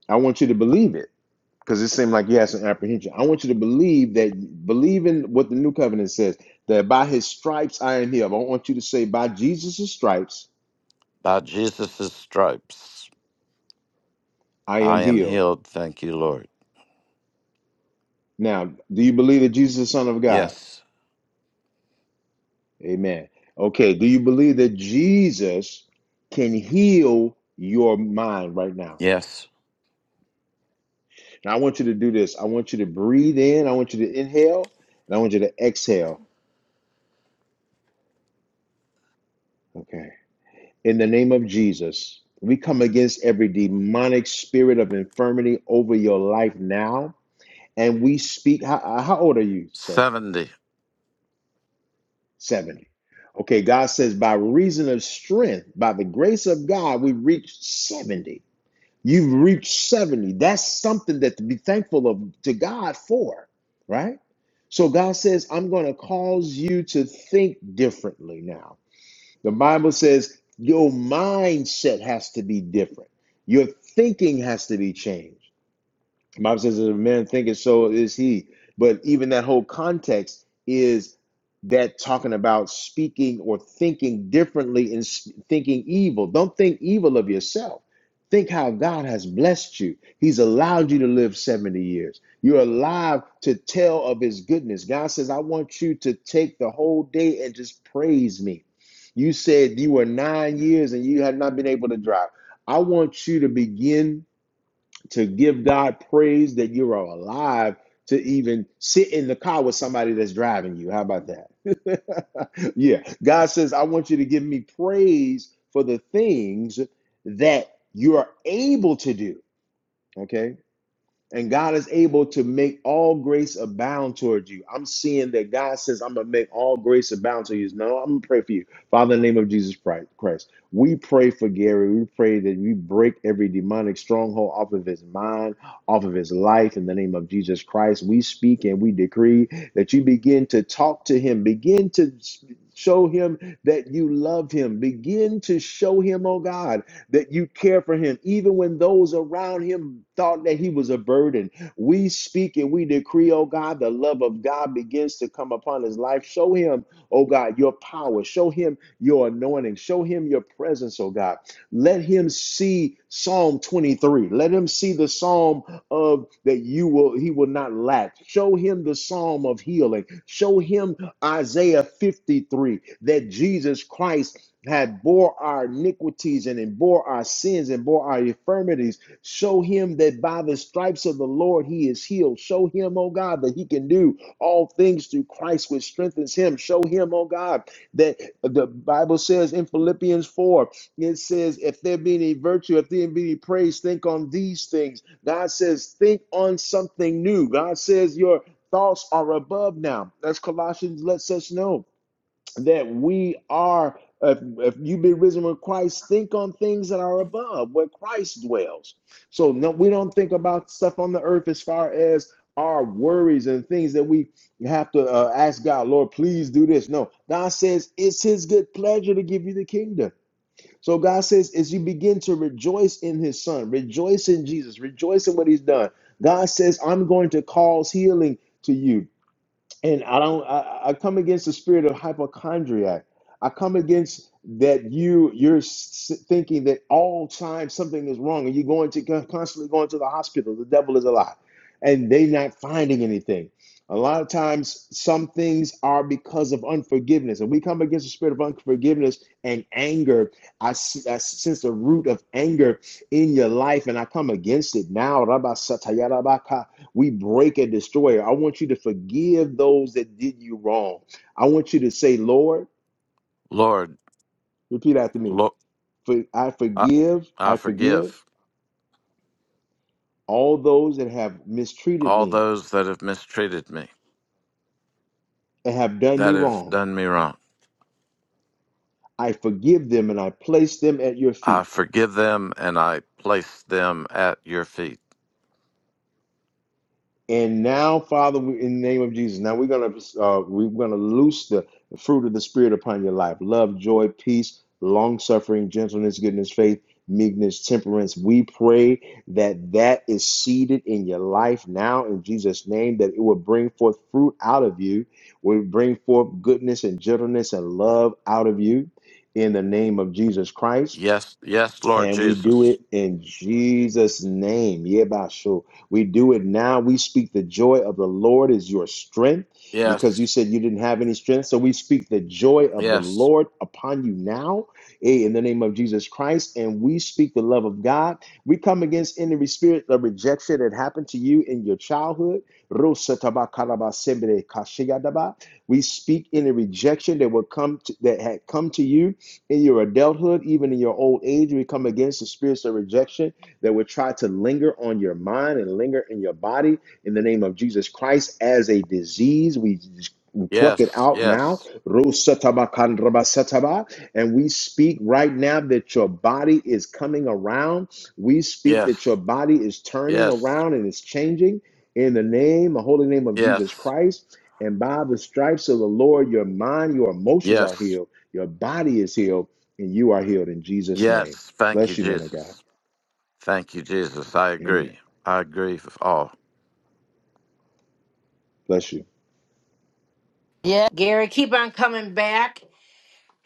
I want you to believe it. because it seemed like you had some apprehension. I want you to believe that, believe in what the new covenant says, that by his stripes I am healed. I want you to say, by Jesus' stripes
By Jesus' stripes,
I am
I am
healed.
healed. Thank you, Lord.
Now, do you believe that Jesus is the Son of God?
Yes,
Amen. Okay, do you believe that Jesus can heal your mind right now?
yes.
Now, I want you to do this. I want you to breathe in, I want you to inhale, and I want you to exhale. Okay. In the name of Jesus, we come against every demonic spirit of infirmity over your life now. And we speak, how, how old are you, sir?
70.
70. Okay, God says, by reason of strength, by the grace of God, we reach 70. You've reached 70. That's something that to be thankful of to God for, right? So God says, I'm going to cause you to think differently now. The Bible says your mindset has to be different. Your thinking has to be changed. The Bible says, as a man thinketh, so is he. But even that whole context is that talking about speaking or thinking differently and thinking evil. Don't think evil of yourself. Think how God has blessed you. He's allowed you to live 70 years. You're alive to tell of his goodness. God says, I want you to take the whole day and just praise me. You said you were nine years and you had not been able to drive. I want you to begin to give God praise that you are alive to even sit in the car with somebody that's driving you. How about that? yeah. God says, I want you to give me praise for the things that you are able to do. Okay. And God is able to make all grace abound towards you. I'm seeing that God says, I'm going to make all grace abound to you. No, I'm going to pray for you. Father, in the name of Jesus Christ, we pray for Gary. We pray that we break every demonic stronghold off of his mind, off of his life. In the name of Jesus Christ, we speak and we decree that you begin to talk to him, begin to show him that you love him, begin to show him, oh God that you care for him, even when those around him thought that he was a burden. We speak and we decree, oh God, the love of God begins to come upon his life. Show him, oh God, your power. Show him your anointing. Show him your presence, oh God. Let him see Psalm 23. Let him see the psalm of that you will, he will not lack. Show him the psalm of healing. Show him Isaiah 53, that Jesus Christ had bore our iniquities and, and bore our sins and bore our infirmities. Show him that by the stripes of the Lord he is healed. Show him, oh God, that he can do all things through Christ which strengthens him. Show him, oh God, that the Bible says in Philippians 4, it says, if there be any virtue, if there be any praise, think on these things. God says, think on something new. God says, your thoughts are above now. As Colossians lets us know that we are, if, if you've been risen with Christ, think on things that are above, where Christ dwells. So no, we don't think about stuff on the earth as far as our worries and things that we have to uh, ask God, Lord, please do this. No, God says it's His good pleasure to give you the kingdom. So God says, as you begin to rejoice in His Son, rejoice in Jesus, rejoice in what He's done. God says, I'm going to cause healing to you and I don't. I, I come against the spirit of hypochondriac. I come against that you you're s- thinking that all time something is wrong, and you're going to con- constantly going to the hospital. The devil is a lie, and they not finding anything. A lot of times, some things are because of unforgiveness, and we come against the spirit of unforgiveness and anger. I, see, I sense the root of anger in your life, and I come against it now. We break and destroy. I want you to forgive those that did you wrong. I want you to say, Lord,
Lord,
repeat after me.
look,
For I
I,
forgive, I
I
forgive
forgive
all those that have mistreated
all
me
those that have mistreated me,
and have done me
that have
wrong.
done me wrong.
I forgive them and I place them at your
I
feet.
forgive them and I place them at your feet.
And now, Father, we- in the name of Jesus, now we're gonna uh, we're gonna loose the fruit of the Spirit upon your life: love, joy, peace, long suffering, gentleness, goodness, faith, meekness, temperance. We pray that that is seeded in your life now, in Jesus' name, that it will bring forth fruit out of you. Will bring forth goodness and gentleness and love out of you, in the name of Jesus Christ.
Yes, yes, Lord
And we do
Jesus.
it in Jesus' name. Yebasho. We do it now. We speak the joy of the Lord is your strength because you
Yes,
said you didn't have any strength. So we speak the joy of the
yes,
Lord upon you now eh, in the name of Jesus Christ. And we speak the love of God. We come against any spirit of rejection that happened to you in your childhood. We speak any rejection that will come to, that had come to you in your adulthood, even in your old age, we come against the spirits of rejection that would try to linger on your mind and linger in your body in the name of Jesus Christ as a disease. We we pluck it
yes,
out now.
yes,
Rosatabakandrabasataba. And we speak right now that your body is coming around. We speak that your
yes,
body is turning
yes,
around and is changing in the name, the holy name of Jesus
yes,
Christ. And by the stripes of the Lord, your mind, your emotions are
yes,
healed your body is healed and you are healed in Jesus' name.
yes. Thank you,
Bless you, man of
Jesus.
God.
Thank you, Jesus. I
Amen.
agree. I agree with all.
Bless you.
Yeah. Gary, keep on coming back.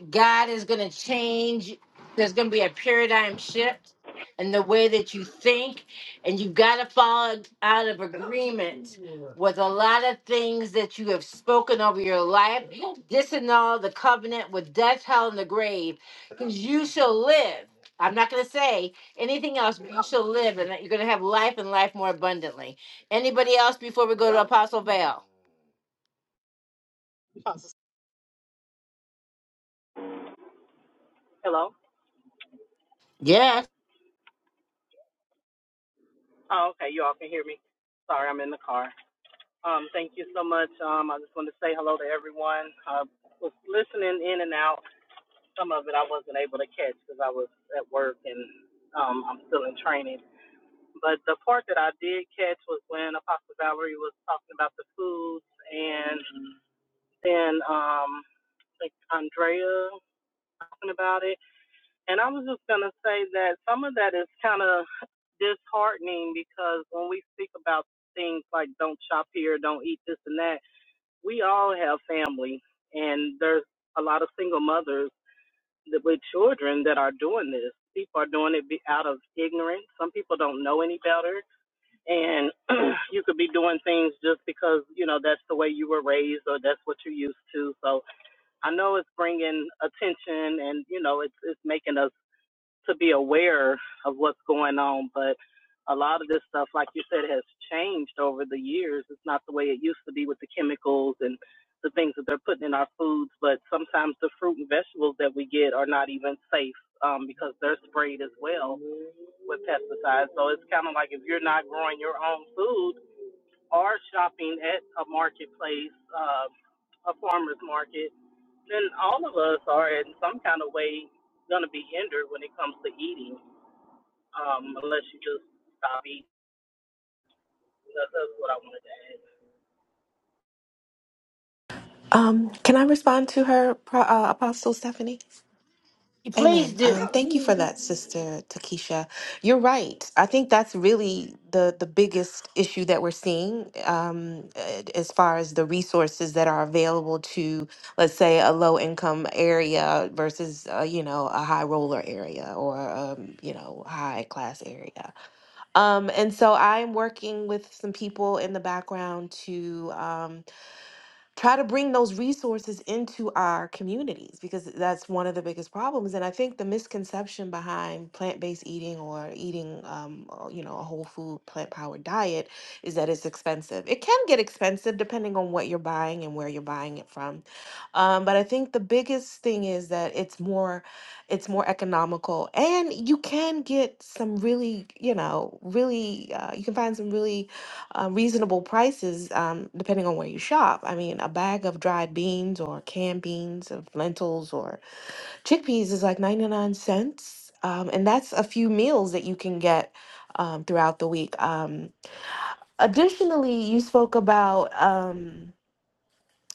God is going to change. There's going to be a paradigm shift in the way that you think, and you've got to fall out of agreement with a lot of things that you have spoken over your life. Disannul the covenant with death, hell, and the grave, because you shall live. I'm not going to say anything else. But you shall live, and that you're going to have life and life more abundantly. Anybody else before we go to Apostle Val?
Apostle- Hello.
Yes,
Oh, okay. You all can hear me. Sorry, I'm in the car. Um, thank you so much. Um, I just wanted to say hello to everyone. I was listening in and out. Some of it I wasn't able to catch because I was at work and um, I'm still in training. But the part that I did catch was when Apostle Valerie was talking about the foods, and then um, I think Andrea talking about it. And I was just gonna say that some of that is kind of disheartening because when we speak about things like don't shop here, don't eat this and that, we all have family, and there's a lot of single mothers that, with children that are doing this. People are doing it be- out of ignorance. Some people don't know any better, and you could be doing things just because you know that's the way you were raised or that's what you're used to. So I know it's bringing attention, and you know it's it's making us to be aware of what's going on. But a lot of this stuff, like you said, has changed over the years. It's not the way it used to be with the chemicals and the things that they're putting in our foods. But sometimes the fruit and vegetables that we get are not even safe um, because they're sprayed as well with pesticides. So it's kind of like if you're not growing your own food or shopping at a marketplace, uh, a farmer's market, then all of us are in some kind of way going to be hindered when it comes to eating um, unless you just stop eating. that's what I wanted to add.
Um, can I respond to her, Pro- uh, Apostle Stephanie?
please
Amen. Um, thank you for
do.
that, Sister Takesha. You're right. I think that's really the the biggest issue that we're seeing um, a- as far as the resources that are available to, let's say, a low income area versus, uh, you know, a high roller area or, um, you know, high class area. Um, and so I'm working with some people in the background to. Um, try to bring those resources into our communities because that's one of the biggest problems and i think the misconception behind plant-based eating or eating um, uh, you know a whole food plant-powered diet is that it's expensive it can get expensive depending on what you're buying and where you're buying it from um, but i think the biggest thing is that it's more it's more economical and you can get some really you know really uh, you can find some really uh, reasonable prices um, depending on where you shop. I mean, a bag of dried beans or canned beans of lentils or chickpeas is like 99 cents. Um, and that's a few meals that you can get um, throughout the week. Um, additionally, you spoke about, um,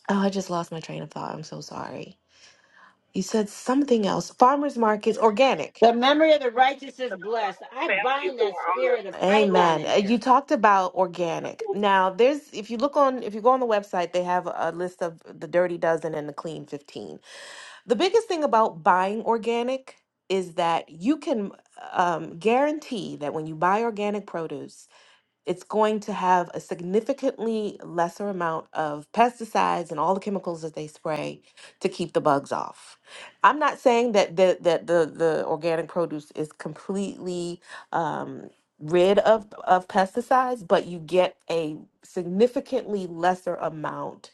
oh, I just lost my train of thought. I'm so sorry. You said something else. Farmers markets, organic.
The memory of the righteous is
The
blessed. I
families
bind
who
that
are on
spirit of
the
Python
Amen.
in
Uh, You
here.
talked about organic. Now, there's if you look on if you go on the website, they have a list of the dirty dozen and the clean 15. The biggest thing about buying organic is that you can um, guarantee that when you buy organic produce, it's going to have a significantly lesser amount of pesticides and all the chemicals that they spray to keep the bugs off. I'm not saying that the that the the organic produce is completely um, rid of of pesticides, but you get a significantly lesser amount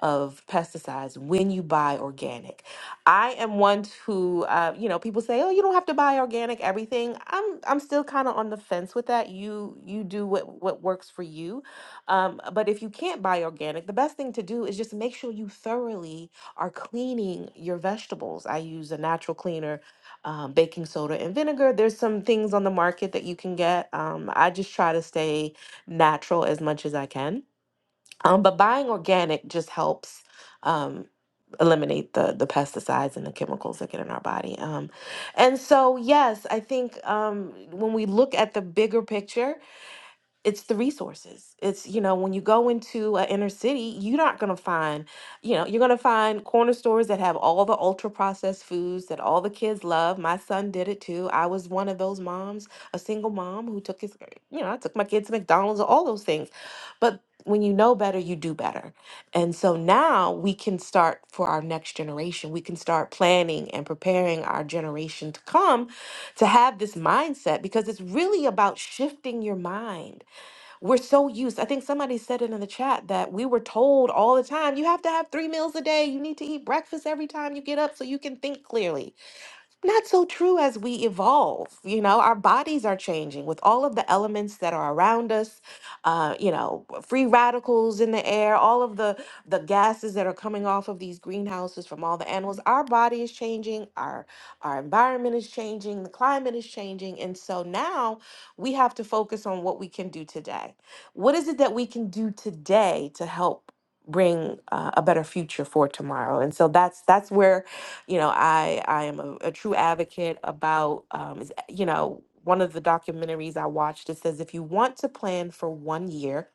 of pesticides when you buy organic. I am one who, uh, you know, people say, "Oh, you don't have to buy organic everything." I'm, I'm still kind of on the fence with that. You, you do what what works for you. Um, but if you can't buy organic, the best thing to do is just make sure you thoroughly are cleaning your vegetables. I use a natural cleaner, um, baking soda and vinegar. There's some things on the market that you can get. Um, I just try to stay natural as much as I can um, but buying organic just helps um, eliminate the the pesticides and the chemicals that get in our body. Um, and so, yes, I think um, when we look at the bigger picture, it's the resources. It's, you know, when you go into an inner city, you're not going to find, you know, you're going to find corner stores that have all the ultra processed foods that all the kids love. My son did it too. I was one of those moms, a single mom who took his, you know, I took my kids to McDonald's, all those things. But when you know better, you do better. And so now we can start for our next generation. We can start planning and preparing our generation to come to have this mindset because it's really about shifting your mind we're so used. I think somebody said it in the chat that we were told all the time, you have to have three meals a day. You need to eat breakfast every time you get up so you can think clearly not so true as we evolve. You know, our bodies are changing with all of the elements that are around us. Uh, you know, free radicals in the air, all of the the gases that are coming off of these greenhouses from all the animals. Our body is changing. Our our environment is changing. The climate is changing, and so now we have to focus on what we can do today. What is it that we can do today to help? bring uh, a better future for tomorrow and so that's that's where you know i i am a, a true advocate about um is, you know one of the documentaries i watched it says if you want to plan for one year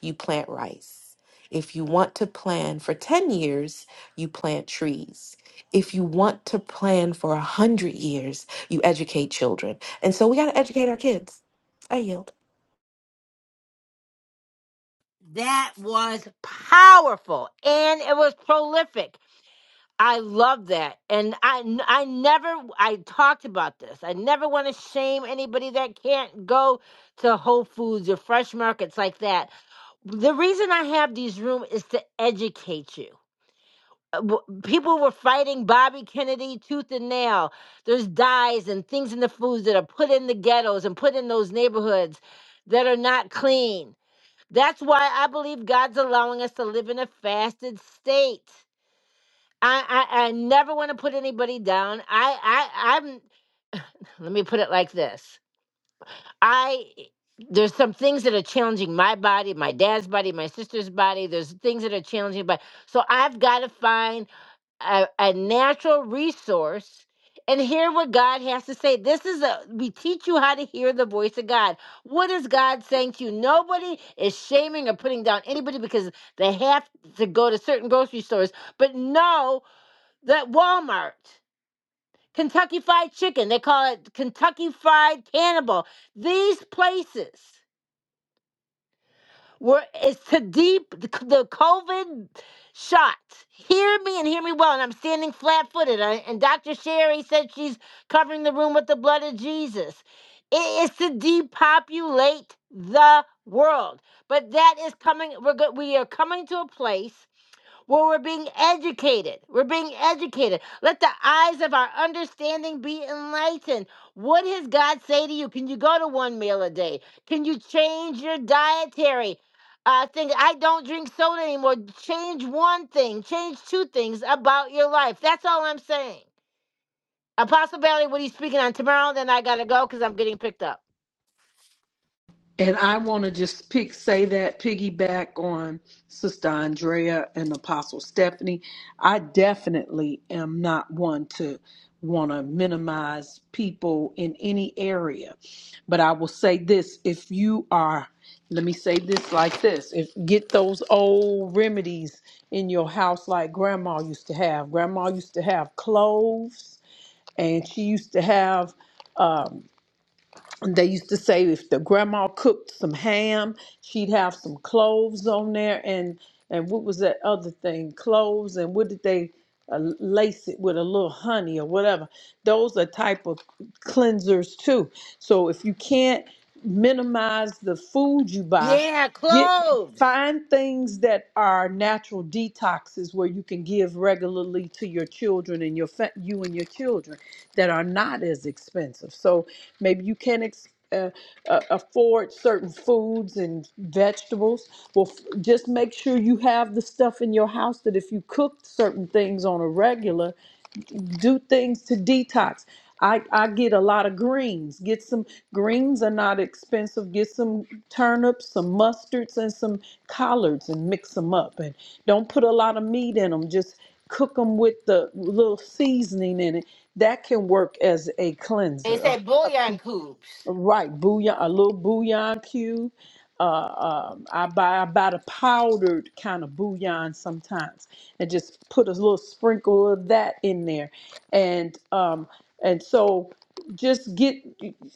you plant rice if you want to plan for 10 years you plant trees if you want to plan for a 100 years you educate children and so we got to educate our kids i yield
That was powerful and it was prolific. I love that. And I, I never, I talked about this. I never want to shame anybody that can't go to Whole Foods or fresh markets like that. The reason I have these rooms is to educate you. uh, w- people were fighting Bobby Kennedy tooth and nail. There's dyes and things in the foods that are put in the ghettos and put in those neighborhoods that are not clean. That's why I believe God's allowing us to live in a fasted state. I, I, I never want to put anybody down. I, I I'm let me put it like this. I there's some things that are challenging my body, my dad's body, my sister's body. There's things that are challenging, but so I've got to find a, a natural resource and hear what God has to say. This is a we teach you how to hear the voice of God. What is God saying to you? Nobody is shaming or putting down anybody because they have to go to certain grocery stores, but know that Walmart, Kentucky Fried Chicken, they call it Kentucky Fried Cannibal, these places. We're it's to deep the, c- the COVID shot. Hear me and hear me well. And I'm standing flat footed. And Dr. Sherry said she's covering the room with the blood of Jesus. It is to depopulate the world. But that is coming. We're go, we are coming to a place. Well, we're being educated. We're being educated. Let the eyes of our understanding be enlightened. What does God say to you? Can you go to one meal a day? Can you change your dietary uh, thing? I don't drink soda anymore. Change one thing, change two things about your life. That's all I'm saying. Apostle Bailey, what are you speaking on tomorrow? Then I got to go because I'm getting picked up.
And I want to just pick say that piggyback on Sister Andrea and Apostle Stephanie. I definitely am not one to want to minimize people in any area. But I will say this, if you are let me say this like this, if get those old remedies in your house like grandma used to have. Grandma used to have cloves and she used to have um, they used to say if the grandma cooked some ham, she'd have some cloves on there, and and what was that other thing? Cloves, and what did they uh, lace it with a little honey or whatever? Those are type of cleansers too. So if you can't minimize the food you buy,
Yeah,
get
cloves.
find things that are natural detoxes where you can give regularly to your children and your fa- you and your children that are not as expensive. So maybe you can ex- uh, uh, afford certain foods and vegetables. Well, f- just make sure you have the stuff in your house that if you cook certain things on a regular, do things to detox. I, I get a lot of greens. Get some greens are not expensive. Get some turnips, some mustards, and some collards and mix them up. And don't put a lot of meat in them. Just cook them with the little seasoning in it. That can work as a
They
cleanser. uh,
say bouillon cubes.
Right, bouillon, a little bouillon cube. Uh, um, I buy I buy the powdered kind of bouillon sometimes, and just put a little sprinkle of that in there, and um, and so just get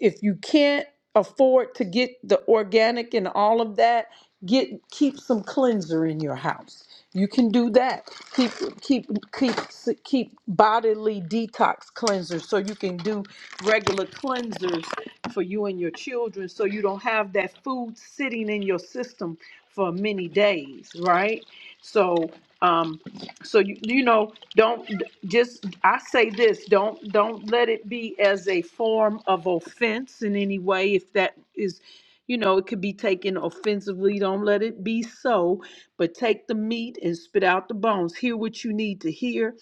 if you can't afford to get the organic and all of that, get keep some cleanser in your house. You can do that. Keep keep keep keep bodily detox cleansers so you can do regular cleansers for you and your children so you don't have that food sitting in your system for many days, right? So um so you you know don't just I say this don't don't let it be as a form of offense in any way if that is you know it could be taken offensively don't let it be so but take the meat and spit out the bones hear what you need to hear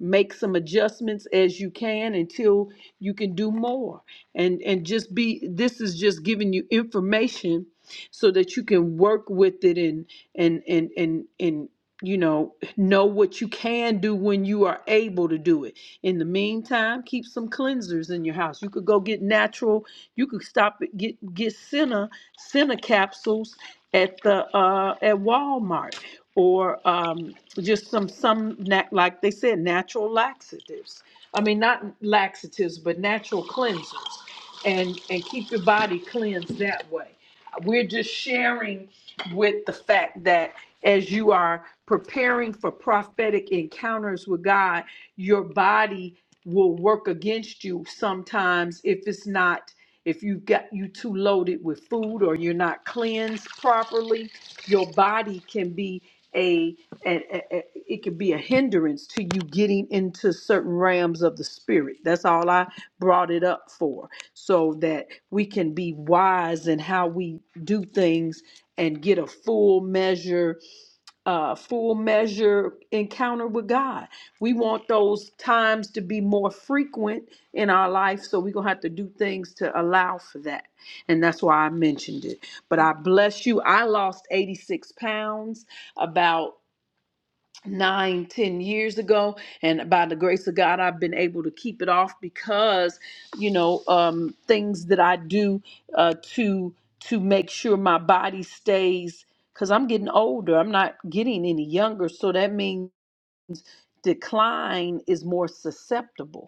make some adjustments as you can until you can do more and and just be this is just giving you information so that you can work with it and and and and and you know, know what you can do when you are able to do it. In the meantime, keep some cleansers in your house. You could go get natural. You could stop at get get Senna Senna capsules at the uh, at Walmart or um, just some some na- like they said natural laxatives. I mean, not laxatives, but natural cleansers, and and keep your body cleansed that way. We're just sharing with the fact that as you are preparing for prophetic encounters with God, your body will work against you sometimes if it's not if you've got you too loaded with food or you're not cleansed properly, your body can be a, a, a- a- it can be a hindrance to you getting into certain realms of the spirit. That's all I brought it up for, so that we can be wise in how we do things and get a full measure uh, full measure encounter with God. We want those times to be more frequent in our life, so we're going to have to do things to allow for that. And that's why I mentioned it. But I bless you. I lost 86 pounds about nine, ten years ago, and by the grace of God, I've been able to keep it off because, you know, um, things that I do uh, to to make sure my body stays because I'm getting older. I'm not getting any younger, so that means decline is more susceptible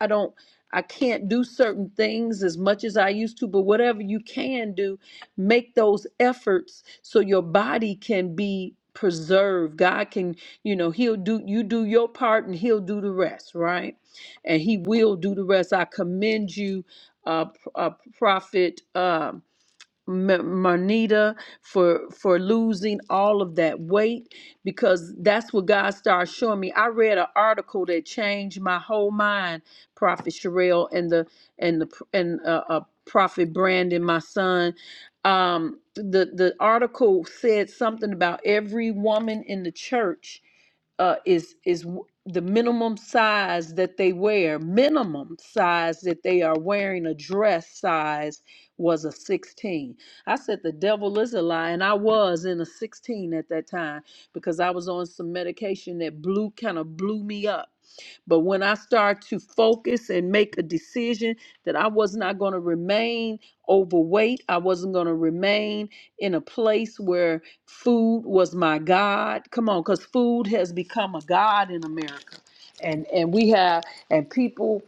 I don't I can't do certain things as much as I used to, but whatever you can do, make those efforts so your body can be preserved. God can, you know, he'll do you do your part and he'll do the rest, right? And he will do the rest. I commend you uh, P- uh prophet um M- Marnita for for losing all of that weight because that's what God started showing me. I read an article that changed my whole mind, Prophet Sherelle and the and the and uh, uh, Prophet Brandon, my son. Um, the the article said something about every woman in the church uh, is is w- the minimum size that they wear. Minimum size that they are wearing a dress size was a 16. I said the devil is a lie, and I was in a 16 at that time because I was on some medication that blew kind of blew me up. But when I start to focus and make a decision that I was not going to remain overweight, I wasn't going to remain in a place where food was my God. Come on, because food has become a God in America. And and we have and people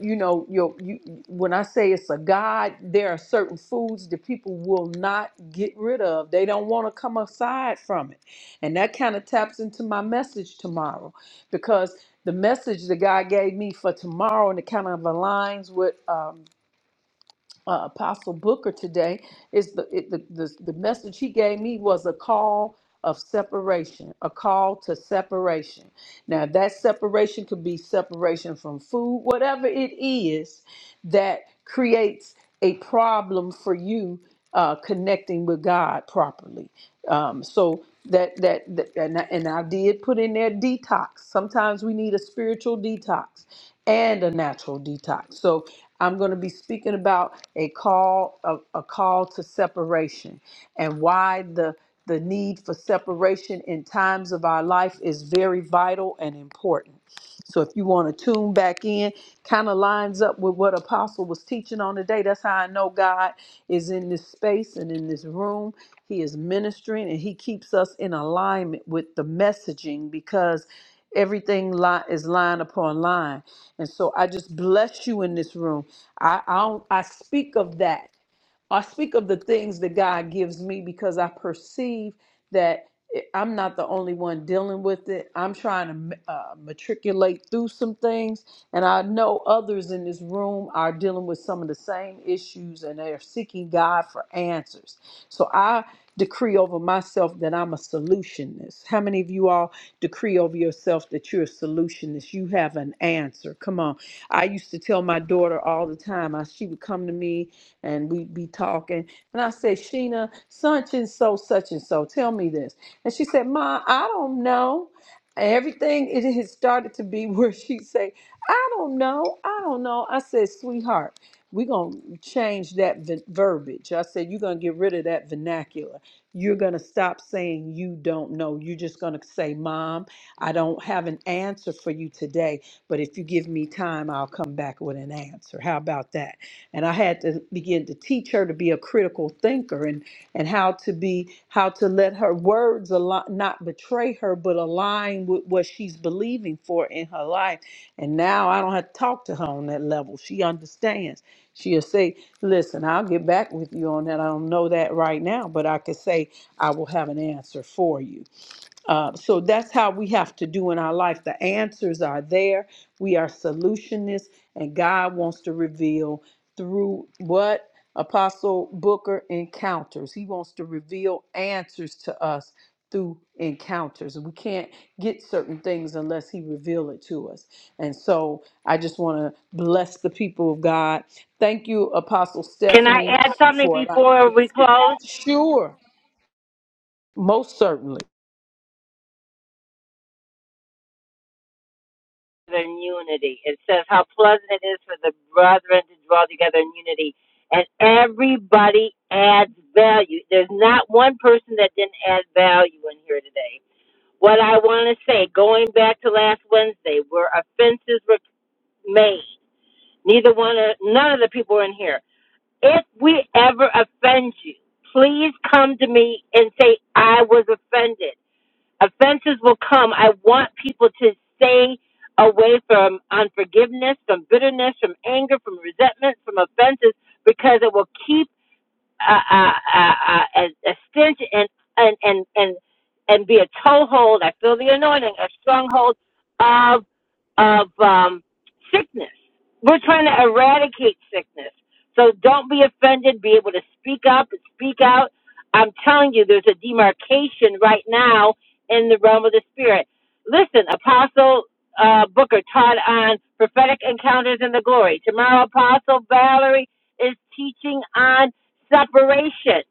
you know, your you when I say it's a God, there are certain foods that people will not get rid of. They don't want to come aside from it. And that kind of taps into my message tomorrow because the message that God gave me for tomorrow and it kind of aligns with um, uh, Apostle Booker today is the, it, the the the message he gave me was a call of separation, a call to separation. Now that separation could be separation from food, whatever it is that creates a problem for you uh, connecting with God properly. Um, so that that, that and, I, and I did put in there detox. Sometimes we need a spiritual detox and a natural detox. So I'm going to be speaking about a call a, a call to separation and why the the need for separation in times of our life is very vital and important. So if you want to tune back in, kind of lines up with what Apostle was teaching on today. That's how I know God is in this space and in this room. He is ministering and he keeps us in alignment with the messaging because everything li- is line upon line and so I just bless you in this room. I I, don't, I speak of that. I speak of the things that God gives me because I perceive that I'm not the only one dealing with it. I'm trying to uh, matriculate through some things, and I know others in this room are dealing with some of the same issues and they're seeking God for answers. So I decree over myself that I'm a solutionist. How many of you all decree over yourself that you're a solutionist? You have an answer. Come on. I used to tell my daughter all the time, I, she would come to me and we be talking. And I said, Sheena, such and so, such and so, tell me this. And she said, Ma, I don't know. Everything it has started to be where she say, I don't know, I don't know. I said, sweetheart, we're gonna change that v- verbiage. I said, you're gonna get rid of that vernacular. You're gonna stop saying you don't know. You're just gonna say, Mom, I don't have an answer for you today, but if you give me time, I'll come back with an answer. How about that? and I had to begin to teach her to be a critical thinker and and how to be how to let her words al- not betray her but align with what she's believing for in her life. And now I don't have to talk to her on that level. She understands. She'll say, "Listen, I'll get back with you on that. I don't know that right now, but I could say I will have an answer for you." Uh, so that's how we have to do in our life. The answers are there. We are solutionists, and God wants to reveal through what Apostle Booker encounters. He wants to reveal answers to us through encounters. We can't get certain things unless He reveal it to us. And so I just want to bless the people of God. Thank you, Apostle
Can I
Stephanie,
add something
for allowing
before
me
we
to.
close?
Sure, most certainly.
in unity. It says how pleasant it is for the brethren to dwell together in unity. And everybody adds value. There's not one person that didn't add value in here today. What I want to say, going back to last Wednesday, where offenses were made, neither one of none of the people were in here. If we ever offend you, please come to me and say I was offended offenses will come. I want people to stay away from unforgiveness, from bitterness, from anger, from resentment, from offenses, because it will keep a, a, a, a, a stench and and and and and be a toehold. I feel the anointing, a stronghold of of um, sickness. We're trying to eradicate sickness. So don't be offended. Be able to speak up and speak out. I'm telling you, there's a demarcation right now in the realm of the spirit. Listen, Apostle uh, Booker taught on prophetic encounters in the glory. Tomorrow, Apostle Valerie is teaching on separation.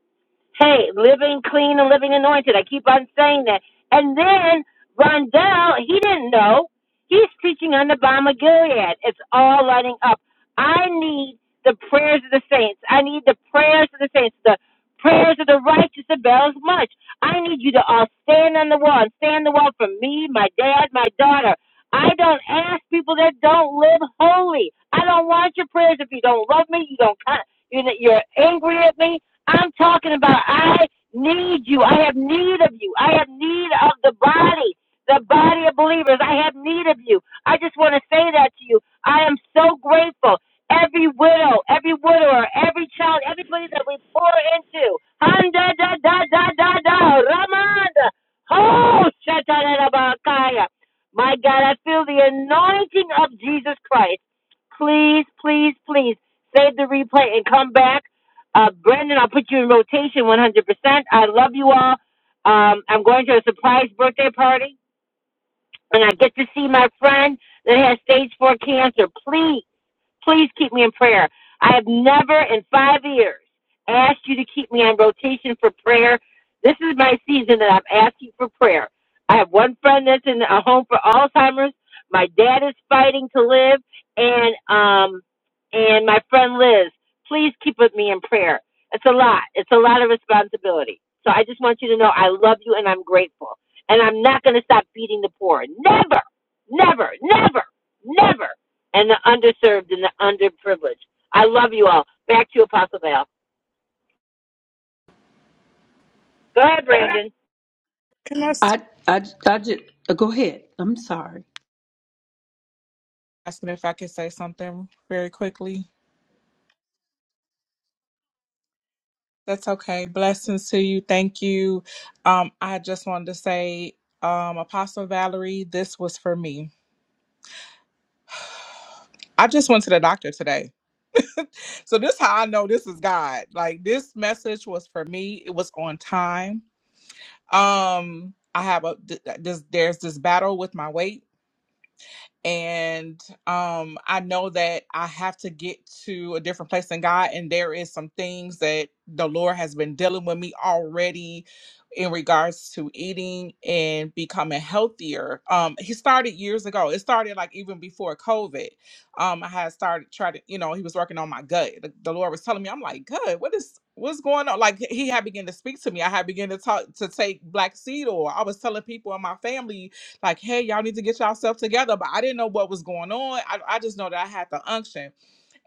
Hey, living clean and living anointed. I keep on saying that. And then Rondell, he didn't know. He's preaching on the bomb of Gilead. It's all lighting up. I need the prayers of the saints. I need the prayers of the saints. The prayers of the righteous avails much. I need you to all stand on the wall and stand the wall for me, my dad, my daughter. I don't ask people that don't live holy. I don't want your prayers if you don't love me. You don't. con- You're you're angry at me I'm talking about I need you. I have need of you. I have need of the body, the body of believers. I have need of you. I just want to say that to you. I am so grateful. Every widow, every widower, every child, everybody that we pour into. Handa da da da da da. Ramanda. Oh, shatarabakaya. My God, I feel the anointing of Jesus Christ. Please, please, please save the replay and come back uh, Brandon, I'll put you in rotation 100%. I love you all. Um, I'm going to a surprise birthday party, and I get to see my friend that has stage four cancer. Please. Please keep me in prayer. I have never in five years asked you to keep me on rotation for prayer. This is my season that I'm asking for prayer. I have one friend that's in a home for Alzheimer's. My dad is fighting to live, and um, and my friend Liz. Please keep with me in prayer. It's a lot. It's a lot of responsibility. So I just want you to know I love you and I'm grateful. And I'm not going to stop feeding the poor. Never, never, never, never and the underserved and the underprivileged. I love you all. Back to you, Apostle Val. Go ahead, Brandon.
Can I s-
I, I, I just go ahead. I'm sorry.
asking if I could say something very quickly? That's okay. Blessings to you. Thank you. Um, I just wanted to say, um, Apostle Valerie, this was for me. I just went to the doctor today. So this how I know this is God. Like this message was for me. It was on time. Um, I have a th- this there's this battle with my weight and um i know that i have to get to a different place in god and there is some things that the lord has been dealing with me already in regards to eating and becoming healthier um he started years ago it started like even before covid um i had started trying to you know he was working on my gut the, the lord was telling me i'm like gut what is what's going on like he had begun to speak to me i had begun to talk to take black seed oil i was telling people in my family like, hey, y'all need to get yourself together. But I didn't know what was going on. I, I just know that I had the unction.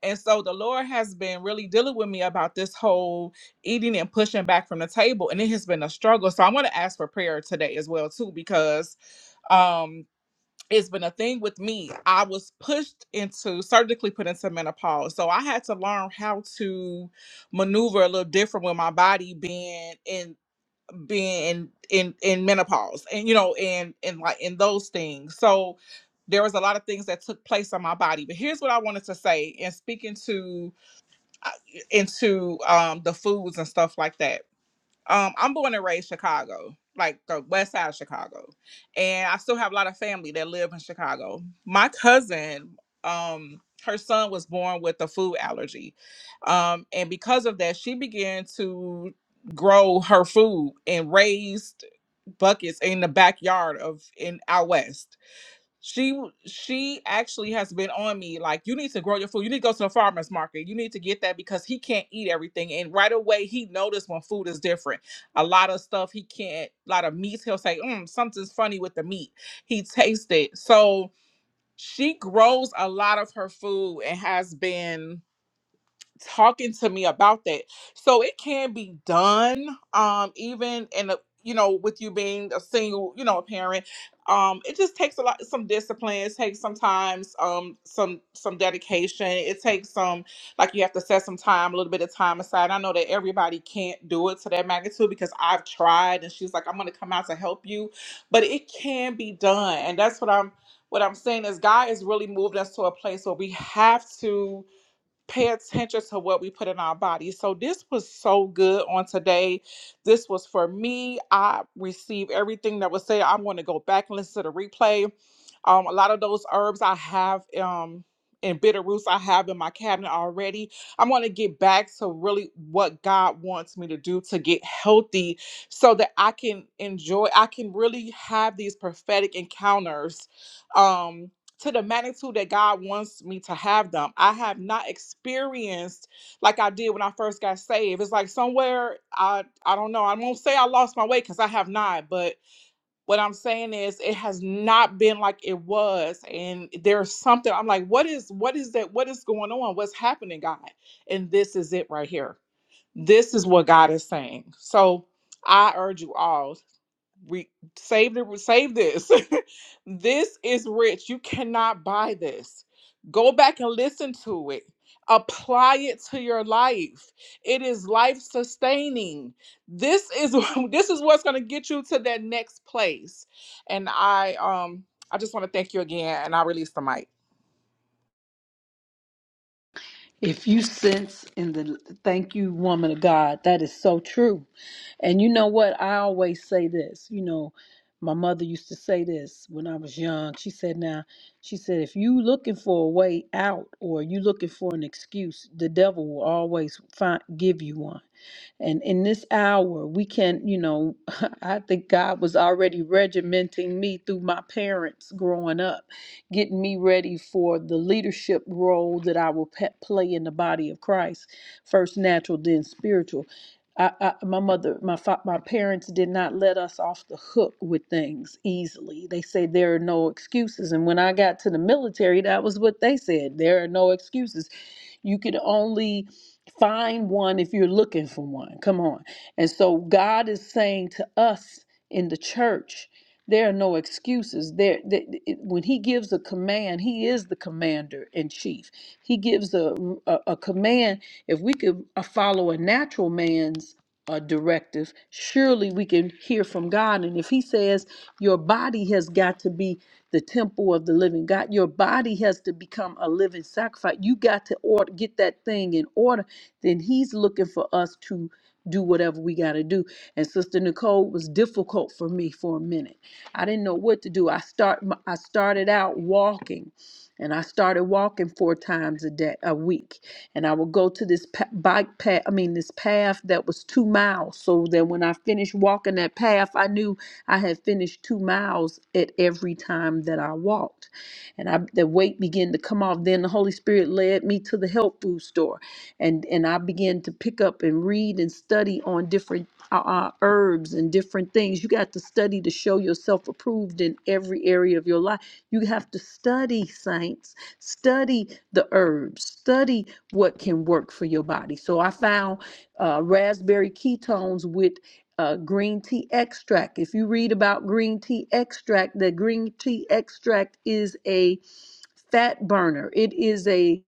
And so the Lord has been really dealing with me about this whole eating and pushing back from the table. And it has been a struggle. So i want to ask for prayer today as well, too, because um it's been a thing with me. I was pushed into surgically put into menopause. So I had to learn how to maneuver a little different with my body being in being in in in menopause and you know and and like in those things so there was a lot of things that took place on my body but here's what i wanted to say and speaking to uh, into um the foods and stuff like that um i'm born and raised chicago like the west side of chicago and i still have a lot of family that live in chicago my cousin um her son was born with a food allergy um and because of that she began to grow her food and raised buckets in the backyard of in out west she she actually has been on me like you need to grow your food. You need to go to the farmers market. You need to get that because he can't eat everything. And right away he noticed when food is different. A lot of stuff he can't. A lot of meats he'll say, mm, something's funny with the meat. He tastes it. So she grows a lot of her food and has been talking to me about that. So it can be done, um, even in a you know, with you being a single, you know, a parent. Um, it just takes a lot some discipline, it takes sometimes um some some dedication, it takes some like you have to set some time, a little bit of time aside. I know that everybody can't do it to that magnitude because I've tried and she's like, I'm gonna come out to help you. But it can be done. And that's what I'm what I'm saying is God has really moved us to a place where we have to pay attention to what we put in our body. So this was so good on today. This was for me. I received everything that was said. I'm going to go back and listen to the replay. Um, a lot of those herbs I have um and bitter roots I have in my cabinet already. I'm going to get back to really what God wants me to do to get healthy so that I can enjoy I can really have these prophetic encounters. Um to the magnitude that God wants me to have them. I have not experienced like I did when I first got saved. It's like somewhere I I don't know. I won't say I lost my way because I have not, but what I'm saying is it has not been like it was. And there's something I'm like, what is what is that? What is going on? What's happening, God? And this is it right here. This is what God is saying. So I urge you all re- save the save this. this is rich. You cannot buy this. Go back and listen to it. Apply it to your life. It is life sustaining. This is this is what's going to get you to that next place. And I um I just want to thank you again, and I'll release the mic.
If you sense in the thank you, woman of God, that is so true. And you know what? I always say this. You know, my mother used to say this when I was young. She said, "Now, she said, if you looking for a way out or you looking for an excuse, the devil will always find give you one." And in this hour, we can, you know, I think God was already regimenting me through my parents growing up, getting me ready for the leadership role that I will pe- play in the body of Christ first natural, then spiritual. I, I, my mother, my fa- my parents did not let us off the hook with things easily. They said there are no excuses, and when I got to the military, that was what they said: there are no excuses. You could only Find one if you're looking for one. Come on. And so God is saying to us in the church, there are no excuses. There, th- th- when He gives a command, He is the commander in chief. He gives a, a a command. If we could uh, follow a natural man's uh, directive, surely we can hear from God. And if He says your body has got to be the temple of the living God. Your body has to become a living sacrifice. You got to order, get that thing in order then he's looking for us to do whatever we got to do. And Sister Nicole was difficult for me for a minute. I didn't know what to do. I start I started out walking and I started walking four times a day a week and I would go to this pa- bike path I mean this path that was 2 miles so that when I finished walking that path I knew I had finished 2 miles at every time that I walked and I the weight began to come off then the Holy Spirit led me to the health food store and and I began to pick up and read and study on different uh, uh, herbs and different things. You got to study to show yourself approved in every area of your life. You have to study, saints. Study the herbs. Study what can work for your body. So I found uh, raspberry ketones with uh, green tea extract. If you read about green tea extract, the green tea extract is a fat burner. It is a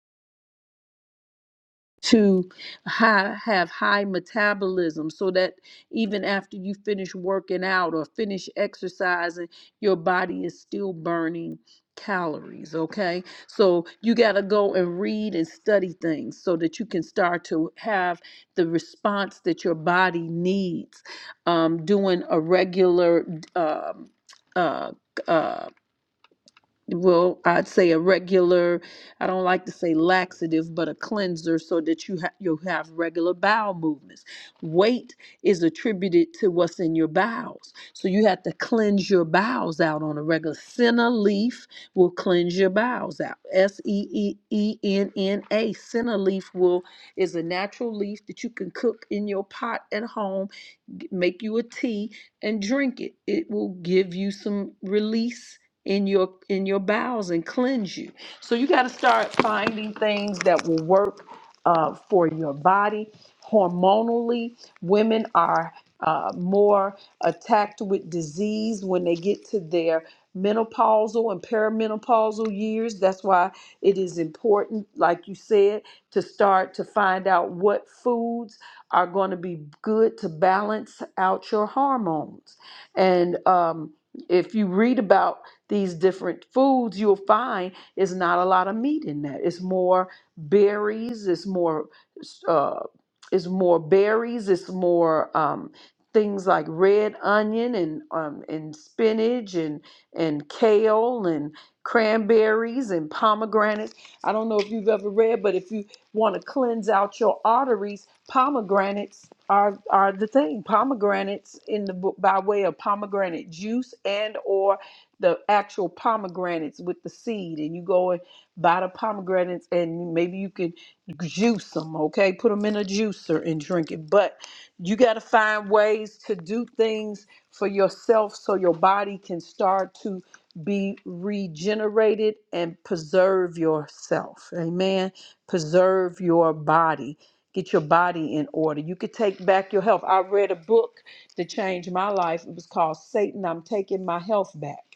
to hi- have high metabolism so that even after you finish working out or finish exercising, your body is still burning calories. Okay. So you got to go and read and study things so that you can start to have the response that your body needs. Um, doing a regular, um, uh, uh, well, I'd say a regular, I don't like to say laxative, but a cleanser so that you ha- you have regular bowel movements. Weight is attributed to what's in your bowels. So you have to cleanse your bowels out on a regular. Senna leaf will cleanse your bowels out. S E E E N N A. Senna leaf will is a natural leaf that you can cook in your pot at home, g- make you a tea and drink it. It will give you some release in your in your bowels and cleanse you. So you got to start finding things that will work uh, for your body. Hormonally, women are uh, more attacked with disease when they get to their menopausal and perimenopausal years. That's why it is important, like you said, to start to find out what foods are going to be good to balance out your hormones. And um, if you read about these different foods, you'll find is not a lot of meat in that. It's more berries. It's more. Uh, it's more berries. It's more um, things like red onion and um, and spinach and and kale and cranberries and pomegranates. I don't know if you've ever read, but if you want to cleanse out your arteries, pomegranates are are the thing. Pomegranates in the book by way of pomegranate juice and or the actual pomegranates with the seed and you go and buy the pomegranates and maybe you can juice them okay put them in a juicer and drink it but you got to find ways to do things for yourself so your body can start to be regenerated and preserve yourself amen preserve your body get your body in order you could take back your health i read a book that changed my life it was called satan i'm taking my health back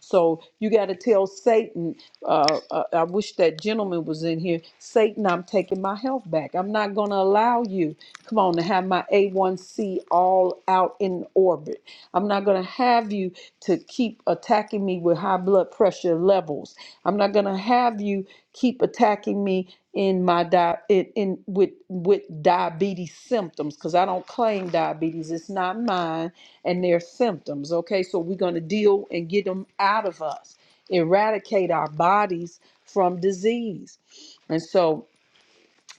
so you got to tell Satan, uh, uh, I wish that gentleman was in here, Satan, I'm taking my health back. I'm not going to allow you, come on, to have my A1C all out in orbit. I'm not going to have you to keep attacking me with high blood pressure levels. I'm not going to have you keep attacking me in my di- in, in with with diabetes symptoms because I don't claim diabetes. It's not mine and their symptoms. Okay, so we're going to deal and get them out of us, eradicate our bodies from disease. And so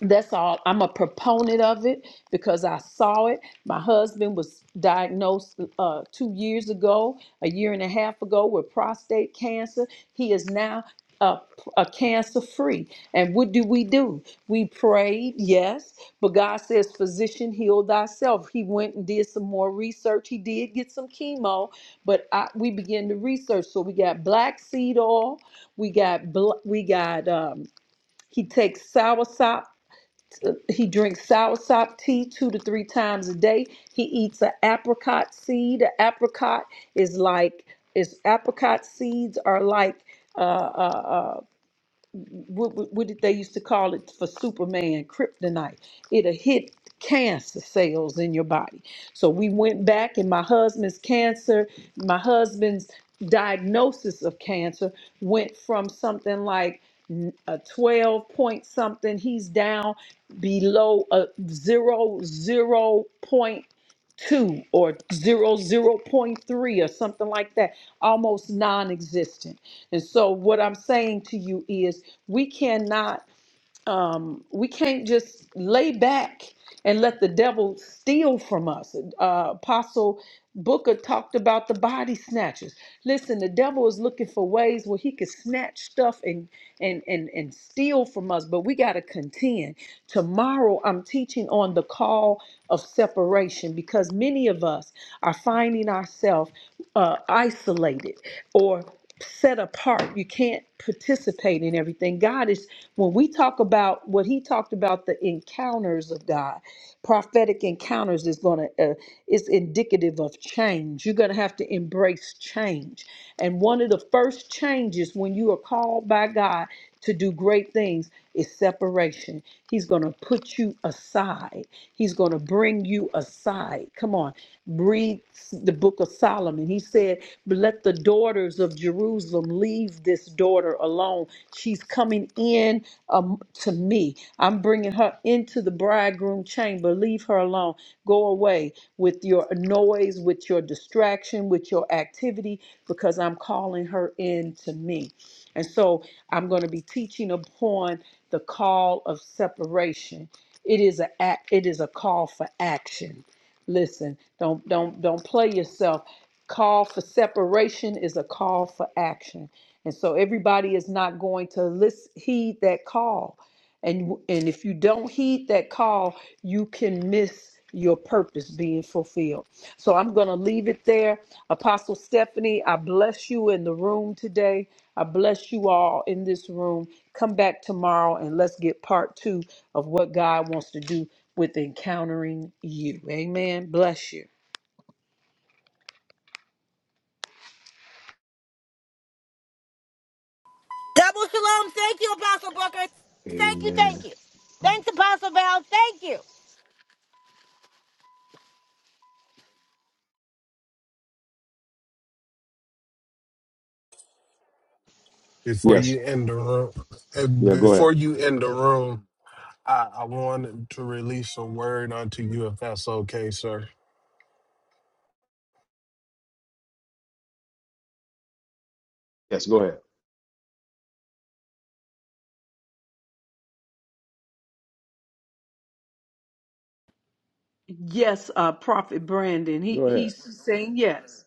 that's all. I'm a proponent of it because I saw it. My husband was diagnosed uh, two years ago, a year and a half ago, with prostate cancer. He is now uh, a cancer free. And what do we do? We prayed, yes, but God says, Physician, heal thyself. He went and did some more research. He did get some chemo, but I, we began to research. So we got black seed oil, we got, bl- we got, um, he takes soursop he drinks soursop tea two to three times a day. He eats an apricot seed. An apricot is like is apricot seeds are like uh, uh, uh, what, what what did they used to call it for Superman kryptonite? It'll hit cancer cells in your body. So we went back, and my husband's cancer, my husband's diagnosis of cancer went from something like n- a 12 point something, he's down below a zero, zero point two or zero zero point three or something like that almost non-existent and so what i'm saying to you is we cannot um, we can't just lay back and let the devil steal from us uh, apostle booker talked about the body snatchers listen the devil is looking for ways where he can snatch stuff and and and, and steal from us but we got to contend tomorrow i'm teaching on the call of separation because many of us are finding ourselves uh, isolated or set apart. You can't participate in everything. God is, when we talk about what he talked about, the encounters of God, prophetic encounters is going to, uh, is indicative of change. You're going to have to embrace change. And one of the first changes when you are called by God to do great things is separation. He's going to put you aside. He's going to bring you aside. Come on. Read the book of book of Solomon. He said, Let the daughters of Jerusalem leave this daughter alone. She's coming in um, to me. I'm bringing her into the bridegroom chamber. Leave her alone. Go away with your noise, with your distraction, with your activity, because I'm calling her in to me. And so I'm going to be teaching upon the call of separation. It is a act, it is a call for action Listen, don't don't don't play yourself. Call for separation is a call for action. And so everybody is not going to listen, heed that call. And and if you don't heed that call, you can miss your purpose being fulfilled. So I'm going to leave it there. Apostle Stephanie, I bless you in the room today. I bless you all in this room. Come back tomorrow and let's get part two of what God wants to do with encountering you. Amen. Bless you.
Double shalom. Thank you, Apostle Booker. Thank you,
Amen.
thank you. Thanks, Apostle Val. Thank you.
before
Yes.
you end the room uh,
Yeah, go ahead.
before you end the room I, I wanted to release a word unto you if that's okay sir
Yes, go ahead.
Yes, uh, Prophet Brandon.
Go
He
ahead.
he's saying yes.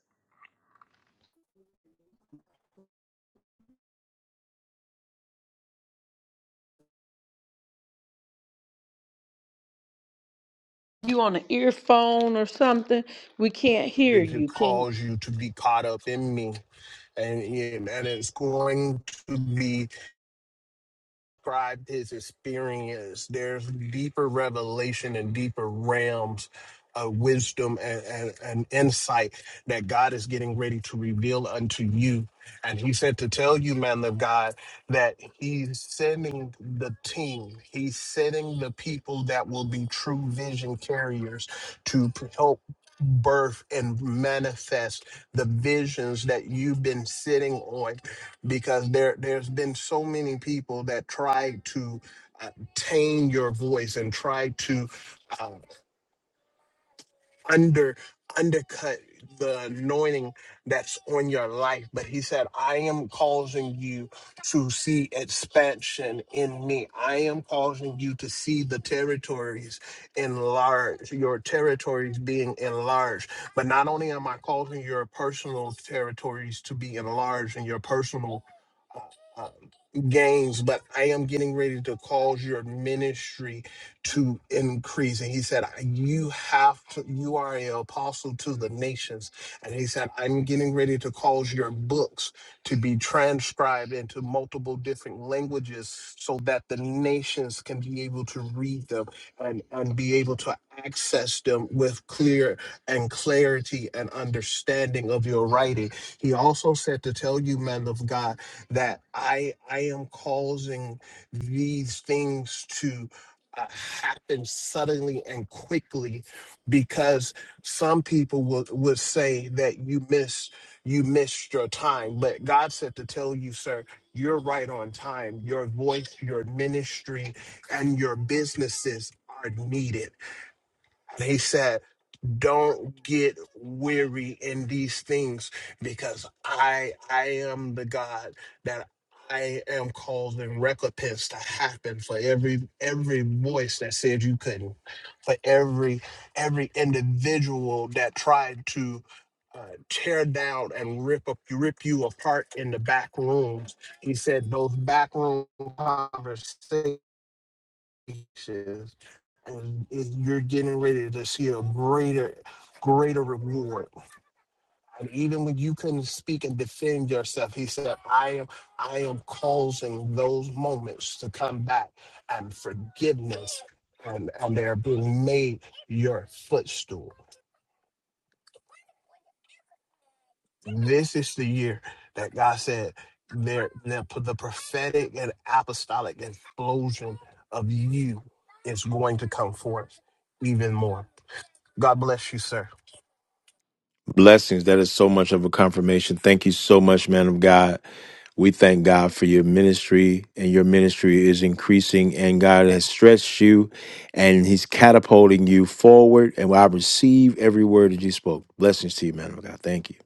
You on an earphone or something? We can't hear
it could
you. Can
cause you to be caught up in me and, it- and it's going to be described his experience. There's deeper revelation and deeper realms of wisdom and, and, and insight that God is getting ready to reveal unto you. And he said to tell you, man of God, that he's sending the team, he's sending the people that will be true vision carriers to p- help birth and manifest the visions that you've been sitting on because there there's been so many people that try to uh, tame your voice and try to uh, under undercut the anointing that's on your life but he said i am causing you to see expansion in me i am causing you to see the territories enlarged your territories being enlarged but not only am i causing your personal territories to be enlarged and your personal uh, uh, gains, but I am getting ready to cause your ministry to increase. And he said, You have to, you are an apostle to the nations. And he said, I'm getting ready to cause your books to be transcribed into multiple different languages so that the nations can be able to read them and, and be able to access them with clear and clarity and understanding of your writing. He also said to tell you, man of God that I I am causing these things to uh, happen suddenly and quickly because some people would would say that you miss you missed your time but God said to tell you sir you're right on time your voice your ministry and your businesses are needed They said don't get weary in these things because i i am the god that i am causing recompense to happen for every every voice that said you couldn't for every every individual that tried to uh, tear down and rip up rip you apart in the back rooms he said those back room conversations and it, you're getting ready to see a greater greater reward and even when you couldn't speak and defend yourself he said i am i am causing those moments to come back and forgiveness and and they're being made your footstool this is the year that god said there the, the prophetic and apostolic explosion of you is going to come forth even more god bless you sir
Blessings. That is so much of a confirmation. Thank you so much, man of God. We thank God for your ministry, and your ministry is increasing, and God has stretched you, and He's catapulting you forward. And I receive every word that you spoke. Blessings to you, man of God. Thank you.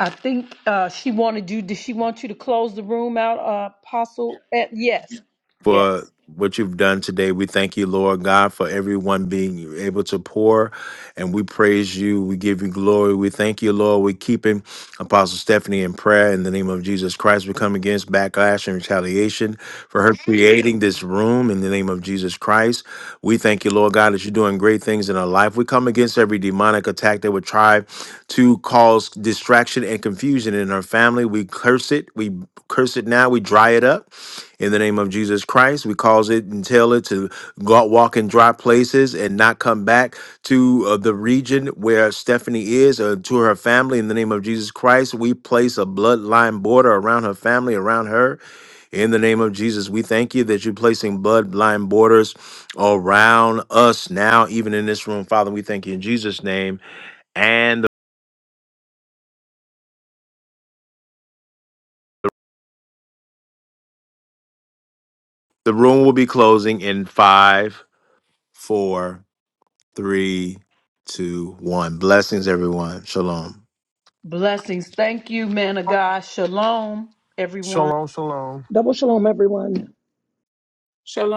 I think uh, she wanted you? Did she want you to close the room out, uh, Apostle? Eh, yes, yes.
for. done today. We thank you, Lord God, for everyone being able to pour. And we praise you. We give you glory. We thank you, Lord. We keep him, Apostle Stephanie, in prayer in the name of Jesus Christ. We come against backlash and retaliation for her creating this room in the name of Jesus Christ. We thank you, Lord God, that you're doing great things in her life. We come against every demonic attack that would try to cause distraction and confusion in her family. We curse it. We curse it now. We dry it up. In the name of Jesus Christ, we cause it and tell it to go out, walk in dry places and not come back to uh, the region where Stephanie is or to her family. In the name of Jesus Christ, we place a bloodline border around her family, around her. In the name of Jesus, we thank you that you're placing bloodline borders around us now, even in this room. Father, we thank you in Jesus' name. And the room will be closing in five, four, Three, two, one. Blessings, everyone. Shalom.
Blessings. Thank you, man of God. Shalom, everyone.
Shalom, shalom.
Double shalom, everyone.
Shalom.